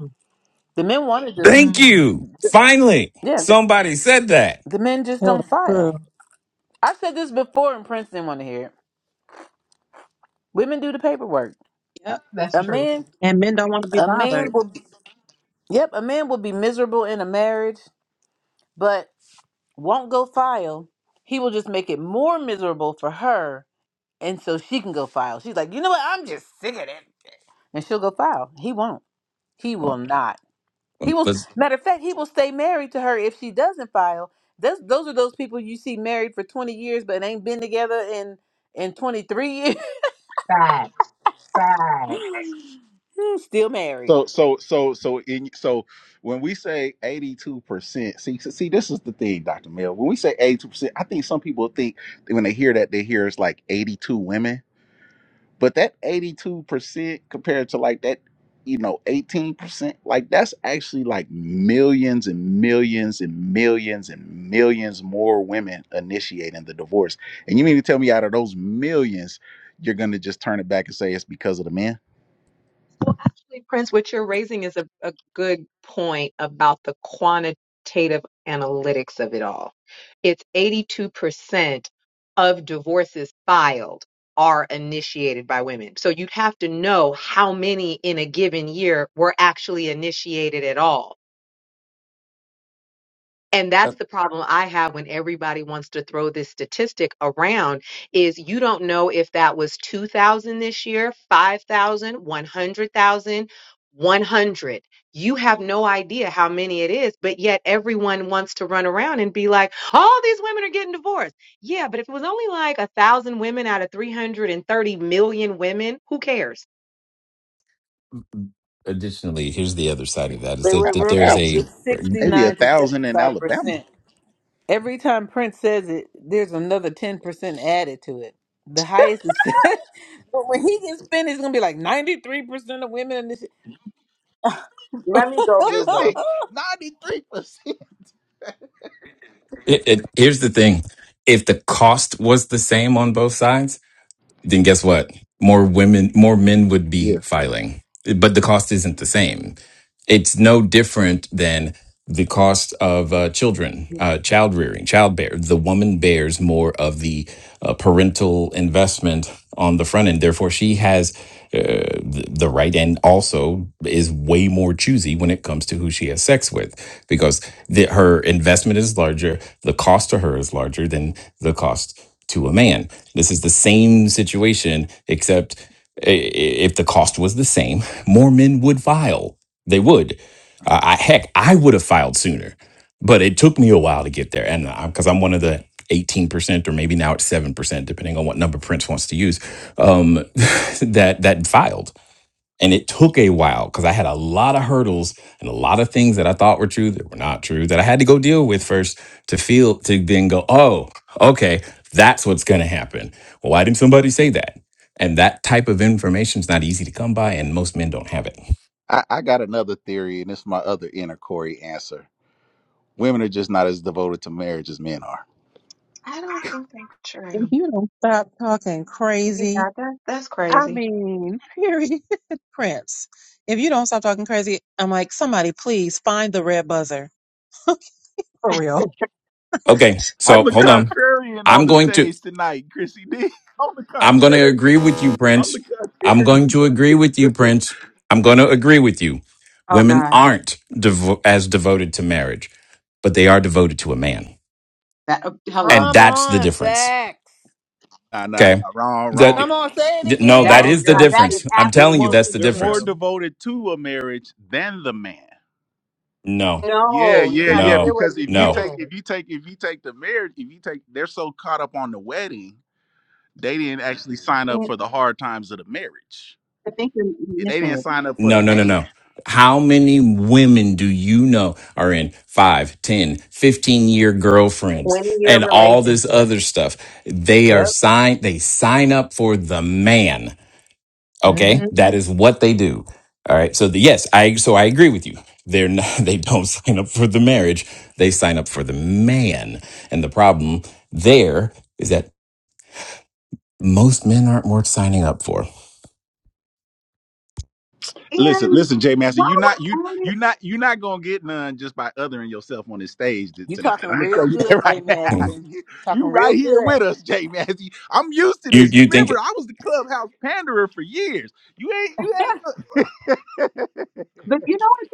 [SPEAKER 5] Mm,
[SPEAKER 1] The men wanted to,
[SPEAKER 3] thank
[SPEAKER 5] mm.
[SPEAKER 3] you. Finally,
[SPEAKER 1] yeah, the,
[SPEAKER 3] somebody said that.
[SPEAKER 1] the men just
[SPEAKER 2] Tell the
[SPEAKER 1] don't
[SPEAKER 2] truth.
[SPEAKER 1] file. I said this before and Prince didn't want to hear it. Women do the paperwork.
[SPEAKER 2] Yep.
[SPEAKER 5] That's
[SPEAKER 1] A
[SPEAKER 5] true.
[SPEAKER 1] man,
[SPEAKER 2] And men don't want to be
[SPEAKER 1] a
[SPEAKER 2] bothered.
[SPEAKER 1] man will Yep, a man will be miserable in a marriage, but won't go file. He will just make it more miserable for her, and so she can go file. She's like, you know what? I'm just sick of it, and she'll go file. He won't. He will
[SPEAKER 3] Well,
[SPEAKER 1] not. He will.
[SPEAKER 3] let's
[SPEAKER 1] Matter of fact, he will stay married to her if she doesn't file. That's, those are those people you see married for 20 years, but ain't been together in in 23 years,
[SPEAKER 5] Facts. Facts.
[SPEAKER 1] still married.
[SPEAKER 6] So so so so in so when we say eighty two percent, see see this is the thing, Doctor Mill. When we say eighty two percent, I think some people think when they hear that they hear it's like eighty two women. But that 82% compared to like that, you know, 18%, like that's actually like millions and millions and millions and millions more women initiating the divorce. And you mean to tell me out of those millions, you're going to just turn it back and say it's because of the men?
[SPEAKER 5] Actually, Prince, what you're raising is a, a good point about the quantitative analytics of it all. It's 82% of divorces filed are initiated by women. So you'd have to know how many in a given year were actually initiated at all. And that's the problem I have when everybody wants to throw this statistic around is you don't know if that was 2000 this year, 5000, 100,000, 100. You have no idea how many it is, but yet everyone wants to run around and be like, all these women are getting divorced. Yeah, but if it was only like a thousand women out of 330 million women, who cares?
[SPEAKER 3] additionally, here's the other side of that is
[SPEAKER 1] They
[SPEAKER 3] that,
[SPEAKER 1] went
[SPEAKER 6] A
[SPEAKER 3] that
[SPEAKER 1] real
[SPEAKER 3] there's
[SPEAKER 1] quick.
[SPEAKER 3] a
[SPEAKER 6] thousand.
[SPEAKER 1] It's
[SPEAKER 6] Maybe a
[SPEAKER 1] 69 to
[SPEAKER 6] thousand in
[SPEAKER 1] 75
[SPEAKER 6] Alabama.
[SPEAKER 1] percent. Every time Prince says it, there's another 10% added to it. The highest is. but when he gets finished, it's going to be like 93% of women in this.
[SPEAKER 5] Well,
[SPEAKER 6] Statistic, 93%.
[SPEAKER 3] It, it, here's the thing: if the cost was the same on both sides, then guess what? More women, more men would be
[SPEAKER 6] Yeah.
[SPEAKER 3] filing, but the cost isn't the same it's no different than the cost of uh, children, uh, child rearing, child bear. The woman bears more of the uh, parental investment on the front end. Therefore, she has uh, th- the right and also is way more choosy when it comes to who she has sex with because the, her investment is larger. The cost to her is larger than the cost to a man. This is the same situation, except i- i- if the cost was the same, more men would file they would. Uh, I heck, I would have filed sooner, but it took me a while to get there, and because I'm one of the 18% or maybe now it's 7% depending on what number prince wants to use um, that that filed and it took a while because i had a lot of hurdles and a lot of things that i thought were true that were not true that i had to go deal with first to feel to then go oh okay that's what's going to happen Well, why didn't somebody say that and that type of information is not easy to come by and most men don't have it
[SPEAKER 6] I, I got another theory, and it's my other inner Corey answer. Women are just not as devoted to marriage as men are.
[SPEAKER 5] I don't think that's
[SPEAKER 2] If
[SPEAKER 5] true.
[SPEAKER 2] you don't stop talking crazy
[SPEAKER 5] Yeah, that that's
[SPEAKER 2] I
[SPEAKER 5] crazy.
[SPEAKER 2] mean, period. Prince. If you don't stop talking crazy, I'm like, somebody please find the red buzzer. For real.
[SPEAKER 3] Okay, so
[SPEAKER 6] I'm the
[SPEAKER 3] hold on.
[SPEAKER 6] contrarian on
[SPEAKER 3] I'm
[SPEAKER 6] the
[SPEAKER 3] going to
[SPEAKER 6] stage tonight, Chrissy D. I'm the
[SPEAKER 3] I'm going to agree
[SPEAKER 6] contrarian.
[SPEAKER 3] with you,
[SPEAKER 6] I'm
[SPEAKER 3] Prince.
[SPEAKER 6] the
[SPEAKER 3] I'm
[SPEAKER 6] contrarian.
[SPEAKER 3] going to agree with you, Prince. I'm going to agree with you.
[SPEAKER 5] Oh
[SPEAKER 3] Women
[SPEAKER 5] God.
[SPEAKER 3] aren't devo- as devoted to marriage, but they are devoted to a man,
[SPEAKER 5] That, uh, hello.
[SPEAKER 3] and
[SPEAKER 1] Come
[SPEAKER 3] that's the
[SPEAKER 1] on,
[SPEAKER 3] difference.
[SPEAKER 1] facts.
[SPEAKER 6] Nah, nah, nah.
[SPEAKER 3] Okay,
[SPEAKER 6] Wrong,
[SPEAKER 3] that
[SPEAKER 6] wrong,
[SPEAKER 1] Come
[SPEAKER 6] Alex.
[SPEAKER 1] on, say it
[SPEAKER 3] no,
[SPEAKER 5] That
[SPEAKER 3] that
[SPEAKER 1] again.
[SPEAKER 5] is
[SPEAKER 6] wrong,
[SPEAKER 3] is the
[SPEAKER 5] now
[SPEAKER 6] Alex.
[SPEAKER 5] that
[SPEAKER 6] Again.
[SPEAKER 5] is
[SPEAKER 3] difference. I'm
[SPEAKER 6] They're
[SPEAKER 3] telling you,
[SPEAKER 6] more,
[SPEAKER 3] that's the
[SPEAKER 5] absolutely
[SPEAKER 6] they're more
[SPEAKER 3] difference.
[SPEAKER 5] true.
[SPEAKER 6] devoted to a marriage than the man.
[SPEAKER 3] No,
[SPEAKER 6] Yeah,
[SPEAKER 5] No, you
[SPEAKER 6] yeah,
[SPEAKER 5] got to
[SPEAKER 6] yeah.
[SPEAKER 5] hear
[SPEAKER 3] no,
[SPEAKER 5] what
[SPEAKER 6] Because
[SPEAKER 5] he's
[SPEAKER 6] if
[SPEAKER 3] no.
[SPEAKER 6] you take
[SPEAKER 5] saying.
[SPEAKER 6] if you take if you take the marriage, if you take they're so caught up on the wedding, they didn't actually sign up
[SPEAKER 5] And
[SPEAKER 6] for the hard times of the marriage.
[SPEAKER 5] I think you're
[SPEAKER 6] They
[SPEAKER 5] missing
[SPEAKER 6] didn't
[SPEAKER 5] it.
[SPEAKER 6] sign up for the
[SPEAKER 3] No, no, no,
[SPEAKER 6] man.
[SPEAKER 3] no. How many women do you know are in five, ten, fifteen year girlfriends
[SPEAKER 5] Twenty year
[SPEAKER 3] and all this
[SPEAKER 5] relationship.
[SPEAKER 3] other stuff? They are
[SPEAKER 5] Yep.
[SPEAKER 3] signed, they sign up for the man.
[SPEAKER 5] hmm
[SPEAKER 3] Okay. That is what they do. All right. So the, yes, I, so I agree with you. They're not, they don't sign up for the marriage. They sign up for the man. And the problem there is that most men aren't worth signing up for.
[SPEAKER 6] Listen,
[SPEAKER 5] And
[SPEAKER 6] listen, Jay Master,
[SPEAKER 5] while
[SPEAKER 6] you not you
[SPEAKER 5] we're at it,
[SPEAKER 6] you not you not gonna get none just by othering yourself on this stage t-
[SPEAKER 1] you
[SPEAKER 6] tonight.
[SPEAKER 1] talking
[SPEAKER 6] I'm gonna
[SPEAKER 1] real
[SPEAKER 6] tell you that
[SPEAKER 1] good, Jay
[SPEAKER 6] right
[SPEAKER 1] Massey.
[SPEAKER 6] now.
[SPEAKER 1] you
[SPEAKER 6] You,
[SPEAKER 1] talking
[SPEAKER 6] you right
[SPEAKER 1] real
[SPEAKER 6] here
[SPEAKER 1] good.
[SPEAKER 6] with us, Jay Massey. I'm used to
[SPEAKER 3] You,
[SPEAKER 6] this. You
[SPEAKER 3] you think,
[SPEAKER 6] remember I was the clubhouse panderer for years. You ain't you ain't
[SPEAKER 5] but you know it's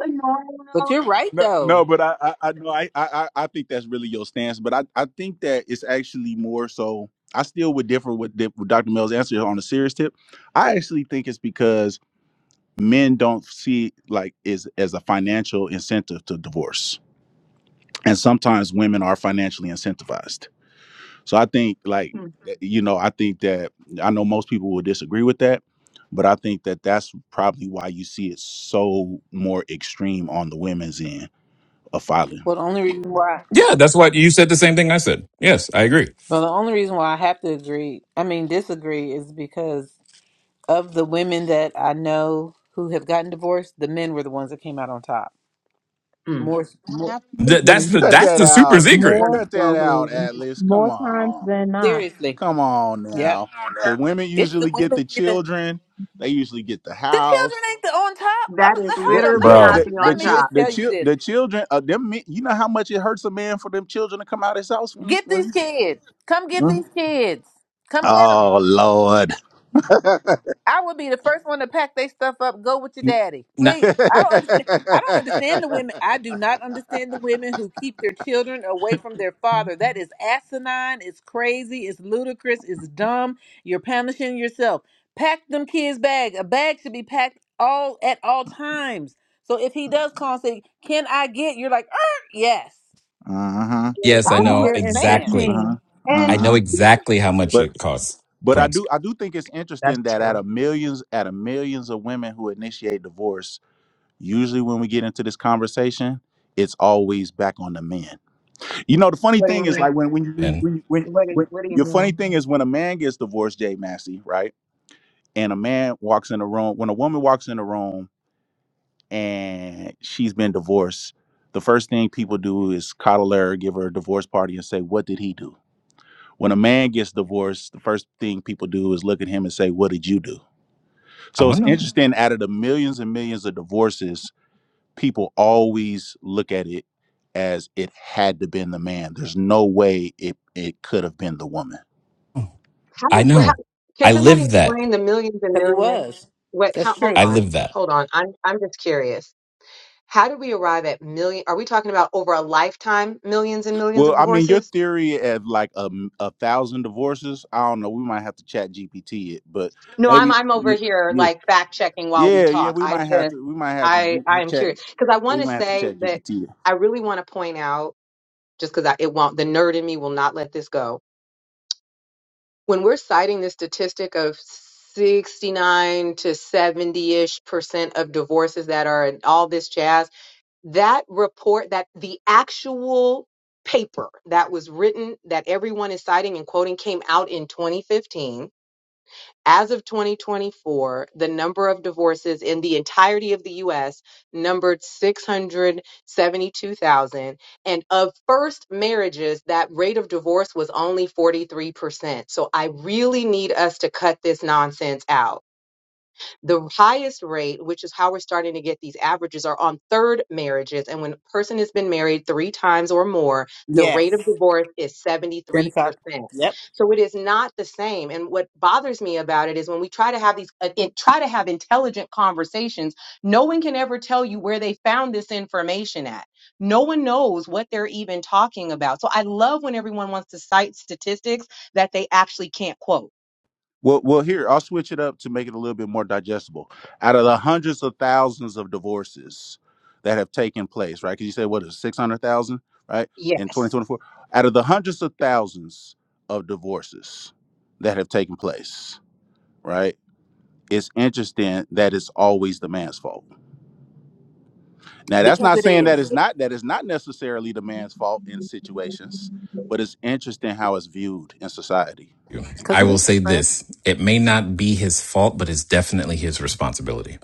[SPEAKER 1] But
[SPEAKER 5] annoying
[SPEAKER 1] you're right,
[SPEAKER 6] No,
[SPEAKER 1] though.
[SPEAKER 6] no, but I, I, I know I, I, I I think that's really your stance. But I, I think that it's actually more so. I still would differ with, Dip- with Dr. Mel's answer on a serious tip. I actually think it's because men don't see it like is as a financial incentive to divorce, and sometimes women are financially incentivized. So I think like
[SPEAKER 5] though. Mm,
[SPEAKER 6] eh, you know I think that I know most people will disagree with that, but I think that that's probably why you see it so more extreme on the women's end of filing.
[SPEAKER 1] Well, the only reason why.
[SPEAKER 3] yeah, that's what you said the same thing I said. Yes, I agree.
[SPEAKER 1] Well, the only reason why I have to agree, I mean, disagree, is because of the women that I know who have gotten divorced, the men were the ones that came out on top.
[SPEAKER 5] mm,
[SPEAKER 1] More, more
[SPEAKER 3] Th- that's
[SPEAKER 2] Absolutely.
[SPEAKER 3] the
[SPEAKER 6] Cut
[SPEAKER 3] that's
[SPEAKER 6] that
[SPEAKER 3] the super
[SPEAKER 6] out.
[SPEAKER 3] secret.
[SPEAKER 5] that's
[SPEAKER 2] More
[SPEAKER 6] Cut that
[SPEAKER 5] so
[SPEAKER 6] out,
[SPEAKER 5] hilarious.
[SPEAKER 6] Atlas. Come
[SPEAKER 2] more times
[SPEAKER 6] on.
[SPEAKER 2] than not.
[SPEAKER 1] seriously.
[SPEAKER 6] Come on
[SPEAKER 1] yeah.
[SPEAKER 6] now. The women
[SPEAKER 1] It's the
[SPEAKER 6] usually get
[SPEAKER 1] women
[SPEAKER 6] the
[SPEAKER 1] giving
[SPEAKER 6] children. They usually get the
[SPEAKER 1] the children
[SPEAKER 6] house.
[SPEAKER 1] ain't the on top. I'm
[SPEAKER 5] That is
[SPEAKER 1] let- hold
[SPEAKER 6] The,
[SPEAKER 1] up. Let
[SPEAKER 5] literally
[SPEAKER 6] the,
[SPEAKER 1] me
[SPEAKER 5] not
[SPEAKER 1] just
[SPEAKER 6] the,
[SPEAKER 3] bro.
[SPEAKER 5] the
[SPEAKER 1] let
[SPEAKER 6] the,
[SPEAKER 5] on
[SPEAKER 1] me
[SPEAKER 6] chil-
[SPEAKER 5] top.
[SPEAKER 1] just
[SPEAKER 6] the,
[SPEAKER 1] tell you
[SPEAKER 6] chil-
[SPEAKER 1] this.
[SPEAKER 6] the children, uh, them, men- you know how much it hurts a man for them children to come out his house when he
[SPEAKER 1] Get
[SPEAKER 6] when
[SPEAKER 1] these
[SPEAKER 6] he's.
[SPEAKER 1] kids. Come get
[SPEAKER 6] Huh?
[SPEAKER 1] these kids. Come get 'em.
[SPEAKER 6] Oh Lord. uh-huh.
[SPEAKER 1] I would be the first one to pack their stuff up, go with your daddy.
[SPEAKER 3] Not,
[SPEAKER 1] Please. I don't understand. I don't understand the women. I do not understand the women who keep their children away from their father. That is asinine. It's crazy. It's ludicrous. It's dumb. You're punishing yourself. Pack them kids' bag. A bag should be packed all at all times. So if he does call and say, "Can I get?" You're like, er, "Yes."
[SPEAKER 6] Uh-huh.
[SPEAKER 3] Yes, I
[SPEAKER 1] I
[SPEAKER 2] Be
[SPEAKER 1] don't
[SPEAKER 3] know
[SPEAKER 2] here in
[SPEAKER 1] understand
[SPEAKER 3] exactly.
[SPEAKER 2] fifteen.
[SPEAKER 3] I
[SPEAKER 5] And
[SPEAKER 3] know
[SPEAKER 6] Uh-huh.
[SPEAKER 3] exactly how much
[SPEAKER 6] But
[SPEAKER 3] it costs,
[SPEAKER 6] but I
[SPEAKER 3] Prince.
[SPEAKER 6] do I do think it's
[SPEAKER 5] that's
[SPEAKER 6] interesting that out
[SPEAKER 5] true.
[SPEAKER 6] of millions out of millions of women who initiate divorce, usually when we get into this conversation, it's always back on the man. You know, the funny
[SPEAKER 5] What do
[SPEAKER 6] thing
[SPEAKER 5] you
[SPEAKER 6] is
[SPEAKER 5] mean?
[SPEAKER 6] like when when you when
[SPEAKER 3] And
[SPEAKER 6] when, when,
[SPEAKER 5] What do,
[SPEAKER 6] when
[SPEAKER 5] What do you
[SPEAKER 6] your funny
[SPEAKER 5] mean?
[SPEAKER 6] thing is when a man gets divorced, Jay Massey, right? And a man walks in the room, when a woman walks in the room and she's been divorced, the first thing people do is coddle her, give her a divorce party, and say, "What did he do?" When a man gets divorced, the first thing people do is look at him and say, "What did you do?"
[SPEAKER 3] I'm
[SPEAKER 6] So it's
[SPEAKER 3] gonna.
[SPEAKER 6] interesting. Out of the millions and millions of divorces people always look at it as it had to been the man. There's no way it it could have been the woman.
[SPEAKER 5] How,
[SPEAKER 3] I
[SPEAKER 5] do- how
[SPEAKER 3] know. I
[SPEAKER 5] can somebody
[SPEAKER 3] live that.
[SPEAKER 5] explain the millions and
[SPEAKER 1] because it
[SPEAKER 5] millions?
[SPEAKER 1] was.
[SPEAKER 5] What? How,
[SPEAKER 1] That's
[SPEAKER 5] hold
[SPEAKER 3] I
[SPEAKER 1] true.
[SPEAKER 5] on,
[SPEAKER 3] live that.
[SPEAKER 5] hold on. I'm I'm just curious. How do we arrive at million? Are we talking about over a lifetime, millions and millions
[SPEAKER 6] Well,
[SPEAKER 5] of
[SPEAKER 6] I mean, your
[SPEAKER 5] divorces?
[SPEAKER 6] theory of like a, m- a thousand divorces. I don't know. We might have to chat GPT it, but
[SPEAKER 5] No, I'm
[SPEAKER 6] maybe
[SPEAKER 5] I'm over
[SPEAKER 6] y-
[SPEAKER 5] here
[SPEAKER 6] yeah,
[SPEAKER 5] like fact checking while we
[SPEAKER 6] yeah, yeah.
[SPEAKER 5] talk.
[SPEAKER 6] We
[SPEAKER 5] I
[SPEAKER 6] might have
[SPEAKER 5] just
[SPEAKER 6] to. We might have to
[SPEAKER 5] I
[SPEAKER 6] G-
[SPEAKER 5] I am
[SPEAKER 6] chat.
[SPEAKER 5] curious because I want
[SPEAKER 6] We
[SPEAKER 5] to
[SPEAKER 6] might have to
[SPEAKER 5] say
[SPEAKER 6] chat
[SPEAKER 5] that
[SPEAKER 6] GPT.
[SPEAKER 5] I really want to point out just because it won't the nerd in me will not let this go. When we're citing this statistic of 69 to 70 ish percent of divorces that are in all this jazz that report that the actual paper that was written that everyone is citing and quoting came out in 2015 as of 2024 the number of divorces in the entirety of the US numbered 672,000 and of first marriages that rate of divorce was only 43%. So I really need us to cut this nonsense out the highest rate, which is how we're starting to get these averages, are on third marriages. And when a person has been married three times or more, the rate
[SPEAKER 1] Yes.
[SPEAKER 5] of divorce is
[SPEAKER 1] Then
[SPEAKER 5] 73%.
[SPEAKER 1] if I, yep,
[SPEAKER 5] So it is not the same. And what bothers me about it is when we try to have these, uh, in- try to have intelligent conversations, no one can ever tell you where they found this information at. No one knows what they're even talking about. So I love when everyone wants to cite statistics that they actually can't quote.
[SPEAKER 6] Well, well, here I'll switch it up to make it a little bit more digestible. Out of the hundreds of thousands of divorces that have taken place, right? Because you said what is it, six hundred thousand, right? In twenty
[SPEAKER 5] Yes.
[SPEAKER 6] twenty four, out of the hundreds of thousands of divorces that have taken place, right? It's interesting that it's always the man's fault. Now, that's
[SPEAKER 1] because
[SPEAKER 6] not
[SPEAKER 1] it
[SPEAKER 6] saying that
[SPEAKER 1] is.
[SPEAKER 6] it's not that it's not necessarily the man's fault in situations, but it's interesting how it's viewed in society
[SPEAKER 1] Because
[SPEAKER 3] I
[SPEAKER 1] it
[SPEAKER 3] will
[SPEAKER 1] is
[SPEAKER 3] say this:
[SPEAKER 1] Prince.
[SPEAKER 3] it may not be his fault, but it's definitely his responsibility.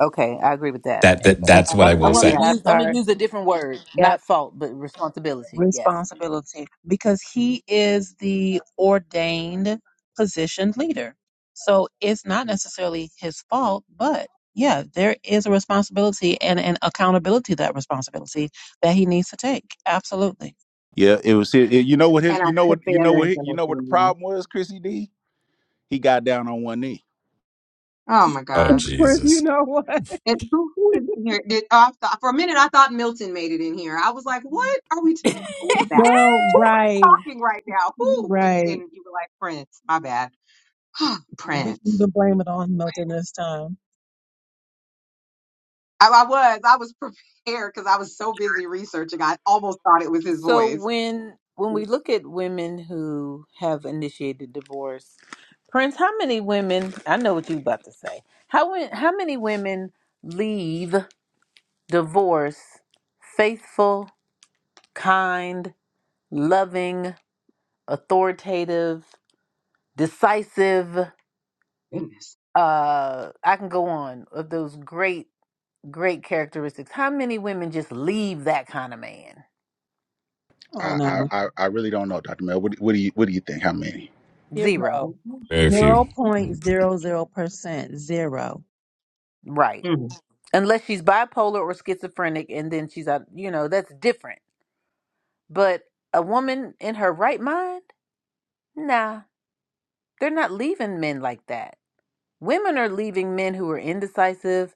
[SPEAKER 1] Okay, I agree with that.
[SPEAKER 3] That that that's what I
[SPEAKER 1] I'm, I'm
[SPEAKER 2] Exactly.
[SPEAKER 3] will
[SPEAKER 5] Uh,
[SPEAKER 1] going
[SPEAKER 5] yeah.
[SPEAKER 3] say.
[SPEAKER 1] to
[SPEAKER 2] That
[SPEAKER 1] use I'm going to
[SPEAKER 2] part.
[SPEAKER 1] use a different word,
[SPEAKER 2] Yep.
[SPEAKER 1] not fault, but responsibility. Yes.
[SPEAKER 2] responsibility because he is the ordained positioned leader. So it's not necessarily his fault, but yeah, there is a responsibility and an accountability that responsibility that he needs to take. Absolutely.
[SPEAKER 6] Yeah, it was. His, you know what his?
[SPEAKER 5] And I
[SPEAKER 6] You know
[SPEAKER 5] put
[SPEAKER 6] what? You
[SPEAKER 5] the
[SPEAKER 6] know
[SPEAKER 5] other
[SPEAKER 6] what? You
[SPEAKER 5] information
[SPEAKER 6] know what the
[SPEAKER 5] in there.
[SPEAKER 6] problem was, Chrissy D. He got down on one knee.
[SPEAKER 5] Oh my
[SPEAKER 3] Oh
[SPEAKER 5] God.
[SPEAKER 2] Ruth, you
[SPEAKER 3] Jesus,
[SPEAKER 2] know what?
[SPEAKER 5] It, who, who is in here? Did, oh, I thought, for a minute, I thought Milton made it in here. I was like, what are we talking Who is that?
[SPEAKER 2] Girl,
[SPEAKER 5] Who is
[SPEAKER 2] right,
[SPEAKER 5] talking right now? Who? And then
[SPEAKER 2] right.
[SPEAKER 5] you were like, Prince. My bad.
[SPEAKER 2] We can
[SPEAKER 5] Prince.
[SPEAKER 2] even blame it on Milton this time.
[SPEAKER 5] I, I was. I was prepared because I was so busy researching. I almost thought it was his
[SPEAKER 1] So
[SPEAKER 5] voice.
[SPEAKER 1] when when we look at women who have initiated divorce, Prince, how many women? I know what you about to say. How wen- how many women leave divorce faithful, kind, loving, authoritative, decisive?
[SPEAKER 5] Goodness.
[SPEAKER 1] Uh, I can go on of those great Great characteristics. How many women just leave that kind of man?
[SPEAKER 2] Come
[SPEAKER 6] I
[SPEAKER 2] on
[SPEAKER 5] Oh,
[SPEAKER 6] I
[SPEAKER 2] now.
[SPEAKER 6] I I really don't know, Doctor Mel. What, do- what do you What do you think? How many?
[SPEAKER 1] Zero.
[SPEAKER 2] Zero.
[SPEAKER 5] oh, oh.
[SPEAKER 3] very few.
[SPEAKER 2] Zero point zero zero percent. Zero.
[SPEAKER 1] Right.
[SPEAKER 5] Mm.
[SPEAKER 1] Unless she's bipolar or schizophrenic and then she's out, you know, that's different. But a woman in her right mind? Nah. They're not leaving men like that. Women are leaving men who are indecisive,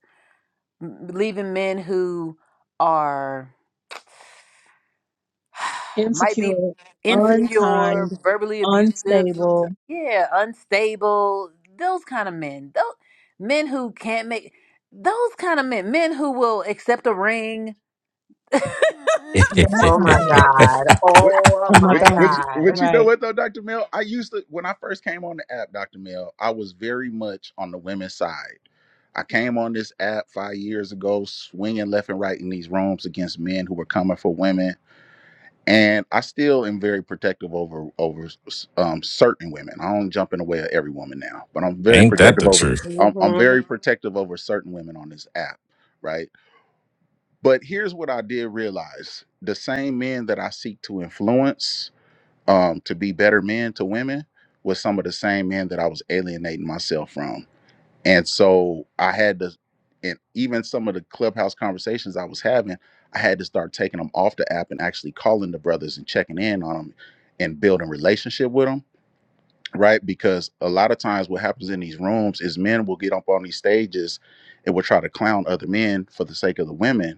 [SPEAKER 1] m- leaving men who are might be
[SPEAKER 2] Insecure,
[SPEAKER 1] insecure,
[SPEAKER 2] unkind,
[SPEAKER 1] verbally abusive,
[SPEAKER 2] unstable.
[SPEAKER 1] sometimes yeah, unstable, those kind of men. Those men who can't make those kind of men, men who will accept a ring.
[SPEAKER 2] That
[SPEAKER 5] Oh my
[SPEAKER 2] kind.
[SPEAKER 5] God.
[SPEAKER 6] What?
[SPEAKER 5] Oh
[SPEAKER 2] Oh my
[SPEAKER 5] my
[SPEAKER 6] Which,
[SPEAKER 2] god.
[SPEAKER 6] which, which,
[SPEAKER 5] God.
[SPEAKER 6] you know
[SPEAKER 2] Right.
[SPEAKER 6] what though, Dr. Mel? I used to, when I first came on the app, Dr. Mel, I was very much on the women's side. I came on this app five years ago, swinging left and right in these rooms against men who were coming for women and I still am very protective over over um, certain women. I don't jump in the way of every woman now, but I'm very
[SPEAKER 3] Ain't
[SPEAKER 5] Mm.
[SPEAKER 3] that
[SPEAKER 6] protective
[SPEAKER 3] the
[SPEAKER 6] over
[SPEAKER 3] truth?
[SPEAKER 6] I'm, I'm
[SPEAKER 5] Mhm.
[SPEAKER 6] very protective over certain women on this app, right? But here's what I did realize: the same men that I seek to influence um, to be better men to women was some of the same men that I was alienating myself from. And so I had to, and even some of the clubhouse conversations I was having, I had to start taking them off the app and actually calling the brothers and checking in on them and building relationship with them, right? Because a lot of times what happens in these rooms is men will get up on these stages and will try to clown other men for the sake of the women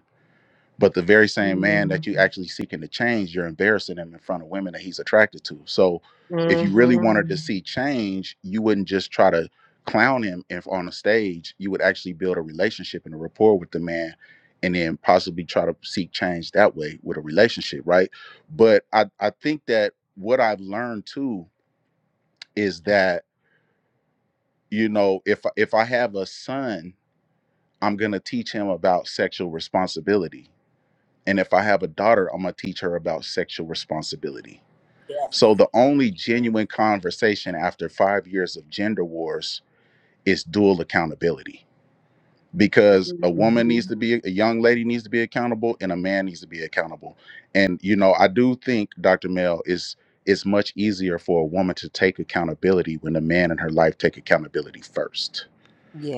[SPEAKER 6] but the very same man
[SPEAKER 5] Mhm.
[SPEAKER 6] that you actually seeking to change, you're embarrassing him in front of women that he's attracted to. So if you really wanted to
[SPEAKER 5] Mhm.
[SPEAKER 6] see change, you wouldn't just try to clown him if on a stage. You would actually build a relationship and a rapport with the man and then possibly try to seek change that way with a relationship, right? But I, I think that what I've learned too is that, you know, if if I have a son, I'm gonna teach him about sexual responsibility And if I have a daughter, I'm going to teach her about sexual responsibility.
[SPEAKER 1] Yes.
[SPEAKER 6] So the only genuine conversation after five years of gender wars is dual accountability because a woman needs
[SPEAKER 5] Mhm.
[SPEAKER 6] to be, a young lady needs to be accountable and a man needs to be accountable. And, you know, I do think, Dr. Mel, is it's much easier for a woman to take accountability when the man in her life take accountability first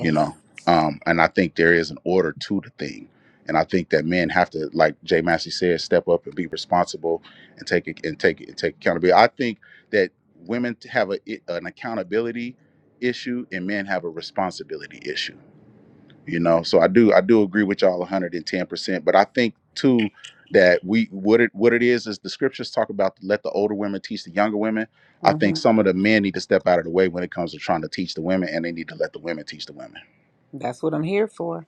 [SPEAKER 6] you know um and i think there is an order to the thing and i think that men have to like jay massey said step up and be responsible and take it and take it and take accountability i think that women have a, an accountability issue and men have a responsibility issue you know so i do i do agree with y'all 110% but i think too that we what it what it is is the scriptures talk about let the older women teach the younger women i think
[SPEAKER 1] hmm
[SPEAKER 6] some of the men need to step out of the way when it comes to trying to teach the women and they need to let the women teach the women
[SPEAKER 1] That's what I'm here for.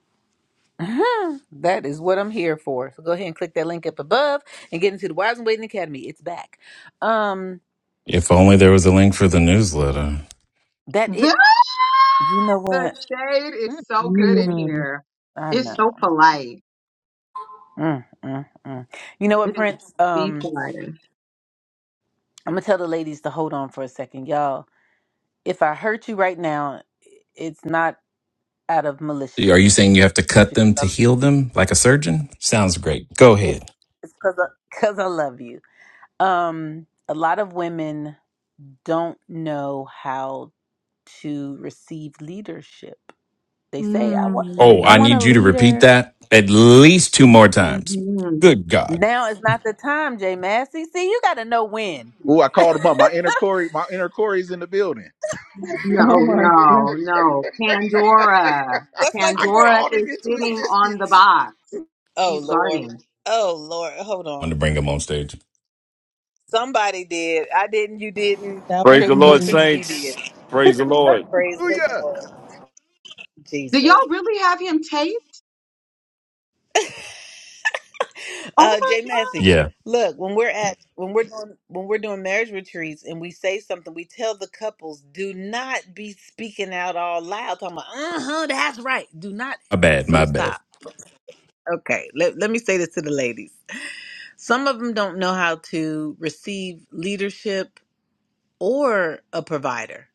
[SPEAKER 1] Mhm. That is what I'm here for. So go ahead and click that link up above and get into the Wives and Waiting Academy. It's back. Um,
[SPEAKER 3] If only there was a link for the newsletter.
[SPEAKER 1] that it.
[SPEAKER 5] The,
[SPEAKER 1] You know
[SPEAKER 5] the
[SPEAKER 1] what?
[SPEAKER 5] shade is so good in
[SPEAKER 2] mm
[SPEAKER 5] here.
[SPEAKER 1] I
[SPEAKER 5] It's
[SPEAKER 1] know.
[SPEAKER 5] so polite.
[SPEAKER 1] Mm, mm, mm. You know what,
[SPEAKER 5] It is
[SPEAKER 1] Prince?
[SPEAKER 5] the
[SPEAKER 1] Um,
[SPEAKER 5] politest.
[SPEAKER 1] I'm gonna tell the ladies to hold on for a second, y'all. If I hurt you right now, it's not out of
[SPEAKER 3] Are you
[SPEAKER 1] maliciousness.
[SPEAKER 3] saying you have to
[SPEAKER 1] It's
[SPEAKER 3] cut
[SPEAKER 1] because
[SPEAKER 3] them
[SPEAKER 1] I,
[SPEAKER 3] to heal them like a surgeon? Sounds great. Go ahead.
[SPEAKER 1] it's it's because because I, 'cause I love you. Um, a lot of women don't know how to receive leadership. They say, "I want,
[SPEAKER 3] Oh,
[SPEAKER 1] I
[SPEAKER 3] I
[SPEAKER 5] Mm.
[SPEAKER 1] want a
[SPEAKER 3] need you to repeat
[SPEAKER 1] leader."
[SPEAKER 3] that at least two more times.
[SPEAKER 5] hmm
[SPEAKER 3] Good God.
[SPEAKER 1] Now is not the time, Jay Massey. See, you got to know when.
[SPEAKER 6] Ooh, i called him up my inner corey my inner corey's in the building
[SPEAKER 2] Oh
[SPEAKER 5] No,
[SPEAKER 2] my god.
[SPEAKER 5] no, no. Pandora.
[SPEAKER 1] That's like when
[SPEAKER 6] I
[SPEAKER 1] we're.
[SPEAKER 5] Pandora
[SPEAKER 6] called it
[SPEAKER 5] is
[SPEAKER 6] into
[SPEAKER 5] sitting on the
[SPEAKER 6] existence.
[SPEAKER 5] box.
[SPEAKER 1] Oh
[SPEAKER 5] She's
[SPEAKER 1] Lord.
[SPEAKER 5] guarding.
[SPEAKER 1] Oh Lord. Hold on.
[SPEAKER 3] wanted to bring him on stage.
[SPEAKER 1] Somebody did. I didn't. You didn't.
[SPEAKER 2] That was
[SPEAKER 7] Praise
[SPEAKER 1] Co-
[SPEAKER 7] the
[SPEAKER 1] Coach
[SPEAKER 7] Lord,
[SPEAKER 2] me.
[SPEAKER 1] Chrissy D
[SPEAKER 7] saints.
[SPEAKER 1] did.
[SPEAKER 7] Praise the Lord.
[SPEAKER 1] Praise the
[SPEAKER 6] Hallelujah.
[SPEAKER 1] Lord,
[SPEAKER 5] Do
[SPEAKER 1] Jesus.
[SPEAKER 5] y'all really have him taped? Oh
[SPEAKER 1] Uh,
[SPEAKER 5] my
[SPEAKER 1] Jay Massey,
[SPEAKER 3] Yeah,
[SPEAKER 1] look when we're at when we're doing when we're doing marriage retreats and we say something, we tell the couples do not be speaking out all loud. Talking about, uh huh, that's right. Do not.
[SPEAKER 3] my bad,
[SPEAKER 1] So
[SPEAKER 3] my bad.
[SPEAKER 1] stop. Okay, let, let me say this to the ladies. Some of them don't know how to receive leadership or a provider.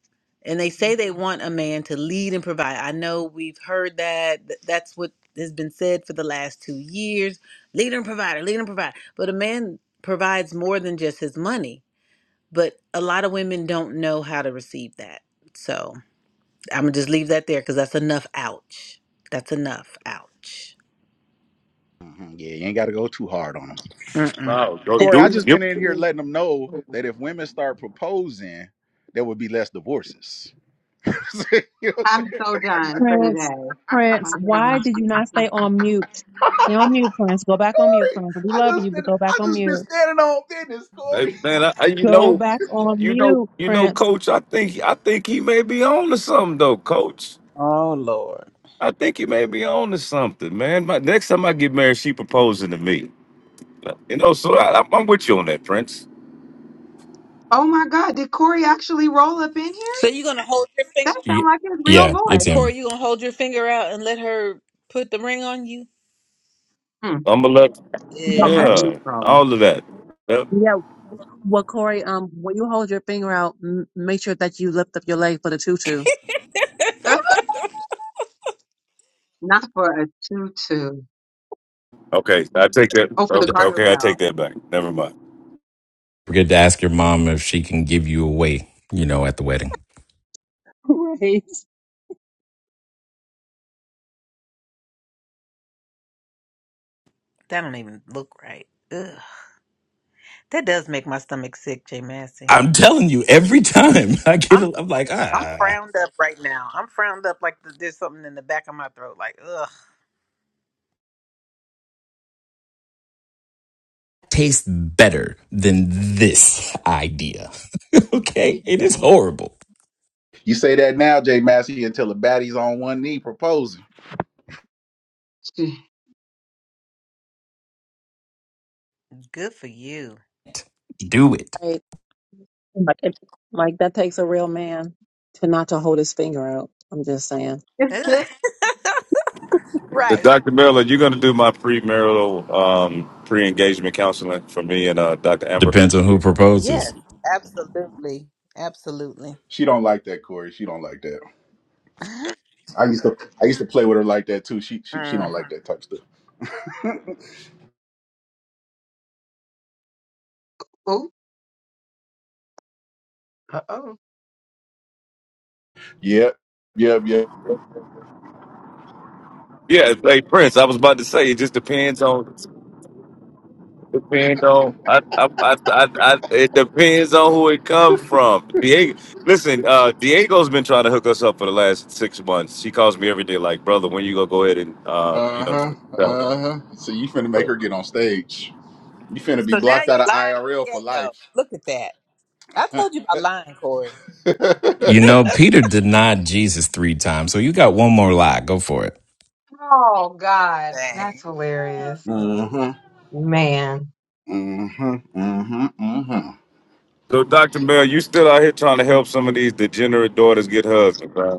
[SPEAKER 1] And they
[SPEAKER 5] God.
[SPEAKER 1] say they want a man to lead and provide. I know we've heard that. th- That's what has been said for the last two years leader and provider, leader and provider. But a man provides more than just his money. But a lot of women don't know how to receive that. So I'm going to just leave that there because that's enough. Ouch. That's enough. Ouch.
[SPEAKER 6] Mhm, Yeah, you ain't got to go too hard on them.
[SPEAKER 1] Mm-mm. I
[SPEAKER 7] No, go
[SPEAKER 1] didn't-
[SPEAKER 6] Corey,
[SPEAKER 7] do
[SPEAKER 6] I
[SPEAKER 7] it.
[SPEAKER 6] just
[SPEAKER 7] yep.
[SPEAKER 6] been in here letting them know that if women start proposing, there would be less divorces. you know what I'm
[SPEAKER 5] I'm
[SPEAKER 6] saying?
[SPEAKER 5] so done for the
[SPEAKER 2] Prince,
[SPEAKER 5] day. Why
[SPEAKER 2] Prince,
[SPEAKER 5] did it
[SPEAKER 2] why
[SPEAKER 5] run
[SPEAKER 2] did you not stay
[SPEAKER 5] to-
[SPEAKER 2] on mute? Stay on mute, Prince. Go back on mute,
[SPEAKER 6] Corey,
[SPEAKER 2] Prince. We
[SPEAKER 6] I
[SPEAKER 2] love
[SPEAKER 6] just
[SPEAKER 2] you, but
[SPEAKER 6] been
[SPEAKER 2] go back
[SPEAKER 6] I
[SPEAKER 2] on
[SPEAKER 6] just been
[SPEAKER 2] mute.
[SPEAKER 6] standing on business,
[SPEAKER 7] Hey,
[SPEAKER 6] Corey.
[SPEAKER 7] man, I, I, you
[SPEAKER 2] Go
[SPEAKER 7] know,
[SPEAKER 2] back on
[SPEAKER 7] you know,
[SPEAKER 2] mute,
[SPEAKER 7] you know,
[SPEAKER 2] Prince.
[SPEAKER 7] Coach. I think, I think he may be on to something, though, Coach.
[SPEAKER 1] Oh Lord.
[SPEAKER 7] I think he may be on to something, man. My, next time I get married, she proposing to me. You know, so I, I'm, I'm with you on that, Prince.
[SPEAKER 5] Oh my God. Did Corey actually roll up in here?
[SPEAKER 1] So you're going to hold your finger,
[SPEAKER 5] That
[SPEAKER 3] Yeah,
[SPEAKER 5] sounded like his real
[SPEAKER 3] yeah
[SPEAKER 5] voice.
[SPEAKER 3] it's him.
[SPEAKER 1] Corey, you're going to hold your finger out and let her put the ring on you?
[SPEAKER 5] Hmm.
[SPEAKER 7] I'm gonna let,
[SPEAKER 2] Yeah,
[SPEAKER 5] Okay,
[SPEAKER 2] make sure-
[SPEAKER 5] he's
[SPEAKER 7] yeah,
[SPEAKER 5] throwing.
[SPEAKER 7] all of that. Yep.
[SPEAKER 2] yeah. Well, Corey, um, when you hold your finger out, m- make sure that you lift up your leg for the tutu.
[SPEAKER 5] Not for a tutu.
[SPEAKER 7] Okay, I take that.
[SPEAKER 5] Oh, for the
[SPEAKER 3] D-
[SPEAKER 7] o-
[SPEAKER 5] garter
[SPEAKER 7] Okay, I take
[SPEAKER 5] belt.
[SPEAKER 7] that back. Never mind.
[SPEAKER 3] Forget to ask your mom if she can give you away, you know, at the wedding.
[SPEAKER 2] Right.
[SPEAKER 1] That don't even look right. Ugh. That does make my stomach sick, Jay Massey.
[SPEAKER 3] I'm telling you, every time I get,
[SPEAKER 1] I'm
[SPEAKER 3] a, I'm like,
[SPEAKER 1] I'm
[SPEAKER 3] ah,
[SPEAKER 1] frowned up right now. I'm frowned up like th- there's something in the back of my throat. Like, ugh.
[SPEAKER 3] tastes better than this idea. okay, it is
[SPEAKER 5] Dang.
[SPEAKER 3] horrible.
[SPEAKER 6] You say that now, Jay Massey, until the baddie's on one knee proposing.
[SPEAKER 1] Good for you.
[SPEAKER 3] Do it.
[SPEAKER 2] Right. Like, it- like that takes a real man to not to hold his finger out. I'm just saying.
[SPEAKER 1] Ugh.
[SPEAKER 7] Uh,
[SPEAKER 1] Right.
[SPEAKER 7] Dr. Miller, you're going to do my premarital, um, pre-engagement counseling for me and uh, Dr. Amber.
[SPEAKER 3] Depends on who proposes.
[SPEAKER 1] yes, absolutely, absolutely.
[SPEAKER 6] She don't like that, Corey. She don't like that. I used to I used to play with her like that too. She she, she don't
[SPEAKER 1] Mhm.
[SPEAKER 6] like that type stuff.
[SPEAKER 5] Ooh. Uh-oh.
[SPEAKER 6] Yep, yep, yep.
[SPEAKER 7] Yeah, hey Prince, I was about to say it just depends on depends on I, I, I, I, I, it depends on who it comes from. Diego, listen, uh, Diego's been trying to hook us up for the last six months. She calls me every day, like, brother, when you gonna go ahead and uh, you
[SPEAKER 6] Uh
[SPEAKER 7] know.
[SPEAKER 6] huh.
[SPEAKER 7] So,
[SPEAKER 6] Uh huh. So you finna make her get on stage. You finna be
[SPEAKER 1] So now
[SPEAKER 6] blocked
[SPEAKER 1] you
[SPEAKER 6] out of
[SPEAKER 1] lying on
[SPEAKER 6] IRL for
[SPEAKER 1] Diego.
[SPEAKER 6] life.
[SPEAKER 1] Look at that. I told
[SPEAKER 6] mm-hmm.
[SPEAKER 1] you about lying, Corey.
[SPEAKER 3] You know, Peter denied Jesus three times, so you got one more lie. Go for it.
[SPEAKER 5] Oh, God. That's
[SPEAKER 1] Dang.
[SPEAKER 5] hilarious. Man.
[SPEAKER 6] Mm-hmm. Mm-hmm. Mm-hmm.
[SPEAKER 7] so Dr. Miller, you still out here trying to help some of these degenerate daughters get husbands, man.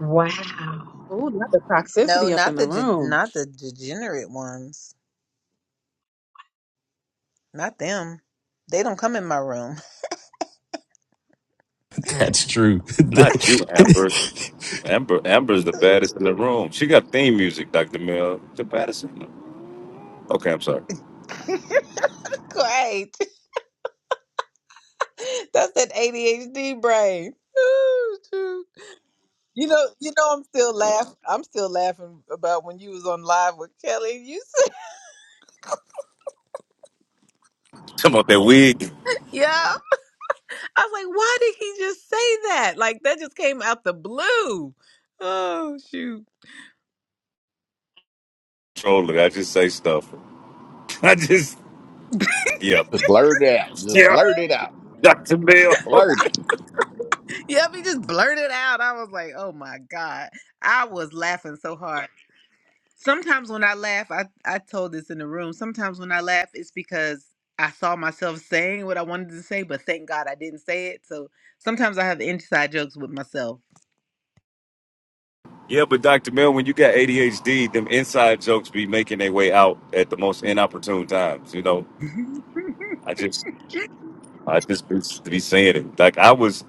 [SPEAKER 5] Wow.
[SPEAKER 2] Oh, not the
[SPEAKER 1] No,
[SPEAKER 2] toxicity up in
[SPEAKER 1] not
[SPEAKER 2] the
[SPEAKER 1] the ge-
[SPEAKER 2] room.
[SPEAKER 1] not the degenerate ones. Not them. They don't come in my room.
[SPEAKER 5] Mm.
[SPEAKER 3] That's true.
[SPEAKER 7] Not you,
[SPEAKER 3] The-
[SPEAKER 7] Amber. Amber Amber's the baddest in the room. She got theme music, Dr. Mill. The baddest in the Okay, I'm sorry.
[SPEAKER 1] Great. That's that ADHD brain. Ooh, shoot. You know, you know, I'm still laughing. I'm still laughing about when you was on live with Kelly. and You said,
[SPEAKER 7] Come on, that wig.
[SPEAKER 1] "Yeah." I was like, "Why did he just say that? Like that just came out the blue." Oh shoot!
[SPEAKER 7] Trolling. I just say stuff. I just yeah.
[SPEAKER 6] Just blurt it out. Just
[SPEAKER 7] Yeah.
[SPEAKER 6] blurt it out.
[SPEAKER 7] Dr. Mill.
[SPEAKER 6] Just blurt it.
[SPEAKER 1] Yep, he just blurted out. I was like, "Oh my god!" I was laughing so hard. Sometimes when I laugh, I, I told this in the room. Sometimes when I laugh, it's because I saw myself saying what I wanted to say, but thank God I didn't say it. So sometimes I have inside jokes with myself.
[SPEAKER 7] yeah, but Dr. Mill, when you got ADHD, them inside jokes be making their way out at the most inopportune times. You know, I just I just be, be saying it. Like I was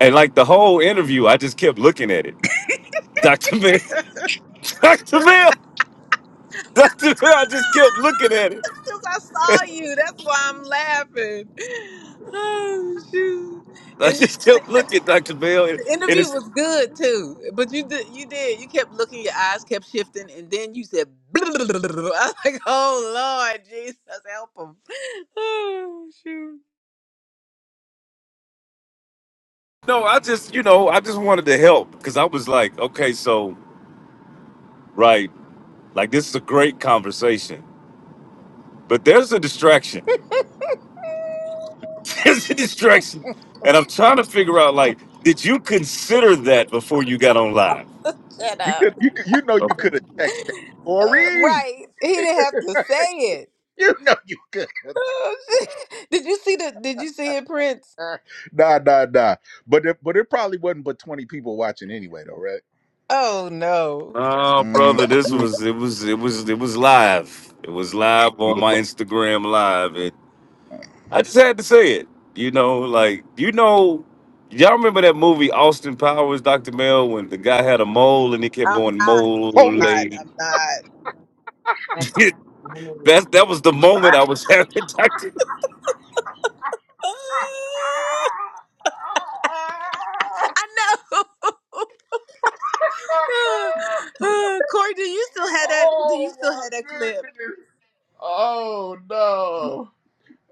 [SPEAKER 7] and like the whole interview, I just kept looking at it. Dr. Mill. Dr. Mill. Dr. Bell, I just kept looking at it.
[SPEAKER 1] Because I saw you. That's why I'm laughing. Oh, shoot.
[SPEAKER 7] I
[SPEAKER 1] And th-
[SPEAKER 7] just
[SPEAKER 1] but the, inter-
[SPEAKER 7] kept looking, Dr. Bell. And
[SPEAKER 1] the
[SPEAKER 7] and
[SPEAKER 1] interview
[SPEAKER 7] it's
[SPEAKER 1] was good too. But you did, you did. You kept looking, your eyes kept shifting, and then you said, I was like, oh, Lord, Jesus, help him. Oh, shoot.
[SPEAKER 7] no, I just, you know, I just wanted to help because I was like, okay, so, right, like this is a great conversation, but there's a distraction. There's a distraction. And I'm trying to figure out, like, did you consider that before you got on live?
[SPEAKER 1] Shut
[SPEAKER 6] You
[SPEAKER 1] up.
[SPEAKER 6] could. You could. You know you
[SPEAKER 7] Okay.
[SPEAKER 6] could have texted that, Corey.
[SPEAKER 1] Right. He didn't have to say it.
[SPEAKER 6] You know you could. have
[SPEAKER 1] Oh, shit. Did you see the did you see it, Prince?
[SPEAKER 6] Nah, nah, nah. But it, but it probably wasn't but twenty people watching anyway, though, right?
[SPEAKER 1] Oh no.
[SPEAKER 7] Oh, brother, this
[SPEAKER 6] Mm-hmm.
[SPEAKER 7] was, it was, it was, it was live. It was live on my Instagram live. I just had to say it. You know, like you know, y'all remember that movie Austin Powers, Doctor Mel, when the guy had a mole and he kept
[SPEAKER 1] I'm
[SPEAKER 7] going
[SPEAKER 1] not,
[SPEAKER 7] mole
[SPEAKER 6] Oh,
[SPEAKER 1] not,
[SPEAKER 7] lady.
[SPEAKER 1] I'm not.
[SPEAKER 5] That's funny.
[SPEAKER 7] that that was the moment I was having. Doctor,
[SPEAKER 1] I know. Corey, do you still have that? Do you still have that clip?
[SPEAKER 6] oh no.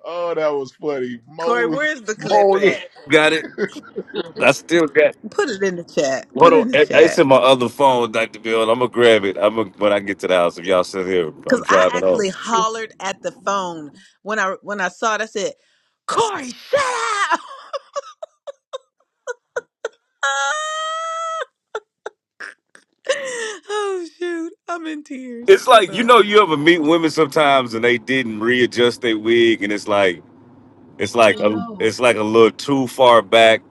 [SPEAKER 6] Oh, that was funny.
[SPEAKER 1] Corey,
[SPEAKER 6] Moly.
[SPEAKER 1] where's the clip
[SPEAKER 6] Moly.
[SPEAKER 1] at?
[SPEAKER 7] got it. I still got.
[SPEAKER 1] Put it in the chat.
[SPEAKER 7] What
[SPEAKER 1] Put it
[SPEAKER 7] do-
[SPEAKER 1] in the
[SPEAKER 7] it- it's
[SPEAKER 1] chat.
[SPEAKER 7] in my other phone, Doctor Bill. I'm gonna grab it. I'm gonna, when I get to the house. If y'all sit here, I'm
[SPEAKER 1] Cause I
[SPEAKER 7] driving home.
[SPEAKER 1] actually hollered at the phone when I when I saw it. I said, "Corey, shut up!" oh shoot, I'm in tears.
[SPEAKER 7] It's
[SPEAKER 1] Hold
[SPEAKER 7] like you
[SPEAKER 1] on.
[SPEAKER 7] know, you ever meet women sometimes and they didn't readjust their wig, and it's like It's like
[SPEAKER 5] Oh,
[SPEAKER 7] a,
[SPEAKER 5] no.
[SPEAKER 7] it's like a little too far back,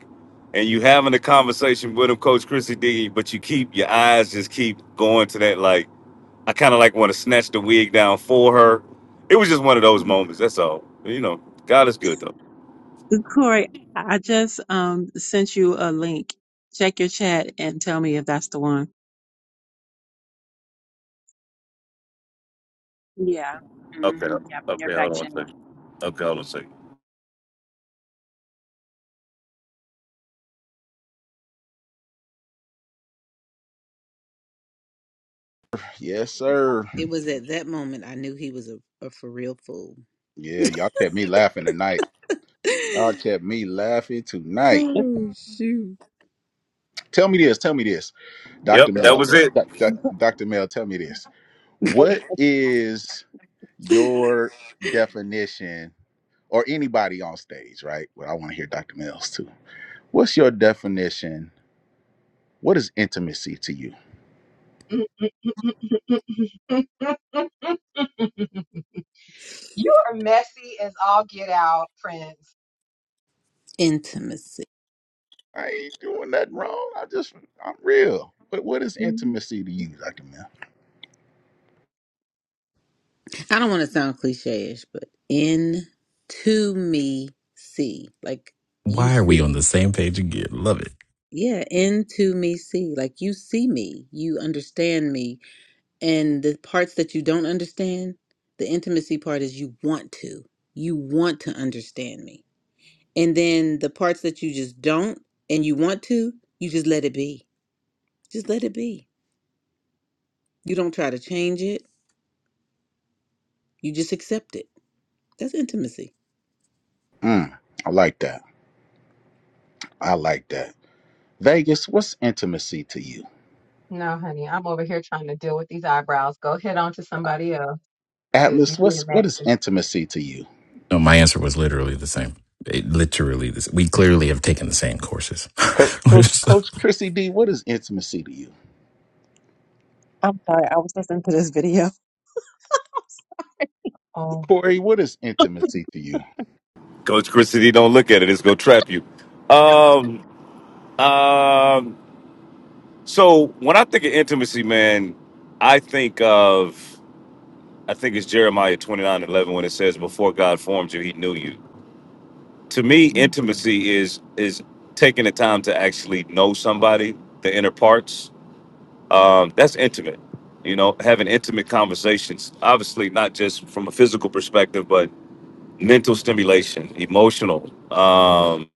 [SPEAKER 7] and you having a conversation with him, Coach Chrissy D, but you keep your eyes just keep going to that. Like I kind of like want to snatch the wig down for her. It was just one of those moments. That's all. You know, God is good though.
[SPEAKER 2] Corey, I I just um sent you a link. Check your chat and tell me if that's the one. Yeah.
[SPEAKER 7] Okay,
[SPEAKER 2] hmm Yeah, from your
[SPEAKER 7] okay,
[SPEAKER 2] back
[SPEAKER 7] hold on a
[SPEAKER 2] channel.
[SPEAKER 7] second. Okay, hold on a second.
[SPEAKER 6] Yes,
[SPEAKER 5] you
[SPEAKER 6] sir.
[SPEAKER 1] It was at that moment I knew he was a, a for real fool.
[SPEAKER 6] Yeah, y'all kept me laughing tonight. Y'all kept me laughing tonight.
[SPEAKER 1] Oh shoot.
[SPEAKER 6] Tell me this. Tell me this.
[SPEAKER 7] Yep,
[SPEAKER 6] Dr.
[SPEAKER 7] that
[SPEAKER 6] Mel.
[SPEAKER 7] was it.
[SPEAKER 6] Doc- doc- Dr. Mel, tell me this.
[SPEAKER 2] Oh,
[SPEAKER 6] What is your definition, or anybody on stage, right? Well, I want to hear Dr. Mel's too. What's your definition? What is intimacy to you?
[SPEAKER 5] are messy as all get out, friends.
[SPEAKER 1] Intimacy.
[SPEAKER 6] I ain't doing nothing wrong. I just, I'm real. But what is intimacy to you, Dr. Mel?
[SPEAKER 1] I don't want to sound cliche ish, but into me see. Like you
[SPEAKER 3] Why are we
[SPEAKER 1] see.
[SPEAKER 3] on the same page again? Love it.
[SPEAKER 1] Yeah, into me see. Like you see me. You understand me. And the parts that you don't understand, the intimacy part is you want to. You want to understand me. And then the parts that you just don't and you want to, you just let it be. Just let it be. You don't try to change it. You just accept it. That's intimacy.
[SPEAKER 6] Mm, I like that. I like that. Vegas, what's intimacy to you?
[SPEAKER 5] No, honey, I'm over here trying to deal with these eyebrows. Go head on to somebody else. Because you
[SPEAKER 6] Atlas, what's
[SPEAKER 5] did
[SPEAKER 6] what
[SPEAKER 5] that.
[SPEAKER 6] is
[SPEAKER 5] is-
[SPEAKER 6] intimacy to you?
[SPEAKER 3] No, my answer was literally the same. It, literally, this. We clearly have taken the same courses.
[SPEAKER 6] Coach, Coach, Coach Chrissy D, what is intimacy to you?
[SPEAKER 2] I'm sorry, I was listening to this video.
[SPEAKER 5] Oh,
[SPEAKER 6] Corey, what is intimacy to you?
[SPEAKER 7] Coach Chrissy D, don't look at it. It's gonna trap you. Um, um. So when I think of intimacy, man, I think of. I think it's Jeremiah twenty nine eleven when it says, Before God formed you, he knew you. To me,
[SPEAKER 5] mm-hmm.
[SPEAKER 7] intimacy is is taking the time to actually know somebody, the inner parts. Um, that's intimate. You know, having intimate conversations, obviously not just from a physical perspective, but mental stimulation, emotional. Um,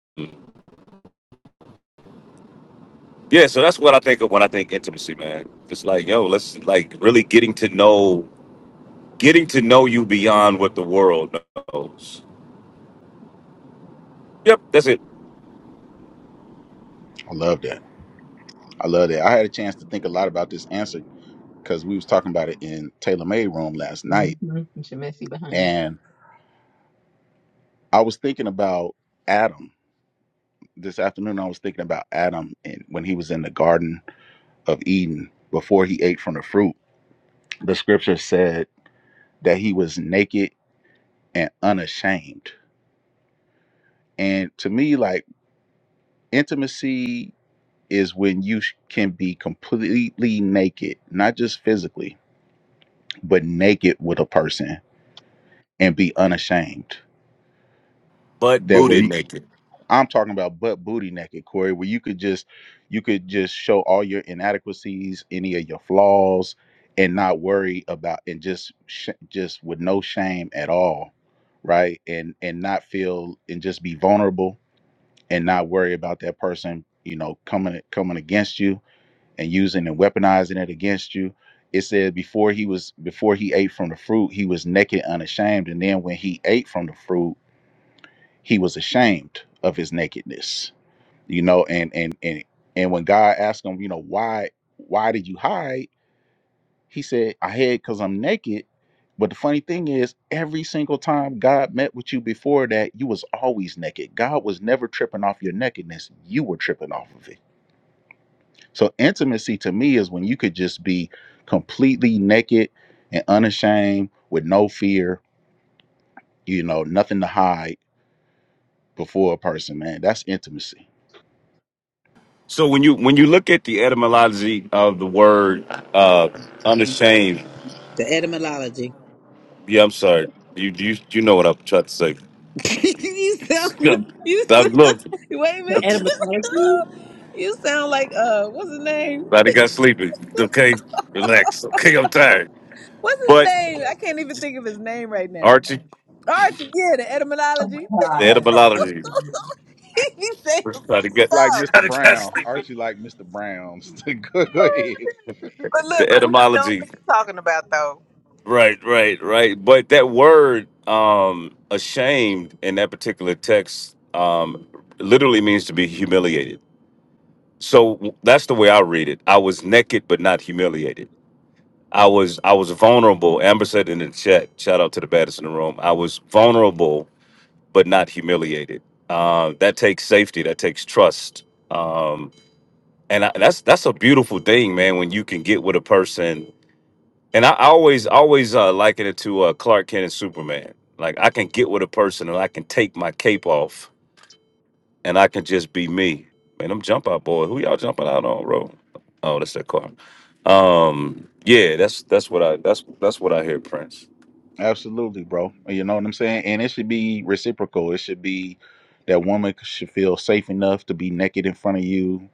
[SPEAKER 7] yeah, so that's what I think of when I think intimacy, man. It's like, yo, let's like really getting to know, getting to know you beyond what the world knows. Yep, that's it.
[SPEAKER 6] I love that. I love that. I had a chance to think a lot about this answer because we was talking about it in Taylor May room last night,
[SPEAKER 5] She messy behind.
[SPEAKER 6] and I was thinking about Adam this afternoon. I was thinking about Adam and when he was in the Garden of Eden before he ate from the fruit. The scripture said that he was naked and unashamed. And to me, like intimacy is when you sh- can be completely naked, not just physically, but naked with a person and be unashamed.
[SPEAKER 7] butt
[SPEAKER 6] That way,
[SPEAKER 7] booted
[SPEAKER 6] you-
[SPEAKER 7] naked.
[SPEAKER 6] I'm talking about butt booty naked, Corey, where you could just you could just show all your inadequacies, any of your flaws, and not worry about and just sh- just with no shame at all, right? And and not feel and just be vulnerable and not worry about that person, you know, coming coming against you and using and weaponizing it against you. It said before he was before he ate from the fruit, he was naked, unashamed, and then when he ate from the fruit, he was ashamed of his nakedness. You know, and and and and when God asked him, you know, why why did you hide? He said, I hid because I'm naked. But the funny thing is, every single time God met with you before that, you was always naked. God was never tripping off your nakedness. You were tripping off of it. So intimacy to me is when you could just be completely naked and unashamed with no fear, you know, nothing to hide before a person, man. That's intimacy.
[SPEAKER 7] So when you when you look at the etymology of the word uh unashamed,
[SPEAKER 1] The etymology.
[SPEAKER 7] yeah, I'm sorry, you you you know what I'm trying to say.
[SPEAKER 1] you sound you
[SPEAKER 7] I
[SPEAKER 1] sound
[SPEAKER 7] look,
[SPEAKER 1] wait a
[SPEAKER 2] The
[SPEAKER 7] I
[SPEAKER 1] minute.
[SPEAKER 2] etymology?
[SPEAKER 1] you sound like uh what's his name?
[SPEAKER 7] think I sleepy. Okay, relax. Okay, I'm tired.
[SPEAKER 1] What's his
[SPEAKER 7] But
[SPEAKER 1] name? I can't even think of his name right now.
[SPEAKER 7] Archie,
[SPEAKER 1] Archie, yeah, the etymology.
[SPEAKER 7] the
[SPEAKER 5] Hi.
[SPEAKER 7] etymology.
[SPEAKER 1] he be saying some
[SPEAKER 7] Try to get,
[SPEAKER 6] Like
[SPEAKER 1] stuff.
[SPEAKER 7] try
[SPEAKER 6] Mr.
[SPEAKER 7] to get
[SPEAKER 6] Brown.
[SPEAKER 7] sleepy.
[SPEAKER 6] Aren't you like Mr. Brown's? go, go ahead.
[SPEAKER 1] But look,
[SPEAKER 7] The
[SPEAKER 1] but we be knowing what
[SPEAKER 7] etymology.
[SPEAKER 1] he's talking about though.
[SPEAKER 7] Right, right, right. But that word, um, ashamed in that particular text, um, literally means to be humiliated so that's the way I read it. I was naked but not humiliated. I was I was vulnerable. Amber said in the chat, shout out to the baddest in the room. I was vulnerable but not humiliated. Uh, that takes safety. That takes trust. Um, and I, that's that's a beautiful thing, man. When you can get with a person, and I, I always always uh, liken it to uh, Clark Kent and Superman. Like I can get with a person and I can take my cape off and I can just be me. Man, I'm jump out boy. Who y'all jumping out on, bro? Oh, that's that car. Um, yeah, that's that's what I that's that's what I hear, Prince.
[SPEAKER 6] Absolutely, bro. You know what I'm saying? And it should be reciprocal. It should be that woman should feel safe enough to be naked in front of you,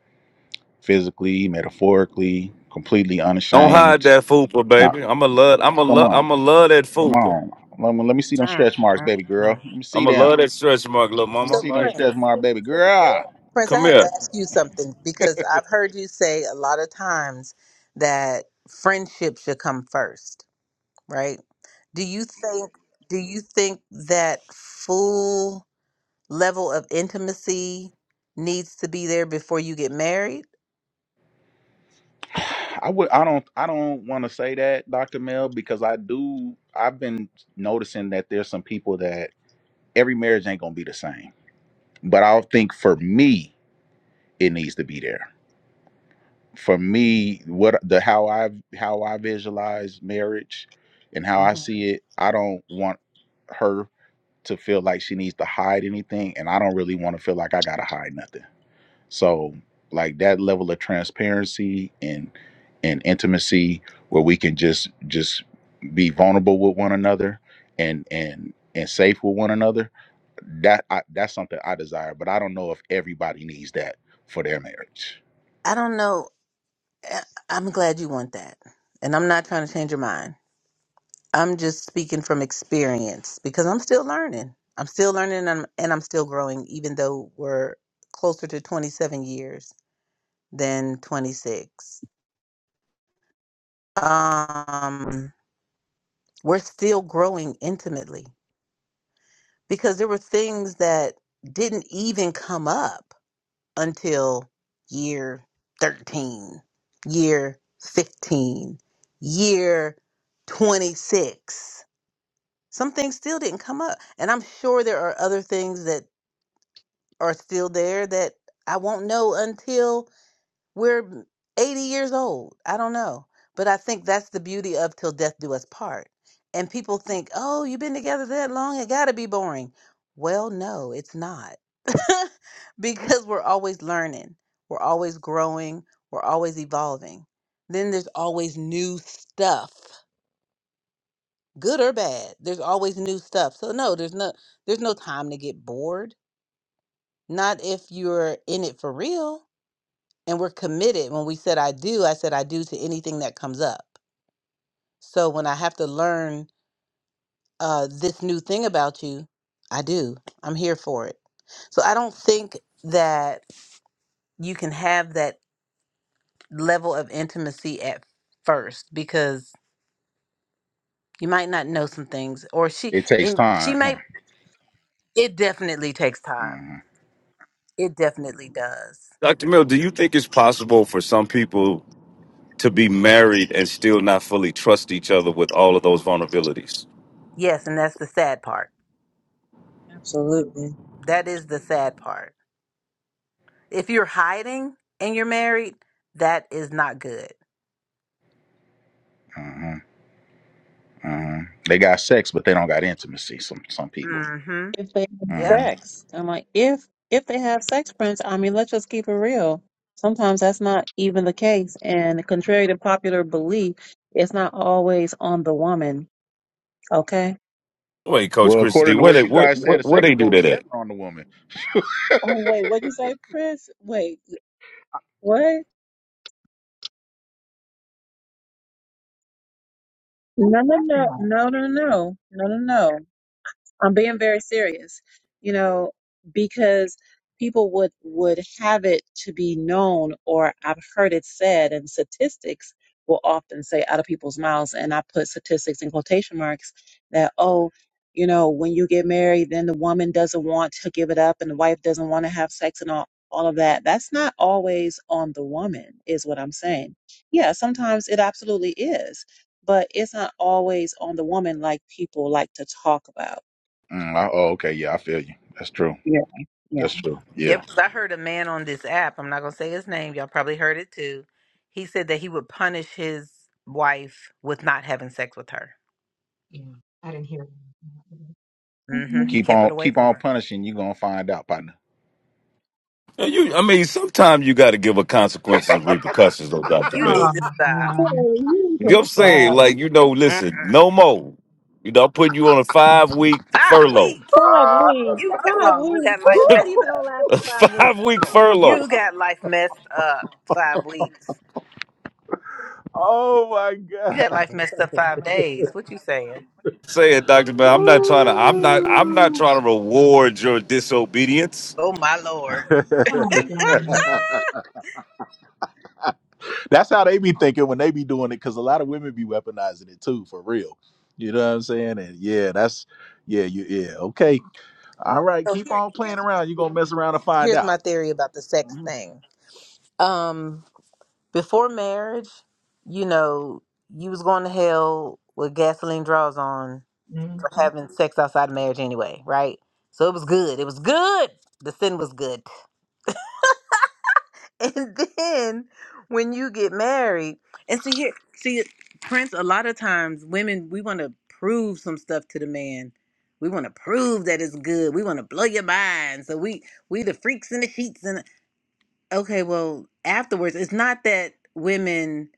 [SPEAKER 6] physically, metaphorically, completely
[SPEAKER 7] Don't hide
[SPEAKER 6] unashamed.
[SPEAKER 7] that fupa,
[SPEAKER 6] Now,
[SPEAKER 7] baby. i am a love i am a
[SPEAKER 6] come
[SPEAKER 7] love i
[SPEAKER 6] on.
[SPEAKER 7] am a love that
[SPEAKER 6] Come
[SPEAKER 7] fupa.
[SPEAKER 6] on. Let me, let me see them
[SPEAKER 1] Mm,
[SPEAKER 6] stretch marks,
[SPEAKER 1] mm,
[SPEAKER 6] baby girl.
[SPEAKER 1] mm.
[SPEAKER 6] Let me
[SPEAKER 7] i
[SPEAKER 6] see
[SPEAKER 7] am a
[SPEAKER 6] them.
[SPEAKER 7] love that stretch mark, little
[SPEAKER 6] Let me
[SPEAKER 7] mama.
[SPEAKER 1] So,
[SPEAKER 7] I'm
[SPEAKER 6] see them
[SPEAKER 7] like,
[SPEAKER 1] Prince,
[SPEAKER 6] stretch marks, baby girl.
[SPEAKER 1] Prince, I
[SPEAKER 7] Come
[SPEAKER 1] have to
[SPEAKER 7] here.
[SPEAKER 1] ask you something because I've heard you say a lot of times that friendship should come first, right? Do you think do you think that full level of intimacy needs to be there before you get married?
[SPEAKER 6] I would I don't I don't want to say that, Dr. Mel, because I do I've been noticing that there's some people that every marriage ain't gonna be the same. But I'll think for me it needs to be there for me what the how i how i visualize marriage and how
[SPEAKER 1] hmm
[SPEAKER 6] i see it i don't want her to feel like she needs to hide anything and i don't really want to feel like i gotta hide nothing so like that level of transparency and and intimacy where we can just just be vulnerable with one another and and and safe with one another that I, that's something i desire but i don't know if everybody needs that for their marriage
[SPEAKER 1] I don't know. I- I'm glad you want that. And I'm not trying to change your mind. I'm just speaking from experience because I'm still learning. I'm still learning and I'm, and I'm still growing, even though we're closer to 27 years. than 26. Um, we're still growing intimately because there were things that didn't even come up until year 13, year 15, year 26. Some things still didn't come up. And I'm sure there are other things that are still there that I won't know until We're 80 years old. I don't know. But I think that's the beauty of Till Death Do Us Part. And people think, oh, you've been together that long, it got to be boring. Well, no, it's not. because we're always learning, we're always growing, we're always evolving. Then there's always new stuff, good or bad. There's always new stuff. So no, there's no there's no time to get bored. Not if you're in it for real and we're committed when we said i do i said i do to anything that comes up so when i have to learn uh, this new thing about you i do i'm here for it so i don't think that you can have that level of intimacy at first because you might not know some things or she
[SPEAKER 6] It takes
[SPEAKER 1] and she
[SPEAKER 6] time. Huh?
[SPEAKER 1] may it definitely takes time
[SPEAKER 6] Uh-huh,
[SPEAKER 1] it definitely does
[SPEAKER 7] Dr. Mill, do you think it's possible for some people to be married and still not fully trust each other with all of those vulnerabilities?
[SPEAKER 1] yes and that's the sad part
[SPEAKER 2] Absolutely.
[SPEAKER 1] that is the sad part If you're hiding and you're married, that is not good.
[SPEAKER 6] uh-huh, uh-huh. They got sex, but they don't got intimacy. Some some people.
[SPEAKER 1] Mm-hmm.
[SPEAKER 2] If they have
[SPEAKER 1] Yep.
[SPEAKER 6] Uh-huh.
[SPEAKER 2] sex, I'm like, if if they have sex, Prince, I mean, let's just keep it real. Sometimes that's not even the case, and contrary to popular belief, it's not always on the woman. Okay.
[SPEAKER 7] Wait, Coach
[SPEAKER 6] Well,
[SPEAKER 7] Christie,
[SPEAKER 6] according to
[SPEAKER 7] where they
[SPEAKER 6] what you
[SPEAKER 7] what
[SPEAKER 6] guys said
[SPEAKER 7] what
[SPEAKER 6] a
[SPEAKER 7] where
[SPEAKER 6] second
[SPEAKER 7] they do
[SPEAKER 6] ago,
[SPEAKER 7] that
[SPEAKER 6] it's
[SPEAKER 7] at?
[SPEAKER 6] never on the woman.
[SPEAKER 2] Oh, wait, what'd you say, Prince? Wait, What?
[SPEAKER 5] Who's
[SPEAKER 2] No, no,
[SPEAKER 5] that
[SPEAKER 2] no,
[SPEAKER 5] behind?
[SPEAKER 2] no, no, no, no, no, no. I'm being very serious, you know, because people would would have it to be known, or I've heard it said, and statistics will often say out of people's mouths, and I put statistics in quotation marks that oh, you know, when you get married, then the woman doesn't want to give it up, and the wife doesn't want to have sex, and all all of that. That's not always on the woman, is what I'm saying. Yeah, sometimes it absolutely is. But it's not always on the woman like people like to talk about
[SPEAKER 6] Mm, I, oh, okay. Yeah, I feel you. That's true.
[SPEAKER 2] yeah, yeah.
[SPEAKER 6] That's true. Yeah.
[SPEAKER 1] Yep. 'cause I heard a man on this app. I'm not gonna say his name. Y'all probably heard it too. He said that he would punish his wife with not having sex with her.
[SPEAKER 5] Yeah, I didn't hear. it.
[SPEAKER 1] Mm-hmm.
[SPEAKER 2] Mhm.
[SPEAKER 1] He
[SPEAKER 6] Keep
[SPEAKER 1] kept it
[SPEAKER 6] on
[SPEAKER 1] away
[SPEAKER 6] keep
[SPEAKER 1] from
[SPEAKER 6] on
[SPEAKER 1] her.
[SPEAKER 6] punishing. you gonna find out, partner.
[SPEAKER 7] Yeah, You, I mean, sometimes you got to give a consequences and repercussions, though, Doctor
[SPEAKER 1] You
[SPEAKER 7] Mel.
[SPEAKER 5] Oh
[SPEAKER 1] need to stop.
[SPEAKER 2] Hey,
[SPEAKER 5] man.
[SPEAKER 2] you need
[SPEAKER 7] You
[SPEAKER 5] Who's
[SPEAKER 7] know
[SPEAKER 2] to
[SPEAKER 7] what I'm saying?
[SPEAKER 2] stop.
[SPEAKER 5] full?
[SPEAKER 7] Like, you know, listen,
[SPEAKER 1] Mm-mm.
[SPEAKER 7] no more. You know, I'm putting you on a five week
[SPEAKER 1] Five
[SPEAKER 7] furlough,
[SPEAKER 1] weeks.
[SPEAKER 2] Five weeks.
[SPEAKER 1] You got some,
[SPEAKER 2] Five
[SPEAKER 5] Hello.
[SPEAKER 1] you
[SPEAKER 2] weeks.
[SPEAKER 1] got life
[SPEAKER 2] You're not
[SPEAKER 1] messed
[SPEAKER 7] a
[SPEAKER 2] even
[SPEAKER 1] up.
[SPEAKER 2] gonna last for five weeks.
[SPEAKER 7] five week furlough.
[SPEAKER 1] You got life messed up. Five weeks.
[SPEAKER 6] Oh my
[SPEAKER 1] You
[SPEAKER 6] God.
[SPEAKER 1] got life messed up five days. What you saying?
[SPEAKER 7] Say it, Doctor Mel, I'm not trying to. I'm not. I'm not trying to reward your disobedience.
[SPEAKER 1] Oh my lord.
[SPEAKER 5] Oh, God.
[SPEAKER 6] That's how they be thinking when they be doing it, because a lot of women be weaponizing it too, for real. You know what I'm saying? And yeah, that's yeah, you yeah, okay. All right,
[SPEAKER 1] So
[SPEAKER 6] keep
[SPEAKER 1] here-
[SPEAKER 6] on playing
[SPEAKER 1] here's my
[SPEAKER 6] around.
[SPEAKER 1] thing.
[SPEAKER 6] You're gonna mess around and find
[SPEAKER 1] here's my
[SPEAKER 6] out.
[SPEAKER 1] theory about the sex thing. Um, before marriage, you know, you was going to hell with gasoline draws on for
[SPEAKER 5] Mm-hmm.
[SPEAKER 1] having sex outside of marriage anyway, right? So it was good. It was good. The sin was good. And then when you get married, and see here, see Prince, a lot of times women we want to prove some stuff to the man. We want to prove that it's good. We want to blow your mind. So we we the freaks in the sheets and. Okay, well, afterwards, it's not that women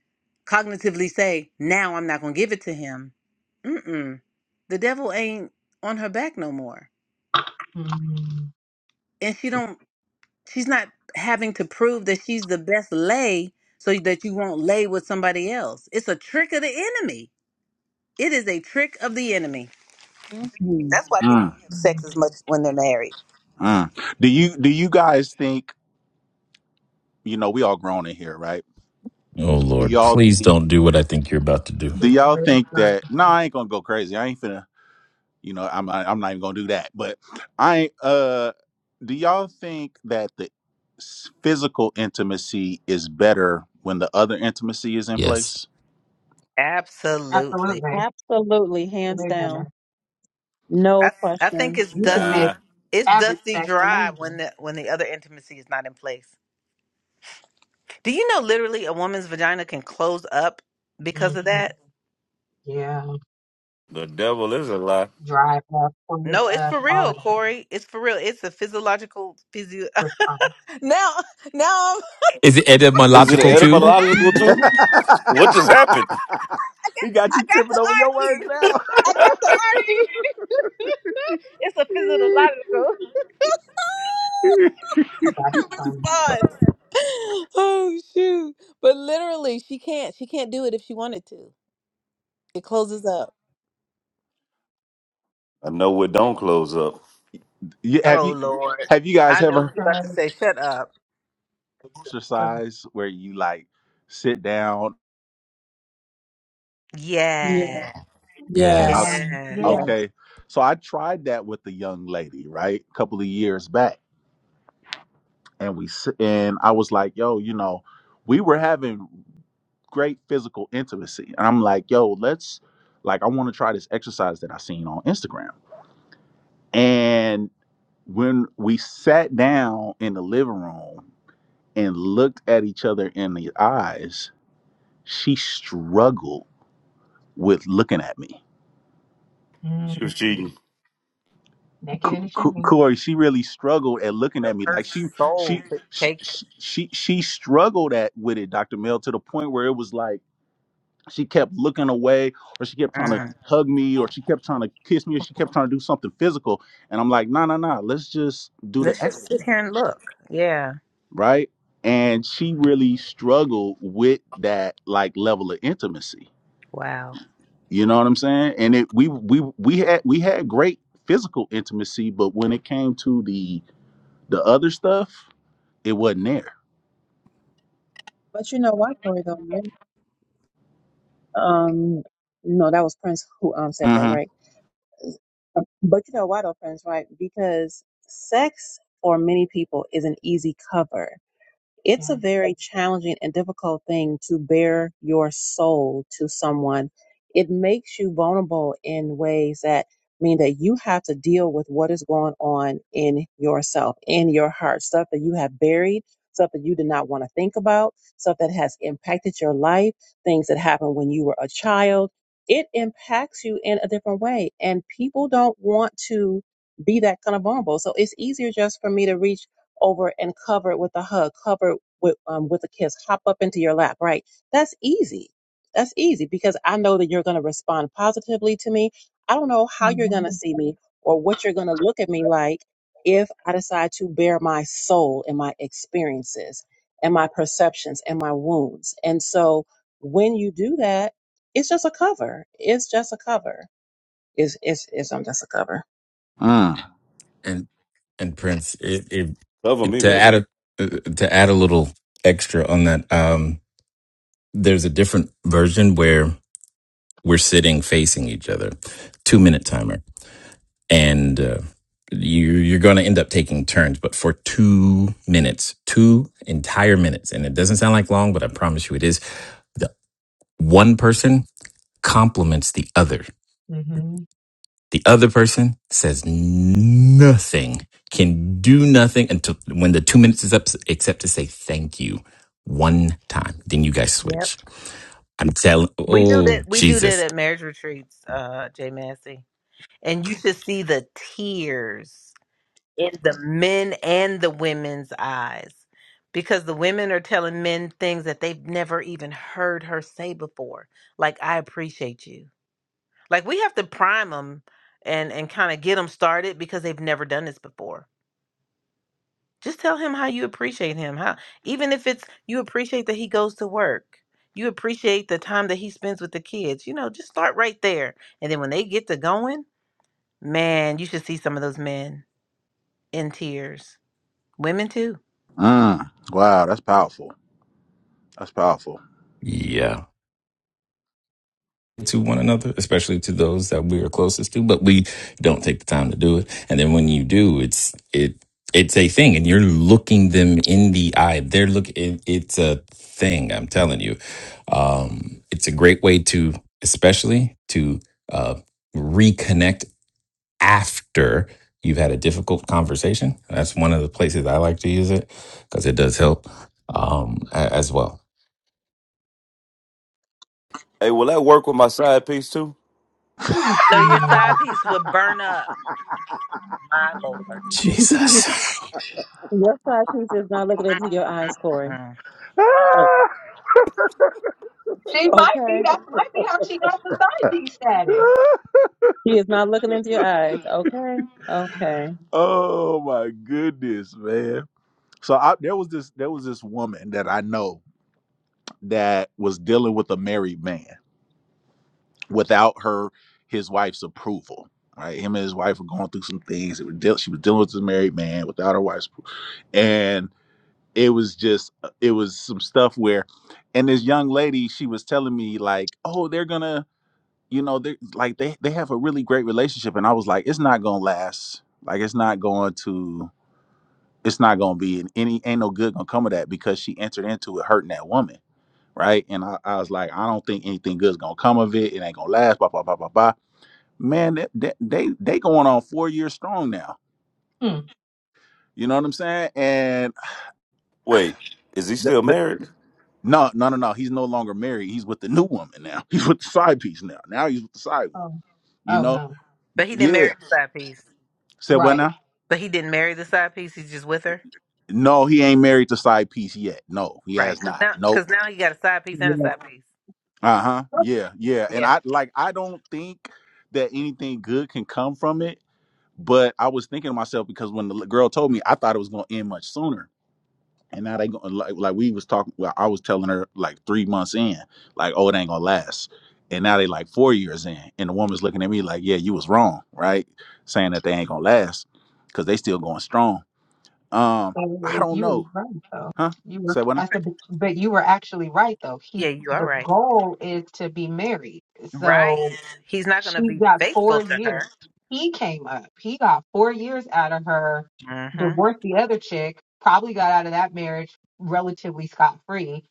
[SPEAKER 1] cognitively say, now I'm not going to give it to him. Mm-mm. The devil ain't on her back no more.
[SPEAKER 5] Mm-hmm.
[SPEAKER 1] And she don't, she's not having to prove that she's the best lay so that you won't lay with somebody else. It's a trick of the enemy. It is a trick of the enemy.
[SPEAKER 2] Mhm.
[SPEAKER 1] That's why people
[SPEAKER 6] Mm,
[SPEAKER 1] don't have sex as much when they're married.
[SPEAKER 6] mm. Do you do you guys think you know we all grown in here, right?
[SPEAKER 3] Oh
[SPEAKER 6] Do
[SPEAKER 3] Lord,
[SPEAKER 6] y'all
[SPEAKER 3] please
[SPEAKER 6] think
[SPEAKER 3] don't do what I think you're about to do.
[SPEAKER 6] do y'all
[SPEAKER 5] Whenever it's
[SPEAKER 6] think
[SPEAKER 5] done.
[SPEAKER 6] that no, I ain't gonna go crazy. I ain't finna you know I'm I, I'm not even gonna do that. But I ain't, uh do y'all think that the s- physical intimacy is better when the other intimacy is in
[SPEAKER 3] Yes.
[SPEAKER 6] place?
[SPEAKER 1] Absolutely.
[SPEAKER 5] Absolutely.
[SPEAKER 2] Absolutely, hands
[SPEAKER 5] Believe me.
[SPEAKER 2] down. No
[SPEAKER 1] I I think
[SPEAKER 2] question.
[SPEAKER 1] it's
[SPEAKER 5] You can
[SPEAKER 1] dusty.
[SPEAKER 5] make
[SPEAKER 7] Nah,
[SPEAKER 1] It's
[SPEAKER 5] average
[SPEAKER 1] dusty
[SPEAKER 5] sex
[SPEAKER 1] dry when
[SPEAKER 5] amazing.
[SPEAKER 1] the when the other intimacy is not in place. Do you know literally a woman's vagina can close up because of
[SPEAKER 5] Mm-hmm.
[SPEAKER 1] that?
[SPEAKER 5] Yeah.
[SPEAKER 7] the devil is a lie.
[SPEAKER 5] Drive up, clothes
[SPEAKER 1] No, it's
[SPEAKER 5] up,
[SPEAKER 1] for
[SPEAKER 5] all
[SPEAKER 1] real,
[SPEAKER 5] of that.
[SPEAKER 1] Corey. It's for real. It's a physiological physio.
[SPEAKER 5] With fun.
[SPEAKER 1] now, now
[SPEAKER 3] Is it
[SPEAKER 7] Is it
[SPEAKER 3] etymological
[SPEAKER 5] It's,
[SPEAKER 3] too?
[SPEAKER 5] it's,
[SPEAKER 7] etymological
[SPEAKER 1] I'm
[SPEAKER 7] too? What just happened?
[SPEAKER 6] he got
[SPEAKER 1] I
[SPEAKER 6] you
[SPEAKER 1] got
[SPEAKER 6] tripping
[SPEAKER 1] the
[SPEAKER 6] over your words
[SPEAKER 1] Archie.
[SPEAKER 6] now.
[SPEAKER 1] I got the Archie. it's a physiological
[SPEAKER 5] that's funny.
[SPEAKER 1] response. Oh shoot! But literally, she can't. She can't do it if she wanted to. It closes up.
[SPEAKER 7] I know it don't close up.
[SPEAKER 6] Yeah, have
[SPEAKER 1] Oh
[SPEAKER 6] you
[SPEAKER 1] Lord.
[SPEAKER 6] have you guys
[SPEAKER 1] I know
[SPEAKER 6] ever?
[SPEAKER 1] what you're about
[SPEAKER 5] So
[SPEAKER 1] to say. Shut up.
[SPEAKER 5] But,
[SPEAKER 6] exercise where you like sit down.
[SPEAKER 2] Yeah,
[SPEAKER 1] Yeah.
[SPEAKER 2] yeah,
[SPEAKER 6] i
[SPEAKER 3] Yes.
[SPEAKER 5] Um,
[SPEAKER 1] Yes.
[SPEAKER 5] yeah.
[SPEAKER 2] yeah.
[SPEAKER 6] Okay, so I tried that with the young lady, right, a couple of years back, and we s- and I was like, yo, you know, we were having great physical intimacy, and I'm like, yo, let's like I want to try this exercise that I seen on Instagram, and when we sat down in the living room and looked at each other in the eyes, she struggled with looking at me
[SPEAKER 7] She
[SPEAKER 5] Mm.
[SPEAKER 7] was cheating.
[SPEAKER 5] Naked
[SPEAKER 6] Co-
[SPEAKER 5] and ashamed.
[SPEAKER 6] Corey, she really struggled at looking
[SPEAKER 1] So
[SPEAKER 6] at me
[SPEAKER 1] her
[SPEAKER 6] like she
[SPEAKER 1] soul
[SPEAKER 6] she
[SPEAKER 1] could
[SPEAKER 6] she
[SPEAKER 1] take it.
[SPEAKER 6] she she, she struggled at with it, Doctor Mel, to the point where it was like she kept looking away, or she kept trying to
[SPEAKER 1] Mm.
[SPEAKER 6] hug me, or she kept trying to kiss me, or she kept trying to do something physical, and I'm like, no, no, no, let's just do the
[SPEAKER 1] Let's just sit
[SPEAKER 6] exercise,
[SPEAKER 1] here and look. Yeah.
[SPEAKER 6] right? And she really struggled with that like level of intimacy.
[SPEAKER 1] Wow.
[SPEAKER 6] You know what I'm saying? And it we we we had we had great physical intimacy, but when it came to the the other stuff, it wasn't there.
[SPEAKER 2] But you know what, Tori though, man? Um no, that was Prince who um said that,
[SPEAKER 6] Mm-hmm.
[SPEAKER 2] right? Uh, But you know why though, Prince, right? Because sex for many people is an easy cover. It's a
[SPEAKER 5] Yeah.
[SPEAKER 2] very challenging and difficult thing to bear your soul to someone. It makes you vulnerable in ways that mean that you have to deal with what is going on in yourself, in your heart, stuff that you have buried, stuff that you did not want to think about, stuff that has impacted your life, things that happened when you were a child. It impacts you in a different way, and people don't want to be that kind of vulnerable. So it's easier just for me to reach over and cover it with a hug, cover it with um, with a kiss, hop up into your lap, right? That's easy. That's easy because I know that you're going to respond positively to me. I don't know how you're going to
[SPEAKER 5] hmm
[SPEAKER 2] see me or what you're going to look at me like if I decide to bare my soul and my experiences and my perceptions and my wounds. And so when you do that, it's just a cover. It's just a cover. It's it's it's um, just a cover.
[SPEAKER 6] Mm.
[SPEAKER 3] And and Prince, it, it,
[SPEAKER 7] Cover
[SPEAKER 3] it
[SPEAKER 7] me,
[SPEAKER 3] to
[SPEAKER 7] baby.
[SPEAKER 3] add a uh, to add a little extra on that. Um, there's a different version where we're sitting facing each other. Two minute timer. and uh, you you're going to end up taking turns but for 2 minutes 2 entire minutes and it doesn't sound like long but I promise you it is the one person compliments the other
[SPEAKER 5] hmm
[SPEAKER 3] the other person says nothing can do nothing until when the 2 minutes is up except to say thank you one time then you guys
[SPEAKER 1] Yep.
[SPEAKER 3] switch I'm telling
[SPEAKER 1] We do
[SPEAKER 3] oh
[SPEAKER 1] that. We do that
[SPEAKER 3] Jesus
[SPEAKER 1] at marriage retreats, uh, Jay Massey. And you should see the tears in the men and the women's eyes because the women are telling men things that they've never even heard her say before. Like, I appreciate you. Like, we have to prime them and, and kind of get them started because they've never done this before. Just tell him how you appreciate him. How even if it's you appreciate that he goes to work. You appreciate the time that he spends with the kids. You know, just start right there. And then when they get to going, man, you should see some of those men in tears. Women too.
[SPEAKER 6] Mm. Wow, that's powerful. That's powerful.
[SPEAKER 3] yeah. to one another, especially to those that we are closest to, but we don't take the time to do it. And then when you do, it's it it's a thing, and you're looking them in the eye. They're look. It, it's a thing. I'm telling you, um, it's a great way to, especially to uh, reconnect after you've had a difficult conversation. That's one of the places I like to use it because it does help um, a- as well.
[SPEAKER 7] Hey, will that work with my side piece too?
[SPEAKER 5] Oh,
[SPEAKER 1] No, your
[SPEAKER 5] God.
[SPEAKER 1] side piece would burn up. My lord.
[SPEAKER 3] Jesus.
[SPEAKER 2] Your side piece is not looking
[SPEAKER 1] Mm,
[SPEAKER 2] into your
[SPEAKER 1] mm,
[SPEAKER 2] eyes, Corey.
[SPEAKER 1] mm.
[SPEAKER 5] She might be.
[SPEAKER 2] Okay.
[SPEAKER 5] That might be how she got society status.
[SPEAKER 2] He is not looking into your eyes. Okay. Okay.
[SPEAKER 6] oh my goodness, man. So I, there was this there was this woman that I know that was dealing with a married man without her his wife's approval. Right, him and his wife were going through some things. They were deal- she was dealing with this married man without her wife's, appro- and it was just it was some stuff where, and this young lady she was telling me like, oh, they're gonna you know they like they they have a really great relationship and i was like it's not gonna last like it's not going to it's not gonna be and any ain't no good gonna come of that because she entered into it hurting that woman right and i, I was like i don't think anything good's gonna come of it it ain't gonna last blah blah blah blah blah man they they they, they going on four years strong now
[SPEAKER 5] Hmm.
[SPEAKER 6] you know what i'm saying and
[SPEAKER 7] Wait, is he
[SPEAKER 6] the,
[SPEAKER 7] still
[SPEAKER 6] the,
[SPEAKER 7] married?
[SPEAKER 6] no no no no he's no longer married he's with the new woman now he's with the side piece now now he's with the side one
[SPEAKER 5] Oh.
[SPEAKER 6] you
[SPEAKER 5] Oh
[SPEAKER 6] know
[SPEAKER 5] no.
[SPEAKER 1] But he didn't marry
[SPEAKER 6] yeah
[SPEAKER 1] the side piece.
[SPEAKER 6] said what
[SPEAKER 5] Right.
[SPEAKER 6] now
[SPEAKER 1] But he didn't marry the side piece. He's just with her.
[SPEAKER 6] No, he ain't married to side piece yet. No, he
[SPEAKER 1] Right.
[SPEAKER 6] has
[SPEAKER 1] Cause
[SPEAKER 6] not.
[SPEAKER 1] now,
[SPEAKER 6] Nope.
[SPEAKER 1] cause now he got a side piece and a
[SPEAKER 2] Yeah.
[SPEAKER 1] side piece.
[SPEAKER 6] Uh huh.
[SPEAKER 5] Uh,
[SPEAKER 6] Yeah, yeah. And
[SPEAKER 1] Yeah.
[SPEAKER 6] I like I don't think that anything good can come from it. But I was thinking to myself because when the l- girl told me, I thought it was gonna end much sooner. And now they going like like we was talking. Well, I was telling her like three months in, like oh it ain't gonna last. And now they like four years in, and the woman's looking at me like yeah you was wrong, right? Saying that they ain't gonna last because they still going strong. Um, I don't
[SPEAKER 5] You were
[SPEAKER 6] know,
[SPEAKER 5] right though.
[SPEAKER 6] huh?
[SPEAKER 5] You were.
[SPEAKER 6] Say what?
[SPEAKER 5] I said, but, but you were actually right though. He.
[SPEAKER 1] Yeah, you are
[SPEAKER 5] The
[SPEAKER 1] right.
[SPEAKER 5] goal is to be married.
[SPEAKER 1] Right.
[SPEAKER 5] So
[SPEAKER 1] He's not going to
[SPEAKER 5] She
[SPEAKER 1] be
[SPEAKER 5] got
[SPEAKER 1] faithful
[SPEAKER 5] four
[SPEAKER 1] to her.
[SPEAKER 5] years. He came up. He got four years out of her,
[SPEAKER 1] hmm
[SPEAKER 5] divorced the other chick, probably got out of that marriage relatively scot free.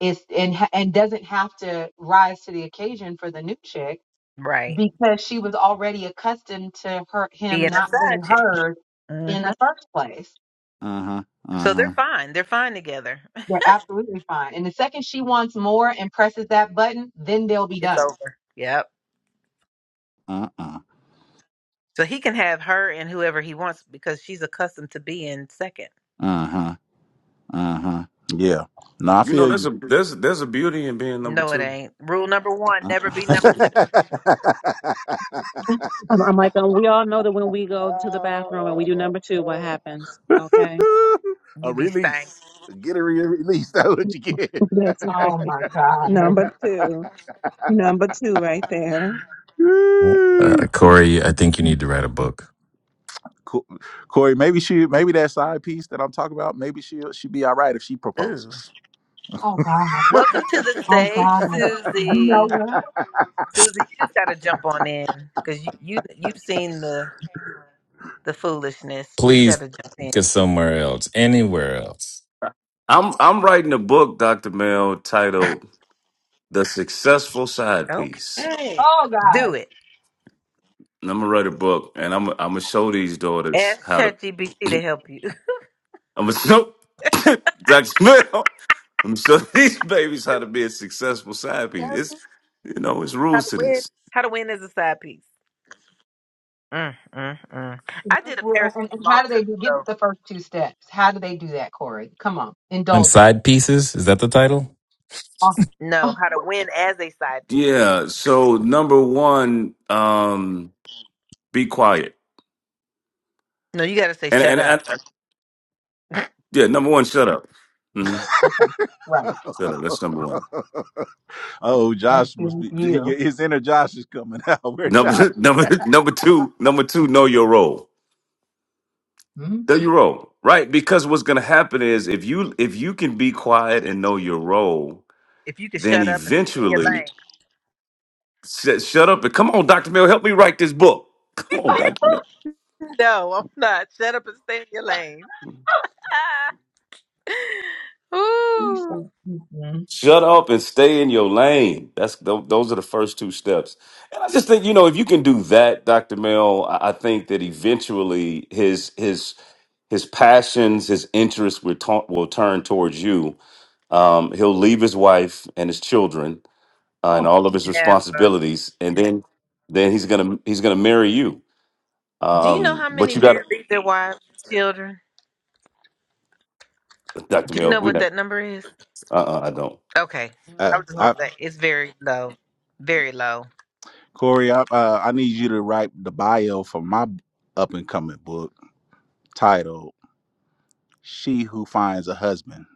[SPEAKER 5] Is and ha- and doesn't have to rise to the occasion for the new chick
[SPEAKER 1] Right.
[SPEAKER 5] because she was already accustomed to her him
[SPEAKER 1] Being a
[SPEAKER 5] not being
[SPEAKER 1] side chick.
[SPEAKER 5] heard
[SPEAKER 1] hmm
[SPEAKER 5] in the first place.
[SPEAKER 6] Uh huh. Uh
[SPEAKER 1] So
[SPEAKER 6] huh.
[SPEAKER 1] they're fine. They're fine together.
[SPEAKER 5] They're absolutely fine. And the second she wants more and presses that button, then they'll be
[SPEAKER 1] It's
[SPEAKER 5] done.
[SPEAKER 1] over. Yep.
[SPEAKER 6] Uh uh.
[SPEAKER 1] So he can have her and whoever he wants because she's accustomed to being second.
[SPEAKER 6] Uh huh. Uh huh. Yeah. No, I
[SPEAKER 7] You know,
[SPEAKER 6] feel
[SPEAKER 7] that's a
[SPEAKER 6] you.
[SPEAKER 7] that's there's a beauty in being number
[SPEAKER 1] No, it
[SPEAKER 7] two.
[SPEAKER 1] ain't. Rule number one: never be
[SPEAKER 6] Uh-uh.
[SPEAKER 1] number two.
[SPEAKER 2] I'm, I'm like, um, we all know that when we go to the bathroom and we do number two, what happens? Okay.
[SPEAKER 6] a
[SPEAKER 1] You be stank.
[SPEAKER 6] release. Get a re- release. That's what you get.
[SPEAKER 2] That's right.
[SPEAKER 5] Oh my
[SPEAKER 2] Number
[SPEAKER 5] God.
[SPEAKER 2] two. Number two right there.
[SPEAKER 3] Well, Uh,
[SPEAKER 6] Woo.
[SPEAKER 3] Corey, I think you need to write a book.
[SPEAKER 6] Co- Corey, maybe she, maybe that side piece that I'm talking about, maybe she will she be all right if she
[SPEAKER 1] Ooh.
[SPEAKER 6] proposes.
[SPEAKER 5] Oh God.
[SPEAKER 1] Welcome to the
[SPEAKER 5] Oh
[SPEAKER 1] stage,
[SPEAKER 5] God. You know
[SPEAKER 1] Susie.
[SPEAKER 5] what?
[SPEAKER 1] Susie, you just gotta jump on in because you you you've seen the the foolishness. You just
[SPEAKER 3] Please
[SPEAKER 1] gotta jump
[SPEAKER 3] get
[SPEAKER 1] in.
[SPEAKER 3] somewhere else, anywhere else.
[SPEAKER 7] I'm I'm writing a book, Doctor Mel, titled "The Successful Side Piece."
[SPEAKER 1] Okay.
[SPEAKER 5] Oh God.
[SPEAKER 1] Do it.
[SPEAKER 7] And I'm gonna write a book, and I'm I'm gonna show these daughters
[SPEAKER 1] Ask
[SPEAKER 7] how to.
[SPEAKER 1] ChatGPT to help you.
[SPEAKER 7] I'm gonna show Doctor Mel. I'm gonna show these babies how to be a successful side piece. It's you know, it's
[SPEAKER 1] How
[SPEAKER 7] rules
[SPEAKER 1] to
[SPEAKER 7] to
[SPEAKER 1] win?
[SPEAKER 7] this.
[SPEAKER 1] How to win is a side piece. Mm, mm, mm. I
[SPEAKER 5] First
[SPEAKER 1] did a
[SPEAKER 5] rule- And,
[SPEAKER 1] Periscope
[SPEAKER 5] and
[SPEAKER 1] a
[SPEAKER 5] and
[SPEAKER 1] long
[SPEAKER 5] how do
[SPEAKER 1] time
[SPEAKER 5] they do? Give us
[SPEAKER 1] ago.
[SPEAKER 5] the first two steps. How do they do that, Corey? Come on,
[SPEAKER 3] "Inside
[SPEAKER 5] indulge us.
[SPEAKER 3] pieces is that the title?
[SPEAKER 5] Oh,
[SPEAKER 1] No,
[SPEAKER 5] oh,
[SPEAKER 1] how to win as a side piece.
[SPEAKER 7] Yeah. So number one, um, be quiet,
[SPEAKER 1] No, you got to say
[SPEAKER 7] and
[SPEAKER 1] shut
[SPEAKER 7] and,
[SPEAKER 1] up.
[SPEAKER 7] and yeah, number one, shut up. hmm
[SPEAKER 5] okay. Right.
[SPEAKER 7] Shut up. That's number one.
[SPEAKER 6] Oh,
[SPEAKER 5] That's
[SPEAKER 6] Josh must
[SPEAKER 5] good.
[SPEAKER 6] be
[SPEAKER 5] You.
[SPEAKER 6] his inner Josh is coming out. Where Josh?
[SPEAKER 7] Number number number two, number two, know your role.
[SPEAKER 5] Hmm.
[SPEAKER 7] Know your role. Right? Because what's gonna happen is if you if you can be quiet and know your role,
[SPEAKER 1] If you can
[SPEAKER 7] then
[SPEAKER 1] shut up and stay in your
[SPEAKER 7] eventually
[SPEAKER 1] lane.
[SPEAKER 7] sh- shut up and come on, Dr. Mill, help me write this book. Come on, Dr. Mill.
[SPEAKER 1] No, I'm not. Shut up and stay in your lane.
[SPEAKER 5] You
[SPEAKER 1] Ooh.
[SPEAKER 5] said, mhm.
[SPEAKER 7] Shut up and stay in your lane. That's tho- those are the first two steps. And I just think, you know, if you can do that, Dr. Mill, I I think that eventually his his His passions, his interests will, ta- will turn towards you. Um, he'll leave his wife and his children uh, and
[SPEAKER 5] Oh,
[SPEAKER 7] all of his
[SPEAKER 1] Never.
[SPEAKER 7] responsibilities, and then then he's gonna he's gonna marry you.
[SPEAKER 1] Do you know
[SPEAKER 7] Um,
[SPEAKER 1] how
[SPEAKER 7] but
[SPEAKER 1] many
[SPEAKER 7] you got
[SPEAKER 1] men leave their wives and children?
[SPEAKER 7] Dr.
[SPEAKER 1] Do you
[SPEAKER 7] Mill.
[SPEAKER 1] know
[SPEAKER 7] We
[SPEAKER 1] what
[SPEAKER 7] not.
[SPEAKER 1] that number is?
[SPEAKER 7] Uh, uh I don't.
[SPEAKER 1] Okay.
[SPEAKER 5] there
[SPEAKER 1] I
[SPEAKER 5] we
[SPEAKER 1] was just
[SPEAKER 6] at?
[SPEAKER 5] go.
[SPEAKER 1] going to say it's very low. Very low.
[SPEAKER 6] Corey, I, uh, I need you to write the bio for my up and coming book titled "She Who Finds a Husband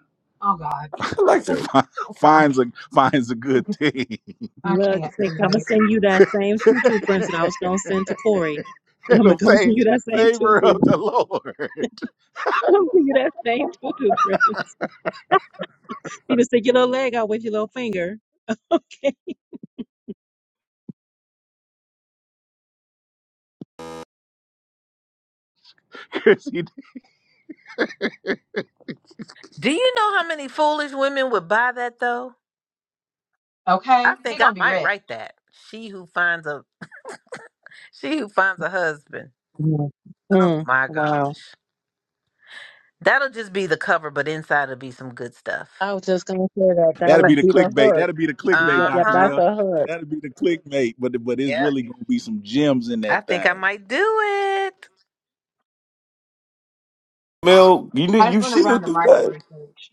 [SPEAKER 5] oh God.
[SPEAKER 7] I like that.
[SPEAKER 6] Fi-
[SPEAKER 5] Oh God.
[SPEAKER 6] Finds a Finds a Good Thing
[SPEAKER 5] I
[SPEAKER 2] Look,
[SPEAKER 5] can't
[SPEAKER 2] they come and
[SPEAKER 5] tonight.
[SPEAKER 2] send you that same tutu prints that I was going to send to Corey.
[SPEAKER 6] and
[SPEAKER 2] I'm going to come and send you
[SPEAKER 6] Obtains
[SPEAKER 2] that same
[SPEAKER 6] Favor of
[SPEAKER 2] tutu.
[SPEAKER 6] the Lord."
[SPEAKER 2] Come send you that same tutu prints. You just stick your little leg out with your little finger. Okay.
[SPEAKER 6] 'Cause he-
[SPEAKER 1] Do you know how many foolish women would buy that though? I
[SPEAKER 5] Okay. He
[SPEAKER 1] think I
[SPEAKER 5] gonna be
[SPEAKER 1] might
[SPEAKER 5] rich.
[SPEAKER 1] write that. She who finds a she who finds a husband.
[SPEAKER 2] Yeah.
[SPEAKER 1] Oh
[SPEAKER 2] Mm.
[SPEAKER 1] my
[SPEAKER 2] Wow.
[SPEAKER 1] gosh. That'll just be the cover, but inside it'll be some good stuff.
[SPEAKER 2] I was just gonna say that that
[SPEAKER 1] You're
[SPEAKER 6] that'll be
[SPEAKER 1] Like,
[SPEAKER 2] would
[SPEAKER 6] the
[SPEAKER 2] be the
[SPEAKER 6] clickbait.
[SPEAKER 2] hook.
[SPEAKER 6] That'll be the clickbait,
[SPEAKER 2] Yep, yep,
[SPEAKER 6] Doctor
[SPEAKER 1] uh-huh.
[SPEAKER 2] that's
[SPEAKER 6] Mel.
[SPEAKER 2] the hook.
[SPEAKER 6] That'll be the clickbait. But but it's
[SPEAKER 1] Yeah.
[SPEAKER 6] really gonna be some gems in
[SPEAKER 1] I
[SPEAKER 6] that
[SPEAKER 1] think I
[SPEAKER 6] thing.
[SPEAKER 1] might do it.
[SPEAKER 7] Mill, you
[SPEAKER 5] I
[SPEAKER 7] need
[SPEAKER 5] just
[SPEAKER 7] you
[SPEAKER 5] want to run
[SPEAKER 7] shouldn't
[SPEAKER 5] the
[SPEAKER 7] do
[SPEAKER 5] market
[SPEAKER 7] that.
[SPEAKER 5] research.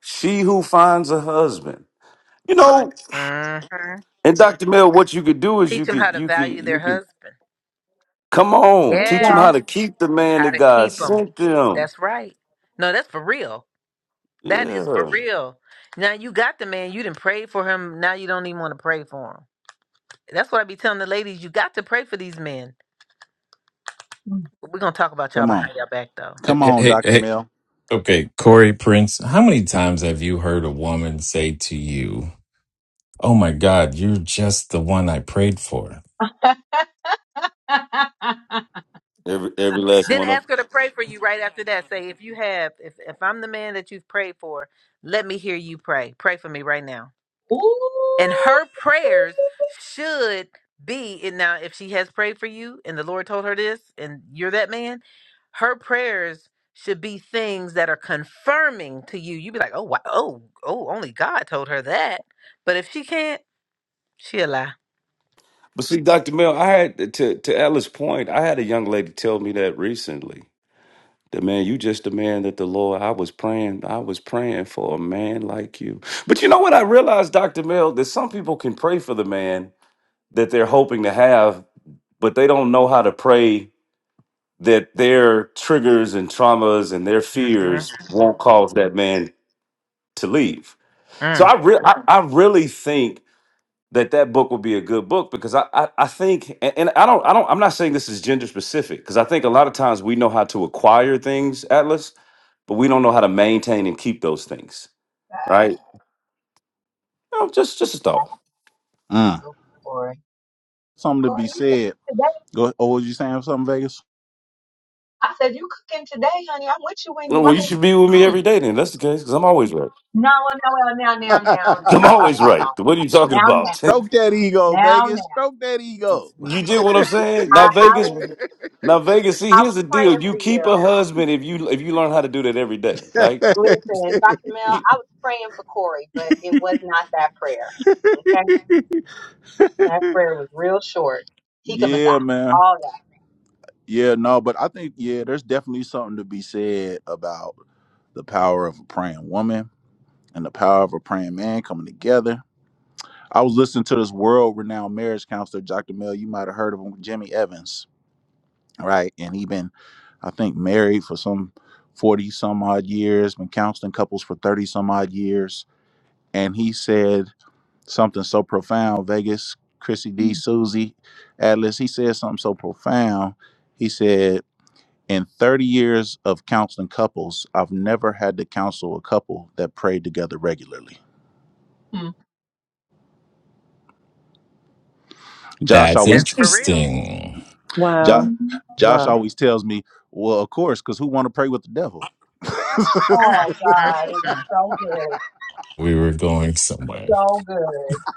[SPEAKER 7] She who finds a husband, you know.
[SPEAKER 1] Mm-hmm.
[SPEAKER 7] And Dr. Mill, what you could do is
[SPEAKER 1] Teach
[SPEAKER 7] you
[SPEAKER 1] them how
[SPEAKER 7] could
[SPEAKER 1] to
[SPEAKER 7] you could
[SPEAKER 1] value their
[SPEAKER 7] you could
[SPEAKER 1] husband.
[SPEAKER 7] come
[SPEAKER 5] There
[SPEAKER 7] on
[SPEAKER 5] you
[SPEAKER 7] teach them how
[SPEAKER 5] go.
[SPEAKER 1] Yes.
[SPEAKER 7] to keep the man
[SPEAKER 1] How
[SPEAKER 7] that
[SPEAKER 1] to
[SPEAKER 7] God
[SPEAKER 1] keep them.
[SPEAKER 7] sent them.
[SPEAKER 1] That's right. No, that's for real. That is for
[SPEAKER 7] Yeah.
[SPEAKER 1] real. Now you got the man. You didn't pray for him. Now you don't even want to pray for him. That's what I be telling the ladies. You got to pray for these men. But We're gonna talk about y'all
[SPEAKER 6] Come on,
[SPEAKER 1] behind y'all back though.
[SPEAKER 3] Hey,
[SPEAKER 6] come
[SPEAKER 3] hey,
[SPEAKER 6] on,
[SPEAKER 3] hey.
[SPEAKER 6] Doctor
[SPEAKER 3] hey,
[SPEAKER 6] Mel.
[SPEAKER 3] okay, Corey Prince. How many times have you heard a woman say to you, "Oh my God, you're just the one I prayed for"?
[SPEAKER 7] Every every last
[SPEAKER 1] Then
[SPEAKER 7] one of them.
[SPEAKER 1] ask her to pray for you right after that. Say if you have, if if I'm the man that you've prayed for, let me hear you pray. Pray for me right now. And
[SPEAKER 5] Ooh.
[SPEAKER 1] her prayers should be and now if she has prayed for you and the Lord told her this and you're that man, her prayers should be things that are confirming to you. You'd be like, oh wow, oh, oh, only God told her that. But if she can't, she'll lie.
[SPEAKER 7] But see, Dr. Mel, I had to to Ella's point, I had a young lady tell me that recently. That man, you just the man that the Lord I was praying, I was praying for a man like you. But you know what I realized, Dr. Mel, that some people can pray for the man that they're hoping to have, but they don't know how to pray that their triggers and traumas and their fears won't cause that man to leave.
[SPEAKER 1] Mhm.
[SPEAKER 7] So I, re- I I really think that that book would be a good book because I I, I think and, and I don't I don't I'm not saying this is gender specific because I think a lot of times we know how to acquire things Atlas but we don't know how to maintain and keep those things right no, just just a
[SPEAKER 5] That's
[SPEAKER 7] thought
[SPEAKER 5] a good
[SPEAKER 6] Mm.
[SPEAKER 5] one, Corey.
[SPEAKER 6] Something to be
[SPEAKER 5] Corey,
[SPEAKER 6] said.
[SPEAKER 5] you.
[SPEAKER 6] Go. Oh, was you saying something, Vegas?
[SPEAKER 5] I said, you cooking today, honey. I'm with you when you
[SPEAKER 7] well well, you
[SPEAKER 5] right.
[SPEAKER 7] should be with me every
[SPEAKER 5] Mm.
[SPEAKER 7] day then that's the case because I'm always right
[SPEAKER 5] No, no, no, now, now, now, now,
[SPEAKER 7] I'm
[SPEAKER 5] now,
[SPEAKER 7] always right what are you talking
[SPEAKER 5] now, now,
[SPEAKER 7] about
[SPEAKER 6] Stroke that ego,
[SPEAKER 5] now,
[SPEAKER 6] Vegas.
[SPEAKER 5] now.
[SPEAKER 6] Stroke that ego.
[SPEAKER 7] you get what I'm saying
[SPEAKER 5] I,
[SPEAKER 7] now
[SPEAKER 5] I
[SPEAKER 7] Vegas
[SPEAKER 5] was,
[SPEAKER 7] now Vegas see
[SPEAKER 5] I
[SPEAKER 7] here's
[SPEAKER 5] was
[SPEAKER 7] the deal
[SPEAKER 5] praying
[SPEAKER 7] you
[SPEAKER 5] for
[SPEAKER 7] keep a
[SPEAKER 5] you.
[SPEAKER 7] husband if you if you learn how to do that every day like
[SPEAKER 5] Listen, Dr. Mel, I was praying for Corey, but it was not that prayer. Okay, that prayer was real short. Hika Masai,
[SPEAKER 6] yeah, man.
[SPEAKER 5] all
[SPEAKER 6] Yeah, no, but I think yeah, there's definitely something to be said about the power of a praying woman and the power of a praying man coming together. I was listening to this world-renowned marriage counselor, Dr. Mel. You might have heard of him, Jimmy Evans, right? And he been, I think, married for some forty some odd years, been counseling couples for thirty some odd years, and he said Something so profound. Vegas, Chrissy
[SPEAKER 5] that. Mm,
[SPEAKER 6] D, Susie, Atlas, he said something so profound. He said, In 30 years of counseling couples, I've never had to counsel a couple that prayed together regularly.
[SPEAKER 5] mm,
[SPEAKER 6] Josh
[SPEAKER 3] That's
[SPEAKER 1] That's
[SPEAKER 6] always
[SPEAKER 1] for real.
[SPEAKER 3] interesting.
[SPEAKER 6] Josh,
[SPEAKER 2] Wow,
[SPEAKER 5] mhm.
[SPEAKER 6] Josh
[SPEAKER 2] wow,
[SPEAKER 6] always tells me, Well, of course, because who want to pray with the devil?
[SPEAKER 1] Mm,
[SPEAKER 5] Oh
[SPEAKER 1] mm,
[SPEAKER 5] God, it was
[SPEAKER 1] mm.
[SPEAKER 5] so good,
[SPEAKER 3] We were going somewhere.
[SPEAKER 5] so good.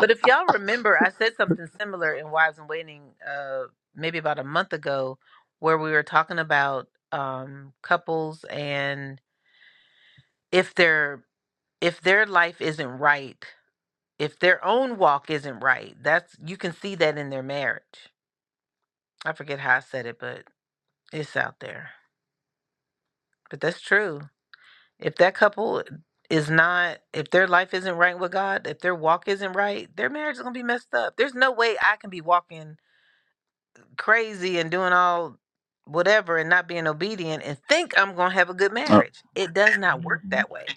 [SPEAKER 1] But if y'all remember, I said something similar in Wives and Waiting, uh, maybe about a month ago, where we were talking about um, couples and if their if their life isn't right, if their own walk isn't right, that's you can see that in their marriage. I forget how I said it, but it's out there. But that's true. If that couple is not, if their life isn't right with God, if their walk isn't right, their marriage is going to be messed up. There's no way I can be walking crazy and doing all whatever and not being obedient and think I'm going to have a good
[SPEAKER 6] Uh,
[SPEAKER 1] marriage. It does not work
[SPEAKER 5] hmm
[SPEAKER 1] that way.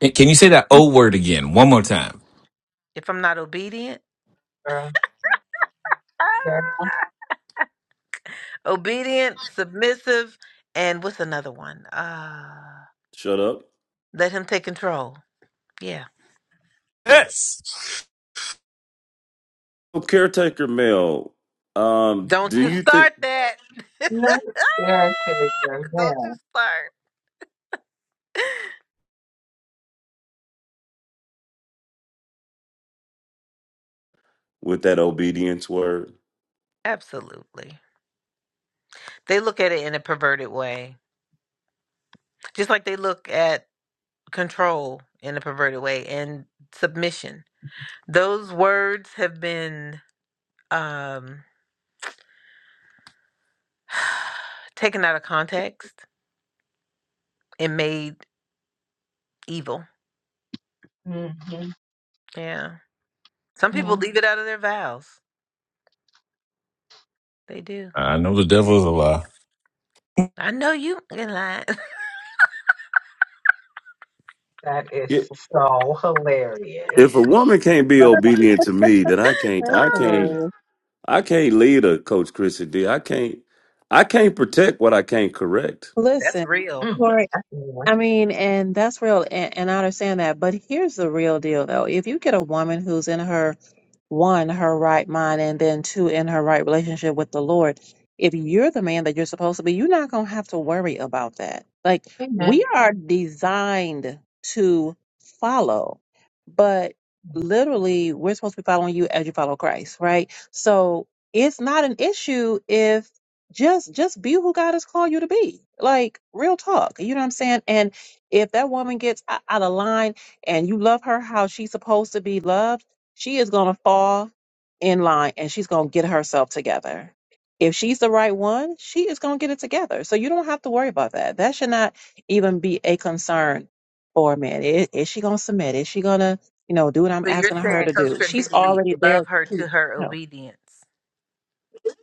[SPEAKER 3] Hey, Can you say that O word again one more time?
[SPEAKER 1] If I'm not obedient,
[SPEAKER 5] Girl, girl,
[SPEAKER 1] ah, obedient, submissive, and what's another one? Uh,
[SPEAKER 7] shut up
[SPEAKER 1] let him take control. Yeah.
[SPEAKER 3] Yes.
[SPEAKER 7] Well, caretaker male, um,
[SPEAKER 1] Don't
[SPEAKER 7] do
[SPEAKER 1] you
[SPEAKER 7] you think
[SPEAKER 1] start that.
[SPEAKER 5] no, there
[SPEAKER 1] Don't
[SPEAKER 5] girl,
[SPEAKER 1] you start.
[SPEAKER 7] with that obedience word?
[SPEAKER 1] Absolutely. They look at it in a perverted way, just like they look at control in a perverted way and submission. Those words have been um, taken out of context and made evil.
[SPEAKER 5] girl.
[SPEAKER 1] Yeah. Some
[SPEAKER 5] hmm
[SPEAKER 1] people leave it out of their vows. They do.
[SPEAKER 3] I know the devil is a lie.
[SPEAKER 1] I know you ain't lying.
[SPEAKER 5] That is
[SPEAKER 7] Yeah.
[SPEAKER 5] so hilarious.
[SPEAKER 7] If a woman can't be
[SPEAKER 5] Love that.
[SPEAKER 7] obedient to me, then I can't
[SPEAKER 2] that's
[SPEAKER 7] I can't
[SPEAKER 2] hilarious.
[SPEAKER 7] I can't lead a coach Chrissy D. I can't I can't protect what I can't correct.
[SPEAKER 1] That's
[SPEAKER 2] Listen,
[SPEAKER 1] real.
[SPEAKER 5] Mm,
[SPEAKER 2] Corey.
[SPEAKER 5] that's a new one.
[SPEAKER 2] I mean, and that's real, and, and I understand that. But here's the real deal, though. If you get a woman who's in her one, her right mind, and then two, in her right relationship with the Lord, if you're the man that you're supposed to be, you're not going to have to worry about that. Like, we
[SPEAKER 5] Amen.
[SPEAKER 2] are designed to follow, but literally, we're supposed to be following you as you follow Christ, right? So it's not an issue just just be who God has called you to be. Like real talk. You know what I'm saying? And if that woman gets o- out of line and you love her how she's supposed to be loved, she is gonna fall in line and she's gonna get herself together. If she's the right one, she is gonna get it together. So you don't have to worry about that. That should not even be a concern for a man. Is, is she gonna submit? Is she gonna, you know, do what I'm
[SPEAKER 1] So you're
[SPEAKER 2] asking her
[SPEAKER 1] saying,
[SPEAKER 2] to
[SPEAKER 1] Coach
[SPEAKER 2] do?
[SPEAKER 1] Chrissy,
[SPEAKER 2] She's
[SPEAKER 1] G,
[SPEAKER 2] already there
[SPEAKER 1] love her
[SPEAKER 2] to you
[SPEAKER 1] to her
[SPEAKER 2] know,
[SPEAKER 1] obedience.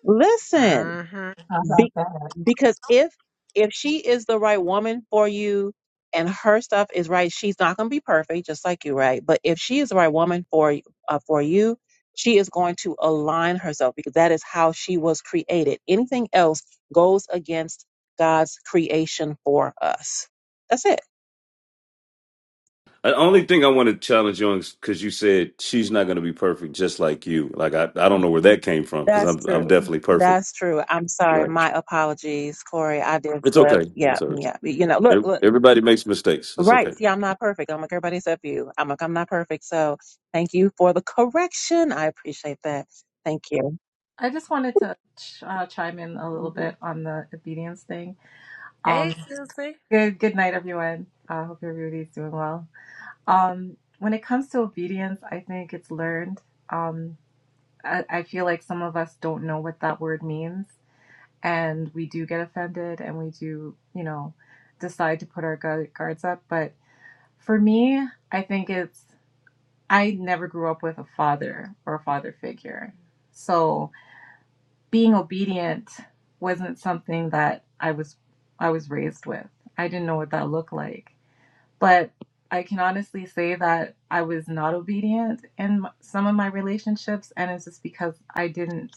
[SPEAKER 2] listen
[SPEAKER 1] Mm-hmm.
[SPEAKER 5] How about that?
[SPEAKER 2] because if if she is the right woman for you and her stuff is right she's not going to be perfect just like you right but if she is the right woman for y- uh, for you she is going to align herself because that is how she was created anything else goes against god's creation for us that's it
[SPEAKER 7] The only thing I want to challenge you on is because you said she's not going to be perfect, just like you. Like I, I don't know where that came from because
[SPEAKER 2] that's
[SPEAKER 7] I'm, I'm
[SPEAKER 2] true
[SPEAKER 7] definitely perfect.
[SPEAKER 2] that's true i'm sorry
[SPEAKER 7] Right.
[SPEAKER 2] my apologies corey i did
[SPEAKER 7] It's
[SPEAKER 2] slip
[SPEAKER 7] okay.
[SPEAKER 2] yeah
[SPEAKER 7] It's all right.
[SPEAKER 2] yeah you know look
[SPEAKER 7] Ev-
[SPEAKER 2] look
[SPEAKER 7] Everybody makes mistakes. That's
[SPEAKER 2] Right.
[SPEAKER 7] okay.
[SPEAKER 2] See, I'm not perfect. I'm like everybody except you. I'm like, I'm not perfect. So thank you for the correction. I appreciate that. Thank you.
[SPEAKER 8] I just wanted to ch- uh, chime in a little bit on the obedience thing. Um,
[SPEAKER 1] Hey, Susie.
[SPEAKER 8] good good night, everyone. I hope everybody's doing well. Um, when it comes to obedience, I think it's learned. Um, I, I feel like some of us don't know what that word means, and we do get offended, and we do, you know, decide to put our gu- guards up. But for me, I think it's I never grew up with a father or a father figure, so. being obedient wasn't something that I was I was raised with. I didn't know what that looked like. But I can honestly say that I was not obedient in some of my relationships and it's just because I didn't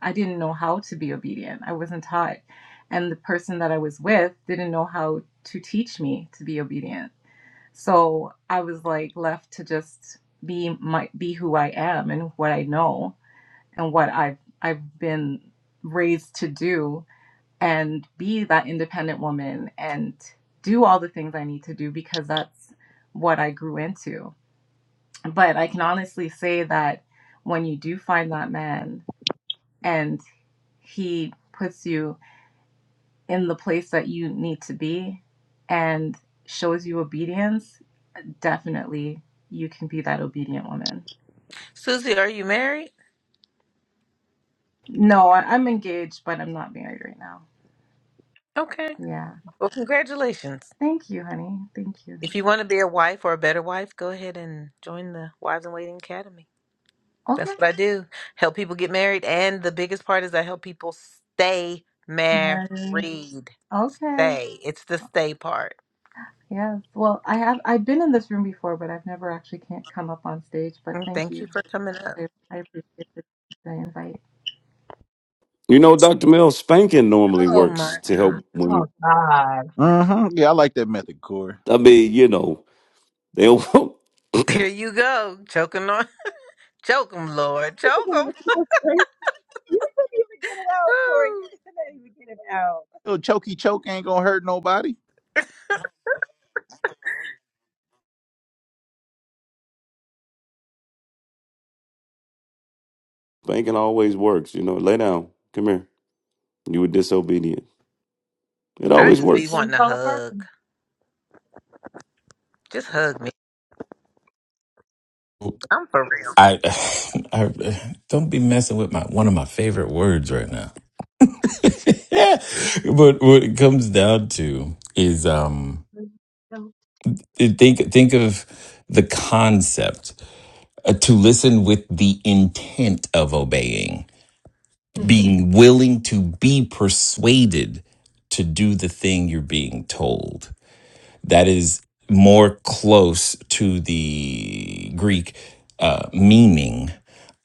[SPEAKER 8] I didn't know how to be obedient. I wasn't taught and the person that I was with didn't know how to teach me to be obedient. So I was like left to just be my be who I am and what I know and what I've I've been raised to do and be that independent woman and do all the things I need to do because that's what I grew into. But I can honestly say that when you do find that man and he puts you in the place that you need to be and shows you obedience, definitely you can be that obedient woman.
[SPEAKER 1] Susie, are you married?
[SPEAKER 8] No, I- I'm engaged, but I'm not married right now.
[SPEAKER 1] Okay.
[SPEAKER 8] Yeah.
[SPEAKER 1] Well, congratulations.
[SPEAKER 8] Thank you, honey. Thank you.
[SPEAKER 1] If you want to be a wife or a better wife, go ahead and join the Wives in Waiting Academy. That's
[SPEAKER 8] Okay.
[SPEAKER 1] what I do. Help people get married. And the biggest part is I help people stay married.
[SPEAKER 8] Notary. Okay.
[SPEAKER 1] Stay. It's the stay part.
[SPEAKER 8] Yes. Well, I have. I've been in this room before, but I've never actually can't come up on stage. But
[SPEAKER 1] And
[SPEAKER 8] thank
[SPEAKER 1] thank you
[SPEAKER 8] you.
[SPEAKER 1] for coming up.
[SPEAKER 8] I, I appreciate the, the invite.
[SPEAKER 7] You know, Dr. Mel, spanking normally
[SPEAKER 1] Oh my
[SPEAKER 7] works to
[SPEAKER 1] God.
[SPEAKER 7] help
[SPEAKER 5] Oh
[SPEAKER 7] women.
[SPEAKER 5] God,
[SPEAKER 6] uh-huh. Yeah, I like that method, Corey.
[SPEAKER 7] I mean, you know, they don't-
[SPEAKER 1] There you go. Choking on. Choke 'em, Lord. Choke
[SPEAKER 2] You couldn't even
[SPEAKER 1] 'em.
[SPEAKER 2] get it straight. You couldn't even get it out, Corey. You
[SPEAKER 1] Woo.
[SPEAKER 2] couldn't even get it out.
[SPEAKER 6] Little chokey choke ain't gonna hurt nobody.
[SPEAKER 7] spanking always works. You know, lay down, come here. You were disobedient. It
[SPEAKER 1] I
[SPEAKER 7] always
[SPEAKER 5] missed
[SPEAKER 1] just
[SPEAKER 5] it
[SPEAKER 1] be
[SPEAKER 7] works.
[SPEAKER 5] from
[SPEAKER 1] wanting a
[SPEAKER 5] color
[SPEAKER 1] hug.
[SPEAKER 5] person.
[SPEAKER 1] Just hug me. I'm for real.
[SPEAKER 3] I, I don't be messing with my one of my favorite words right now. Yeah. but what it comes down to is um think think of the concept uh, to listen with the intent of obeying,
[SPEAKER 5] Mm,
[SPEAKER 3] being willing to be persuaded to do the thing you're being told. that is more close to the Greek uh, meaning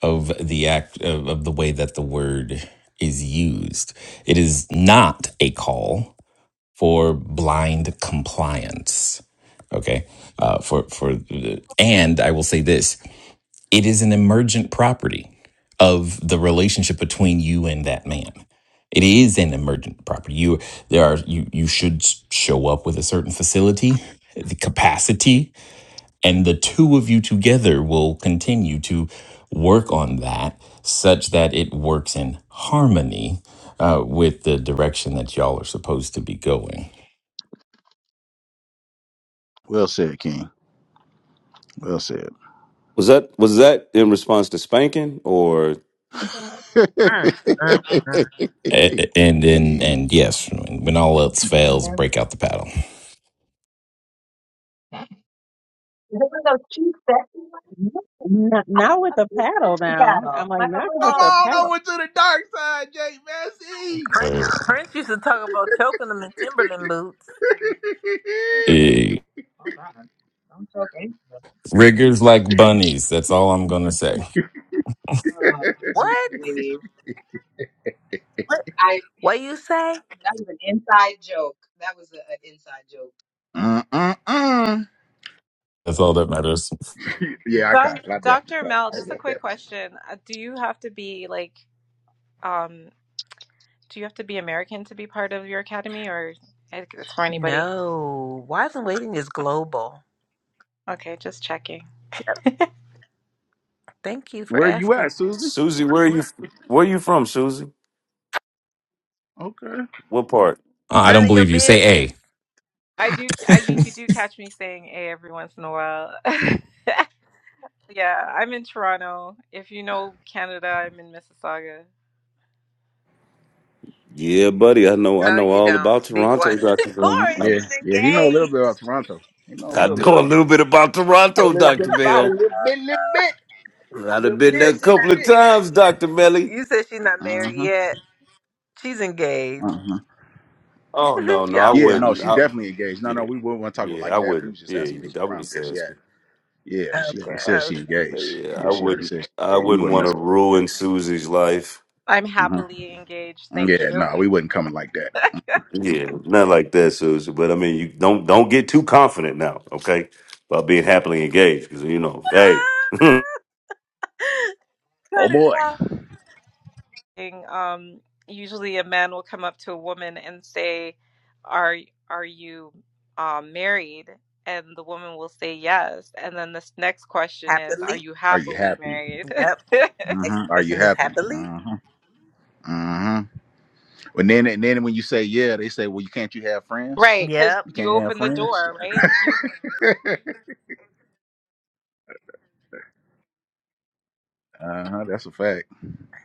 [SPEAKER 3] of the act of, of the way that the word is used. It is not a call for blind compliance. Okay, uh, for for and I will say this: it is an emergent property of the relationship between you and that man it is an emergent property you there are you you should show up with a certain facility the capacity and the two of you together will continue to work on that such that it works in harmony uh, with the direction that y'all are supposed to be going
[SPEAKER 6] Well said, King. Well said.
[SPEAKER 7] Was that was that in response to spanking or
[SPEAKER 5] Oh God.
[SPEAKER 1] Mm, mm, mm.
[SPEAKER 3] A- a- and then and yes when all else
[SPEAKER 5] I've been
[SPEAKER 3] fails
[SPEAKER 5] there.
[SPEAKER 3] break out the paddle
[SPEAKER 5] There was no cheap sexy one.
[SPEAKER 2] Not,
[SPEAKER 5] I was
[SPEAKER 2] not with
[SPEAKER 5] a
[SPEAKER 2] the
[SPEAKER 5] cheap
[SPEAKER 2] paddle
[SPEAKER 5] sexy
[SPEAKER 2] now. I'm
[SPEAKER 5] paddle,
[SPEAKER 2] like,
[SPEAKER 5] like a
[SPEAKER 2] not with
[SPEAKER 6] Come
[SPEAKER 2] the
[SPEAKER 5] little.
[SPEAKER 6] on
[SPEAKER 2] paddle.
[SPEAKER 6] over to the dark side, Jay Massey.
[SPEAKER 1] Prince,
[SPEAKER 3] Oh,
[SPEAKER 1] Prince used to talk about choking them in Timberland boots.
[SPEAKER 5] Oh God, don't choke into it.
[SPEAKER 3] Riggers like bunnies. That's all I'm going to say.
[SPEAKER 5] Oh geez,
[SPEAKER 1] What?
[SPEAKER 5] Louise.
[SPEAKER 1] What?
[SPEAKER 5] I
[SPEAKER 1] What you say?
[SPEAKER 5] that was an inside joke. That was a- an inside joke.
[SPEAKER 6] Uh-uh-uh.
[SPEAKER 3] That's all that matters. Uh,
[SPEAKER 8] Doc- Dr. Mel, just a quick question. Uh, Do you have to be like, um, do you have to be American to be part of your academy, or I think it's for anybody?
[SPEAKER 1] No. Wives in waiting is global.
[SPEAKER 8] Okay, just checking.
[SPEAKER 1] Thank you for
[SPEAKER 6] Where you
[SPEAKER 1] asking.
[SPEAKER 6] at, Susie?
[SPEAKER 7] Susie? Where are you? Where are you from, Susie?
[SPEAKER 6] Okay.
[SPEAKER 7] What part?
[SPEAKER 3] I
[SPEAKER 1] None
[SPEAKER 3] don't
[SPEAKER 1] of your
[SPEAKER 3] believe you.
[SPEAKER 1] business.
[SPEAKER 3] Say
[SPEAKER 8] I do.
[SPEAKER 3] A.
[SPEAKER 8] I, you do catch me saying "a" every once in a while. yeah, I'm in Toronto. If you know Canada, I'm in Mississauga.
[SPEAKER 7] Yeah, buddy, I know. I
[SPEAKER 1] No,
[SPEAKER 7] know
[SPEAKER 1] you
[SPEAKER 7] all
[SPEAKER 1] don't.
[SPEAKER 7] about
[SPEAKER 1] Be
[SPEAKER 7] Toronto,
[SPEAKER 1] quiet.
[SPEAKER 7] Doctor Bill.
[SPEAKER 6] Uh-huh.
[SPEAKER 1] Corey,
[SPEAKER 7] I,
[SPEAKER 6] Yeah,
[SPEAKER 1] she's
[SPEAKER 6] yeah. He know a little bit
[SPEAKER 1] engaged.
[SPEAKER 6] about Toronto. He know a
[SPEAKER 7] I
[SPEAKER 6] little bit
[SPEAKER 7] know a little bit about Toronto, Doctor Bill. I've
[SPEAKER 1] You
[SPEAKER 7] been there
[SPEAKER 1] said
[SPEAKER 7] a
[SPEAKER 1] she's not.
[SPEAKER 7] couple of times, Doctor Melly.
[SPEAKER 1] You said she's not
[SPEAKER 6] about.
[SPEAKER 1] married
[SPEAKER 6] Uh-huh.
[SPEAKER 1] yet. She's engaged.
[SPEAKER 6] Uh-huh.
[SPEAKER 7] Oh no, no, I
[SPEAKER 1] Y'all
[SPEAKER 6] Yeah,
[SPEAKER 1] stop.
[SPEAKER 6] no,
[SPEAKER 7] wouldn't.
[SPEAKER 6] she
[SPEAKER 7] I,
[SPEAKER 6] definitely engaged. No,
[SPEAKER 7] yeah,
[SPEAKER 6] no, we wouldn't want to talk about
[SPEAKER 7] yeah,
[SPEAKER 6] like
[SPEAKER 7] I
[SPEAKER 6] that. We
[SPEAKER 7] wouldn't.
[SPEAKER 6] was just
[SPEAKER 7] Yeah,
[SPEAKER 6] asking where she
[SPEAKER 7] I would
[SPEAKER 6] from,
[SPEAKER 7] just
[SPEAKER 6] where she
[SPEAKER 7] ask.
[SPEAKER 6] at. Yeah, she
[SPEAKER 1] Okay.
[SPEAKER 6] already said
[SPEAKER 1] Okay.
[SPEAKER 6] she engaged.
[SPEAKER 7] Yeah, I
[SPEAKER 6] Yeah, she already
[SPEAKER 7] wouldn't.
[SPEAKER 6] said she
[SPEAKER 7] I
[SPEAKER 6] engaged. We
[SPEAKER 7] wouldn't
[SPEAKER 6] wouldn't
[SPEAKER 7] want
[SPEAKER 6] mess
[SPEAKER 7] to
[SPEAKER 6] with
[SPEAKER 7] ruin Susie's life.
[SPEAKER 8] I'm
[SPEAKER 6] her. Uh-huh.
[SPEAKER 8] happily engaged. Thank
[SPEAKER 6] Yeah,
[SPEAKER 8] you.
[SPEAKER 6] no, we wouldn't coming like that.
[SPEAKER 7] Yeah, not like that, Susie. But I mean, you don't don't get too confident now, okay? About being happily engaged, because you know, hey,
[SPEAKER 1] Ah,
[SPEAKER 6] Oh
[SPEAKER 1] Cut it
[SPEAKER 6] boy.
[SPEAKER 1] out.
[SPEAKER 8] thing, um, usually a man will come up to a woman and say, "Are are you um, married?" And the woman will say yes. And then this next question is, "Are
[SPEAKER 1] Happily.
[SPEAKER 8] you
[SPEAKER 6] Are you
[SPEAKER 8] happily
[SPEAKER 6] happy?
[SPEAKER 8] married?"
[SPEAKER 1] Yep. Next
[SPEAKER 6] Uh-huh. Are you
[SPEAKER 1] question is
[SPEAKER 6] happy?
[SPEAKER 1] happily.
[SPEAKER 6] Uh-huh. Uh-huh. And then and then when you say yeah, they say, well, you can't you have friends?
[SPEAKER 8] right,
[SPEAKER 1] Yep.
[SPEAKER 8] because
[SPEAKER 6] You
[SPEAKER 8] you
[SPEAKER 6] can't have
[SPEAKER 8] open the
[SPEAKER 6] friends.
[SPEAKER 8] door, right? You,
[SPEAKER 6] Uh huh. That's a fact.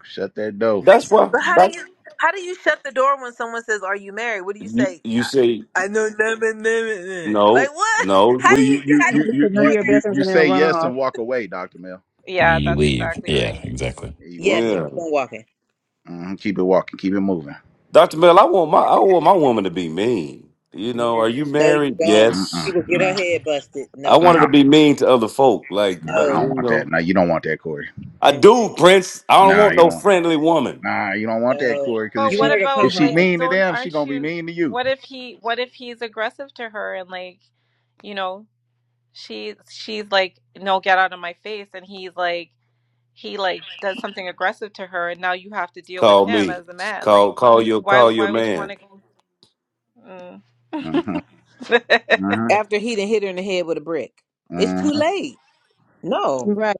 [SPEAKER 6] Shut that door.
[SPEAKER 7] that's why.
[SPEAKER 1] But how do
[SPEAKER 7] That
[SPEAKER 1] you how do you shut the door when someone says, "Are you married?" What do you
[SPEAKER 7] you
[SPEAKER 1] say?
[SPEAKER 7] you say
[SPEAKER 1] I, I know nothing. nothing." Like
[SPEAKER 7] no,
[SPEAKER 1] what? How
[SPEAKER 7] no,
[SPEAKER 6] Well,
[SPEAKER 1] do you
[SPEAKER 6] you you
[SPEAKER 1] how do
[SPEAKER 6] you
[SPEAKER 1] you
[SPEAKER 2] It's
[SPEAKER 6] you
[SPEAKER 2] none of
[SPEAKER 6] you
[SPEAKER 1] ignore
[SPEAKER 2] your
[SPEAKER 1] that
[SPEAKER 6] you
[SPEAKER 2] business
[SPEAKER 6] you
[SPEAKER 2] and then
[SPEAKER 6] say
[SPEAKER 1] question?
[SPEAKER 2] run
[SPEAKER 6] yes
[SPEAKER 2] off.
[SPEAKER 6] and walk away, Doctor Mel.
[SPEAKER 8] yeah,
[SPEAKER 3] you
[SPEAKER 8] that's
[SPEAKER 3] leave.
[SPEAKER 8] exactly
[SPEAKER 3] Yeah,
[SPEAKER 8] right.
[SPEAKER 3] exactly.
[SPEAKER 6] Yeah, you walk
[SPEAKER 1] Yes, and
[SPEAKER 6] away.
[SPEAKER 7] yeah,
[SPEAKER 1] keep on walking.
[SPEAKER 6] hmm Keep it walking. Keep it moving.
[SPEAKER 7] Doctor Mel. I want my I want my woman to be mean. You know,
[SPEAKER 1] Mm,
[SPEAKER 7] are you
[SPEAKER 1] No, you
[SPEAKER 7] married?
[SPEAKER 1] don't. She
[SPEAKER 7] Yes.
[SPEAKER 6] Mm-mm,
[SPEAKER 1] will
[SPEAKER 6] no,
[SPEAKER 1] get her head busted.
[SPEAKER 7] I
[SPEAKER 6] no,
[SPEAKER 1] Nope.
[SPEAKER 7] wanted to be
[SPEAKER 6] no.
[SPEAKER 7] mean to other folk, like, but,
[SPEAKER 6] I
[SPEAKER 1] No.
[SPEAKER 7] you
[SPEAKER 6] don't want
[SPEAKER 7] know.
[SPEAKER 6] that. No, you don't want that, Corey.
[SPEAKER 7] I
[SPEAKER 1] Mm-mm,
[SPEAKER 7] do, Prince. I don't
[SPEAKER 6] Nah,
[SPEAKER 7] want
[SPEAKER 6] you
[SPEAKER 7] no
[SPEAKER 6] don't.
[SPEAKER 7] friendly woman.
[SPEAKER 6] Nah, you don't want that,
[SPEAKER 1] no.
[SPEAKER 6] Corey. Because if
[SPEAKER 8] But
[SPEAKER 1] You
[SPEAKER 8] what
[SPEAKER 1] want
[SPEAKER 6] she
[SPEAKER 1] her to come
[SPEAKER 6] if
[SPEAKER 8] about
[SPEAKER 6] she
[SPEAKER 8] like,
[SPEAKER 1] home
[SPEAKER 6] mean to
[SPEAKER 8] don't
[SPEAKER 6] them, she
[SPEAKER 8] aren't
[SPEAKER 6] gonna be
[SPEAKER 8] you?
[SPEAKER 6] mean to you.
[SPEAKER 8] What if he? What if he's aggressive to her and like, you know? she she's like no get out of my face and he's like he like does something aggressive to her and now you have to deal with
[SPEAKER 7] Call
[SPEAKER 8] him
[SPEAKER 7] me.
[SPEAKER 8] as a man
[SPEAKER 7] Call
[SPEAKER 8] like
[SPEAKER 7] call your
[SPEAKER 8] why
[SPEAKER 7] call your
[SPEAKER 8] why would you want
[SPEAKER 7] man.
[SPEAKER 8] to go
[SPEAKER 6] Uh
[SPEAKER 8] mm.
[SPEAKER 6] huh. Uh
[SPEAKER 1] after he done hit her in the head with a brick. It's
[SPEAKER 6] huh.
[SPEAKER 1] too late. No.
[SPEAKER 2] Right.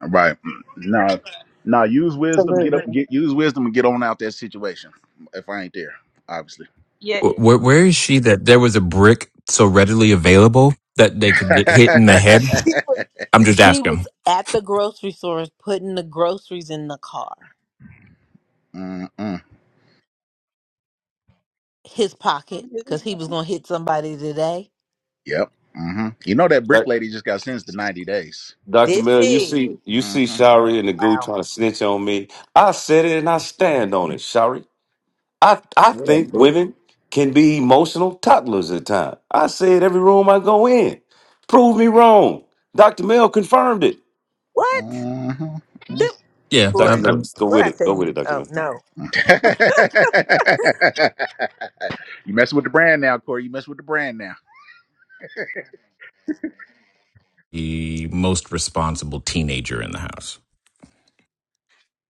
[SPEAKER 6] Right. Now, now use wisdom. Get
[SPEAKER 2] Absolutely.
[SPEAKER 6] up. Get use wisdom and get on out that situation. If I ain't there, obviously.
[SPEAKER 8] yeah
[SPEAKER 3] Wh- Where, where is she that there was a brick so readily available that they could get hit in the head? I'm just
[SPEAKER 1] She
[SPEAKER 3] asking.
[SPEAKER 1] was at the grocery store putting the groceries in the car,
[SPEAKER 6] Mm-mm.
[SPEAKER 1] his pocket,
[SPEAKER 2] from his
[SPEAKER 1] because he was going to hit somebody today.
[SPEAKER 6] Yep. hmm You know that brick
[SPEAKER 7] Doc-
[SPEAKER 6] lady just got sentenced to ninety days.
[SPEAKER 7] Doctor
[SPEAKER 1] Did
[SPEAKER 7] Miller, you
[SPEAKER 1] she?
[SPEAKER 7] see you see
[SPEAKER 6] hmm
[SPEAKER 7] Shari and the goo
[SPEAKER 1] Wow.
[SPEAKER 7] trying to snitch on me. I said it and I stand on it, Shari. I I
[SPEAKER 6] What up,
[SPEAKER 7] think
[SPEAKER 6] blue?
[SPEAKER 7] women can be emotional toddlers at times. I say it every room I go in. Prove me wrong. Doctor Mill confirmed it.
[SPEAKER 1] What?
[SPEAKER 6] hmm
[SPEAKER 1] Them
[SPEAKER 3] Yeah,
[SPEAKER 7] Doctor
[SPEAKER 1] Corey.
[SPEAKER 3] I'm,
[SPEAKER 7] Miller,
[SPEAKER 3] I'm
[SPEAKER 7] just go
[SPEAKER 1] What
[SPEAKER 7] with
[SPEAKER 1] I
[SPEAKER 7] it. Go
[SPEAKER 1] tell you?
[SPEAKER 7] with it, Doctor
[SPEAKER 1] Oh
[SPEAKER 7] Miller.
[SPEAKER 1] no.
[SPEAKER 6] you messing with the brand now, Corey. You messing with the brand now.
[SPEAKER 3] the most responsible teenager in the house.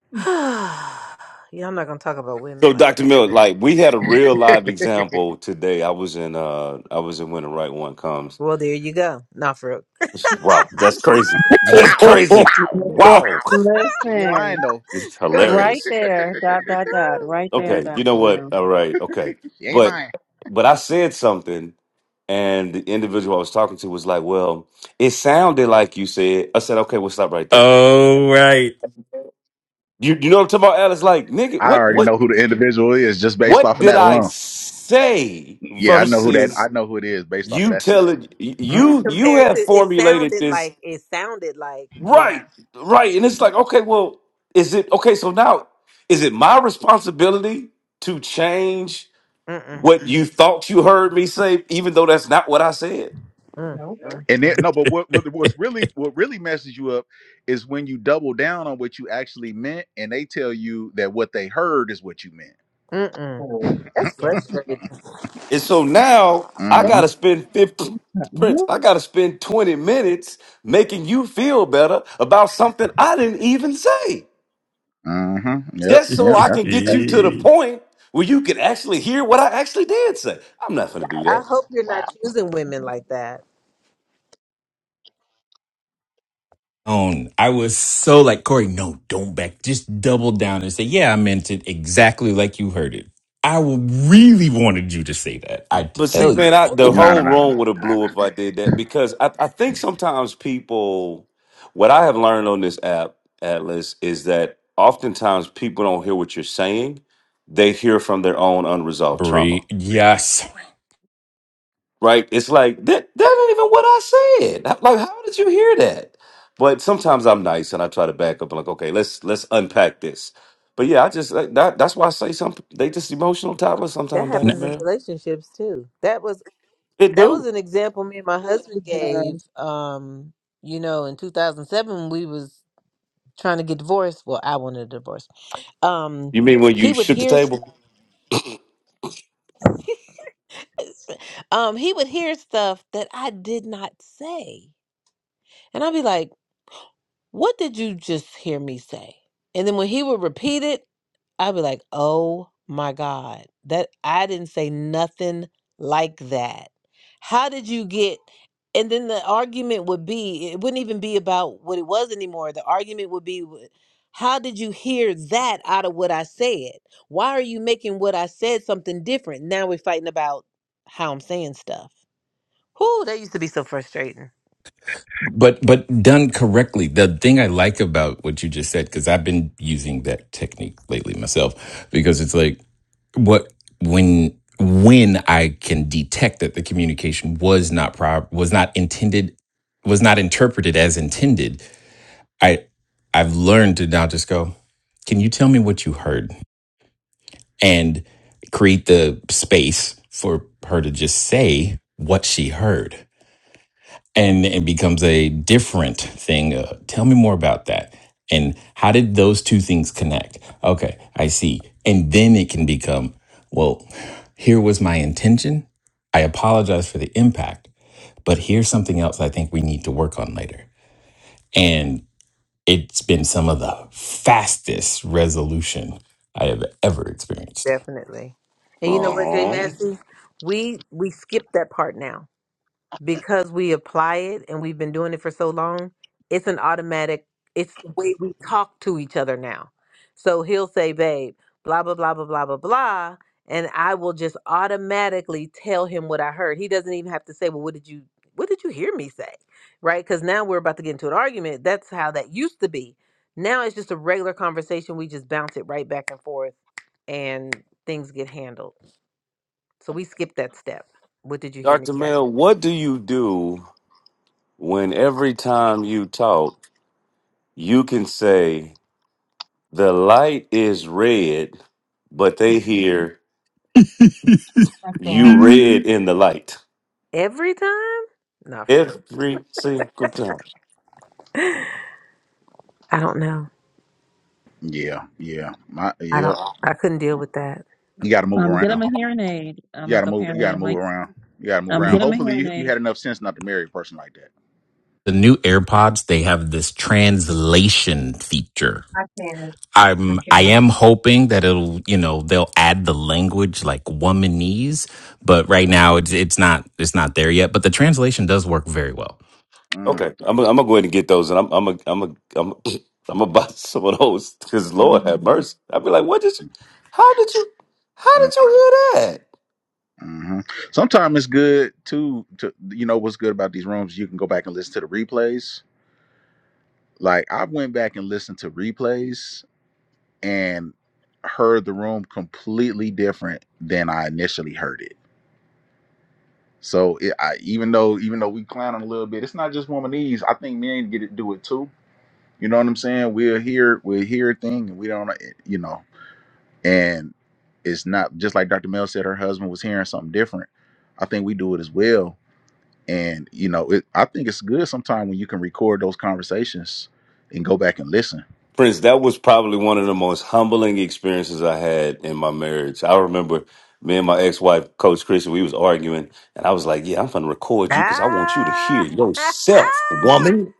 [SPEAKER 5] Mm.
[SPEAKER 1] yeah, I'm not gonna talk about women
[SPEAKER 7] So,
[SPEAKER 1] like
[SPEAKER 7] Doctor
[SPEAKER 1] that.
[SPEAKER 7] Miller, like we had a real live example today. I was in uh I was in When the Right One Comes
[SPEAKER 1] Well, there you go. Not for real.
[SPEAKER 7] Wow, that's crazy. That's
[SPEAKER 6] wow. Wow.
[SPEAKER 7] crazy.
[SPEAKER 2] hand.
[SPEAKER 7] Wow,
[SPEAKER 6] She ain't lying
[SPEAKER 2] Listen,
[SPEAKER 6] though.
[SPEAKER 7] this
[SPEAKER 1] Go ahead.
[SPEAKER 2] right
[SPEAKER 7] hilarious.
[SPEAKER 2] there, dot, dot, dot, right there,
[SPEAKER 7] Okay,
[SPEAKER 2] Dr.
[SPEAKER 7] you know what?
[SPEAKER 2] now.
[SPEAKER 7] All right, okay,
[SPEAKER 6] She ain't
[SPEAKER 7] but
[SPEAKER 6] lying.
[SPEAKER 7] but I said something, and the individual I was talking to was like, "Well, it sounded like you said." I said, "Okay, we'll stop right there."
[SPEAKER 3] oh, right.
[SPEAKER 7] You you know what I'm talking about? Alice, like, nigga,
[SPEAKER 6] I
[SPEAKER 7] what
[SPEAKER 6] already
[SPEAKER 7] what
[SPEAKER 6] know who the individual is just based
[SPEAKER 7] what
[SPEAKER 6] off of
[SPEAKER 7] did
[SPEAKER 6] that
[SPEAKER 7] I
[SPEAKER 6] alone.
[SPEAKER 7] say
[SPEAKER 6] Yeah, I know who that. I
[SPEAKER 7] versus
[SPEAKER 6] know who it is based off of
[SPEAKER 7] you
[SPEAKER 6] that. scene.
[SPEAKER 7] telling
[SPEAKER 6] Hmm?
[SPEAKER 7] you you
[SPEAKER 1] Compared to,
[SPEAKER 7] have
[SPEAKER 1] it
[SPEAKER 7] formulated
[SPEAKER 1] sounded
[SPEAKER 7] this
[SPEAKER 1] like it sounded like yeah.
[SPEAKER 7] Right, right. And it's like, okay, well, is it okay? So now, is it my responsibility to change
[SPEAKER 1] Mm-mm,
[SPEAKER 7] what you thought you heard me say, even though that's not what I said?
[SPEAKER 1] mm,
[SPEAKER 5] Nope.
[SPEAKER 1] mm,
[SPEAKER 6] And
[SPEAKER 1] mm,
[SPEAKER 6] then no, but what, what what's really what really messes you up is when you double down on what you actually meant, and they tell you that what they heard is what you meant.
[SPEAKER 1] mm-mm.
[SPEAKER 5] Oh,
[SPEAKER 1] That's
[SPEAKER 5] Yeah,
[SPEAKER 1] frustrating.
[SPEAKER 7] And so now I
[SPEAKER 1] That-
[SPEAKER 7] got to
[SPEAKER 6] Mm-hmm.
[SPEAKER 7] spend 50, Prince,
[SPEAKER 2] Who-
[SPEAKER 7] I got to spend 20 minutes making you feel better about something I didn't even say,
[SPEAKER 6] Mm-hmm. Yep.
[SPEAKER 7] just so
[SPEAKER 6] Yep.
[SPEAKER 7] I can get you to the point where you can actually hear what I actually did say. I'm not going to do
[SPEAKER 1] I
[SPEAKER 7] that.
[SPEAKER 1] hope you're not choosing women like that.
[SPEAKER 3] own. I was so like, Corey, no, don't back. Just double down and say, yeah, I meant it exactly like you heard it. I w- really wanted you to say that. I
[SPEAKER 7] But see,
[SPEAKER 3] tell you.
[SPEAKER 7] man, I, the
[SPEAKER 3] Oh,
[SPEAKER 6] No. No.
[SPEAKER 7] whole
[SPEAKER 6] No. No. No.
[SPEAKER 7] room would have
[SPEAKER 6] No.
[SPEAKER 7] blew
[SPEAKER 6] no.
[SPEAKER 7] if I did that because I, I think sometimes people, what I have learned on this app, Atlas, is that oftentimes people don't hear what you're saying. They hear from their own unresolved
[SPEAKER 3] Brie,
[SPEAKER 7] trauma,
[SPEAKER 3] yes.
[SPEAKER 7] right? It's like, that, that ain't even what I said. Like, how did you hear that? But sometimes I'm nice and I try to back up and like, okay, let's let's unpack this. But yeah, I just like that, that's why I say some they just emotional toddlers
[SPEAKER 1] That
[SPEAKER 7] sometimes, Dr.
[SPEAKER 3] N-
[SPEAKER 1] happens in
[SPEAKER 7] Mel.
[SPEAKER 1] relationships too. That was
[SPEAKER 7] It
[SPEAKER 1] That was
[SPEAKER 7] do.
[SPEAKER 1] an example me and my
[SPEAKER 2] It
[SPEAKER 1] husband gave.
[SPEAKER 2] does.
[SPEAKER 1] Um, you know, in 2007, we was trying to get divorced. Well, I wanted a divorce. Um,
[SPEAKER 7] You mean when
[SPEAKER 1] he
[SPEAKER 7] you
[SPEAKER 1] would
[SPEAKER 7] shook the
[SPEAKER 1] hear stuff.
[SPEAKER 7] table?
[SPEAKER 1] Um, he would hear stuff that I did not say, and I'd be like. What did you just hear me say? And then when he would repeat it, I'd be like, oh my God, that I didn't say nothing like that. How did you get? And then the argument would be, it wouldn't even be about what it was anymore. The argument would be, "Wh- how did you hear that out of what I said? Why are you making what I said something different? Now we're fighting about how I'm saying stuff. Whoo, that used to be so frustrating.
[SPEAKER 3] But but done correctly. The thing I like about what you just said, because I've been using that technique lately myself, because it's like what when when I can detect that the communication was not prob was not intended was not interpreted as intended I I've learned to now just go, can you tell me what you heard? And create the space for her to just say what she heard. And it becomes a different thing. Uh, tell me more about that. And how did those two things connect? Okay, I see. And then it can become, well, here was my intention. I apologize for the impact, but here's something else I think we need to work on later. and. It's been some of the fastest resolution I have ever experienced.
[SPEAKER 1] Definitely. And you know what, Jay
[SPEAKER 7] Oh,
[SPEAKER 1] Massey? We we skipped that part now because we apply it and we've been doing it for so long, it's an automatic, it's the way we talk to each other now. So he'll say, babe, blah, blah, blah, blah, blah, blah, blah. And I will just automatically tell him what I heard. He doesn't even have to say, well, what did you, what did you hear me say? Right? Because now we're about to get into an argument. That's how that used to be. Now it's just a regular conversation. We just bounce it right back and forth and things get handled. So we skip that step. What did you hear me
[SPEAKER 7] Dr.
[SPEAKER 1] say?
[SPEAKER 7] Mel, what do you do when every time you talk, you can say, the light is red, but they hear
[SPEAKER 5] I
[SPEAKER 7] you
[SPEAKER 5] can't.
[SPEAKER 3] Mm.
[SPEAKER 7] red in the light
[SPEAKER 1] Every time? Not for us.
[SPEAKER 7] every single time?
[SPEAKER 1] I don't know.
[SPEAKER 6] Yeah. Yeah. My.
[SPEAKER 1] I don't.
[SPEAKER 6] Yep.
[SPEAKER 1] I couldn't deal with that.
[SPEAKER 6] You got to move
[SPEAKER 2] Um, get him
[SPEAKER 6] around.
[SPEAKER 2] a hearing aid. I'm
[SPEAKER 6] You got
[SPEAKER 2] like,
[SPEAKER 6] to move. You
[SPEAKER 2] apparently,
[SPEAKER 6] got to
[SPEAKER 2] I'm
[SPEAKER 6] move
[SPEAKER 2] like,
[SPEAKER 6] around. You got to move
[SPEAKER 2] um,
[SPEAKER 6] around.
[SPEAKER 2] get him a
[SPEAKER 6] Hopefully,
[SPEAKER 2] hearing
[SPEAKER 6] you, you
[SPEAKER 2] aid.
[SPEAKER 6] had enough sense not to marry a person like that.
[SPEAKER 3] The new AirPods, they have this translation feature.
[SPEAKER 5] I can't.
[SPEAKER 3] I'm
[SPEAKER 5] Thank you,
[SPEAKER 3] I
[SPEAKER 5] Lord.
[SPEAKER 3] am hoping that it'll, you know, they'll add the language like womanese, but right now it's it's not it's not there yet, but the translation does work very well.
[SPEAKER 6] Mm-hmm.
[SPEAKER 7] Okay, I'm, gonna- I'm gonna go ahead and get those, and I'm I'm going I'm going I'm going I'm gonna buy some of those because Lord have
[SPEAKER 5] Mhm.
[SPEAKER 7] mercy. I'd be like, what did you? How did you? How
[SPEAKER 6] Mm-hmm.
[SPEAKER 7] did you hear that?
[SPEAKER 6] hmm Sometimes it's good too. To you know what's good about these rooms, you can go back and listen to the replays. Like I went back and listened to replays and heard the room completely different than I initially heard it. So it, I, even though even though we clowning a little bit, it's not just womanese. I think men get to do it too. You know what I'm saying? We'll hear we'll hear a thing and we don't eh, you know and it's not just like Dr. Mel said her husband was hearing something different. I think we do it as well and you know it, i think it's good sometimes when you can record those conversations and go back and listen
[SPEAKER 7] Prince, that was probably one of the most humbling experiences I had in my marriage. I remember me and my ex-wife, Coach Christian, we was arguing, and I was like, "Yeah, I'm gonna record you because I want you to
[SPEAKER 1] Ah!
[SPEAKER 7] hear yourself, woman.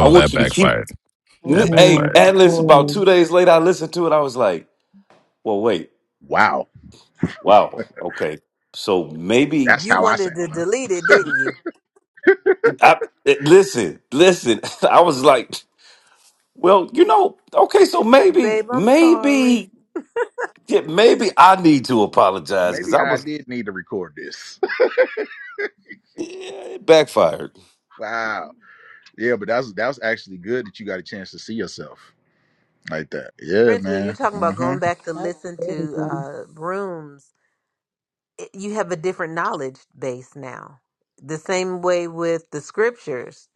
[SPEAKER 7] I
[SPEAKER 3] that
[SPEAKER 7] want you to hear."
[SPEAKER 3] backfired. That
[SPEAKER 7] N- Hey,
[SPEAKER 2] Oh,
[SPEAKER 3] backfired.
[SPEAKER 7] Atlas. About
[SPEAKER 2] cool.
[SPEAKER 7] two days later, I listened to it. I was like, "Well, wait,
[SPEAKER 6] wow
[SPEAKER 7] wow, okay, so maybe."
[SPEAKER 6] that's
[SPEAKER 1] you
[SPEAKER 6] how i
[SPEAKER 1] wanted
[SPEAKER 6] sound
[SPEAKER 1] to
[SPEAKER 6] huh
[SPEAKER 1] delete it, didn't you?
[SPEAKER 7] I eh, listen, listen. I was like, "Well, you know, okay, so
[SPEAKER 1] Like,
[SPEAKER 7] maybe,
[SPEAKER 1] babe, I'm sorry.
[SPEAKER 7] maybe." Yeah, maybe I need to apologize because
[SPEAKER 6] maybe
[SPEAKER 7] I
[SPEAKER 6] i
[SPEAKER 7] was
[SPEAKER 6] did need to record this
[SPEAKER 7] Yeah, it backfired.
[SPEAKER 6] wow yeah but that's that was actually good that you got a chance to see yourself like that
[SPEAKER 1] For
[SPEAKER 6] yeah
[SPEAKER 1] instance, when you're
[SPEAKER 6] man
[SPEAKER 1] talking about
[SPEAKER 6] mm-hmm
[SPEAKER 1] going back to
[SPEAKER 2] That's
[SPEAKER 1] listen
[SPEAKER 2] very
[SPEAKER 1] to
[SPEAKER 2] good.
[SPEAKER 1] uh, rooms, it, you have a different knowledge base now. The same way with the scriptures.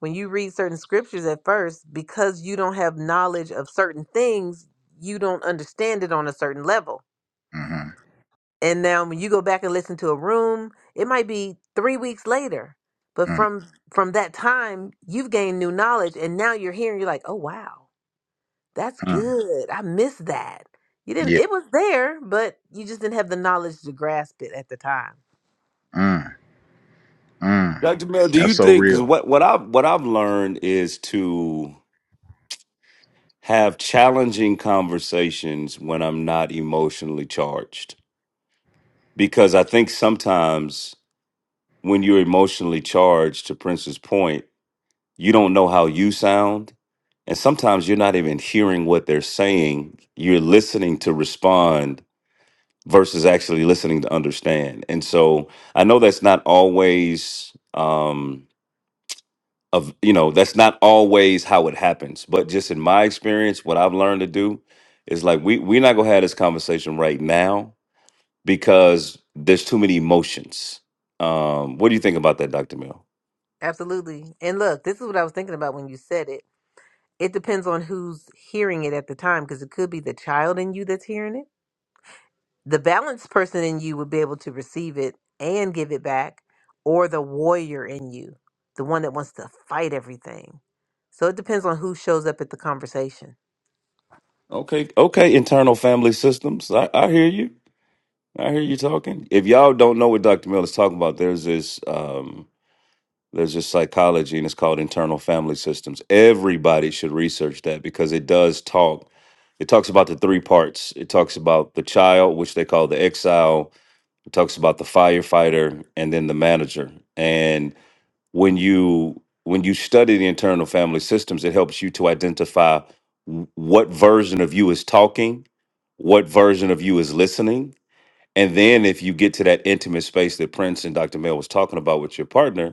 [SPEAKER 1] When you read certain scriptures at first, because you don't have knowledge of certain things, you don't understand it on a certain level.
[SPEAKER 6] mm-hmm
[SPEAKER 1] And now when you go back and listen to a room, it might be three weeks later. But from from that time, you've gained new knowledge and now you're here and you're like, oh wow, that's
[SPEAKER 6] mm-hmm
[SPEAKER 1] good. I missed that. You didn't
[SPEAKER 6] yeah
[SPEAKER 1] it was there, but you just didn't have the knowledge to grasp it at the time.
[SPEAKER 6] mm, mm.
[SPEAKER 7] Dr. Mel, do you
[SPEAKER 6] that's so
[SPEAKER 7] think cuz
[SPEAKER 6] real
[SPEAKER 7] what what I what I've learned is to have challenging conversations when I'm not emotionally charged. Because I think sometimes when you're emotionally charged to Prince's point, you don't know how you sound and sometimes you're not even hearing what they're saying. You're listening to respond versus actually listening to understand. And so I know that's not always um of you know that's not always how it happens but just in my experience what i've learned to do is like we we're not gonna have this conversation right now because there's too many emotions um what do you think about that dr mill
[SPEAKER 1] Absolutely. And look, this is what I was thinking about when you said it. It depends on who's hearing it at the time, because it could be the child in you that's hearing it. the balanced person in you would be able to receive it and give it back, or the warrior in you, the one that wants to fight everything. So it depends on who shows up at the conversation.
[SPEAKER 7] okay okay internal family systems i, I hear you i hear you talking if y'all don't know what dr mill is talking about there's this um There's just psychology, and it's called internal family systems. Everybody should research that because it does talk. It talks about the three parts. It talks about the child, which they call the exile. It talks about the firefighter, and then the manager. And when you when you study the internal family systems, it helps you to identify w- what version of you is talking, what version of you is listening, and then if you get to that intimate space that Prince and Dr. Mel was talking about with your partner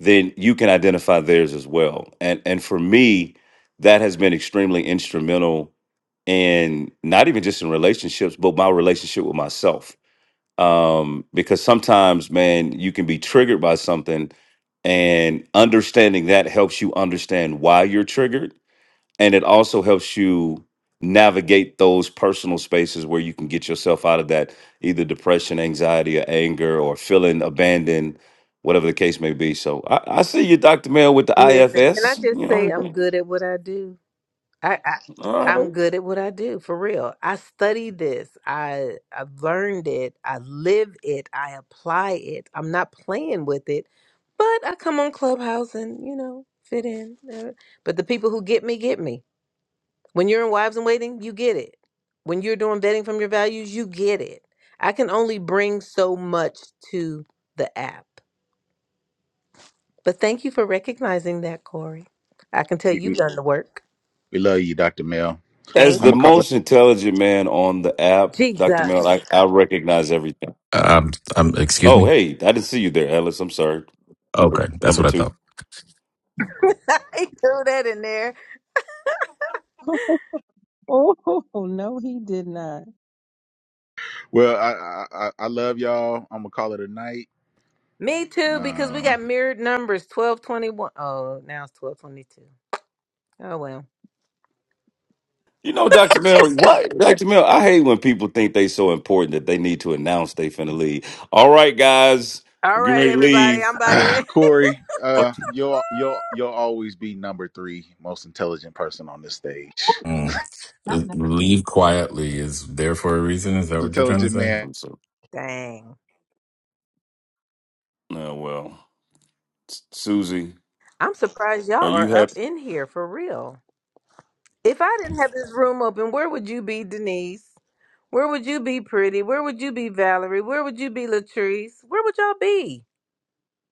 [SPEAKER 7] then you can identify theirs as well. And and for me, that has been extremely instrumental in not even just in relationships, but my relationship with myself. Um, because sometimes, man, you can be triggered by something, and understanding that helps you understand why you're triggered and it also helps you navigate those personal spaces where you can get yourself out of that either depression anxiety or anger or feeling abandoned whatever the case may be so i, I see you dr mail with the
[SPEAKER 1] Listen, can I
[SPEAKER 7] ifs you
[SPEAKER 1] just say
[SPEAKER 7] know
[SPEAKER 1] I'm good at what I do? I, I
[SPEAKER 7] all
[SPEAKER 1] I'm
[SPEAKER 7] right
[SPEAKER 1] good at what I do for real. I studied this. I I've learned it. I live it. I apply it. I'm not playing with it, but I come on Clubhouse and you know fit in. Uh, But the people who get me get me. When you're in wives in waiting, you get it. When you're doing vetting from your values, you get it. I can only bring so much to the app. But thank you for recognizing that, Corey. I can tell you've done the work.
[SPEAKER 6] We love you, Dr. Mel.
[SPEAKER 7] as
[SPEAKER 1] Thank
[SPEAKER 6] I'm
[SPEAKER 7] the
[SPEAKER 6] gonna call
[SPEAKER 1] you,
[SPEAKER 6] it.
[SPEAKER 7] most intelligent man on the app
[SPEAKER 1] Jesus.
[SPEAKER 7] dr mail I, I recognize everything
[SPEAKER 3] Um, um excuse
[SPEAKER 7] oh
[SPEAKER 3] me.
[SPEAKER 7] hey i didn't see you there alice i'm sorry number
[SPEAKER 3] Okay, that's
[SPEAKER 7] number
[SPEAKER 3] what I
[SPEAKER 7] two
[SPEAKER 3] thought.
[SPEAKER 1] I threw that in there.
[SPEAKER 2] Oh, no, he did not.
[SPEAKER 6] Well, I I, I I love y'all. I'm gonna call it a night.
[SPEAKER 1] Me too, because we got
[SPEAKER 6] Um,
[SPEAKER 1] mirrored numbers 1221. Oh, now it's 1222. Oh, well.
[SPEAKER 7] You know, Dr. Mel, right? Dr. Mel, I hate when people think they so important that they need to announce they finna leave. All right, guys,
[SPEAKER 1] All
[SPEAKER 7] I'm getting
[SPEAKER 1] right,
[SPEAKER 7] ready to
[SPEAKER 1] everybody.
[SPEAKER 7] leave.
[SPEAKER 1] I'm about to.
[SPEAKER 6] Corey,
[SPEAKER 7] Oh,
[SPEAKER 6] uh, you'll you'll you'll always be number three most intelligent person on this stage.
[SPEAKER 5] Ooh,
[SPEAKER 3] Mm.
[SPEAKER 5] not number three.
[SPEAKER 3] Leave quietly is there for a reason. Is that what you're trying to
[SPEAKER 6] Intelligent
[SPEAKER 3] say?
[SPEAKER 6] man
[SPEAKER 7] I'm so,
[SPEAKER 1] Dang.
[SPEAKER 7] no, well, S- Susie,
[SPEAKER 1] I'm surprised y'all
[SPEAKER 7] are you
[SPEAKER 1] are
[SPEAKER 7] happy?
[SPEAKER 1] up in here for real. If I didn't have this room open, where would you be, Denise? Where would you be, Pretty? Where would you be, Valerie? Where would you be, Latrice? Where would y'all be?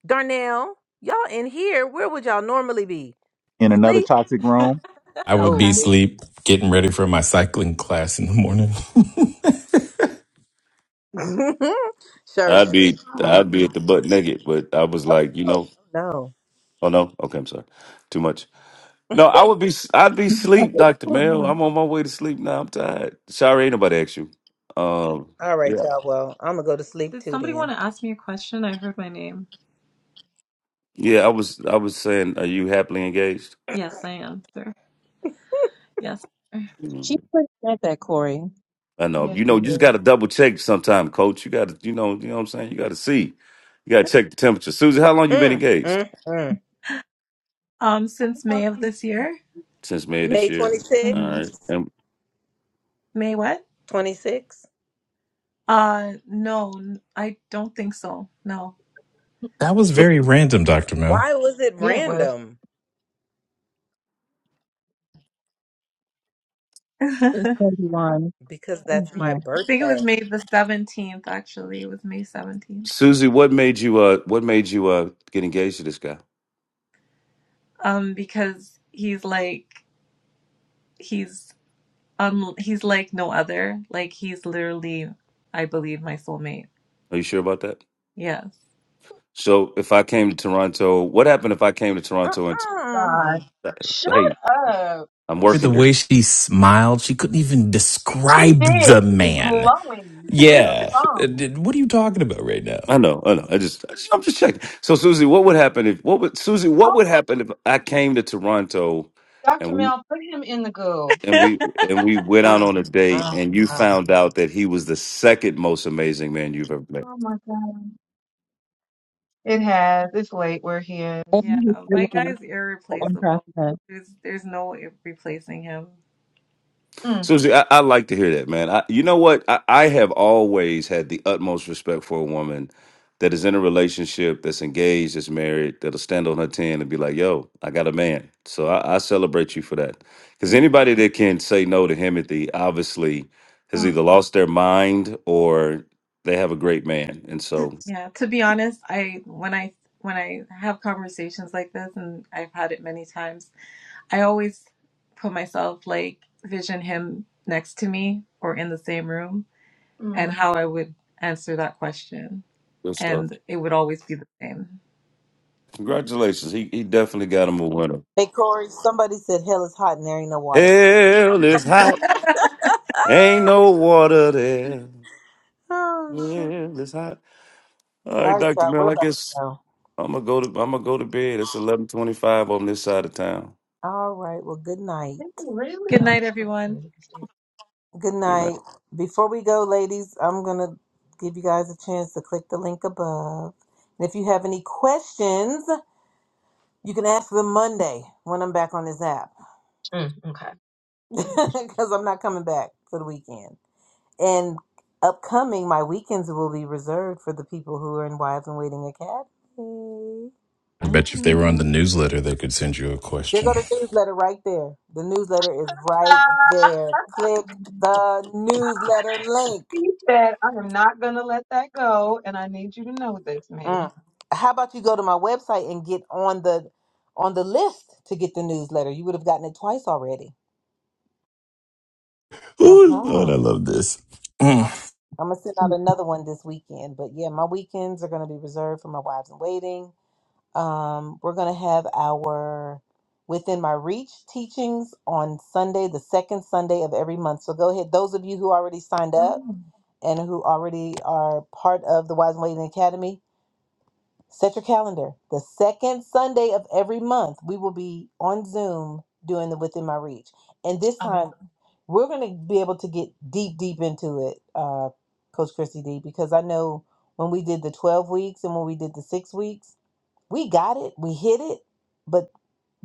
[SPEAKER 1] Darnell, y'all in here, where would y'all normally be?
[SPEAKER 6] in another
[SPEAKER 1] Sleep?
[SPEAKER 6] toxic room.
[SPEAKER 3] I would be
[SPEAKER 1] Oh,
[SPEAKER 5] Okay.
[SPEAKER 1] wait.
[SPEAKER 3] asleep getting ready for my cycling class in the morning.
[SPEAKER 1] Sherry
[SPEAKER 7] I'd
[SPEAKER 1] said,
[SPEAKER 7] be,
[SPEAKER 1] mm,
[SPEAKER 7] I'd be at the butt naked, but I was like, you
[SPEAKER 1] no,
[SPEAKER 7] know,
[SPEAKER 1] no.
[SPEAKER 7] oh no, okay, I'm sorry, too much. No, I would be, I'd be sleep, Dr. Mel. I'm
[SPEAKER 2] 21.
[SPEAKER 7] on my way to sleep now. I'm tired. Sorry, ain't nobody asked you. Um,
[SPEAKER 1] All right,
[SPEAKER 7] yeah,
[SPEAKER 1] y'all. Well, I'm going to go to sleep
[SPEAKER 8] did
[SPEAKER 1] too
[SPEAKER 8] somebody want
[SPEAKER 1] then.
[SPEAKER 8] to ask me a question i heard my name
[SPEAKER 7] yeah, I was, I was saying, are you happily engaged?
[SPEAKER 8] yes i am sir yes
[SPEAKER 7] Mm-hmm.
[SPEAKER 2] She pretty good that, Corey.
[SPEAKER 7] I know.
[SPEAKER 5] Yes,
[SPEAKER 7] You know, you
[SPEAKER 5] you
[SPEAKER 7] just got
[SPEAKER 5] did.
[SPEAKER 7] to double check sometime, coach. You got to, you know, you know what I'm saying? You got to see. You got to check the temperature. Susie, how long you been
[SPEAKER 1] Mm,
[SPEAKER 7] engaged?
[SPEAKER 1] mm, mm.
[SPEAKER 8] um
[SPEAKER 5] Hold
[SPEAKER 8] since
[SPEAKER 5] on.
[SPEAKER 8] may
[SPEAKER 5] a
[SPEAKER 8] of this
[SPEAKER 5] minute.
[SPEAKER 8] year
[SPEAKER 7] Since May of this
[SPEAKER 1] May
[SPEAKER 7] year. All
[SPEAKER 1] 26th?
[SPEAKER 8] hmm
[SPEAKER 7] right. And
[SPEAKER 8] may what
[SPEAKER 1] 26?
[SPEAKER 8] uh no n- i don't think so no
[SPEAKER 3] that was
[SPEAKER 7] so,
[SPEAKER 3] very random, Dr. Mel.
[SPEAKER 1] Why was it
[SPEAKER 5] Yeah, it was.
[SPEAKER 1] random?
[SPEAKER 8] i
[SPEAKER 2] It's 31.
[SPEAKER 1] Because that's my
[SPEAKER 2] Yeah.
[SPEAKER 8] think it
[SPEAKER 1] birthday.
[SPEAKER 8] was may the 17th actually it was may 17th
[SPEAKER 7] Susie, what made you uh what made you uh get engaged to this guy?
[SPEAKER 8] um because he's like he's um he's like no other like he's literally I believe my soulmate
[SPEAKER 7] Are you sure about that?
[SPEAKER 8] yes
[SPEAKER 7] So, if I came to Toronto, what happened if I came to Toronto and
[SPEAKER 5] God.
[SPEAKER 1] Uh-uh.
[SPEAKER 5] Shut
[SPEAKER 7] hey,
[SPEAKER 5] up.
[SPEAKER 7] I'm
[SPEAKER 3] The
[SPEAKER 7] working here.
[SPEAKER 3] way she smiled, she couldn't even
[SPEAKER 5] She
[SPEAKER 3] describe the
[SPEAKER 5] did. She was
[SPEAKER 3] man.
[SPEAKER 5] glowing through the
[SPEAKER 3] Yeah. Uh,
[SPEAKER 5] phone.
[SPEAKER 3] did- What are you talking about right
[SPEAKER 7] I
[SPEAKER 3] now?
[SPEAKER 7] know, I know. I just I'm just checking. So, Susie, what would happen if what would Susie, what
[SPEAKER 5] Oh
[SPEAKER 7] would
[SPEAKER 5] my,
[SPEAKER 7] happen if I came to Toronto and
[SPEAKER 5] Dr.
[SPEAKER 7] we
[SPEAKER 5] Mel, put him in the goo.
[SPEAKER 7] and we and we went out
[SPEAKER 1] Mm,
[SPEAKER 7] on a date
[SPEAKER 1] mm,
[SPEAKER 7] and you
[SPEAKER 1] mm.
[SPEAKER 7] found out that he was the second most amazing man you've ever met
[SPEAKER 5] Oh my God. It has. It's late where he is.
[SPEAKER 8] yeah
[SPEAKER 2] And he's
[SPEAKER 8] my
[SPEAKER 2] sleeping
[SPEAKER 8] guy's
[SPEAKER 2] on top
[SPEAKER 8] irreplaceable
[SPEAKER 2] of us.
[SPEAKER 8] there's there's no replacing him
[SPEAKER 5] Mm.
[SPEAKER 7] susie i, I like to hear that man I, you know what I, I have always had the utmost respect for a woman that is in a relationship that's engaged that's married that'll stand on her 10 and be like yo i got a man so i, I celebrate you for that because
[SPEAKER 8] Thank-
[SPEAKER 7] anybody that can say no to himothy obviously has
[SPEAKER 5] Oh,
[SPEAKER 7] either lost their mind or they have a great man and so
[SPEAKER 8] yeah to be honest I when I when I have conversations like this and I've had it many times I always put myself like vision him next to me or in the same room and
[SPEAKER 5] mm.
[SPEAKER 8] how I would answer that question
[SPEAKER 7] good stuff
[SPEAKER 8] and it would always be the same.
[SPEAKER 7] Congratulations. He he definitely got him a winner.
[SPEAKER 1] Hey Corey, somebody said hell is hot and there ain't no water there.
[SPEAKER 7] Hell
[SPEAKER 5] Oh,
[SPEAKER 7] is hot. Ain't no water there.
[SPEAKER 1] Oh shoot.
[SPEAKER 7] Hell is hot. All
[SPEAKER 1] All
[SPEAKER 7] right,
[SPEAKER 1] right,
[SPEAKER 7] Dr.
[SPEAKER 1] y'all, we're
[SPEAKER 7] Mel, I
[SPEAKER 1] about to
[SPEAKER 7] guess
[SPEAKER 1] go.
[SPEAKER 7] I'm gonna go to I'm gonna go to bed. It's eleven twenty five on this side of town.
[SPEAKER 1] All right, well good night.
[SPEAKER 5] really?
[SPEAKER 8] Good
[SPEAKER 5] Oh,
[SPEAKER 1] Right.
[SPEAKER 8] night,
[SPEAKER 5] I'm gonna
[SPEAKER 8] everyone.
[SPEAKER 5] do this thing.
[SPEAKER 1] Good night. Before we go, ladies, I'm gonna give you guys a chance to click the link above. And if you have any questions, you can ask them Monday when I'm back on this app.
[SPEAKER 5] Mm, okay.
[SPEAKER 1] Because I'm not coming back for the weekend. And upcoming my weekends will be reserved for the people who are in Wives and Waiting Academy.
[SPEAKER 3] I bet you if they were on the newsletter, they could send you a
[SPEAKER 1] There
[SPEAKER 3] question.
[SPEAKER 1] go the newsletter right there. The newsletter is right
[SPEAKER 5] Mm.
[SPEAKER 1] there. Click the newsletter link.
[SPEAKER 5] He said, I am not going to let that go, and I need you to know this, ma'am.
[SPEAKER 1] Mm. How about you go to my website and get on the on the list to get the newsletter? You would have gotten it twice already.
[SPEAKER 3] Oh, Lord,
[SPEAKER 1] Uh-huh.
[SPEAKER 3] I love this. Mm.
[SPEAKER 1] I'm gonna send out
[SPEAKER 5] Mm.
[SPEAKER 1] another one this weekend. But yeah, my weekends are gonna be reserved for my wives in waiting. Um, we're gonna have our within my reach teachings on Sunday, the second Sunday of every month. So go ahead, those of you who already signed up. and who already are part of the Wise and Waiting Academy, set your calendar. The second Sunday of every month, we will be on Zoom doing the Within My Reach. And this
[SPEAKER 5] Um,
[SPEAKER 1] time, we're going to be able to get deep, deep into it, uh, Coach Christy D, because I know when we did the 12 weeks and when we did the six weeks, we got it, we hit it. But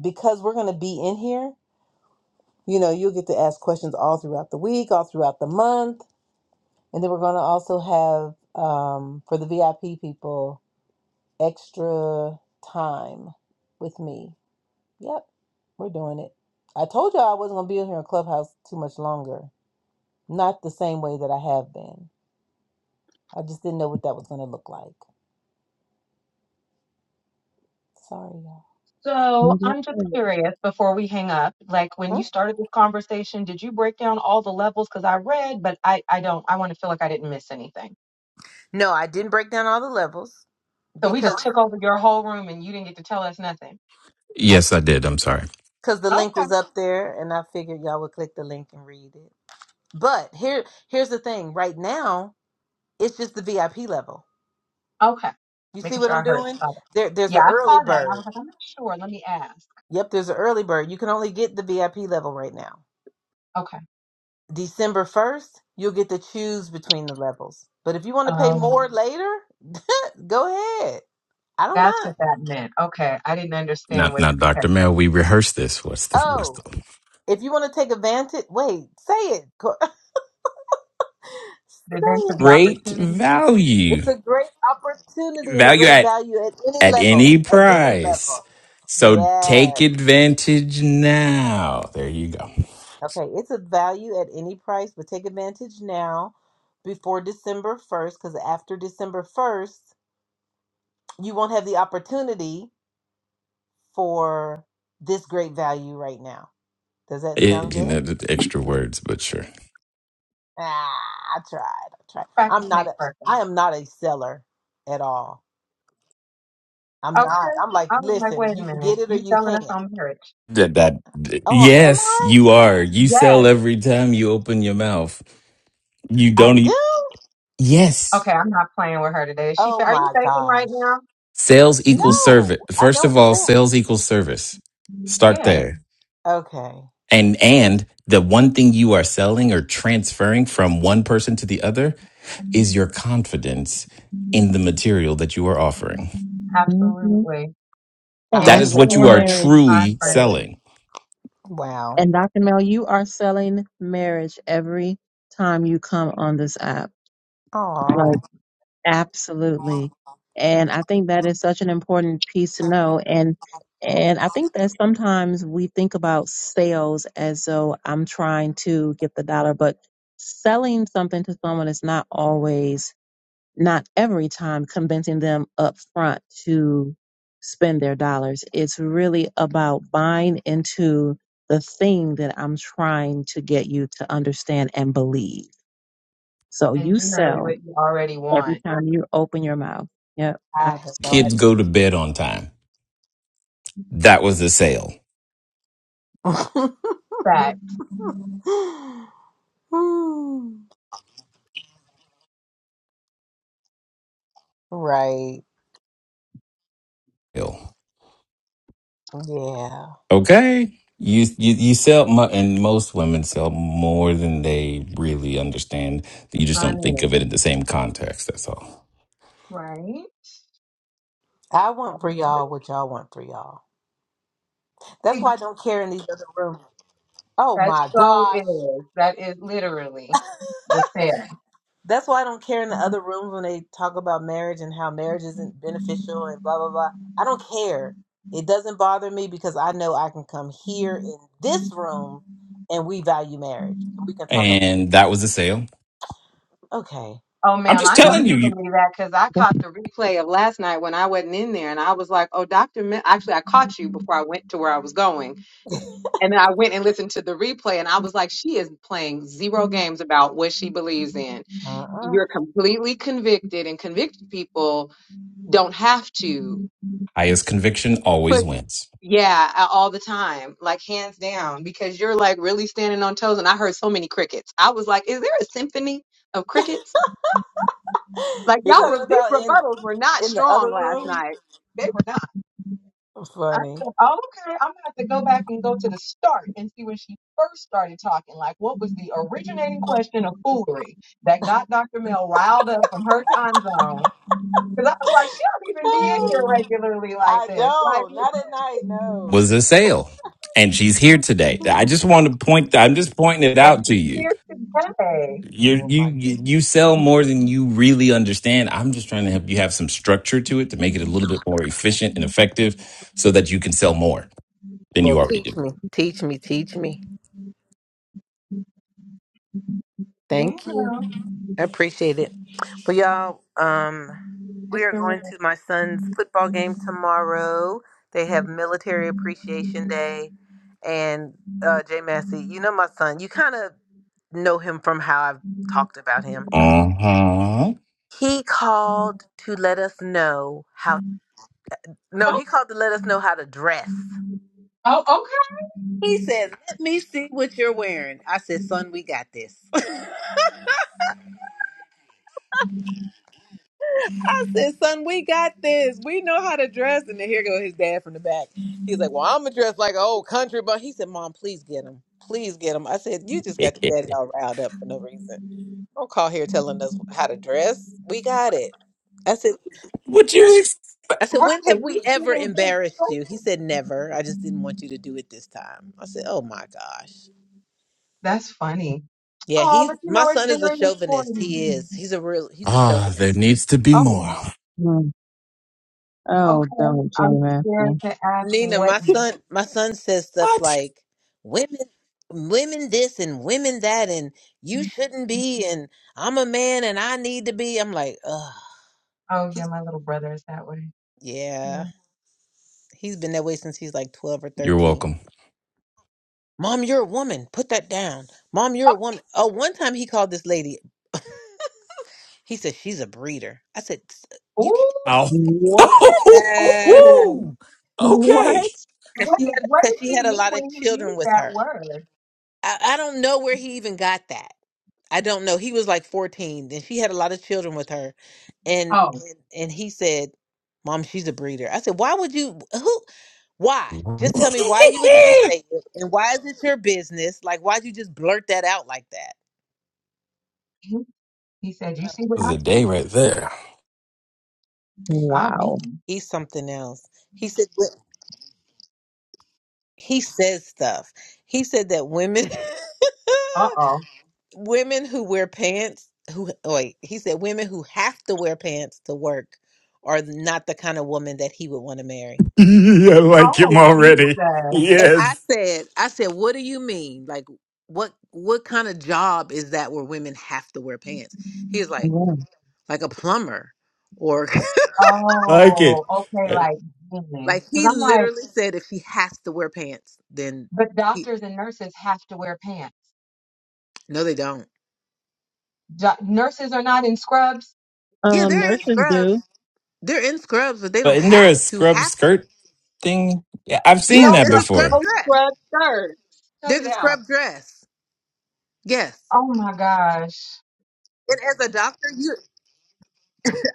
[SPEAKER 1] because we're going to be in here, you know, you'll get to ask questions all throughout the week, all throughout the month and then we're going to also have, um, for the VIP people, extra time with me. Yep, we're doing it. I told y'all I wasn't going to be in here in Clubhouse too much longer. Not the same way that I have been. I just didn't know what that was going to look like. Sorry, y'all.
[SPEAKER 2] You
[SPEAKER 5] so
[SPEAKER 2] just
[SPEAKER 5] I'm just
[SPEAKER 2] said
[SPEAKER 5] curious before we hang up, like when
[SPEAKER 1] Huh?
[SPEAKER 5] you started this conversation, did you break down all the levels? Because I read, but I, I don't, I want to feel like I didn't miss anything.
[SPEAKER 1] No, I didn't break down all the levels
[SPEAKER 5] So we
[SPEAKER 1] because
[SPEAKER 5] just took over your whole room and you didn't get to tell us nothing.
[SPEAKER 1] I
[SPEAKER 3] Yes, I did. I'm sorry.
[SPEAKER 1] because the link
[SPEAKER 5] Okay.
[SPEAKER 1] was up there and I figured y'all would click the link and read it. But here here's the thing. Right now, it's just the VIP level.
[SPEAKER 5] Okay.
[SPEAKER 1] You see
[SPEAKER 5] Making
[SPEAKER 1] what
[SPEAKER 5] sure
[SPEAKER 1] I'm
[SPEAKER 5] I heard.
[SPEAKER 1] doing?
[SPEAKER 5] Got it.
[SPEAKER 1] There, there's
[SPEAKER 5] Yeah,
[SPEAKER 1] an
[SPEAKER 5] I
[SPEAKER 1] early
[SPEAKER 5] saw that and
[SPEAKER 1] bird.
[SPEAKER 5] I was like, I'm not sure. Let me ask.
[SPEAKER 1] Yep, there's an early bird. You can only get the VIP level right now.
[SPEAKER 5] Okay.
[SPEAKER 1] December 1st, you'll get to choose between the levels. But if you want to pay
[SPEAKER 5] Um,
[SPEAKER 1] more later, go ahead. I don't
[SPEAKER 5] that's
[SPEAKER 1] mind.
[SPEAKER 5] what that meant. Okay. I didn't understand
[SPEAKER 3] Not,
[SPEAKER 5] what,
[SPEAKER 3] not
[SPEAKER 5] okay.
[SPEAKER 3] Dr. Mel. We rehearsed this. What's the, what's
[SPEAKER 1] Oh,
[SPEAKER 3] the,
[SPEAKER 1] if you want to take advantage, wait, say it. Cor-
[SPEAKER 5] The
[SPEAKER 1] Say
[SPEAKER 5] adventure,
[SPEAKER 1] it.
[SPEAKER 5] the
[SPEAKER 3] great
[SPEAKER 5] opportunity.
[SPEAKER 3] value,
[SPEAKER 1] It's a great opportunity and a
[SPEAKER 3] value
[SPEAKER 1] great
[SPEAKER 3] at,
[SPEAKER 1] value at any
[SPEAKER 3] at any
[SPEAKER 1] level. At any
[SPEAKER 5] Yeah.
[SPEAKER 3] price.
[SPEAKER 1] level.
[SPEAKER 3] So
[SPEAKER 1] Yes.
[SPEAKER 3] take advantage now. There you go.
[SPEAKER 1] Okay, it's a value at any price, but take advantage now before December 1st because after December 1st, you won't have the opportunity for this great value right now. Does that sound
[SPEAKER 3] It,
[SPEAKER 5] Mhm.
[SPEAKER 3] you
[SPEAKER 1] good?
[SPEAKER 3] know, the extra words, but sure.
[SPEAKER 1] Ah, I tried. I tried.
[SPEAKER 5] Practice
[SPEAKER 1] I'm not
[SPEAKER 5] makes
[SPEAKER 1] a
[SPEAKER 5] perfect.
[SPEAKER 1] I am not a seller at all. I'm
[SPEAKER 5] Okay.
[SPEAKER 1] not. I'm like,
[SPEAKER 5] I was like,
[SPEAKER 1] listen,
[SPEAKER 5] wait a
[SPEAKER 1] you can get
[SPEAKER 5] minute.
[SPEAKER 1] it or
[SPEAKER 5] You
[SPEAKER 1] you
[SPEAKER 5] selling us
[SPEAKER 1] can't.
[SPEAKER 5] on marriage?
[SPEAKER 3] That, that,
[SPEAKER 1] Oh, am
[SPEAKER 3] yes, you
[SPEAKER 1] I?
[SPEAKER 3] are. You sell
[SPEAKER 5] Yes.
[SPEAKER 3] every time you open your mouth. You
[SPEAKER 1] I
[SPEAKER 3] don't, e-
[SPEAKER 1] do?
[SPEAKER 5] Okay,
[SPEAKER 3] yes,
[SPEAKER 5] I'm not playing with her today. She
[SPEAKER 1] Oh
[SPEAKER 5] said, are you
[SPEAKER 1] my
[SPEAKER 5] faking right
[SPEAKER 1] gosh.
[SPEAKER 5] now?
[SPEAKER 3] sales equals
[SPEAKER 1] No,
[SPEAKER 3] service.
[SPEAKER 1] I
[SPEAKER 3] First
[SPEAKER 1] don't
[SPEAKER 3] of all,
[SPEAKER 1] sell.
[SPEAKER 3] sales equals service. Start
[SPEAKER 5] Yes,
[SPEAKER 3] there.
[SPEAKER 1] Okay.
[SPEAKER 3] And, and the one thing you are selling or transferring from one person to the other is your confidence in the material that you are offering.
[SPEAKER 2] it.
[SPEAKER 5] absolutely.
[SPEAKER 1] I
[SPEAKER 2] And
[SPEAKER 3] That
[SPEAKER 2] you're
[SPEAKER 5] And
[SPEAKER 3] is
[SPEAKER 1] only
[SPEAKER 5] your
[SPEAKER 3] what you
[SPEAKER 2] selling
[SPEAKER 1] can
[SPEAKER 3] are
[SPEAKER 5] story
[SPEAKER 1] because
[SPEAKER 5] and
[SPEAKER 1] I
[SPEAKER 5] your
[SPEAKER 2] marriage.
[SPEAKER 5] time
[SPEAKER 3] truly
[SPEAKER 1] believe in
[SPEAKER 5] frame.
[SPEAKER 1] it.
[SPEAKER 3] selling.
[SPEAKER 1] Wow.
[SPEAKER 2] And Dr. Mel, you are selling marriage every time you come on this app.
[SPEAKER 5] Right.
[SPEAKER 1] Oh,
[SPEAKER 2] Like, absolutely. And I think that is such an important piece to know. And and I think that sometimes we think about sales as though I'm trying to get the dollar, but selling something to someone is not always not every time convincing them up front to spend their dollars. It's really about buying into the thing that I'm trying to get you to understand and believe. So
[SPEAKER 5] And
[SPEAKER 2] you
[SPEAKER 5] generally
[SPEAKER 2] sell
[SPEAKER 5] what you already
[SPEAKER 2] every
[SPEAKER 5] want.
[SPEAKER 2] time you open your mouth. Yep.
[SPEAKER 1] I had
[SPEAKER 2] Absolutely.
[SPEAKER 1] no
[SPEAKER 3] Kids go to bed on time. That was the sale.
[SPEAKER 1] idea.
[SPEAKER 5] Fact.
[SPEAKER 1] Hmm. right. Yeah.
[SPEAKER 3] Okay. You, you you sell mo- and most women sell more than they really understand. You just don't think of
[SPEAKER 5] Honey.
[SPEAKER 3] it in the same context. That's all.
[SPEAKER 5] Right?
[SPEAKER 1] I want for y'all what y'all want for y'all. That's why I don't care in these other rooms. Oh
[SPEAKER 5] That
[SPEAKER 1] my
[SPEAKER 5] so
[SPEAKER 1] gosh.
[SPEAKER 5] is. That is literally the sale.
[SPEAKER 1] That's why I don't care in the other rooms when they talk about marriage and how marriage isn't beneficial and blah, blah, blah. I don't care. It doesn't bother me because I know I can come here in this room and we value marriage. And we can talk about,
[SPEAKER 3] And that was a sale.
[SPEAKER 1] okay.
[SPEAKER 5] Oh,
[SPEAKER 3] I'm
[SPEAKER 5] ma'am,
[SPEAKER 3] just
[SPEAKER 5] I know
[SPEAKER 3] telling you,
[SPEAKER 5] you
[SPEAKER 3] you
[SPEAKER 5] believe that because I caught the replay of last night when I wasn't in there, and I was like, "Oh, Doctor." Mil-. Actually, I caught you before I went to where I was going, and then I went and listened to the replay, and I was like, "She is playing zero games about what she believes in."
[SPEAKER 1] Uh-uh.
[SPEAKER 5] You're completely convicted, and convicted people don't have to.
[SPEAKER 3] highest conviction always wins.
[SPEAKER 5] Yeah, a- all the time, like hands down, because you're like really standing on toes. And I heard so many crickets. I was like, is there a symphony of crickets? Like
[SPEAKER 1] You're
[SPEAKER 5] y'all, re-
[SPEAKER 1] talking
[SPEAKER 5] these
[SPEAKER 1] about in
[SPEAKER 5] rebuttals were not
[SPEAKER 1] in the
[SPEAKER 5] strong
[SPEAKER 1] other
[SPEAKER 5] last
[SPEAKER 1] room?
[SPEAKER 5] night. They were not. I
[SPEAKER 1] Funny.
[SPEAKER 5] said, oh, okay, I'm gonna have to go back and go to the start and see when she first started talking. Like, what was the originating question of foolery that got Dr. Mel riled up from her time zone? Because I was like, she don't even be in here
[SPEAKER 1] Oh,
[SPEAKER 5] regularly like
[SPEAKER 1] I
[SPEAKER 5] this. Like,
[SPEAKER 1] don't.
[SPEAKER 5] what?
[SPEAKER 1] Not at night, no.
[SPEAKER 3] Was a sale, and she's here today. I just want to point. I'm just pointing it
[SPEAKER 5] and
[SPEAKER 3] out to
[SPEAKER 5] she's
[SPEAKER 3] you
[SPEAKER 5] here today.
[SPEAKER 3] You're,
[SPEAKER 1] Oh
[SPEAKER 3] you
[SPEAKER 1] my
[SPEAKER 3] you you
[SPEAKER 1] goodness.
[SPEAKER 3] sell more than you really understand. I'm just trying to help you have some structure to it to make it a little bit more efficient and effective, so that you can sell more than
[SPEAKER 1] Well,
[SPEAKER 3] you already do.
[SPEAKER 1] teach me, teach me, teach me. Thank
[SPEAKER 5] Yeah.
[SPEAKER 1] you. I appreciate it. Well, y'all, um, we
[SPEAKER 5] It's
[SPEAKER 1] are
[SPEAKER 5] been
[SPEAKER 1] going
[SPEAKER 5] real.
[SPEAKER 1] to my son's football game tomorrow. They have Military Appreciation Day, and uh, Jay Massey. You know my son. You kind of know him from how I've talked about him.
[SPEAKER 3] Uh huh.
[SPEAKER 1] He called to let us know how. No,
[SPEAKER 5] Oh,
[SPEAKER 1] he called to let us know how to dress.
[SPEAKER 5] oh, okay.
[SPEAKER 1] He says, "Let me see what you're wearing." I said, "Son, we got this." I said, "Son, we got this. We know how to dress." And then here go his dad from the back. He's like, "Well, I'm gonna dress like an old country but He said, "Mom, please get him. Please get him." I said, "You just got your daddy all riled up for no reason. Don't call here telling us how to dress. We got it." I said,
[SPEAKER 3] what you
[SPEAKER 1] I
[SPEAKER 3] expect?
[SPEAKER 1] said,
[SPEAKER 5] Right.
[SPEAKER 1] when
[SPEAKER 5] Right.
[SPEAKER 1] have
[SPEAKER 5] You
[SPEAKER 1] we
[SPEAKER 5] see they did
[SPEAKER 1] ever
[SPEAKER 5] it in good
[SPEAKER 1] embarrassed you? He
[SPEAKER 5] person.
[SPEAKER 1] said, never. I just didn't want you to do it this time. I said, oh my gosh.
[SPEAKER 5] That's funny.
[SPEAKER 1] Yeah,
[SPEAKER 5] Oh,
[SPEAKER 1] he's
[SPEAKER 5] but you
[SPEAKER 1] my
[SPEAKER 5] know, it's
[SPEAKER 1] son is a
[SPEAKER 5] very
[SPEAKER 1] chauvinist.
[SPEAKER 5] important.
[SPEAKER 1] He is. He's a real he's a
[SPEAKER 3] Ah, there
[SPEAKER 1] chauvinist.
[SPEAKER 3] needs to be
[SPEAKER 5] Oh,
[SPEAKER 3] more.
[SPEAKER 2] Oh,
[SPEAKER 5] okay.
[SPEAKER 2] don't, Jay
[SPEAKER 5] I'm scared
[SPEAKER 2] Matthew.
[SPEAKER 5] to ask
[SPEAKER 1] Nina,
[SPEAKER 5] what.
[SPEAKER 1] my son my son says stuff
[SPEAKER 3] What?
[SPEAKER 1] like women women this and women that and you shouldn't be and I'm a man and I need to be. I'm like, ugh.
[SPEAKER 5] Oh, yeah,
[SPEAKER 1] He's
[SPEAKER 5] my little brother is that way.
[SPEAKER 1] yeah.
[SPEAKER 5] Yeah.
[SPEAKER 1] He's been that way since he's like twelve or
[SPEAKER 3] You're
[SPEAKER 1] thirteen.
[SPEAKER 3] welcome.
[SPEAKER 1] Mom, you're a woman. Put that down. Mom, you're a woman. Oh, one time he called this lady. He said she's a breeder. I said "S- you
[SPEAKER 5] Oh,
[SPEAKER 1] can't.
[SPEAKER 3] Ow.
[SPEAKER 2] What?
[SPEAKER 5] ooh,
[SPEAKER 1] Yeah,
[SPEAKER 5] ooh.
[SPEAKER 3] Woo. Okay.
[SPEAKER 2] What?
[SPEAKER 1] because
[SPEAKER 5] What,
[SPEAKER 1] she had
[SPEAKER 5] what does
[SPEAKER 1] because she
[SPEAKER 5] he
[SPEAKER 1] had a
[SPEAKER 5] mean
[SPEAKER 1] lot of
[SPEAKER 5] when he
[SPEAKER 1] children
[SPEAKER 5] used
[SPEAKER 1] with
[SPEAKER 5] that
[SPEAKER 1] her.
[SPEAKER 5] word?
[SPEAKER 1] I, I don't know where he even got that. I don't know. He was like 14, and she had a lot of children with her, and
[SPEAKER 5] Oh,
[SPEAKER 1] and, and he said, "Mom, she's a breeder." I said, "Why would you? Who? Why? Just tell me why you would even
[SPEAKER 3] that
[SPEAKER 1] say it, and why is it your business? Like, why'd you just blurt that out like
[SPEAKER 5] he, he said, You see what
[SPEAKER 3] was
[SPEAKER 5] I
[SPEAKER 3] a
[SPEAKER 5] see?
[SPEAKER 3] day
[SPEAKER 1] that?"
[SPEAKER 3] right there.
[SPEAKER 5] I
[SPEAKER 2] Wow.
[SPEAKER 5] mean,
[SPEAKER 1] He's something else. He said he says stuff. He said that women
[SPEAKER 5] uh oh.
[SPEAKER 1] women who wear pants who oh wait, he said women who have to wear pants to work are not the kind of woman that he would want to marry.
[SPEAKER 3] I like him
[SPEAKER 5] Oh,
[SPEAKER 3] already.
[SPEAKER 5] Jesus.
[SPEAKER 1] And I
[SPEAKER 3] Yes,
[SPEAKER 1] said, I said, what do you mean? Like what what kind of job is that where women have to wear pants? He's like
[SPEAKER 2] Yeah.
[SPEAKER 1] like a plumber or
[SPEAKER 3] like it.
[SPEAKER 5] Oh, okay, like,
[SPEAKER 1] like
[SPEAKER 5] because
[SPEAKER 1] he
[SPEAKER 5] I'm like,
[SPEAKER 1] literally said if she has to wear pants then
[SPEAKER 5] But
[SPEAKER 1] he,
[SPEAKER 5] doctors and nurses have to wear pants.
[SPEAKER 1] no they don't.
[SPEAKER 5] Do- nurses are not in scrubs.
[SPEAKER 1] Yeah,
[SPEAKER 2] Um,
[SPEAKER 1] they're in
[SPEAKER 2] nurses
[SPEAKER 1] scrubs.
[SPEAKER 2] do.
[SPEAKER 1] They're in scrubs, but they
[SPEAKER 3] But
[SPEAKER 1] don't
[SPEAKER 3] isn't there
[SPEAKER 1] have
[SPEAKER 3] a
[SPEAKER 1] to
[SPEAKER 3] scrub
[SPEAKER 1] have. to.
[SPEAKER 3] skirt thing? Yeah, I've seen
[SPEAKER 1] Yes,
[SPEAKER 5] No,
[SPEAKER 3] that
[SPEAKER 1] there's
[SPEAKER 5] there
[SPEAKER 1] a
[SPEAKER 5] are
[SPEAKER 1] scrub
[SPEAKER 3] before.
[SPEAKER 5] no
[SPEAKER 1] dress.
[SPEAKER 5] scrub shirts. Cut
[SPEAKER 1] There's
[SPEAKER 5] it
[SPEAKER 1] a
[SPEAKER 5] out.
[SPEAKER 1] scrub dress. Yes.
[SPEAKER 5] Oh my gosh.
[SPEAKER 1] And as a doctor, you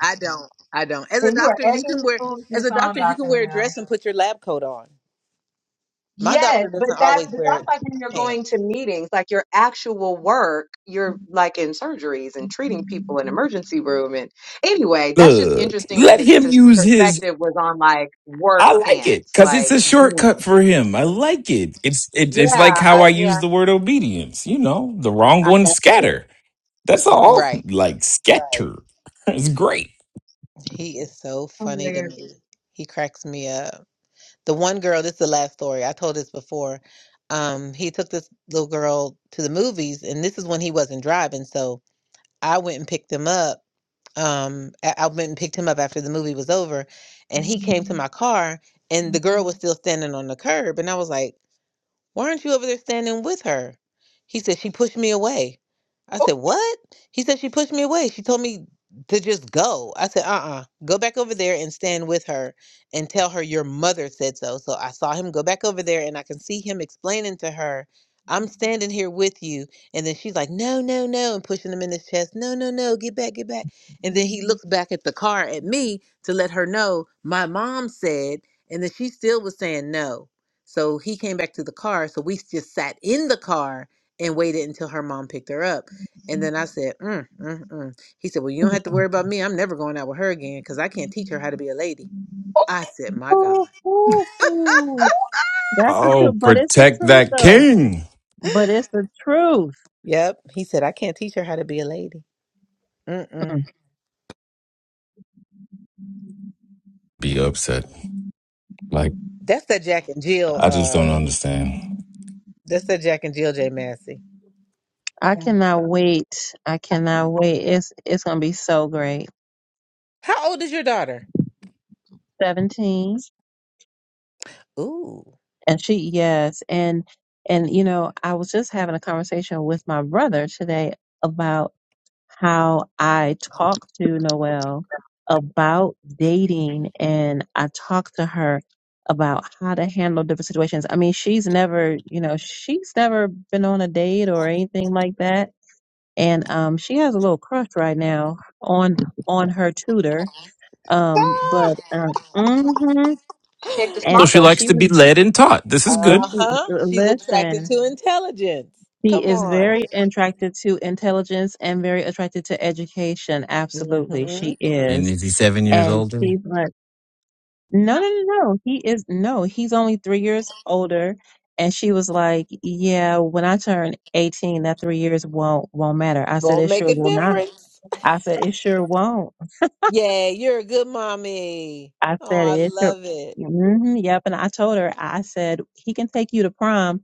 [SPEAKER 1] I don't. I don't. As a
[SPEAKER 5] And you are
[SPEAKER 1] doctor, you
[SPEAKER 5] egging
[SPEAKER 1] can
[SPEAKER 5] this
[SPEAKER 1] wear as
[SPEAKER 5] foolishness
[SPEAKER 1] a
[SPEAKER 5] on,
[SPEAKER 1] doctor, you can
[SPEAKER 5] Dr.
[SPEAKER 1] wear a
[SPEAKER 5] Mel.
[SPEAKER 1] dress and put your lab coat on. My
[SPEAKER 5] Yes,
[SPEAKER 1] doctor
[SPEAKER 5] but
[SPEAKER 1] doesn't
[SPEAKER 5] that
[SPEAKER 1] always
[SPEAKER 5] but
[SPEAKER 1] wear
[SPEAKER 5] that's like when you're going
[SPEAKER 1] pants.
[SPEAKER 5] to meetings, like your actual work, you're like in surgeries and treating people in emergency room. And anyway, that's just
[SPEAKER 3] Look,
[SPEAKER 5] interesting that
[SPEAKER 3] let
[SPEAKER 5] his
[SPEAKER 3] him
[SPEAKER 5] pers-
[SPEAKER 3] use his.
[SPEAKER 5] perspective was on like work
[SPEAKER 3] I like it
[SPEAKER 5] pants,
[SPEAKER 3] because it's
[SPEAKER 5] like
[SPEAKER 3] a shortcut
[SPEAKER 5] jeans.
[SPEAKER 3] for him. I like it. It's it, it's
[SPEAKER 5] Yeah,
[SPEAKER 3] like how
[SPEAKER 5] I,
[SPEAKER 3] I use
[SPEAKER 5] yeah,
[SPEAKER 3] the word obedience. You know, the wrong
[SPEAKER 5] I,
[SPEAKER 3] one
[SPEAKER 5] that's true.
[SPEAKER 3] scatter. That's all.
[SPEAKER 1] Right.
[SPEAKER 3] Like
[SPEAKER 1] Right.
[SPEAKER 3] scatter. It's great.
[SPEAKER 1] He is so funny to
[SPEAKER 5] Hilarious.
[SPEAKER 1] me. He cracks me up. The one girl, this is the last story. I told this before. Um, he took this little girl to the movies and this is when he wasn't driving, so I went and picked him up. Um, I, I went and picked him up after the movie was over, and he came to my car, and the girl was still standing on the curb, and I was like, why aren't you over there standing with her? He said, She pushed me away. I
[SPEAKER 5] Oh,
[SPEAKER 1] said, What? He said, She pushed me away. She told me to just go. I said, Uh uh Go back over there and stand with her and tell her your mother said so. So I saw him go back over there and I can see him explaining to her, I'm standing here with you. And then she's like, No, no, no. And pushing him in his chest, No, no, no. Get back, get back. And then he looks back at the car at me to let her know my mom said. And then she still was saying no. So he came back to the car. So we just sat in the car and waited until her mom picked her up. And then I said, mm, mm, mm. He said, Well, you don't have to worry about me. I'm never going out with her again because I can't teach her how to be a lady.
[SPEAKER 5] oh.
[SPEAKER 1] I said, My God.
[SPEAKER 2] That's the truth,
[SPEAKER 3] Oh,
[SPEAKER 2] but it's the
[SPEAKER 3] protect
[SPEAKER 2] truth
[SPEAKER 3] that
[SPEAKER 2] though.
[SPEAKER 3] king.
[SPEAKER 2] But it's the truth.
[SPEAKER 1] Yep. He said, I can't teach her how to be a lady. Mm-mm.
[SPEAKER 2] Mm.
[SPEAKER 3] Be upset. Like
[SPEAKER 1] That's that Jack and Jill.
[SPEAKER 3] I just don't
[SPEAKER 1] Uh,
[SPEAKER 3] understand.
[SPEAKER 1] That's that Jack and Jill J. Massey.
[SPEAKER 2] I
[SPEAKER 5] Yeah,
[SPEAKER 2] cannot
[SPEAKER 5] so
[SPEAKER 2] wait. I
[SPEAKER 5] I
[SPEAKER 2] cannot
[SPEAKER 5] can.
[SPEAKER 2] wait. It's it's gonna be so great.
[SPEAKER 1] How old is your daughter?
[SPEAKER 2] Seventeen,
[SPEAKER 1] Ooh.
[SPEAKER 2] and she yes, and and you know I was just having a conversation with my brother today about how I talk to Noelle about dating, and I talk to her about how to handle different situations. I mean, she's never, you know, she's never been on a date or anything like that and um, she has a little crush right now on on her tutor.
[SPEAKER 5] Oh,
[SPEAKER 2] Um,
[SPEAKER 1] Ah!
[SPEAKER 2] but um,
[SPEAKER 5] oh,
[SPEAKER 2] hmm
[SPEAKER 5] she picked a
[SPEAKER 3] So
[SPEAKER 2] and
[SPEAKER 5] smart
[SPEAKER 3] she
[SPEAKER 2] so
[SPEAKER 5] one.
[SPEAKER 3] likes
[SPEAKER 2] she
[SPEAKER 3] to be
[SPEAKER 2] was,
[SPEAKER 3] led and taught. This is
[SPEAKER 2] and
[SPEAKER 1] Uh
[SPEAKER 3] good.
[SPEAKER 2] she
[SPEAKER 1] huh. She's attracted
[SPEAKER 2] listen.
[SPEAKER 1] to intelligence.
[SPEAKER 2] She
[SPEAKER 1] Come
[SPEAKER 2] is
[SPEAKER 1] on.
[SPEAKER 2] very attracted to intelligence and very attracted to education. Absolutely,
[SPEAKER 1] hmm.
[SPEAKER 2] she
[SPEAKER 3] And
[SPEAKER 2] is,
[SPEAKER 3] is he seven years
[SPEAKER 2] and
[SPEAKER 3] older?
[SPEAKER 2] she's like, no,
[SPEAKER 5] No.
[SPEAKER 2] no, no, no. He is no. He's only three years older. And she was like, "Yeah, when I turn eighteen, that three years won't won't matter." I said,
[SPEAKER 1] Gonna
[SPEAKER 2] "It
[SPEAKER 1] make
[SPEAKER 2] sure
[SPEAKER 1] a
[SPEAKER 2] will not."
[SPEAKER 1] difference.
[SPEAKER 2] I said, "It sure won't."
[SPEAKER 1] Yeah, you're a good mommy.
[SPEAKER 2] I
[SPEAKER 1] Oh,
[SPEAKER 2] said
[SPEAKER 1] I
[SPEAKER 2] it.
[SPEAKER 1] love it.
[SPEAKER 2] hmm yep. And I told her, I said, he can take you to prom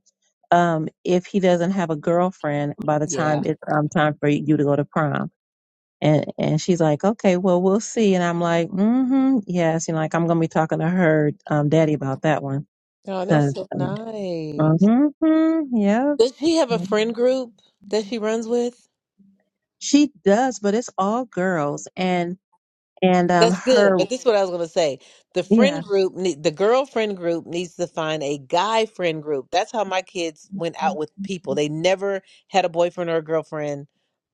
[SPEAKER 2] um, if he doesn't have a girlfriend by the
[SPEAKER 1] Yeah.
[SPEAKER 2] time it's um, time for you to go to prom. And, and she's like, okay, well, we'll see. And I'm like, mm-hmm, yes. And like, I'm going to be talking to her um, daddy about that one.
[SPEAKER 1] Oh, that's
[SPEAKER 2] Cause,
[SPEAKER 5] Okay.
[SPEAKER 1] so
[SPEAKER 2] uh,
[SPEAKER 1] nice.
[SPEAKER 2] mm-hmm, yeah,
[SPEAKER 1] Does she have a friend group that she runs with?
[SPEAKER 2] she does, but it's all girls. And, and, um,
[SPEAKER 1] That's good.
[SPEAKER 2] her,
[SPEAKER 1] But this is what I was going to say. The
[SPEAKER 2] yeah,
[SPEAKER 1] friend group, nee- the girlfriend group needs to find a guy friend group. That's how my kids went out with people. They never had a boyfriend or a girlfriend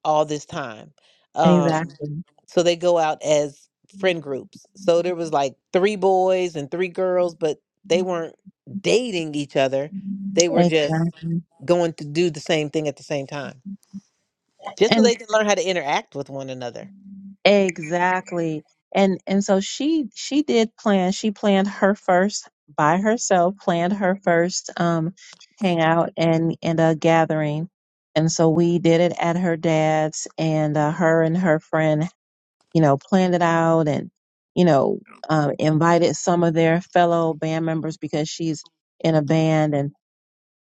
[SPEAKER 1] all this time. Um,
[SPEAKER 2] exactly.
[SPEAKER 1] so they go out as friend groups. So there was like three boys and three girls, but they weren't dating each other. They were just
[SPEAKER 2] Exactly.
[SPEAKER 1] going to do the same thing at the same time, just so
[SPEAKER 2] and.
[SPEAKER 1] they can learn how to interact with one another.
[SPEAKER 2] Exactly. And and so she she did plan, she planned her first by herself, planned her first um hangout and and a gathering. And so we did it at her dad's and uh, her and her friend, you know, planned it out and you know, um invited some of their fellow band members because she's in a band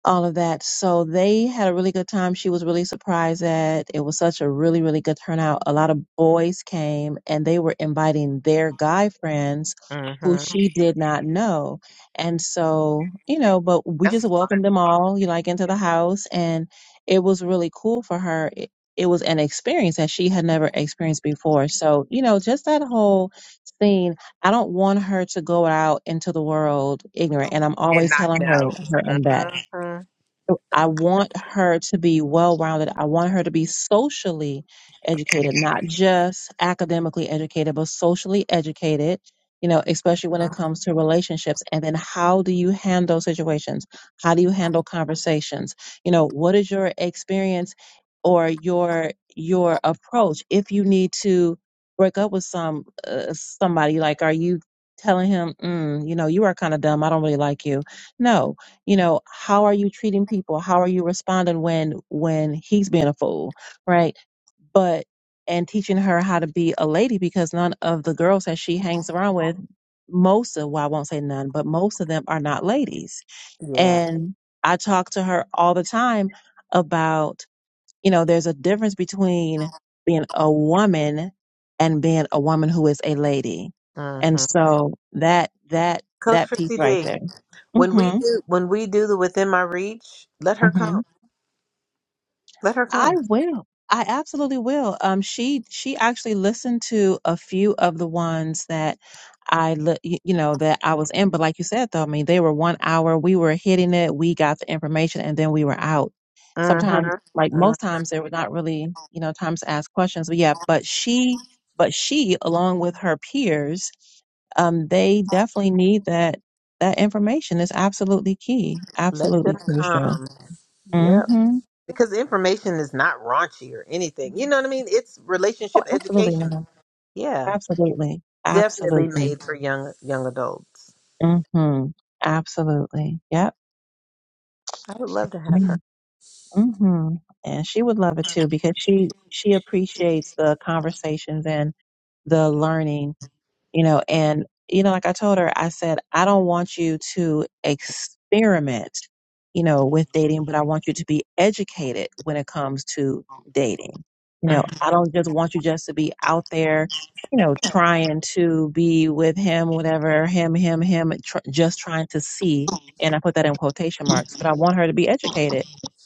[SPEAKER 2] all of that. So they had a really good time. She was really surprised that it was such a really, really good turnout. A lot of boys came and they were inviting their guy friends who
[SPEAKER 1] hmm
[SPEAKER 2] she did not know. And so, you know, but we just welcomed them all, you know, like into the house and it was really cool for her. It, it was an experience that she had never experienced before. So, you know, just that whole scene, I don't want her to go out into the world ignorant. And I'm
[SPEAKER 1] and
[SPEAKER 2] always
[SPEAKER 1] not
[SPEAKER 2] telling her,
[SPEAKER 1] know.
[SPEAKER 2] her and that.
[SPEAKER 1] Mhm.
[SPEAKER 2] I want her to be well rounded. I want her to be socially educated, not just academically educated, but socially educated, you know, especially when it comes to relationships. And then how do you handle situations? How do you handle conversations? You know, what is your experience or your your approach if you need to break up with some uh, somebody like are you telling him mm, you know you are kind of dumb i don't really like you no you know how are you treating people how are you responding when when he's being a fool right but and teaching her how to be a lady because none of the girls that she hangs around with most of well i won't say none but most of them are not ladies
[SPEAKER 1] Yeah.
[SPEAKER 2] and i talk to her all the time about you know there's a difference between being a woman and being a woman who is a lady and
[SPEAKER 1] Mhm.
[SPEAKER 2] so that that
[SPEAKER 1] Coach
[SPEAKER 2] that piece
[SPEAKER 1] Chrissy
[SPEAKER 2] right
[SPEAKER 1] D.
[SPEAKER 2] there
[SPEAKER 1] When we
[SPEAKER 2] mhm
[SPEAKER 1] do when we do the within my reach, let her come. Let her
[SPEAKER 2] I
[SPEAKER 1] come.
[SPEAKER 2] will. I absolutely will. Um, she she actually listened to a few of the ones that I li- y- you know that I was in, but like you said though, I mean they were one hour. We were hitting it. We got the information, and then we were out. Sometimes,
[SPEAKER 1] Mhm.
[SPEAKER 2] like
[SPEAKER 1] Uh,
[SPEAKER 2] most times, there were not really you know times to ask questions. But yeah, but she but she along with her peers, um, they definitely need that that information. Is absolutely key.
[SPEAKER 1] let
[SPEAKER 2] Absolutely
[SPEAKER 1] them
[SPEAKER 2] crucial.
[SPEAKER 1] come. Yep.
[SPEAKER 2] Mm-hmm.
[SPEAKER 1] Because the information is not raunchy or anything. You know what I mean? It's
[SPEAKER 2] Oh,
[SPEAKER 1] relationship
[SPEAKER 2] absolutely.
[SPEAKER 1] education. Yeah.
[SPEAKER 2] Absolutely.
[SPEAKER 1] Definitely
[SPEAKER 2] Absolutely.
[SPEAKER 1] made for young young adults.
[SPEAKER 2] Mm-hmm. Absolutely. Yep.
[SPEAKER 1] I would love to
[SPEAKER 2] Yeah.
[SPEAKER 1] have her.
[SPEAKER 2] Mm-hmm. And she would love it too because she she appreciates the conversations and the learning you know and you know like i told her i said i don't want you to experiment you know with dating but i want you to be educated when it comes to dating you know
[SPEAKER 1] Mhm.
[SPEAKER 2] i don't just want you just to be out there you know trying to be with him whatever him him him tr- just trying to see and i put that in quotation marks but i want her to be educated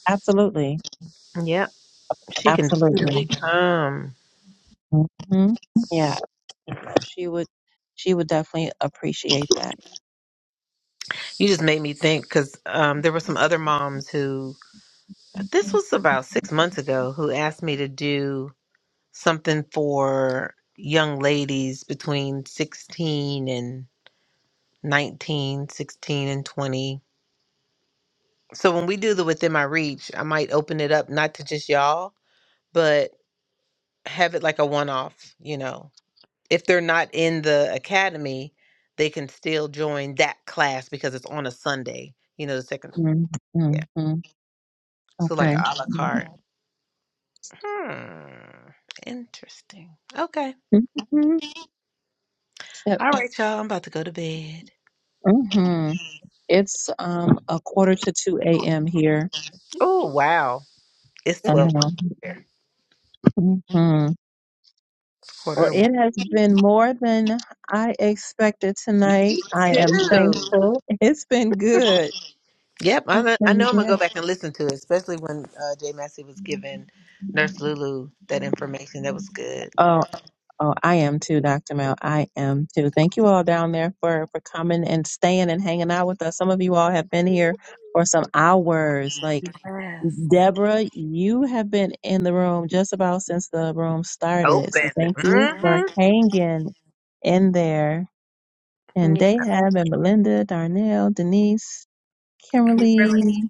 [SPEAKER 2] absolutely
[SPEAKER 1] Yep. She can
[SPEAKER 2] absolutely
[SPEAKER 1] definitely come.
[SPEAKER 2] hmm yeah she would she would definitely appreciate that
[SPEAKER 1] You just made me think because um, there were some other moms who, this was about six months ago, who asked me to do something for young ladies between 16 and 19, 16 and 20. So when we do the Within My Reach, I might open it up not to just y'all, but have it like a one off, you know. If they're not in the academy, they can still join that class because it's on a Sunday, you know, the second,
[SPEAKER 2] Mm,
[SPEAKER 1] yeah.
[SPEAKER 2] mm, mm.
[SPEAKER 1] So like
[SPEAKER 2] Okay.
[SPEAKER 1] a la
[SPEAKER 2] Mm-hmm.
[SPEAKER 1] carte. Hmm. Interesting. Okay.
[SPEAKER 2] Yep.
[SPEAKER 1] All right, y'all. I'm about to go to bed.
[SPEAKER 2] hmm It's um a quarter to two a.m. here.
[SPEAKER 1] Oh wow, It's
[SPEAKER 2] I
[SPEAKER 1] 12
[SPEAKER 5] Goodness.
[SPEAKER 2] know.
[SPEAKER 1] here.
[SPEAKER 2] hmm
[SPEAKER 1] Quarter
[SPEAKER 2] Well,
[SPEAKER 1] to one.
[SPEAKER 2] it has been more than I expected tonight.
[SPEAKER 1] Me
[SPEAKER 2] I
[SPEAKER 1] too.
[SPEAKER 2] am
[SPEAKER 1] Mhm.
[SPEAKER 2] thankful. It's been good.
[SPEAKER 1] Yep.
[SPEAKER 2] It's
[SPEAKER 1] I'm a, I
[SPEAKER 2] been
[SPEAKER 1] know I'm going to
[SPEAKER 2] good.
[SPEAKER 1] go back and listen to it, especially when uh, Jay Massey was giving Nurse Lulu that information. That was good.
[SPEAKER 2] Oh, Oh, I am too, Dr. Mel. I am too. Thank you all down there for for coming and staying and hanging out with us. Some of you all have been here for some hours. Like
[SPEAKER 1] yes.
[SPEAKER 2] Deborah, you have been in the room just about since the room started. So
[SPEAKER 1] Open.
[SPEAKER 2] thank you for
[SPEAKER 1] Mm-hmm.
[SPEAKER 2] hanging in there. And Dahab and Melinda, Darnell, Denise,
[SPEAKER 1] Kimberly.
[SPEAKER 2] Kimberly,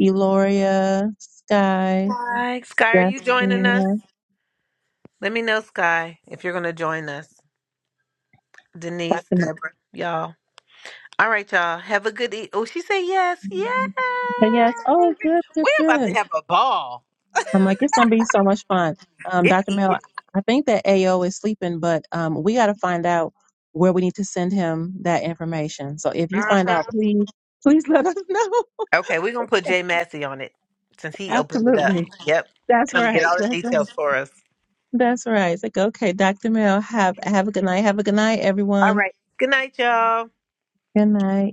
[SPEAKER 2] Eloria, Sky,
[SPEAKER 1] Sky. Sky, are you joining us?
[SPEAKER 2] Jessica,
[SPEAKER 1] Let me know, Sky, if you're going to join us. Denise,
[SPEAKER 2] Dr. Mel.
[SPEAKER 1] Deborah, y'all. All right, y'all. Have a good e- Oh, she said yes. Yay!
[SPEAKER 2] Yes. Oh, good, good,
[SPEAKER 1] We're about
[SPEAKER 2] good.
[SPEAKER 1] to have a ball.
[SPEAKER 2] I'm like, it's gonna be so much fun. Um,
[SPEAKER 1] It
[SPEAKER 2] Dr. Mel,
[SPEAKER 1] is.
[SPEAKER 2] I think that AO is sleeping, but um, we got to find out where we need to send him that information. So if you find
[SPEAKER 1] Mhm.
[SPEAKER 2] out, please, please let us know.
[SPEAKER 1] Okay, we're gonna put Jay Massey on it since he opened it up.
[SPEAKER 2] Absolutely.
[SPEAKER 1] Yep.
[SPEAKER 2] That's
[SPEAKER 1] Tell him to get
[SPEAKER 2] right.
[SPEAKER 1] all the
[SPEAKER 2] That's right.
[SPEAKER 1] details for us.
[SPEAKER 2] That's right. It's like, okay, Dr. Mel, have have a good night. Have a good night,
[SPEAKER 1] All
[SPEAKER 2] everyone.
[SPEAKER 1] right. Good night, y'all.
[SPEAKER 2] Good night.